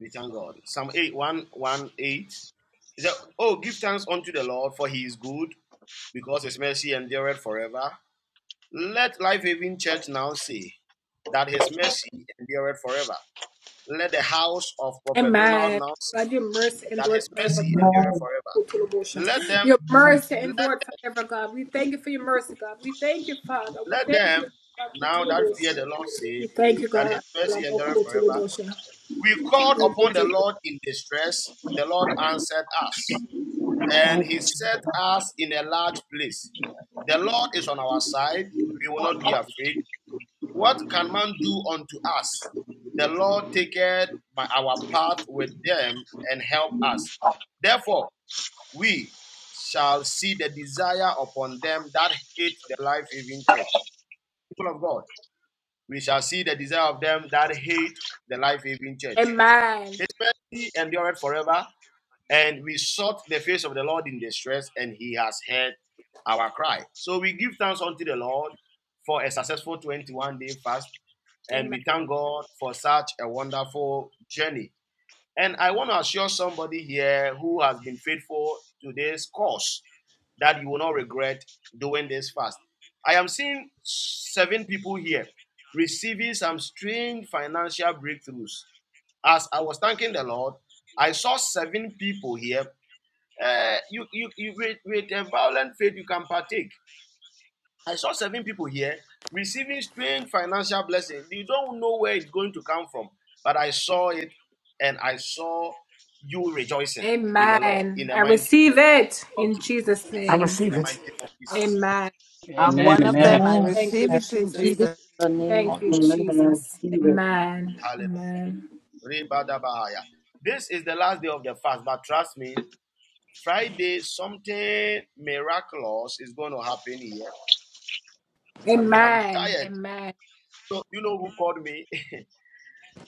Speaker 4: We thank God. Psalm eight one one eight. 118. It said, Oh, give thanks unto the Lord, for he is good, because his mercy endureth forever. Let Life Haven Church now say that his mercy endureth forever. Let the house of Prophet Donald
Speaker 1: Amen.
Speaker 4: now say
Speaker 1: God, your mercy
Speaker 4: that
Speaker 1: endured
Speaker 4: his
Speaker 1: forever,
Speaker 4: mercy
Speaker 1: God.
Speaker 4: endureth forever. Let them
Speaker 1: Your mercy
Speaker 4: Let,
Speaker 1: endured forever, God. We thank you for your mercy, God. We thank you, Father. We
Speaker 4: let
Speaker 1: thank
Speaker 4: them
Speaker 1: you.
Speaker 4: now that fear the Lord
Speaker 1: We
Speaker 4: say
Speaker 1: thank you,
Speaker 4: that his
Speaker 1: God.
Speaker 4: mercy endureth forever. We called
Speaker 1: Thank you,
Speaker 4: upon the
Speaker 1: Jesus.
Speaker 4: Lord in distress. The Lord answered us, and he set us in a large place. The Lord is on our side. We will not be afraid. What can man do unto us? The Lord taketh by our path with them and help us. Therefore, we shall see the desire upon them that hate the life-giving church. People of God. we shall see the desire of them that hate the life giving church.
Speaker 1: Amen.
Speaker 4: His mercy endureth forever, and we sought the face of the Lord in distress, and he has heard our cry. So we give thanks unto the Lord for a successful 21 day fast, and
Speaker 1: Amen.
Speaker 4: we thank God for such a wonderful journey. And I want to assure somebody here who has been faithful to this course that you will not regret doing this fast. I am seeing seven people here receiving some strange financial breakthroughs. As I was thanking the Lord, I saw seven people here. Uh, you, you, you with, with a violent faith, you can partake. I saw seven people here receiving strange financial blessing. You don't know where it's going to come from, but I saw it and I saw you rejoicing in the Lord, in
Speaker 1: Amen.
Speaker 4: the
Speaker 1: I
Speaker 4: mighty name
Speaker 1: receive it
Speaker 4: of
Speaker 1: in
Speaker 4: Jesus.
Speaker 1: Jesus'
Speaker 6: I
Speaker 1: name.
Speaker 4: In
Speaker 6: receive
Speaker 4: the mighty
Speaker 6: it.
Speaker 4: name of Jesus.
Speaker 1: Amen.
Speaker 18: I'm
Speaker 5: Amen,
Speaker 18: one
Speaker 1: Thank
Speaker 18: of
Speaker 1: God.
Speaker 5: amen,
Speaker 18: them. I
Speaker 15: Amen.
Speaker 1: Thank you,
Speaker 18: receive
Speaker 15: I
Speaker 18: it in
Speaker 1: Jesus.
Speaker 15: receive it
Speaker 18: Jesus.
Speaker 15: in the name
Speaker 1: Thank
Speaker 15: of
Speaker 1: you,
Speaker 10: Amen.
Speaker 1: Jesus.
Speaker 10: Amen.
Speaker 1: Amen.
Speaker 4: Hallelujah.
Speaker 1: Amen.
Speaker 4: Rebadabahaya. This is the last day of the fast, but trust me, Friday, something miraculous is going to happen here. I'm, I'm
Speaker 1: Amen.
Speaker 4: tired.
Speaker 1: Amen.
Speaker 4: So, you know who called me?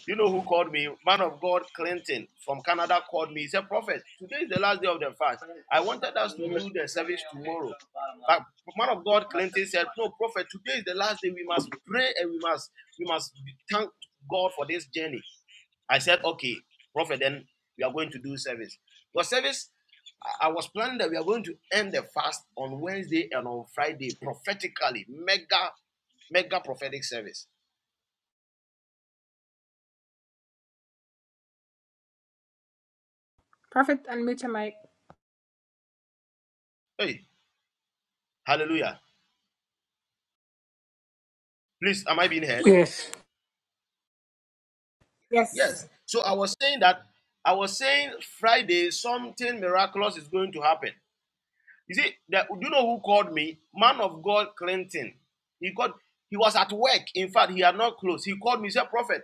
Speaker 4: You know who called me? Man of God Clinton from Canada called me. He said, Prophet, today is the last day of the fast. I wanted us to do the service tomorrow. But man of God Clinton said, No, Prophet, today is the last day. We must pray and we must we must thank God for this journey. I said, Okay, Prophet, then we are going to do service. Because service, I I was planning that we are going to end the fast on Wednesday and on Friday prophetically. Mega, mega prophetic service.
Speaker 1: Prophet, unmute your mic.
Speaker 4: Hey, hallelujah. Please, am I being heard?
Speaker 6: Yes,
Speaker 4: Yes.
Speaker 1: Yes,
Speaker 4: So I was saying that I was saying Friday something miraculous is going to happen. You see, that do you know who called me? Man of God Clinton. He called. he was at work. In fact, he had not closed. He called me, he said, Prophet,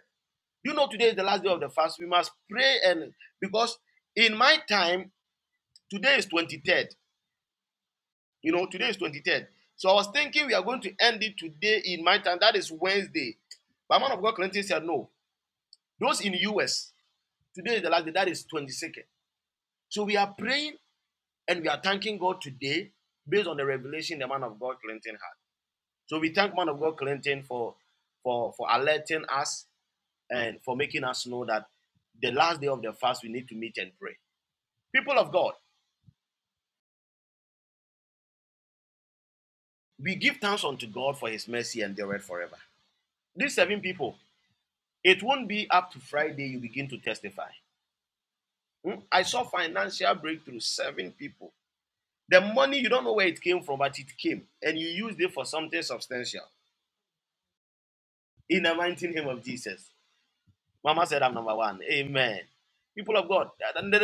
Speaker 4: you know today is the last day of the fast. We must pray and because in my time, today is 23rd. You know, today is 23rd. So I was thinking we are going to end it today in my time. That is Wednesday. But man of God Clinton said, No. Those in US, today is the last day, that is 22nd. So we are praying and we are thanking God today based on the revelation the man of God Clinton had. So we thank man of God Clinton for for for alerting us and for making us know that the last day of the fast we need to meet and pray. People of God, we give thanks unto God for his mercy and endureth forever. These seven people, it won't be up to Friday you begin to testify. Hmm? I saw financial breakthrough, seven people. The money you don't know where it came from, but it came, and you used it for something substantial. in the mighty name of Jesus. Mama said, I'm number one. Amen. People of God, and there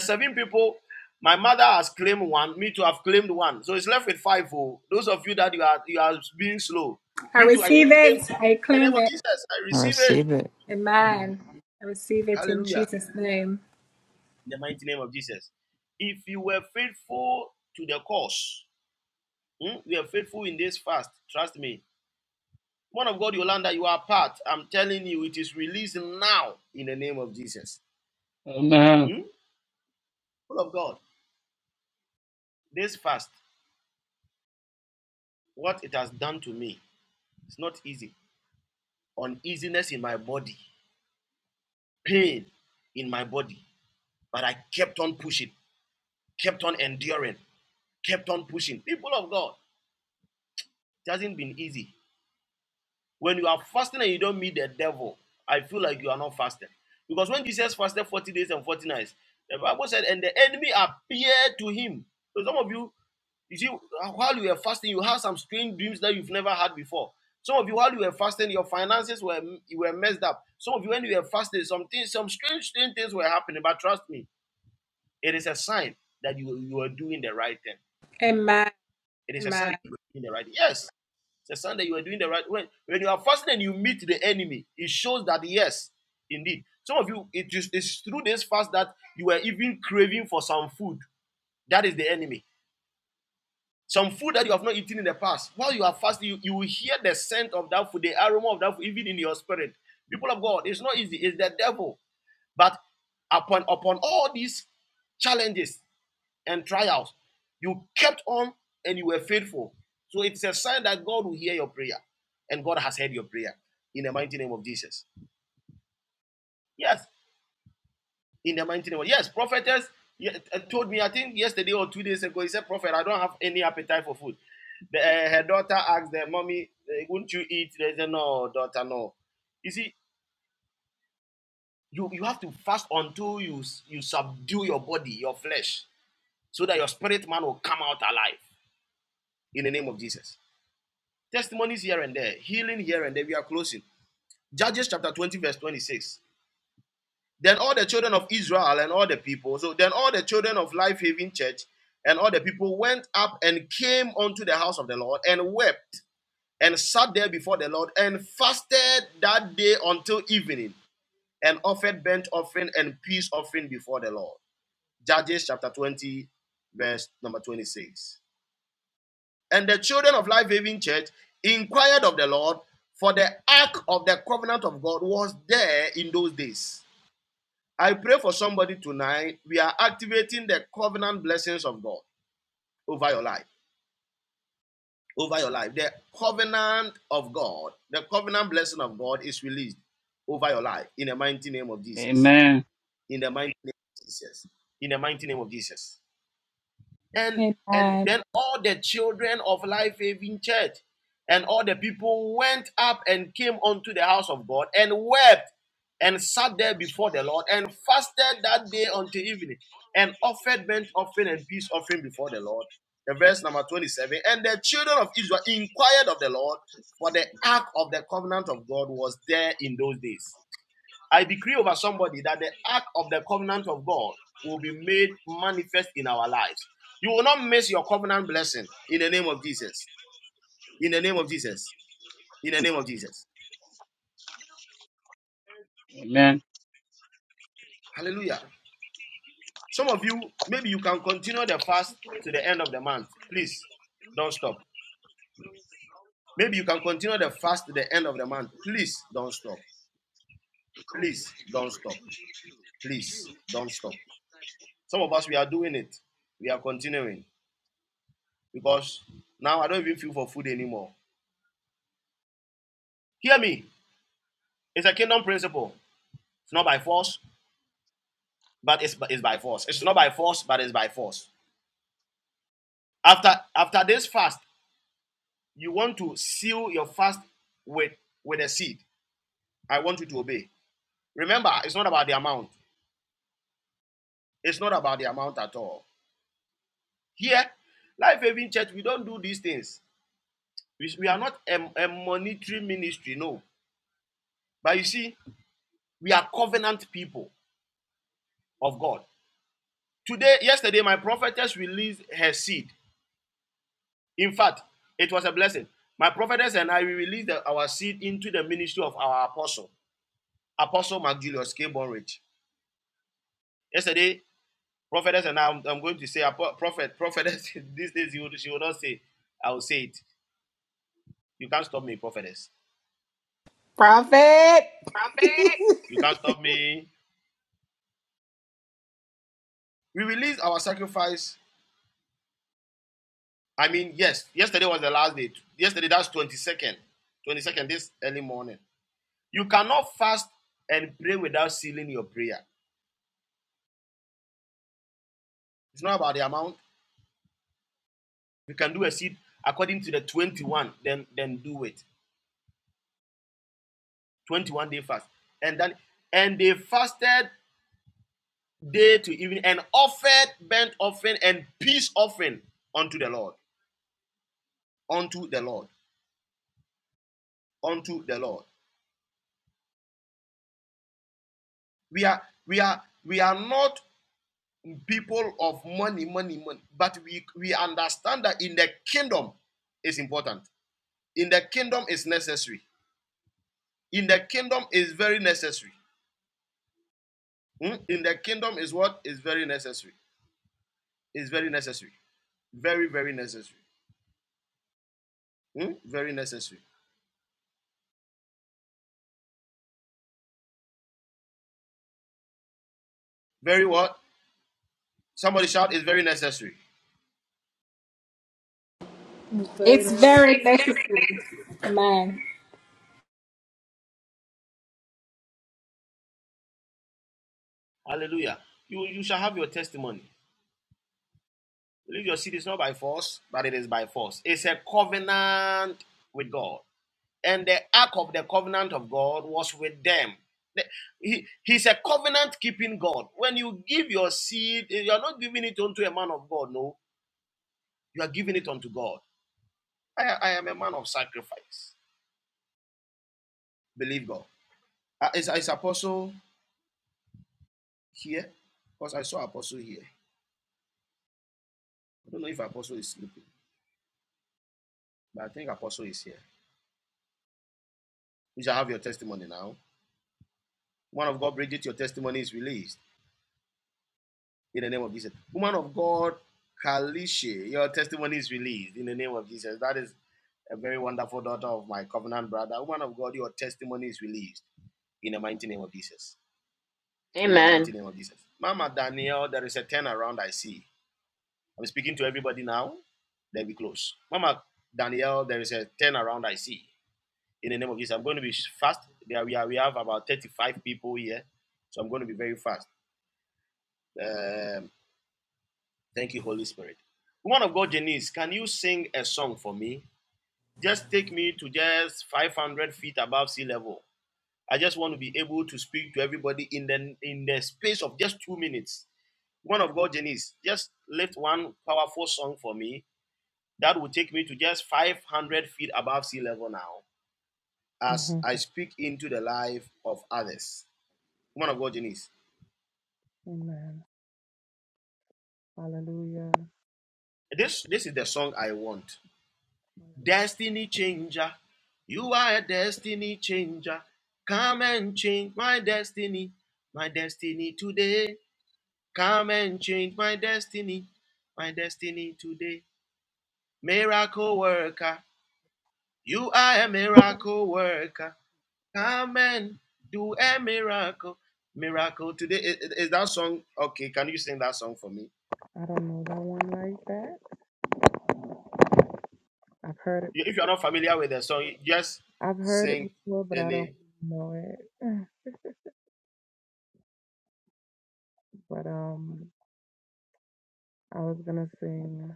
Speaker 4: seven people. My mother has claimed one. Me too, I've claimed one. So it's left with five. Oh, those of you that you are you are being slow.
Speaker 1: I
Speaker 4: Me too, I claim
Speaker 1: receive
Speaker 4: in
Speaker 1: it. I
Speaker 4: the name
Speaker 1: claim
Speaker 4: of
Speaker 1: it.
Speaker 4: Jesus. I
Speaker 19: I
Speaker 4: receive it.
Speaker 19: receive it.
Speaker 4: Hallelujah. In the mighty name of Jesus. If you were faithful to the cause, hmm, we are faithful in this fast. Trust me. One of God, Yolanda, you are part. I'm telling you, it is released now in the name of Jesus.
Speaker 5: amen,
Speaker 4: Hmm? Full of God. This fast, what it has done to me, it's not easy. Uneasiness in my body, pain in my body, but I kept on pushing, kept on enduring, kept on pushing. People of God, it hasn't been easy. When you are fasting and you don't meet the devil, I feel like you are not fasting. Because when Jesus fasted 40 days and 40 nights, the Bible said, and the enemy appeared to him. So some of you, You see, uh, while you were fasting, you had some strange dreams that you've never had before. Some of you, while you were fasting, your finances were you were messed up. Some of you, when you were fasting, some things, some strange, strange things were happening. But trust me, it is a sign that you you are doing the right thing.
Speaker 1: Amen.
Speaker 4: It is a sign
Speaker 1: Amen.
Speaker 4: that you are doing the right. Thing. Yes, it's a sign that you are doing the right. thing. When when you are fasting and you meet the enemy, it shows that yes, indeed. Some of you, it is it's through this fast that you were even craving for some food. That is the enemy Some food that you have not eaten in the past, while you are fasting, you, you will hear the scent of that food, the aroma of that food, even in your spirit. People of God, it's not easy, it's the devil. But upon upon all these challenges and trials, you kept on and you were faithful. So it's a sign that God will hear your prayer and God has heard your prayer in the mighty name of Jesus. Yes, in the mighty name. Yes, prophetess yeah, uh, told me, I think yesterday or two days ago, he said, Prophet, I don't have any appetite for food. The, uh, her daughter asked the mommy, will not you eat? They said, No, daughter, no. You see, you, you have to fast until you, you subdue your body, your flesh, so that your spirit man will come out alive in the name of Jesus. Testimonies here and there, healing here and there. We are closing. Judges chapter 20, verse 26. Then all the children of Israel and all the people, so then all the children of Life Haven Church and all the people went up and came unto the house of the Lord and wept and sat there before the Lord and fasted that day until evening and offered burnt offering and peace offering before the Lord. Judges chapter 20, verse number 26. And the children of Life Haven Church inquired of the Lord, for the ark of the covenant of God was there in those days. I pray for somebody tonight. We are activating the covenant blessings of God over your life. Over your life. The covenant of God, the covenant blessing of God is released over your life in the mighty name of Jesus.
Speaker 5: amen,
Speaker 4: In the mighty name of Jesus. In the mighty name of Jesus. and and
Speaker 1: Amen.
Speaker 4: then all the children of life haven church and all the people went up and came unto the house of god and wept and sat there before the lord and fasted that day until evening and offered burnt offering and peace offering before the lord the verse number 27 and the children of israel inquired of the lord for the ark of the covenant of god was there in those days I decree over somebody that the ark of the covenant of God will be made manifest in our lives. You will not miss your covenant blessing in the name of Jesus. In the name of Jesus. In the name of Jesus.
Speaker 5: amen.
Speaker 4: Hallelujah. Some of you, maybe you can continue the fast to the end of the month. Please don't stop. Maybe you can continue the fast to the end of the month. Please don't stop. Please don't stop. Please don't stop. Some of us, we are doing it. We are continuing because now I don't even feel for food anymore. Hear me. It's a kingdom principle. It's not by force, but it's, it's by force. It's not by force, but it's by force. After after this fast, you want to seal your fast with with a seed. I want you to obey. Remember, it's not about the amount. It's not about the amount at all. Here, Life Haven Church, we don't do these things. We, we are not a, a monetary ministry, no. But you see, we are covenant people of God. Today, yesterday, my prophetess released her seed In fact, it was a blessing. My prophetess and I we released the- our seed into the ministry of our apostle, Apostle Mark Julius K. Bonridge. Yesterday, prophetess and I, I'm, I'm going to say, prophet, prophetess, these days you, she will not say, I will say it. You can't stop me, prophetess. Prophet. You can't stop me. We released our sacrifice. I mean, yes, yesterday was the last day. Yesterday, that's 22nd. 22nd, this early morning. You cannot fast and pray without sealing your prayer. It's not about the amount, you can do a seed according to the 21 then then do it 21 day fast and then and they fasted day to evening and offered burnt offering and peace offering unto the lord unto the lord unto the lord we are we are we are not people of money money money but we we understand that in the kingdom is important in the kingdom is necessary in the kingdom is very necessary Hmm? in the kingdom is what is very necessary is very necessary Very, very necessary. Hmm? Very necessary. Very what? Somebody shout, it's very necessary.
Speaker 1: It's
Speaker 15: Jesus.
Speaker 1: very
Speaker 4: It's
Speaker 1: next
Speaker 4: very necessary.
Speaker 1: man.
Speaker 4: Hallelujah. You, you shall have your testimony. Leave your seed is not by force, but it is by force. It's a covenant with God. And the ark of the covenant of God was with them. He, he's a covenant keeping God. When you give your seed, you are not giving it unto a man of God, no. You are giving it unto God. I, I am a man of sacrifice. Believe God. Uh, Is, Apostle? here because I saw Apostle here. I don't know if Apostle is sleeping, but I think Apostle is here. You shall have your testimony now. Woman of God, Bridget, your testimony is released in the name of Jesus. Woman of God, Kalishe, your testimony is released in the name of Jesus. That is a very wonderful daughter of my covenant brother. Woman of God, your testimony is released in the mighty name of Jesus. In the
Speaker 20: Amen.
Speaker 4: mighty name of Jesus. Mama Danielle, there is a turnaround I see. I'm speaking to everybody now. Then we close. Mama Danielle. there is a turnaround I see in the name of Jesus. I'm going to be fast. There we are. We have about 35 people here, so I'm going to be very fast. Um, thank you, Holy Spirit. Woman of God, Janice, can you sing a song for me? Just take me to just 500 feet above sea level. I just want to be able to speak to everybody in the in the space of just two minutes. Woman of God, Janice, just lift one powerful song for me that will take me to just 500 feet above sea level now as
Speaker 21: hmm
Speaker 4: I speak into the life of others. Woman of God, Janice.
Speaker 21: Amen. Hallelujah.
Speaker 4: This this is the song I want. Destiny changer. You are a destiny changer. Come and change my destiny. My destiny today. Come and change my destiny. My destiny today. Miracle worker. You are a miracle worker. Come and do a miracle. Miracle today. I- Is, that song okay? Can you sing that song for me?
Speaker 21: I don't know that one like that. I've heard it.
Speaker 4: If you're not familiar with the song, just
Speaker 21: I've heard it
Speaker 4: sing
Speaker 21: before, but I don't
Speaker 4: any.
Speaker 21: know it. But um, I was gonna sing.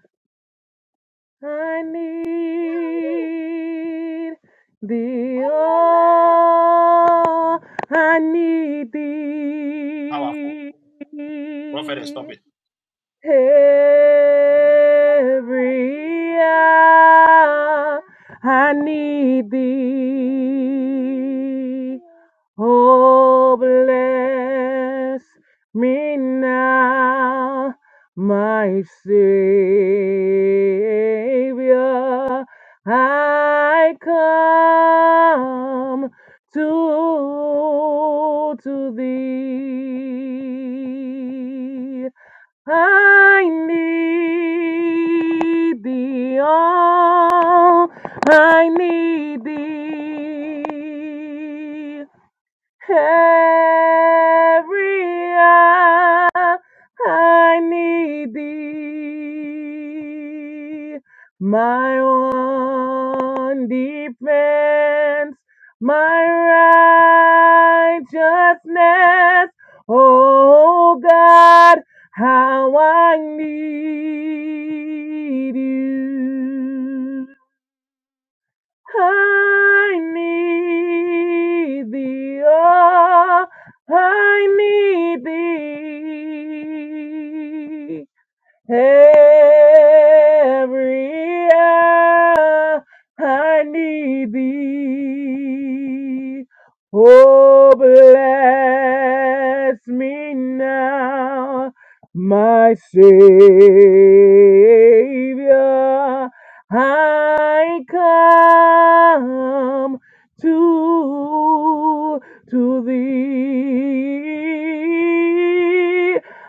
Speaker 21: I need thee, oh, I need
Speaker 4: Powerful. Prophet, and
Speaker 21: thee.
Speaker 4: stop it.
Speaker 21: Every hour I need thee. Oh, bless me now, my Savior. I come to, to thee. I need thee all. I need thee. Every hour I need thee, my one defense, my righteousness. Oh God, how I need you. I need thee, oh, I need thee. Every hour I need thee. Oh, bless me now, my Savior. I come to to thee.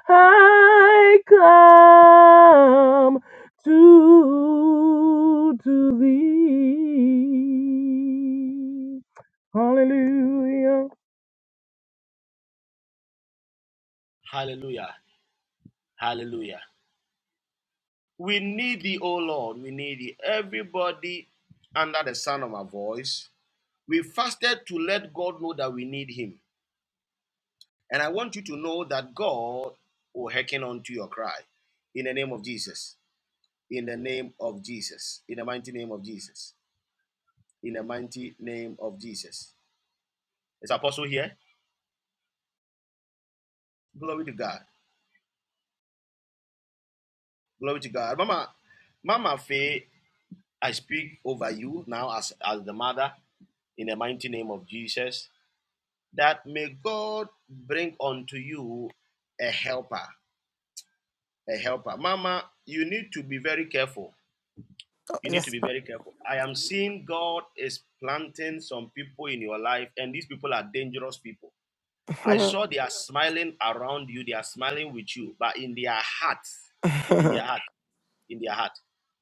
Speaker 21: I come to, to thee. Hallelujah.
Speaker 4: Hallelujah. Hallelujah. We need thee, O Lord. We need thee. Everybody under the sound of my voice, we fasted to let God know that we need him. And I want you to know that God will hearken unto your cry. In the name of Jesus. In the name of Jesus. In the mighty name of Jesus. In the mighty name of Jesus. Is Apostle here? Glory to God. Glory to God. Mama, Mama Faye I speak over you now as, as the mother in the mighty name of Jesus that may God bring unto you a helper, a helper. Mama, you need to be very careful.
Speaker 7: Oh,
Speaker 4: You need to
Speaker 7: yes,
Speaker 4: be very careful. I am seeing God is planting some people in your life, and these people are dangerous people. I
Speaker 7: sir.
Speaker 4: saw they are smiling around you, they are smiling with you, but in their hearts, in their heart. in their heart,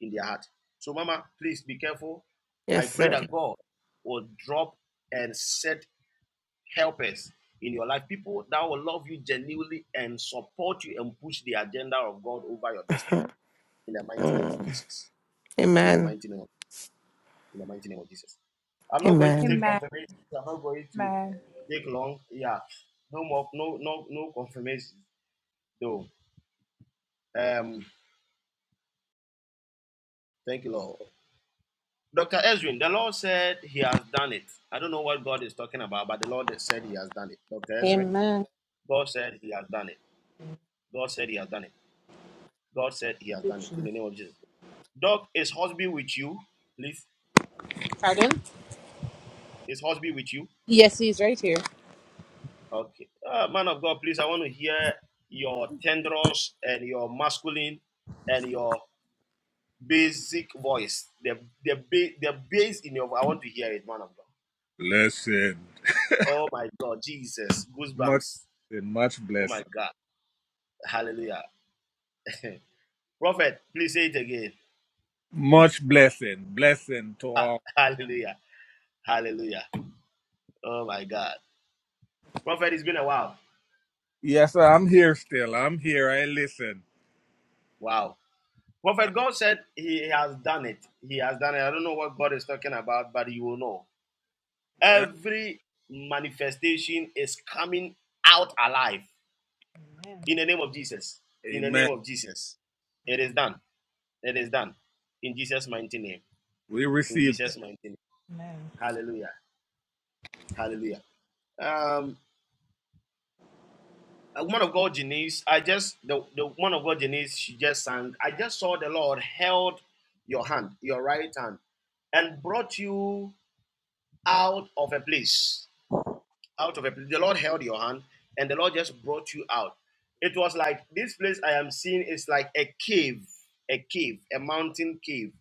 Speaker 4: in their heart. So, Mama, please be careful. I
Speaker 7: yes,
Speaker 4: pray
Speaker 7: sir.
Speaker 4: that God will drop and set helpers in your life, people that will love you genuinely and support you and push the agenda of God over your destiny. In the mighty name of
Speaker 7: Mm.
Speaker 4: Jesus. In the
Speaker 7: Amen.
Speaker 4: mighty name of, in the mighty name of Jesus. I'm not going to
Speaker 7: Amen.
Speaker 4: take confirmation. I'm not going to take long. Yeah. No more, no, no, no confirmation though. Um, thank you, Lord. Dr. Ezrin, the Lord said he has done it. I don't know what God is talking about, but the Lord said he has done it. Dr. Ezrin,
Speaker 15: Amen.
Speaker 4: God said he has done it. God said he has done it. God said he has
Speaker 15: Thank you,
Speaker 4: done it. In
Speaker 15: Jesus.
Speaker 4: the name of Jesus. Doc, is Hosby with you? Please.
Speaker 15: Pardon?
Speaker 4: Is Hosby with you?
Speaker 15: Here.
Speaker 4: Okay. Uh, man of God, please, I want to hear your tendrils and your masculine and your basic voice. The, the, ba- the bass in your voice. I want to hear it, man of God.
Speaker 15: Blessing.
Speaker 4: Oh my God, Jesus.
Speaker 15: Much
Speaker 4: Goosebumps.
Speaker 15: blessing. Much
Speaker 4: Oh my
Speaker 15: blessing.
Speaker 4: God. Hallelujah. Prophet, please say it again.
Speaker 15: Much blessing. Blessing to
Speaker 4: Ha-
Speaker 15: all.
Speaker 4: Hallelujah. Hallelujah. Oh my God. Prophet, it's been a while.
Speaker 15: Yes, sir, I'm here still. I'm here. I listen.
Speaker 4: Wow. Prophet, God said He has done it. He has done it. I don't know what God is talking about, but you will know.
Speaker 15: Well,
Speaker 4: Every manifestation is coming out alive in the name of Jesus. In the name
Speaker 15: amen.
Speaker 4: of Jesus. It is done. It is done. In Jesus' mighty name.
Speaker 15: We
Speaker 4: In
Speaker 15: receive it.
Speaker 4: Jesus' mighty name. Hallelujah. Hallelujah. Um. uh, woman of God Janice, I just the, the woman of God Janice, she just sang. I just saw the Lord held your hand, your right hand, and brought you out of a place out of a place. The Lord held your hand and the Lord just brought you out. It was like this place I am seeing is like a cave, a cave, a mountain cave.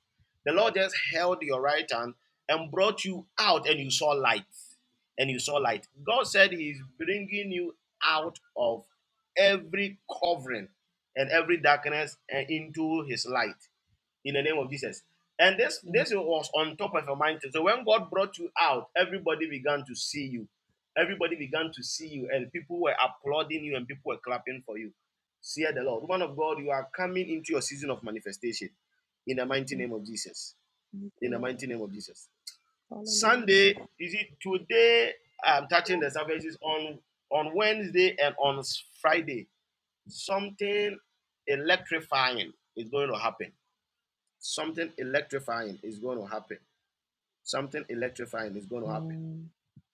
Speaker 4: The Lord just held your right hand and brought you out, and you saw light. And you saw light. God said He is bringing you out of every covering and every darkness and into His light in the name of Jesus. And this
Speaker 21: Thank
Speaker 4: this was on top of your mind. So when God brought you out, everybody began to see you. Everybody began to see you, and people were applauding you and people were clapping for you. See the Lord. Woman of God, you are coming into your season of manifestation in the mighty
Speaker 21: you,
Speaker 4: name of Jesus.
Speaker 21: thank you,
Speaker 4: In the
Speaker 21: Lord.
Speaker 4: mighty name of Jesus.
Speaker 21: Hallelujah.
Speaker 4: Sunday, is it today? I'm touching the services on on Wednesday and on Friday. Something electrifying is going to happen Something electrifying is going to happen. Something electrifying is going to happen.
Speaker 21: Amen.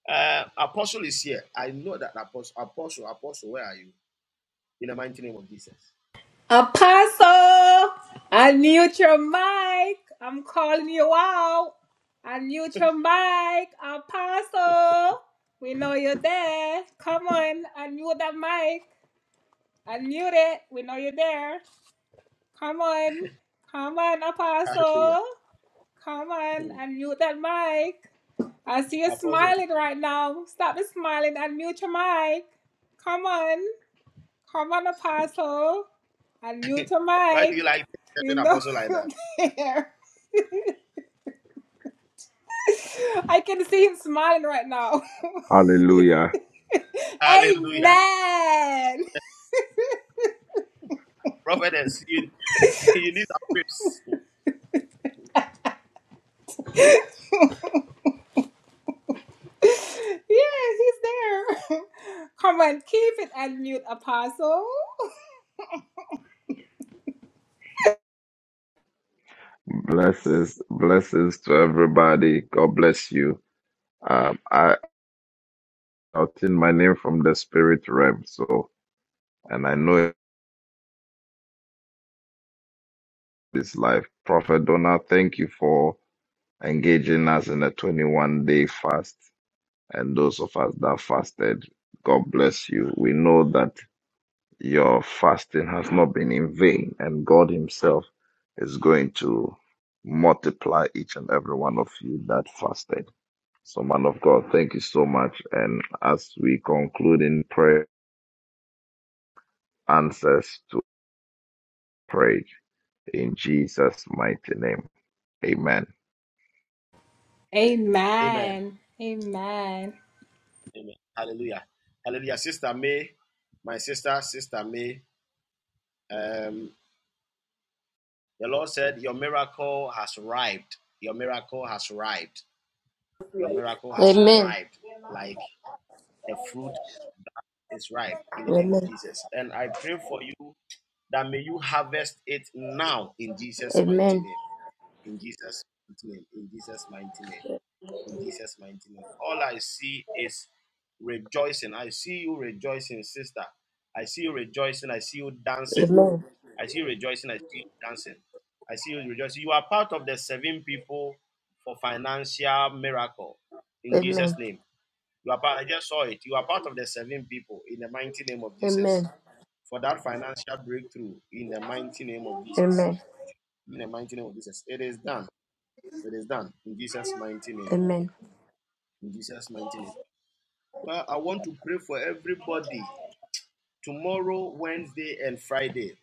Speaker 4: Uh, Apostle is here. I know that Apostle, Apostle, Apostle, where are you? In the mighty name of Jesus.
Speaker 1: Apostle, unmute your mic. I'm calling you out. Unmute your mic, Apostle. We know you're there. Come on, unmute that mic. Unmute it. We know you're there. Come on. Come on,
Speaker 4: Hallelujah.
Speaker 1: Apostle. Come on,
Speaker 4: Hmm.
Speaker 1: unmute that mic. I see you
Speaker 4: Apostle,
Speaker 1: smiling right now. Stop the smiling and mute your mic. Come on. Come on, Apostle. And mute your
Speaker 4: why do
Speaker 1: mic.
Speaker 4: you like
Speaker 1: We
Speaker 4: an
Speaker 1: know
Speaker 4: apostle like that?
Speaker 1: you're there. I can see him smiling right now.
Speaker 22: Hallelujah.
Speaker 4: Hallelujah.
Speaker 1: Amen.
Speaker 4: Prophetess, you, you need a grace. Hmm.
Speaker 1: Yeah, he's there. Come on, keep it and mute, Apostle.
Speaker 22: Blessings, blessings to everybody. God bless you. Um, I obtained my name from the spirit realm, so and I know it's life. Prophet Donald, thank you for engaging us in a 21 day fast. And those of us that fasted, God bless you. We know that your fasting has not been in vain, and God Himself is going to multiply each and every one of you that fasted. So, man of God, thank you so much. And as we conclude in prayer, answers to prayer in Jesus' mighty name. Amen.
Speaker 4: Amen. Amen. Hallelujah. Hallelujah. Sister May, my sister, Sister May, um, the Lord said, Your miracle has arrived. Your miracle has arrived. Your miracle has
Speaker 23: Amen.
Speaker 4: arrived like a fruit is ripe in the name of
Speaker 23: Amen.
Speaker 4: Jesus. And I pray for you that may you harvest it now in Jesus' mighty
Speaker 23: Amen.
Speaker 4: name. In Jesus' mighty name. In Jesus' mighty name. In Jesus' mighty name. All I see is rejoicing. I see you rejoicing, sister. I see you rejoicing. I see you dancing.
Speaker 23: Amen.
Speaker 4: I see you rejoicing. I see you dancing. I see you rejoicing. You are part of the seven people for financial miracle in
Speaker 23: Amen.
Speaker 4: Jesus' name. You are part, I just saw it. You are part of the seven people in the mighty name of Jesus
Speaker 23: Amen.
Speaker 4: for that financial breakthrough in the mighty name of Jesus.
Speaker 23: Amen.
Speaker 4: In the mighty name of Jesus. It is done. It is done in Jesus' mighty name.
Speaker 23: Amen.
Speaker 4: In Jesus' mighty name. Well, I want to pray for everybody tomorrow, Wednesday, and Friday.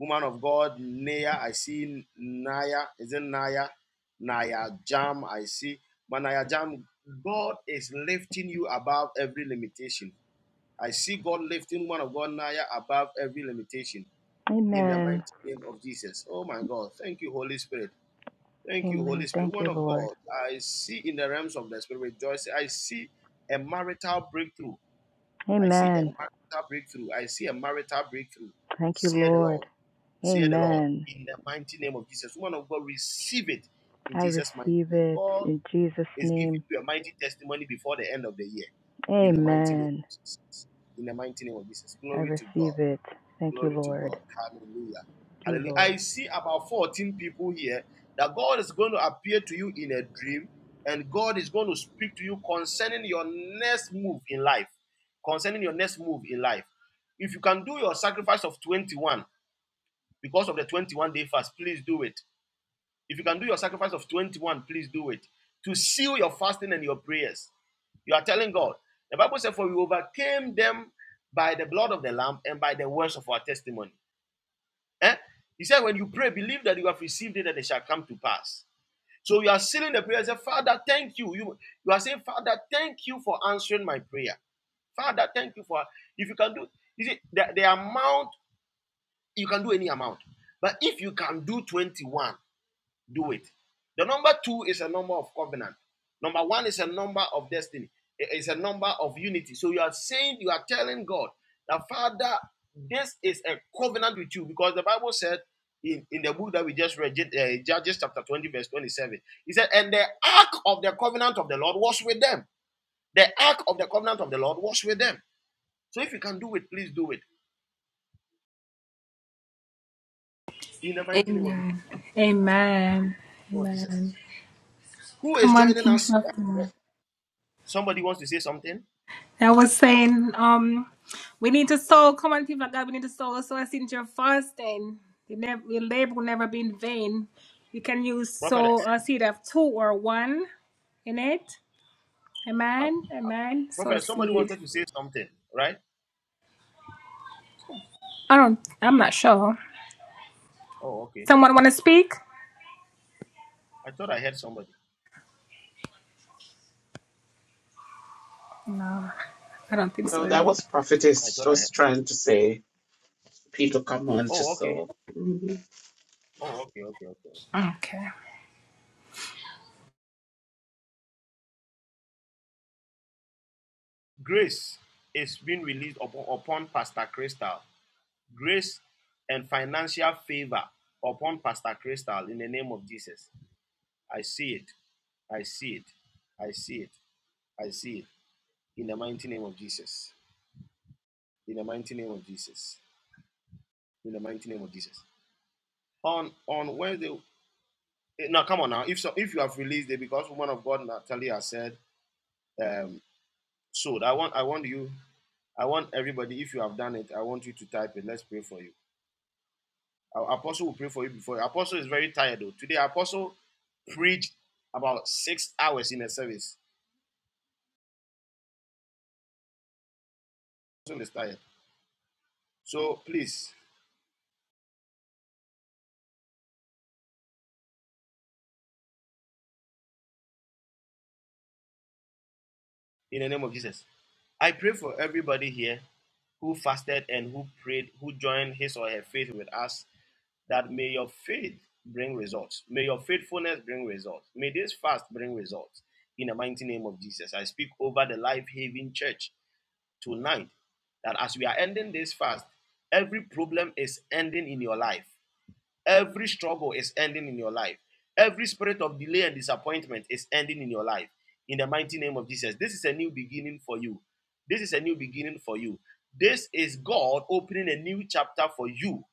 Speaker 4: Woman of God, Naya, I see Naya. Is it Naya? Naya Jam, I see. But Naya Jam, God is lifting you above every limitation. I see God lifting one of God Naya above every limitation in the
Speaker 16: Amen.
Speaker 4: mighty name of Jesus. Oh my God. Thank you, Holy Spirit. Thank you, Holy
Speaker 16: Amen.
Speaker 4: Spirit.
Speaker 16: Thank you,
Speaker 4: One of
Speaker 16: Lord.
Speaker 4: God, I see in the realms of the Spirit rejoicing. I see a marital breakthrough. I see a
Speaker 16: Amen.
Speaker 4: marital breakthrough. I see a marital breakthrough.
Speaker 16: Thank you,
Speaker 4: Say the
Speaker 16: Lord.
Speaker 4: Lord. Say the Lord.
Speaker 16: Amen.
Speaker 4: In the mighty name of Jesus. One of God, receive it in
Speaker 16: I
Speaker 4: Jesus' mighty
Speaker 16: receive
Speaker 4: name.
Speaker 16: it
Speaker 4: God
Speaker 16: in Jesus'
Speaker 4: is giving
Speaker 16: name.
Speaker 4: you a mighty testimony before the end of the year. In the mighty name of
Speaker 16: Amen.
Speaker 4: Jesus. In the mighty name of Jesus.
Speaker 16: I
Speaker 4: Glory to God.
Speaker 16: receive it. Thank you,
Speaker 4: Glory to
Speaker 16: Lord.
Speaker 4: God. Hallelujah.
Speaker 16: Thank you,
Speaker 4: Hallelujah.
Speaker 16: Lord.
Speaker 4: I see about 14 people here that God is going to appear to you in a dream and God is going to speak to you concerning your next move in life. Concerning your next move in life. If you can do your sacrifice of 21 because of the 21 day fast, please do it if you can do your sacrifice of 21, please do it. To seal your fasting and your prayers. You are telling God. The Bible said, For we overcame them by the blood of the Lamb and by the words of our testimony. Eh? He said, When you pray, believe that you have received it and it shall come to pass. So you are sealing the prayer. and Say, Father, thank you. you. You are saying, Father, thank you for answering my prayer. Father, thank you for if you can do you see the, the amount, you can do any amount. But if you can do 21, do it. The number two is a number of covenant. Number one is a number of destiny. It's a number of unity. So you are saying, you are telling God that Father, this is a covenant with you because the Bible said in, in the book that we just read, uh, Judges chapter 20, verse 27, he said, And the ark of the covenant of the Lord was with them. The ark of the covenant of the Lord was with them. So if you can do it, please do it in the mighty name
Speaker 1: Amen. Amen.
Speaker 4: of Jesus.
Speaker 1: Amen.
Speaker 4: Who is
Speaker 1: Come on,
Speaker 4: joining
Speaker 1: people.
Speaker 4: us? Somebody wants to say something?
Speaker 1: I was saying, um, we need to sow. Come on, people of God, we need to sow. So I since You're fasting. You never, your labor will never be in vain. You can use sow
Speaker 4: Prophetess.
Speaker 1: a seed of two or one in it.
Speaker 4: Oh.
Speaker 1: Amen. Amen. Sow a
Speaker 4: Prophet, somebody
Speaker 1: seed.
Speaker 4: wanted to say something, right? Oh,
Speaker 1: I don't. I'm not sure.
Speaker 4: oh, okay.
Speaker 1: Someone want to speak?
Speaker 4: I thought I heard somebody.
Speaker 1: No, I don't think
Speaker 2: No,
Speaker 1: so.
Speaker 2: that was
Speaker 4: I
Speaker 2: prophetess
Speaker 4: thought I heard.
Speaker 2: just trying to say, people, come on to
Speaker 4: Oh, okay.
Speaker 2: sow. Mhm.
Speaker 4: Oh, okay, okay, okay.
Speaker 1: Okay.
Speaker 4: Grace is being released upon, upon Pastor Crystal. Grace and financial favor upon Pastor Crystal in the name of Jesus. I see it. I see it. I see it. I see it. In the mighty name of Jesus. In the mighty name of Jesus. In the mighty name of Jesus. On on Wednesday. Eh, Now, come on now. If so, if you have released it, because woman of God Natalia said, um, so I want I want you, I want everybody. If you have done it, I want you to type it. Let's pray for you. Our Apostle will pray for you before. Apostle is very tired though. Today, Apostle preached about six hours in a service. Apostle is tired. So please, in the name of Jesus, I pray for everybody here who fasted and who prayed, who joined his or her faith with us that may your faith bring results. May your faithfulness bring results. May this fast bring results. In the mighty name of Jesus, I speak over the Life Haven Church tonight that as we are ending this fast, every problem is ending in your life, every struggle is ending in your life, every spirit of delay and disappointment is ending in your life. In the mighty name of Jesus, this is a new beginning for you. This is a new beginning for you. This is God opening a new chapter for you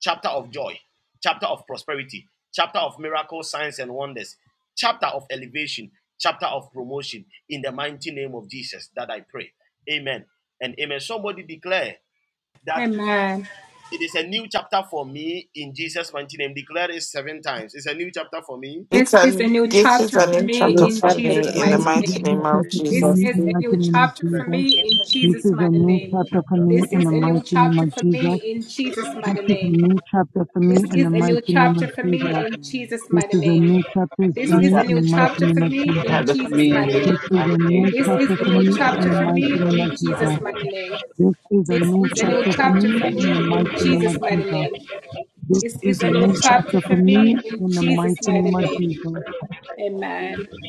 Speaker 4: chapter of joy, chapter of prosperity, chapter of miracles, signs, and wonders, chapter of elevation, chapter of promotion. In the mighty name of Jesus, that I pray. Amen. And amen. Somebody declare that
Speaker 1: Amen.
Speaker 4: it is a new chapter for me in Jesus' mighty name. Declare it seven times. It's a new chapter for me.
Speaker 24: It's
Speaker 1: This is a
Speaker 24: un-
Speaker 1: new
Speaker 24: ditches
Speaker 1: chapter
Speaker 24: and
Speaker 1: for
Speaker 24: in
Speaker 1: me
Speaker 24: truckers
Speaker 3: Lord,
Speaker 1: in
Speaker 24: from
Speaker 3: chapter
Speaker 1: Jesus'
Speaker 24: me in
Speaker 25: Several
Speaker 10: This
Speaker 24: the
Speaker 1: mighty
Speaker 10: is a
Speaker 3: 15.
Speaker 24: mighty
Speaker 1: name.
Speaker 10: new
Speaker 24: name of
Speaker 10: chapter
Speaker 25: subcomponents
Speaker 10: for
Speaker 1: This
Speaker 24: Jesus.
Speaker 10: me
Speaker 1: is
Speaker 10: in
Speaker 1: a
Speaker 10: my
Speaker 1: new
Speaker 10: name of
Speaker 1: chapter for
Speaker 10: Jesus.
Speaker 1: me in
Speaker 10: This
Speaker 1: Jesus'
Speaker 10: is a
Speaker 1: mighty
Speaker 10: new
Speaker 25: in
Speaker 1: name.
Speaker 10: chapter
Speaker 25: each
Speaker 10: for me
Speaker 1: This
Speaker 10: in
Speaker 1: is
Speaker 10: the
Speaker 25: subcomponent
Speaker 1: a
Speaker 10: mighty
Speaker 1: new
Speaker 10: name
Speaker 1: chapter
Speaker 10: of
Speaker 1: for me
Speaker 10: Jesus.
Speaker 1: in Jesus'
Speaker 10: This
Speaker 1: mighty
Speaker 10: is a
Speaker 1: name.
Speaker 10: new chapter for
Speaker 1: This
Speaker 10: me in the
Speaker 1: is a new
Speaker 10: mighty name
Speaker 1: chapter
Speaker 10: of
Speaker 1: for me
Speaker 10: Jesus.
Speaker 1: in
Speaker 3: We
Speaker 1: Jesus'
Speaker 10: This
Speaker 1: mighty
Speaker 10: is a
Speaker 1: name.
Speaker 10: new chapter
Speaker 5: It's a
Speaker 10: for
Speaker 1: This
Speaker 5: new
Speaker 1: is
Speaker 10: me
Speaker 1: a
Speaker 5: chapter,
Speaker 10: in the
Speaker 1: new
Speaker 10: mighty
Speaker 3: thank
Speaker 1: chapter
Speaker 10: name
Speaker 1: for
Speaker 10: of Jesus.
Speaker 5: new
Speaker 1: me
Speaker 3: you for
Speaker 1: in
Speaker 5: chapter for
Speaker 1: Jesus'
Speaker 5: me
Speaker 3: your
Speaker 5: in
Speaker 1: mighty
Speaker 5: Jesus'
Speaker 10: This
Speaker 1: name.
Speaker 10: is a
Speaker 5: mighty
Speaker 10: new
Speaker 5: name.
Speaker 1: This is
Speaker 10: chapter
Speaker 1: a
Speaker 10: for
Speaker 1: new
Speaker 10: me
Speaker 5: New
Speaker 10: in
Speaker 1: chapter
Speaker 10: the
Speaker 5: chapter
Speaker 1: for
Speaker 5: for me
Speaker 10: mighty
Speaker 5: in
Speaker 1: me
Speaker 10: name
Speaker 1: in
Speaker 10: of
Speaker 5: Jesus'
Speaker 10: Jesus.
Speaker 1: Jesus'
Speaker 5: mighty
Speaker 1: mighty
Speaker 5: name.
Speaker 1: name.
Speaker 10: This is a
Speaker 1: This
Speaker 10: new
Speaker 1: is a
Speaker 5: New
Speaker 25: with
Speaker 1: new
Speaker 10: chapter
Speaker 5: chapter
Speaker 10: for
Speaker 5: for
Speaker 10: me
Speaker 1: chapter for
Speaker 5: me in
Speaker 25: each
Speaker 10: in the
Speaker 1: me
Speaker 5: Jesus'
Speaker 1: in
Speaker 10: mighty
Speaker 5: mighty
Speaker 10: name of
Speaker 1: Jesus'
Speaker 5: name.
Speaker 1: mighty
Speaker 10: Jesus.
Speaker 1: name.
Speaker 10: This
Speaker 1: This is
Speaker 10: is
Speaker 1: a
Speaker 10: a
Speaker 1: new
Speaker 10: new chapter
Speaker 1: chapter for
Speaker 10: for
Speaker 1: me
Speaker 10: me
Speaker 25: form
Speaker 1: in
Speaker 10: in the
Speaker 1: Jesus'
Speaker 10: mighty
Speaker 1: mighty
Speaker 10: name of
Speaker 1: name.
Speaker 10: Jesus.
Speaker 25: and shape of
Speaker 1: Amen.
Speaker 25: pieces.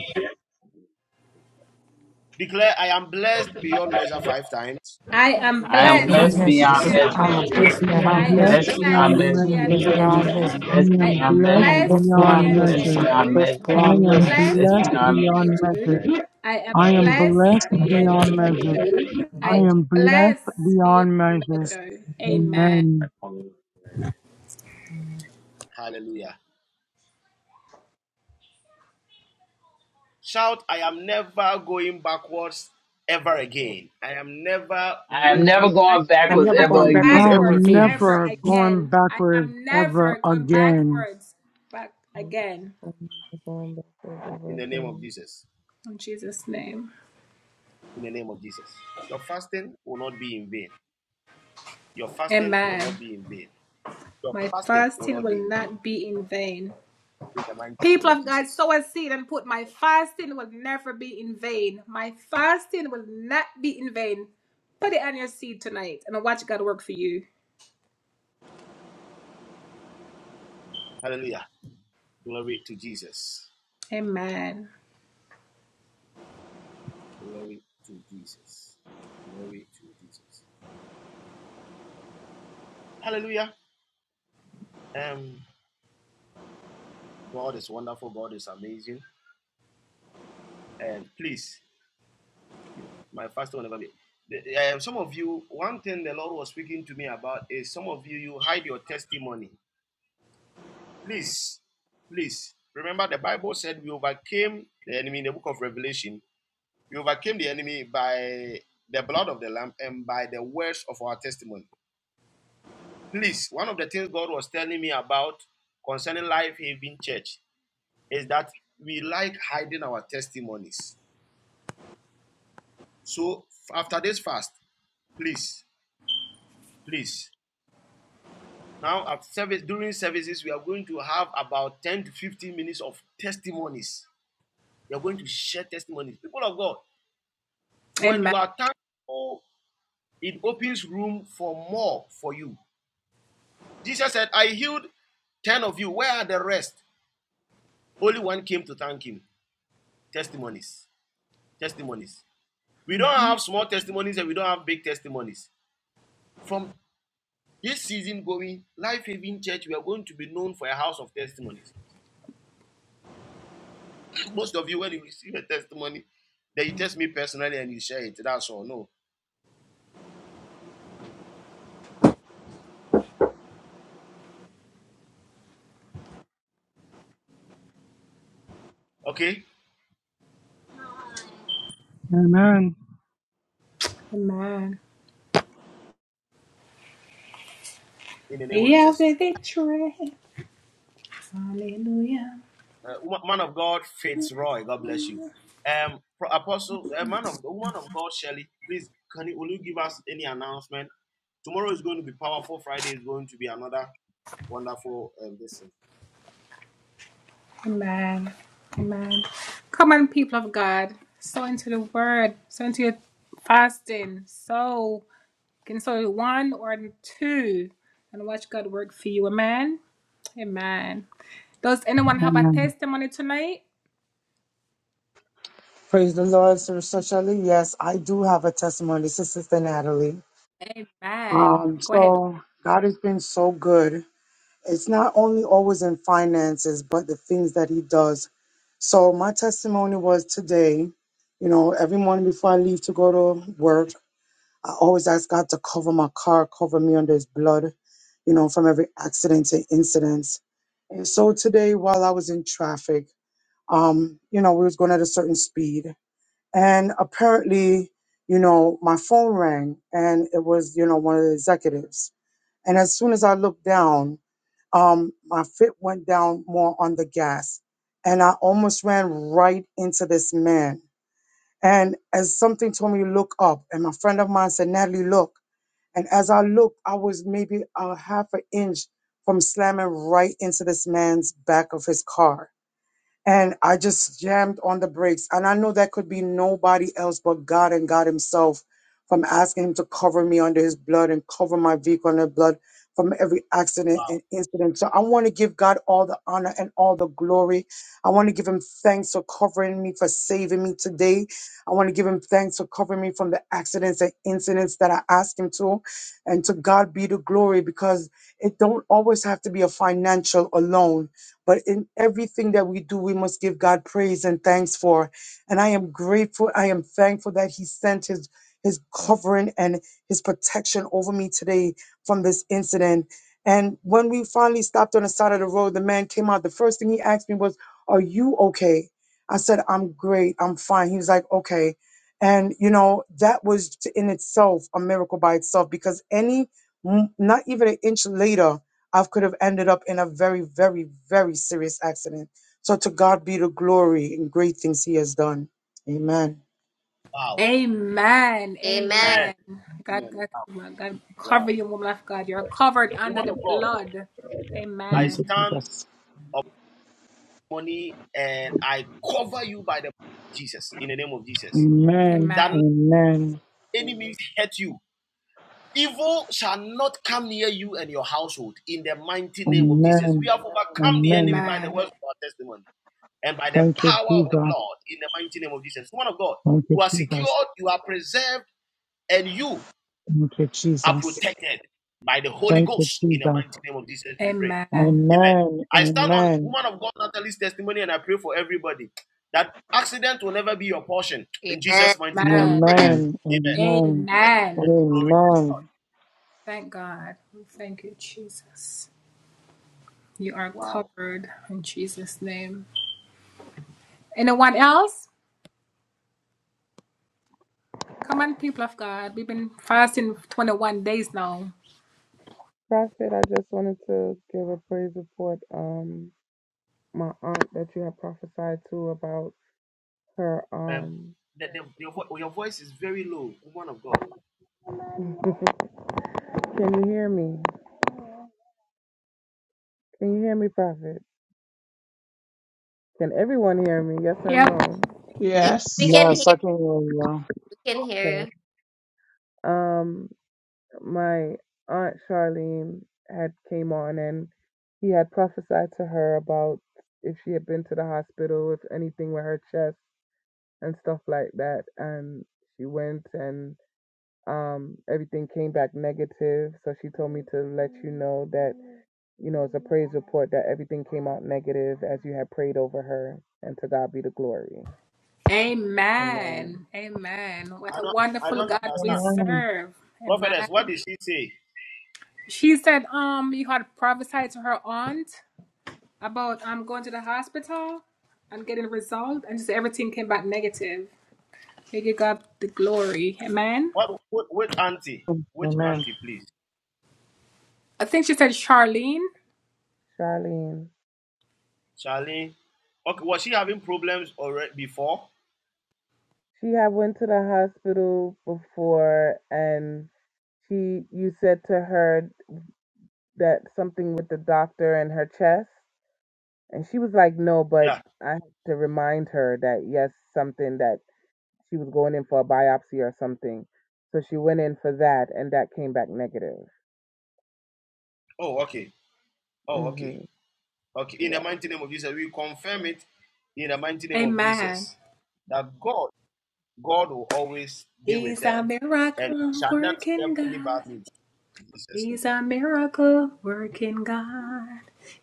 Speaker 4: Declare, I am blessed beyond measure five times.
Speaker 1: I am
Speaker 5: I am
Speaker 6: with my
Speaker 1: blessed
Speaker 5: blessed beyond
Speaker 6: blessings.
Speaker 1: beyond
Speaker 5: measure.
Speaker 6: I'm a
Speaker 25: The
Speaker 1: measure.
Speaker 25: black
Speaker 10: I
Speaker 6: blessed man.
Speaker 5: I
Speaker 25: black
Speaker 10: am
Speaker 6: I'm
Speaker 25: is
Speaker 1: I
Speaker 5: am
Speaker 10: blessed
Speaker 1: am
Speaker 5: blessed
Speaker 6: blessed.
Speaker 5: beyond
Speaker 10: beyond
Speaker 1: blessed
Speaker 6: I'm a
Speaker 5: measure.
Speaker 10: measure.
Speaker 1: beyond
Speaker 6: blessed beyond
Speaker 5: I
Speaker 1: measure.
Speaker 5: am
Speaker 6: measure.
Speaker 25: black
Speaker 5: blessed
Speaker 10: I
Speaker 1: I
Speaker 10: am
Speaker 5: beyond
Speaker 1: am
Speaker 6: I am
Speaker 5: measure.
Speaker 10: blessed
Speaker 6: blessed
Speaker 1: blessed
Speaker 5: I
Speaker 6: beyond
Speaker 10: beyond
Speaker 5: am
Speaker 1: beyond
Speaker 6: measure.
Speaker 5: blessed
Speaker 10: measure.
Speaker 6: I am
Speaker 5: beyond
Speaker 25: and
Speaker 1: measure.
Speaker 6: blessed
Speaker 5: measure.
Speaker 1: I
Speaker 10: I
Speaker 1: am
Speaker 6: beyond
Speaker 5: I
Speaker 10: am
Speaker 5: am
Speaker 6: measure.
Speaker 5: blessed
Speaker 1: blessed
Speaker 10: blessed
Speaker 1: beyond
Speaker 5: beyond.
Speaker 10: beyond
Speaker 1: measure.
Speaker 10: measures.
Speaker 25: black
Speaker 1: I am
Speaker 10: I
Speaker 3: I'm
Speaker 10: am
Speaker 3: blessed.
Speaker 1: blessed
Speaker 10: blessed
Speaker 1: beyond
Speaker 3: measure.
Speaker 10: beyond
Speaker 25: black
Speaker 10: measures.
Speaker 1: measure.
Speaker 10: I
Speaker 1: I am
Speaker 10: am blessed
Speaker 1: blessed beyond
Speaker 10: beyond
Speaker 25: is
Speaker 10: measures.
Speaker 1: measure. Amen.
Speaker 10: Amen.
Speaker 25: a common black
Speaker 4: Hallelujah. Shout, I am never going backwards ever again. I am never
Speaker 5: I am
Speaker 4: moving
Speaker 5: never
Speaker 1: I am
Speaker 5: going
Speaker 6: I'm
Speaker 5: backwards
Speaker 6: never
Speaker 1: never
Speaker 5: ever
Speaker 4: back
Speaker 6: going
Speaker 1: going
Speaker 6: backwards
Speaker 5: again.
Speaker 6: ever
Speaker 10: I'm
Speaker 6: again.
Speaker 1: backward
Speaker 10: never going
Speaker 1: again. I
Speaker 10: backwards
Speaker 1: am
Speaker 10: ever
Speaker 1: never going
Speaker 10: again.
Speaker 1: backwards back
Speaker 21: Amen.
Speaker 1: again.
Speaker 21: I'm Going back
Speaker 4: in
Speaker 21: over
Speaker 4: the name of
Speaker 21: again.
Speaker 4: Jesus.
Speaker 1: In Jesus' name.
Speaker 4: in the name of Jesus. Your fasting will not be in vain. Your fasting will
Speaker 1: Amen.
Speaker 4: not be in vain. Your
Speaker 1: My
Speaker 4: fasting will
Speaker 1: fasting
Speaker 4: not be
Speaker 1: will
Speaker 4: in vain.
Speaker 1: not be in vain.
Speaker 4: In the mighty
Speaker 1: People
Speaker 4: name of
Speaker 1: of God,
Speaker 4: Jesus.
Speaker 1: sow a seed and put my fasting will never be in vain. My fasting will not be in vain. Put it on your seed tonight and watch God work for you.
Speaker 4: Hallelujah. Glory to Jesus.
Speaker 1: Amen.
Speaker 4: Glory to Jesus. Glory to Jesus. Hallelujah. Um, God is wonderful. God is amazing. And please, you, my fasting will never be. the- uh, some of you, one thing the Lord was speaking to me about is some of you, you hide your testimony. Please, please remember the Bible said we overcame the enemy in the book of Revelation. We overcame the enemy by the blood of the Lamb and by the words of our testimony. Please, one of the things God was telling me about concerning Life Haven Church is that we like hiding our testimonies. So after this fast, please, please. Now at service during services, we are going to have about 10 to 15 minutes of testimonies. We are going to share testimonies. People of God, When you
Speaker 1: Amen.
Speaker 4: are thankful, it opens room for more for you. Jesus said, I healed 10 of you. Where are the rest? Only one came to thank him. Testimonies. Testimonies. We don't have small testimonies and we don't have big testimonies. From this season going, Life Haven Church, we are going to be known for a house of testimonies. Most of you, when you receive a testimony, then you test me personally and you share it. That's all. No. Okay?
Speaker 10: Amen.
Speaker 1: Amen.
Speaker 4: In the name of
Speaker 1: We have
Speaker 4: Jesus.
Speaker 1: the victory. Hallelujah.
Speaker 4: uh, man of God Fitzroy, God bless you. Um, Apostle, uh, man of woman of God Shelley, please can you will you give us any announcement? Tomorrow is going to be powerful. Friday is going to be another wonderful um, listen.
Speaker 1: Amen. Amen. Come on, people of God. Sow into the word. Sow into your fasting. Sow. Can so one or two and watch God work for you. Amen. Amen. Does anyone have a
Speaker 10: Amen.
Speaker 1: testimony tonight?
Speaker 10: Praise the Lord, Sister Shelley. Yes, I do have a testimony. This is Sister Natalie.
Speaker 1: Amen.
Speaker 10: Um,
Speaker 1: Go ahead.
Speaker 10: so God has been so good. It's not only always in finances, but the things that he does. So my testimony was today, you know, every morning before I leave to go to work, I always ask God to cover my car, cover me under his blood, you know, from every accident and incidents. And so today while I was in traffic, um, you know, we was going at a certain speed. And apparently, you know, my phone rang and it was, you know, one of the executives. And as soon as I looked down, um, my fit went down more on the gas. And I almost ran right into this man. And as something told me to look up, and my friend of mine said, Natalie, look. And as I looked, I was maybe a half an inch from slamming right into this man's back of his car and I just jammed on the brakes. And I know that could be nobody else but God and God Himself from asking Him to cover me under His blood and cover my vehicle under blood from every accident
Speaker 4: Wow,
Speaker 10: and incident. So I want to give God all the honor and all the glory. I want to give Him thanks for covering me, for saving me today. I want to give Him thanks for covering me from the accidents and incidents that I asked Him to. And to God be the glory because it don't always have to be a financial alone but in everything that we do, we must give God praise and thanks for. And I am grateful. I am thankful that He sent His His covering and His protection over me today from this incident. And when we finally stopped on the side of the road, the man came out. The first thing he asked me was, "Are you okay?" I said, "I'm great. I'm fine." He was like, "Okay." And you know that was t- in itself a miracle by itself because any, m- not even an inch later, I could have ended up in a very, very, very serious accident. So to God be the glory and great things He has done. Amen.
Speaker 4: wow,
Speaker 1: Amen.
Speaker 26: Amen.
Speaker 4: man,
Speaker 1: Amen. God,
Speaker 4: man, wow,
Speaker 1: God, God cover
Speaker 4: wow.
Speaker 1: you, woman of God. You're covered under
Speaker 4: Woman of
Speaker 1: the
Speaker 4: God,
Speaker 1: blood.
Speaker 4: I
Speaker 10: Thank you,
Speaker 1: Amen.
Speaker 4: stand
Speaker 10: Jesus.
Speaker 4: money and I cover you by the Jesus in the name of Jesus.
Speaker 10: Amen.
Speaker 4: That
Speaker 1: Amen.
Speaker 10: Amen.
Speaker 4: enemies hurt you Evil shall not come near you and your household in the mighty name of Jesus. We
Speaker 10: Amen.
Speaker 4: have overcome the enemy
Speaker 10: Amen.
Speaker 4: by the words of our testimony and by the
Speaker 10: Thank you,
Speaker 4: power of the
Speaker 10: Jesus.
Speaker 4: blood in the mighty name of Jesus. Woman of God,
Speaker 10: Thank you,
Speaker 4: you are
Speaker 10: Jesus.
Speaker 4: secured, you are preserved, and you
Speaker 10: Thank you,
Speaker 4: are
Speaker 10: Jesus.
Speaker 4: protected by the Holy
Speaker 10: Thank you,
Speaker 4: Ghost in the
Speaker 10: Jesus.
Speaker 4: mighty name of Jesus. We pray.
Speaker 1: Amen.
Speaker 4: Amen.
Speaker 10: Amen.
Speaker 4: I stand on
Speaker 10: Amen.
Speaker 4: woman of God Natalie's testimony and I pray for everybody that accident will never be your portion in
Speaker 26: Amen.
Speaker 4: Jesus' mighty name that we
Speaker 1: Amen.
Speaker 4: pray.
Speaker 5: Amen.
Speaker 10: Amen.
Speaker 4: Amen.
Speaker 10: Amen.
Speaker 1: Amen.
Speaker 4: Glory to God.
Speaker 10: Amen.
Speaker 1: Thank God. Thank you, Jesus. You are
Speaker 4: Wow.
Speaker 1: covered in Jesus' name. Anyone else? Come on, people of God. We've been fasting 21 days now.
Speaker 21: Prophet, I just wanted to give a praise report. Um, my aunt that you had prophesied to about her.
Speaker 4: Um,
Speaker 21: Um,
Speaker 4: the, the, your, vo- your voice is very low, woman of God.
Speaker 21: can you hear me? Can you hear me, Prophet? Can everyone hear me? Yes or
Speaker 1: Yep.
Speaker 21: no?
Speaker 26: Yes, we
Speaker 2: Yes.
Speaker 26: can
Speaker 10: Yeah,
Speaker 26: hear.
Speaker 10: sucking you.
Speaker 26: We can
Speaker 21: Okay.
Speaker 26: hear.
Speaker 21: Um, my aunt Charlene had came on, and he had prophesied to her about if she had been to the hospital, if anything with her chest and stuff like that. And she went, and um, everything came back negative. So she told me to let you know that you know, it's a praise report that everything came out negative as you had prayed over her. And to God be the glory. Amen.
Speaker 1: Amen. Amen. What
Speaker 4: I
Speaker 1: a
Speaker 4: don't I
Speaker 1: wonderful
Speaker 4: don't
Speaker 1: God we
Speaker 4: understand.
Speaker 10: Amen.
Speaker 1: serve. Amen.
Speaker 4: Prophetess, what did she say?
Speaker 1: She said, um, you had prophesied to her aunt about um going to the hospital and getting resolved, and just everything came back negative. May you God the glory. Amen.
Speaker 4: What what which auntie? Which
Speaker 10: Amen.
Speaker 4: auntie, please?
Speaker 1: I think she said Charlene.
Speaker 21: Charlene.
Speaker 4: Charlene. Okay, was she having problems already before?
Speaker 21: She had went to the hospital before and she you said to her that something with the doctor and her chest and she was like, No, but
Speaker 4: Yeah.
Speaker 21: I had to remind her that yes, something that she was going in for a biopsy or something. So she went in for that and that came back negative.
Speaker 4: Oh, okay. Oh, okay.
Speaker 21: hmm
Speaker 4: Okay. In the
Speaker 21: Yeah.
Speaker 4: mighty name of Jesus, we confirm it in the mighty name of
Speaker 1: Amen.
Speaker 4: Jesus. That God, God will always be with
Speaker 1: He's
Speaker 4: her
Speaker 1: a
Speaker 4: and we
Speaker 1: miracle
Speaker 4: shall not
Speaker 1: working
Speaker 4: help any
Speaker 1: God.
Speaker 4: bad news. In Jesus'
Speaker 1: He's
Speaker 4: name.
Speaker 1: a miracle working God.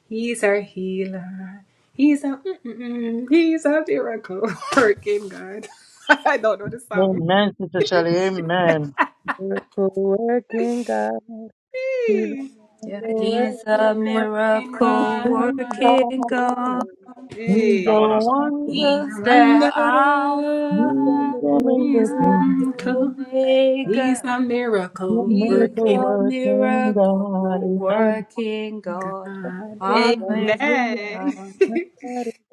Speaker 1: He's our healer. He's a mm-mm-mm. he's a miracle working God. I don't know the song.
Speaker 10: Amen, Sister Shelley. Amen.
Speaker 21: Miracle working God. He's a
Speaker 1: Hey,
Speaker 27: Yeah,
Speaker 21: miracle
Speaker 27: he's
Speaker 21: working
Speaker 27: a
Speaker 1: miracle
Speaker 21: God.
Speaker 1: working
Speaker 10: He's
Speaker 27: miracle
Speaker 1: God.
Speaker 10: a
Speaker 27: working
Speaker 21: One
Speaker 27: God.
Speaker 21: time,
Speaker 4: Come on
Speaker 21: one
Speaker 1: Hey,
Speaker 4: now, somebody.
Speaker 21: time,
Speaker 1: he's
Speaker 21: he's
Speaker 10: wonder,
Speaker 27: He's
Speaker 1: a
Speaker 27: the
Speaker 1: wonder.
Speaker 21: a
Speaker 10: he's
Speaker 27: Alpha
Speaker 10: a
Speaker 1: He's a
Speaker 10: miracle,
Speaker 27: and
Speaker 1: miracle. He's
Speaker 27: Omega.
Speaker 1: a
Speaker 10: he's a
Speaker 1: miracle
Speaker 27: He's
Speaker 10: miracle
Speaker 1: working
Speaker 27: a
Speaker 10: working
Speaker 27: miracle
Speaker 10: God. Amen.
Speaker 27: working God.
Speaker 21: the
Speaker 1: God.
Speaker 21: one.
Speaker 27: Hallelujah.
Speaker 1: Amen.
Speaker 21: That is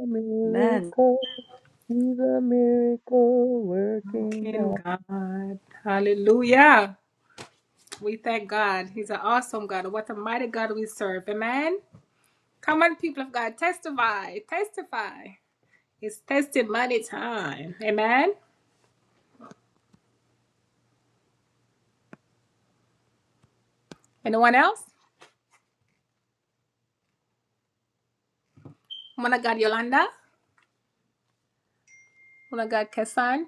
Speaker 21: a
Speaker 27: Amen.
Speaker 21: miracle. He's a miracle working
Speaker 1: working
Speaker 21: God.
Speaker 1: God. Hallelujah. We thank God. He's an awesome God. What a mighty God we serve. Amen. Come on, people of God, testify. Testify. It's testimony time. Amen. Anyone else? Woman of God, Yolanda. Woman of God, Kesan.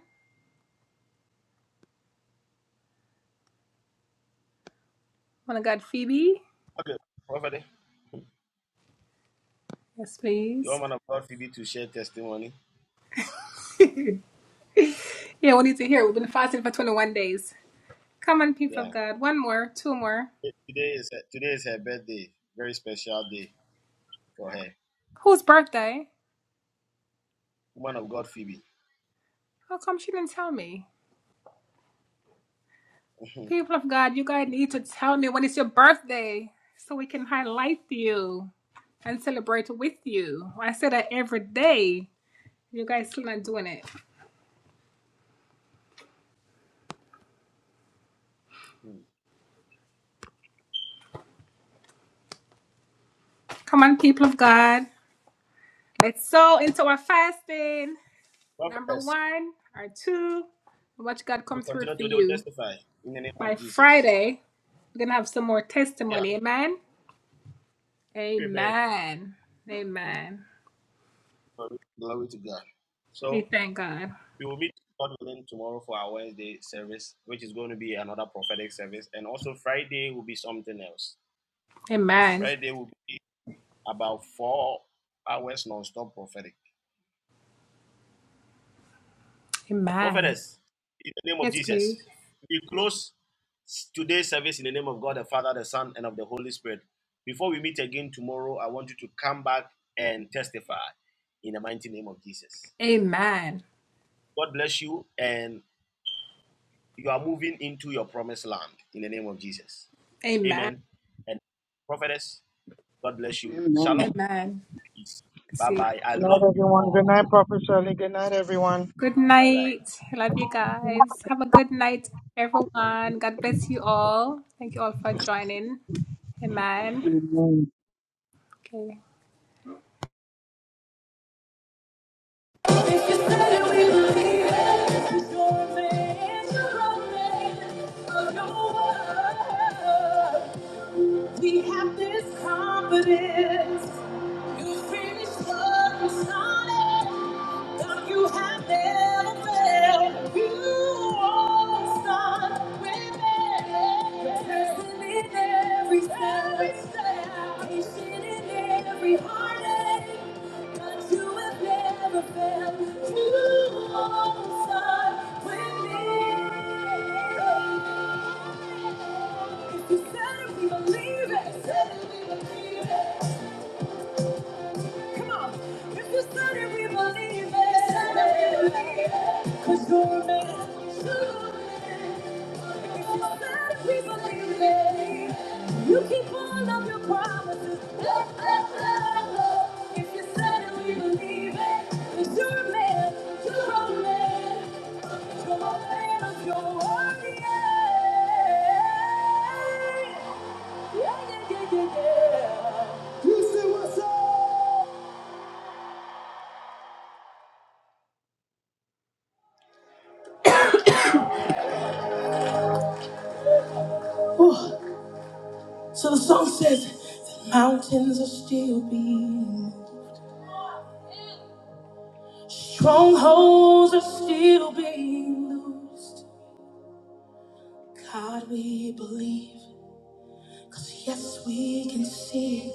Speaker 1: Woman of God, Phoebe.
Speaker 4: Okay, prophet.
Speaker 1: Yes,
Speaker 4: The
Speaker 1: please.
Speaker 4: woman of God, Phoebe, to share testimony.
Speaker 1: Yeah, we need to hear. We've been fasting for 21 days. Come on, people of
Speaker 4: Yeah.
Speaker 1: God. One more, two more.
Speaker 4: Today is today is her birthday. Very special day for her.
Speaker 1: Whose birthday?
Speaker 4: Woman of God, Phoebe.
Speaker 1: How come she didn't tell me? People of God, you guys need to tell me when it's your birthday so we can highlight you. and celebrate with you. I say that every day. You guys still not doing it.
Speaker 4: Hmm.
Speaker 1: Come on, people of God. Let's sow into our fasting. Number
Speaker 4: Prophets,
Speaker 1: one or two. Watch God
Speaker 4: we
Speaker 1: come through
Speaker 4: continue
Speaker 1: for
Speaker 4: today. to
Speaker 1: you.
Speaker 4: testify in the name
Speaker 1: By
Speaker 4: of Jesus.
Speaker 1: Friday, we're gonna have some more
Speaker 4: Yeah.
Speaker 1: testimony. Amen.
Speaker 4: Amen.
Speaker 1: Amen. Amen.
Speaker 4: Glory to God.
Speaker 1: We
Speaker 4: So.
Speaker 1: thank God.
Speaker 4: We will meet God willing tomorrow for our Wednesday service, which is going to be another prophetic service. And also Friday will be something else.
Speaker 1: Amen.
Speaker 4: Friday will be about four hours non-stop prophetic.
Speaker 1: Amen.
Speaker 4: Prophetess, in the name of
Speaker 1: Yes, please.
Speaker 4: Jesus, we close today's service in the name of God, the Father, the Son, and of the Holy Spirit. Before we meet again tomorrow, I want you to come back and testify in the mighty name of Jesus.
Speaker 1: Amen.
Speaker 4: God bless you and You are moving into your promised land in the name of Jesus.
Speaker 1: Amen.
Speaker 4: Amen. And prophetess, God bless you. Shalom.
Speaker 10: Amen.
Speaker 1: Amen.
Speaker 4: Peace.
Speaker 1: Let's
Speaker 4: Bye
Speaker 1: See.
Speaker 4: bye. I
Speaker 10: Good night,
Speaker 4: love you
Speaker 10: everyone.
Speaker 4: all.
Speaker 10: Good night, Prophet Shirley. Good night, everyone.
Speaker 1: Good
Speaker 4: All right.
Speaker 1: night. I Love you guys. Have a good night, everyone. God bless you all. Thank you all for joining. Amen.
Speaker 10: Amen.
Speaker 1: Okay. If you said it, we believe it. It's your man, it's your man, for your word. We have this confidence. You finished what you started. God, you have never failed. You always start with me. You're Present in every step. Every step. Patient in every heartache. God, you have never failed. You always start with me. If you said it, we believe it. Said it, we believe it. Come on. If you said we believe it. 'Cause you're a man. If you said we believe it. You keep all of your promises. Oh, oh, oh, oh. If you said it, we believe it. 'Cause you're a man. You're a man. You're a man of your word. Yeah, yeah, yeah, yeah. So the song says, the mountains are still being. Strongholds are still being loosed. God, we believe. 'Cause yes, we can see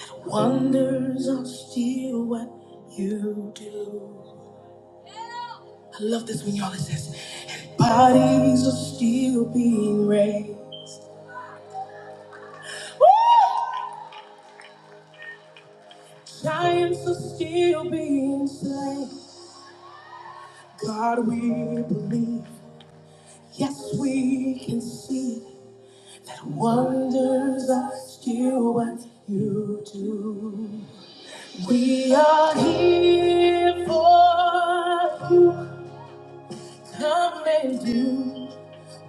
Speaker 1: that wonders are still what you do. I love this when y'all it says, and bodies are still being raised. Woo! Giants are still being slain. God, we believe. Yes, we can see. Wonders are still what you do. We are here for you. Come and do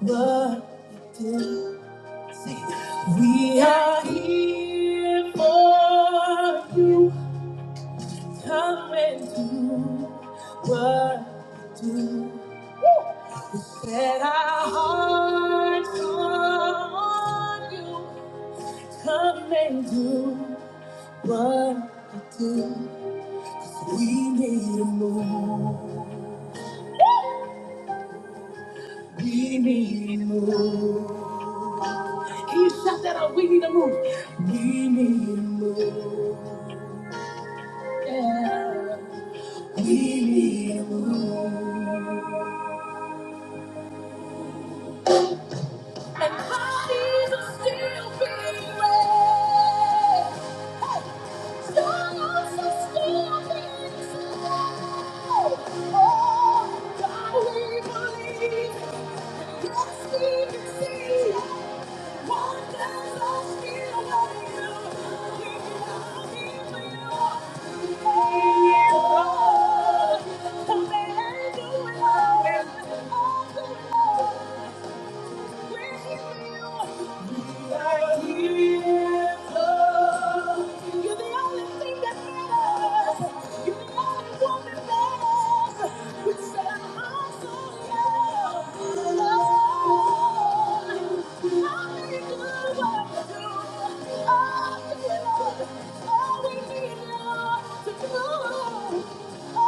Speaker 1: what you do. Say, it. we are here for you. Come and do what you do. Set our hearts on you. Come and do what you do. We need a move. We need a move. Can you shout that out? We need a move. We need a move. Yeah. We need a move. And parties are still being raised. Hey, storms are still being sold. Oh, God, we believe. Thank you. You're the only thing that matters. You're the only one that matters. We said, I'm so young. Lord, I need you, Lord, do. Oh, you know, all we need, love to do. Oh,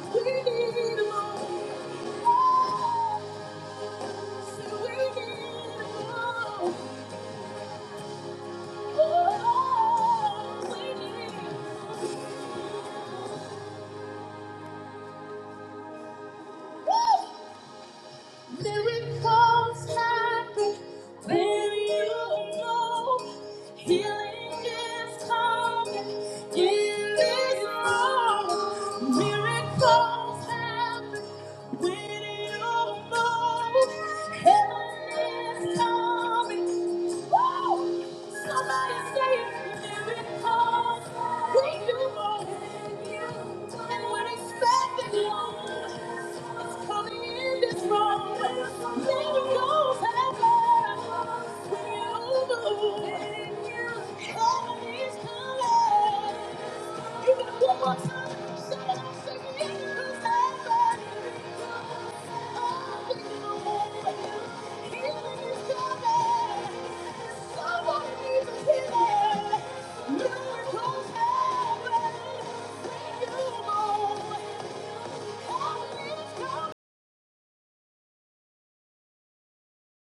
Speaker 1: so we need love. Oh, so we need more. Miracles happen when you know healing is coming. Healing is wrong. Miracles happen. When you know heaven is coming, woo! Somebody say miracles. When you know, and we're expecting one, it's coming in this room. Miracles happen when you move. Heaven is coming. You got one more time. Say it. out, Say miracles happen.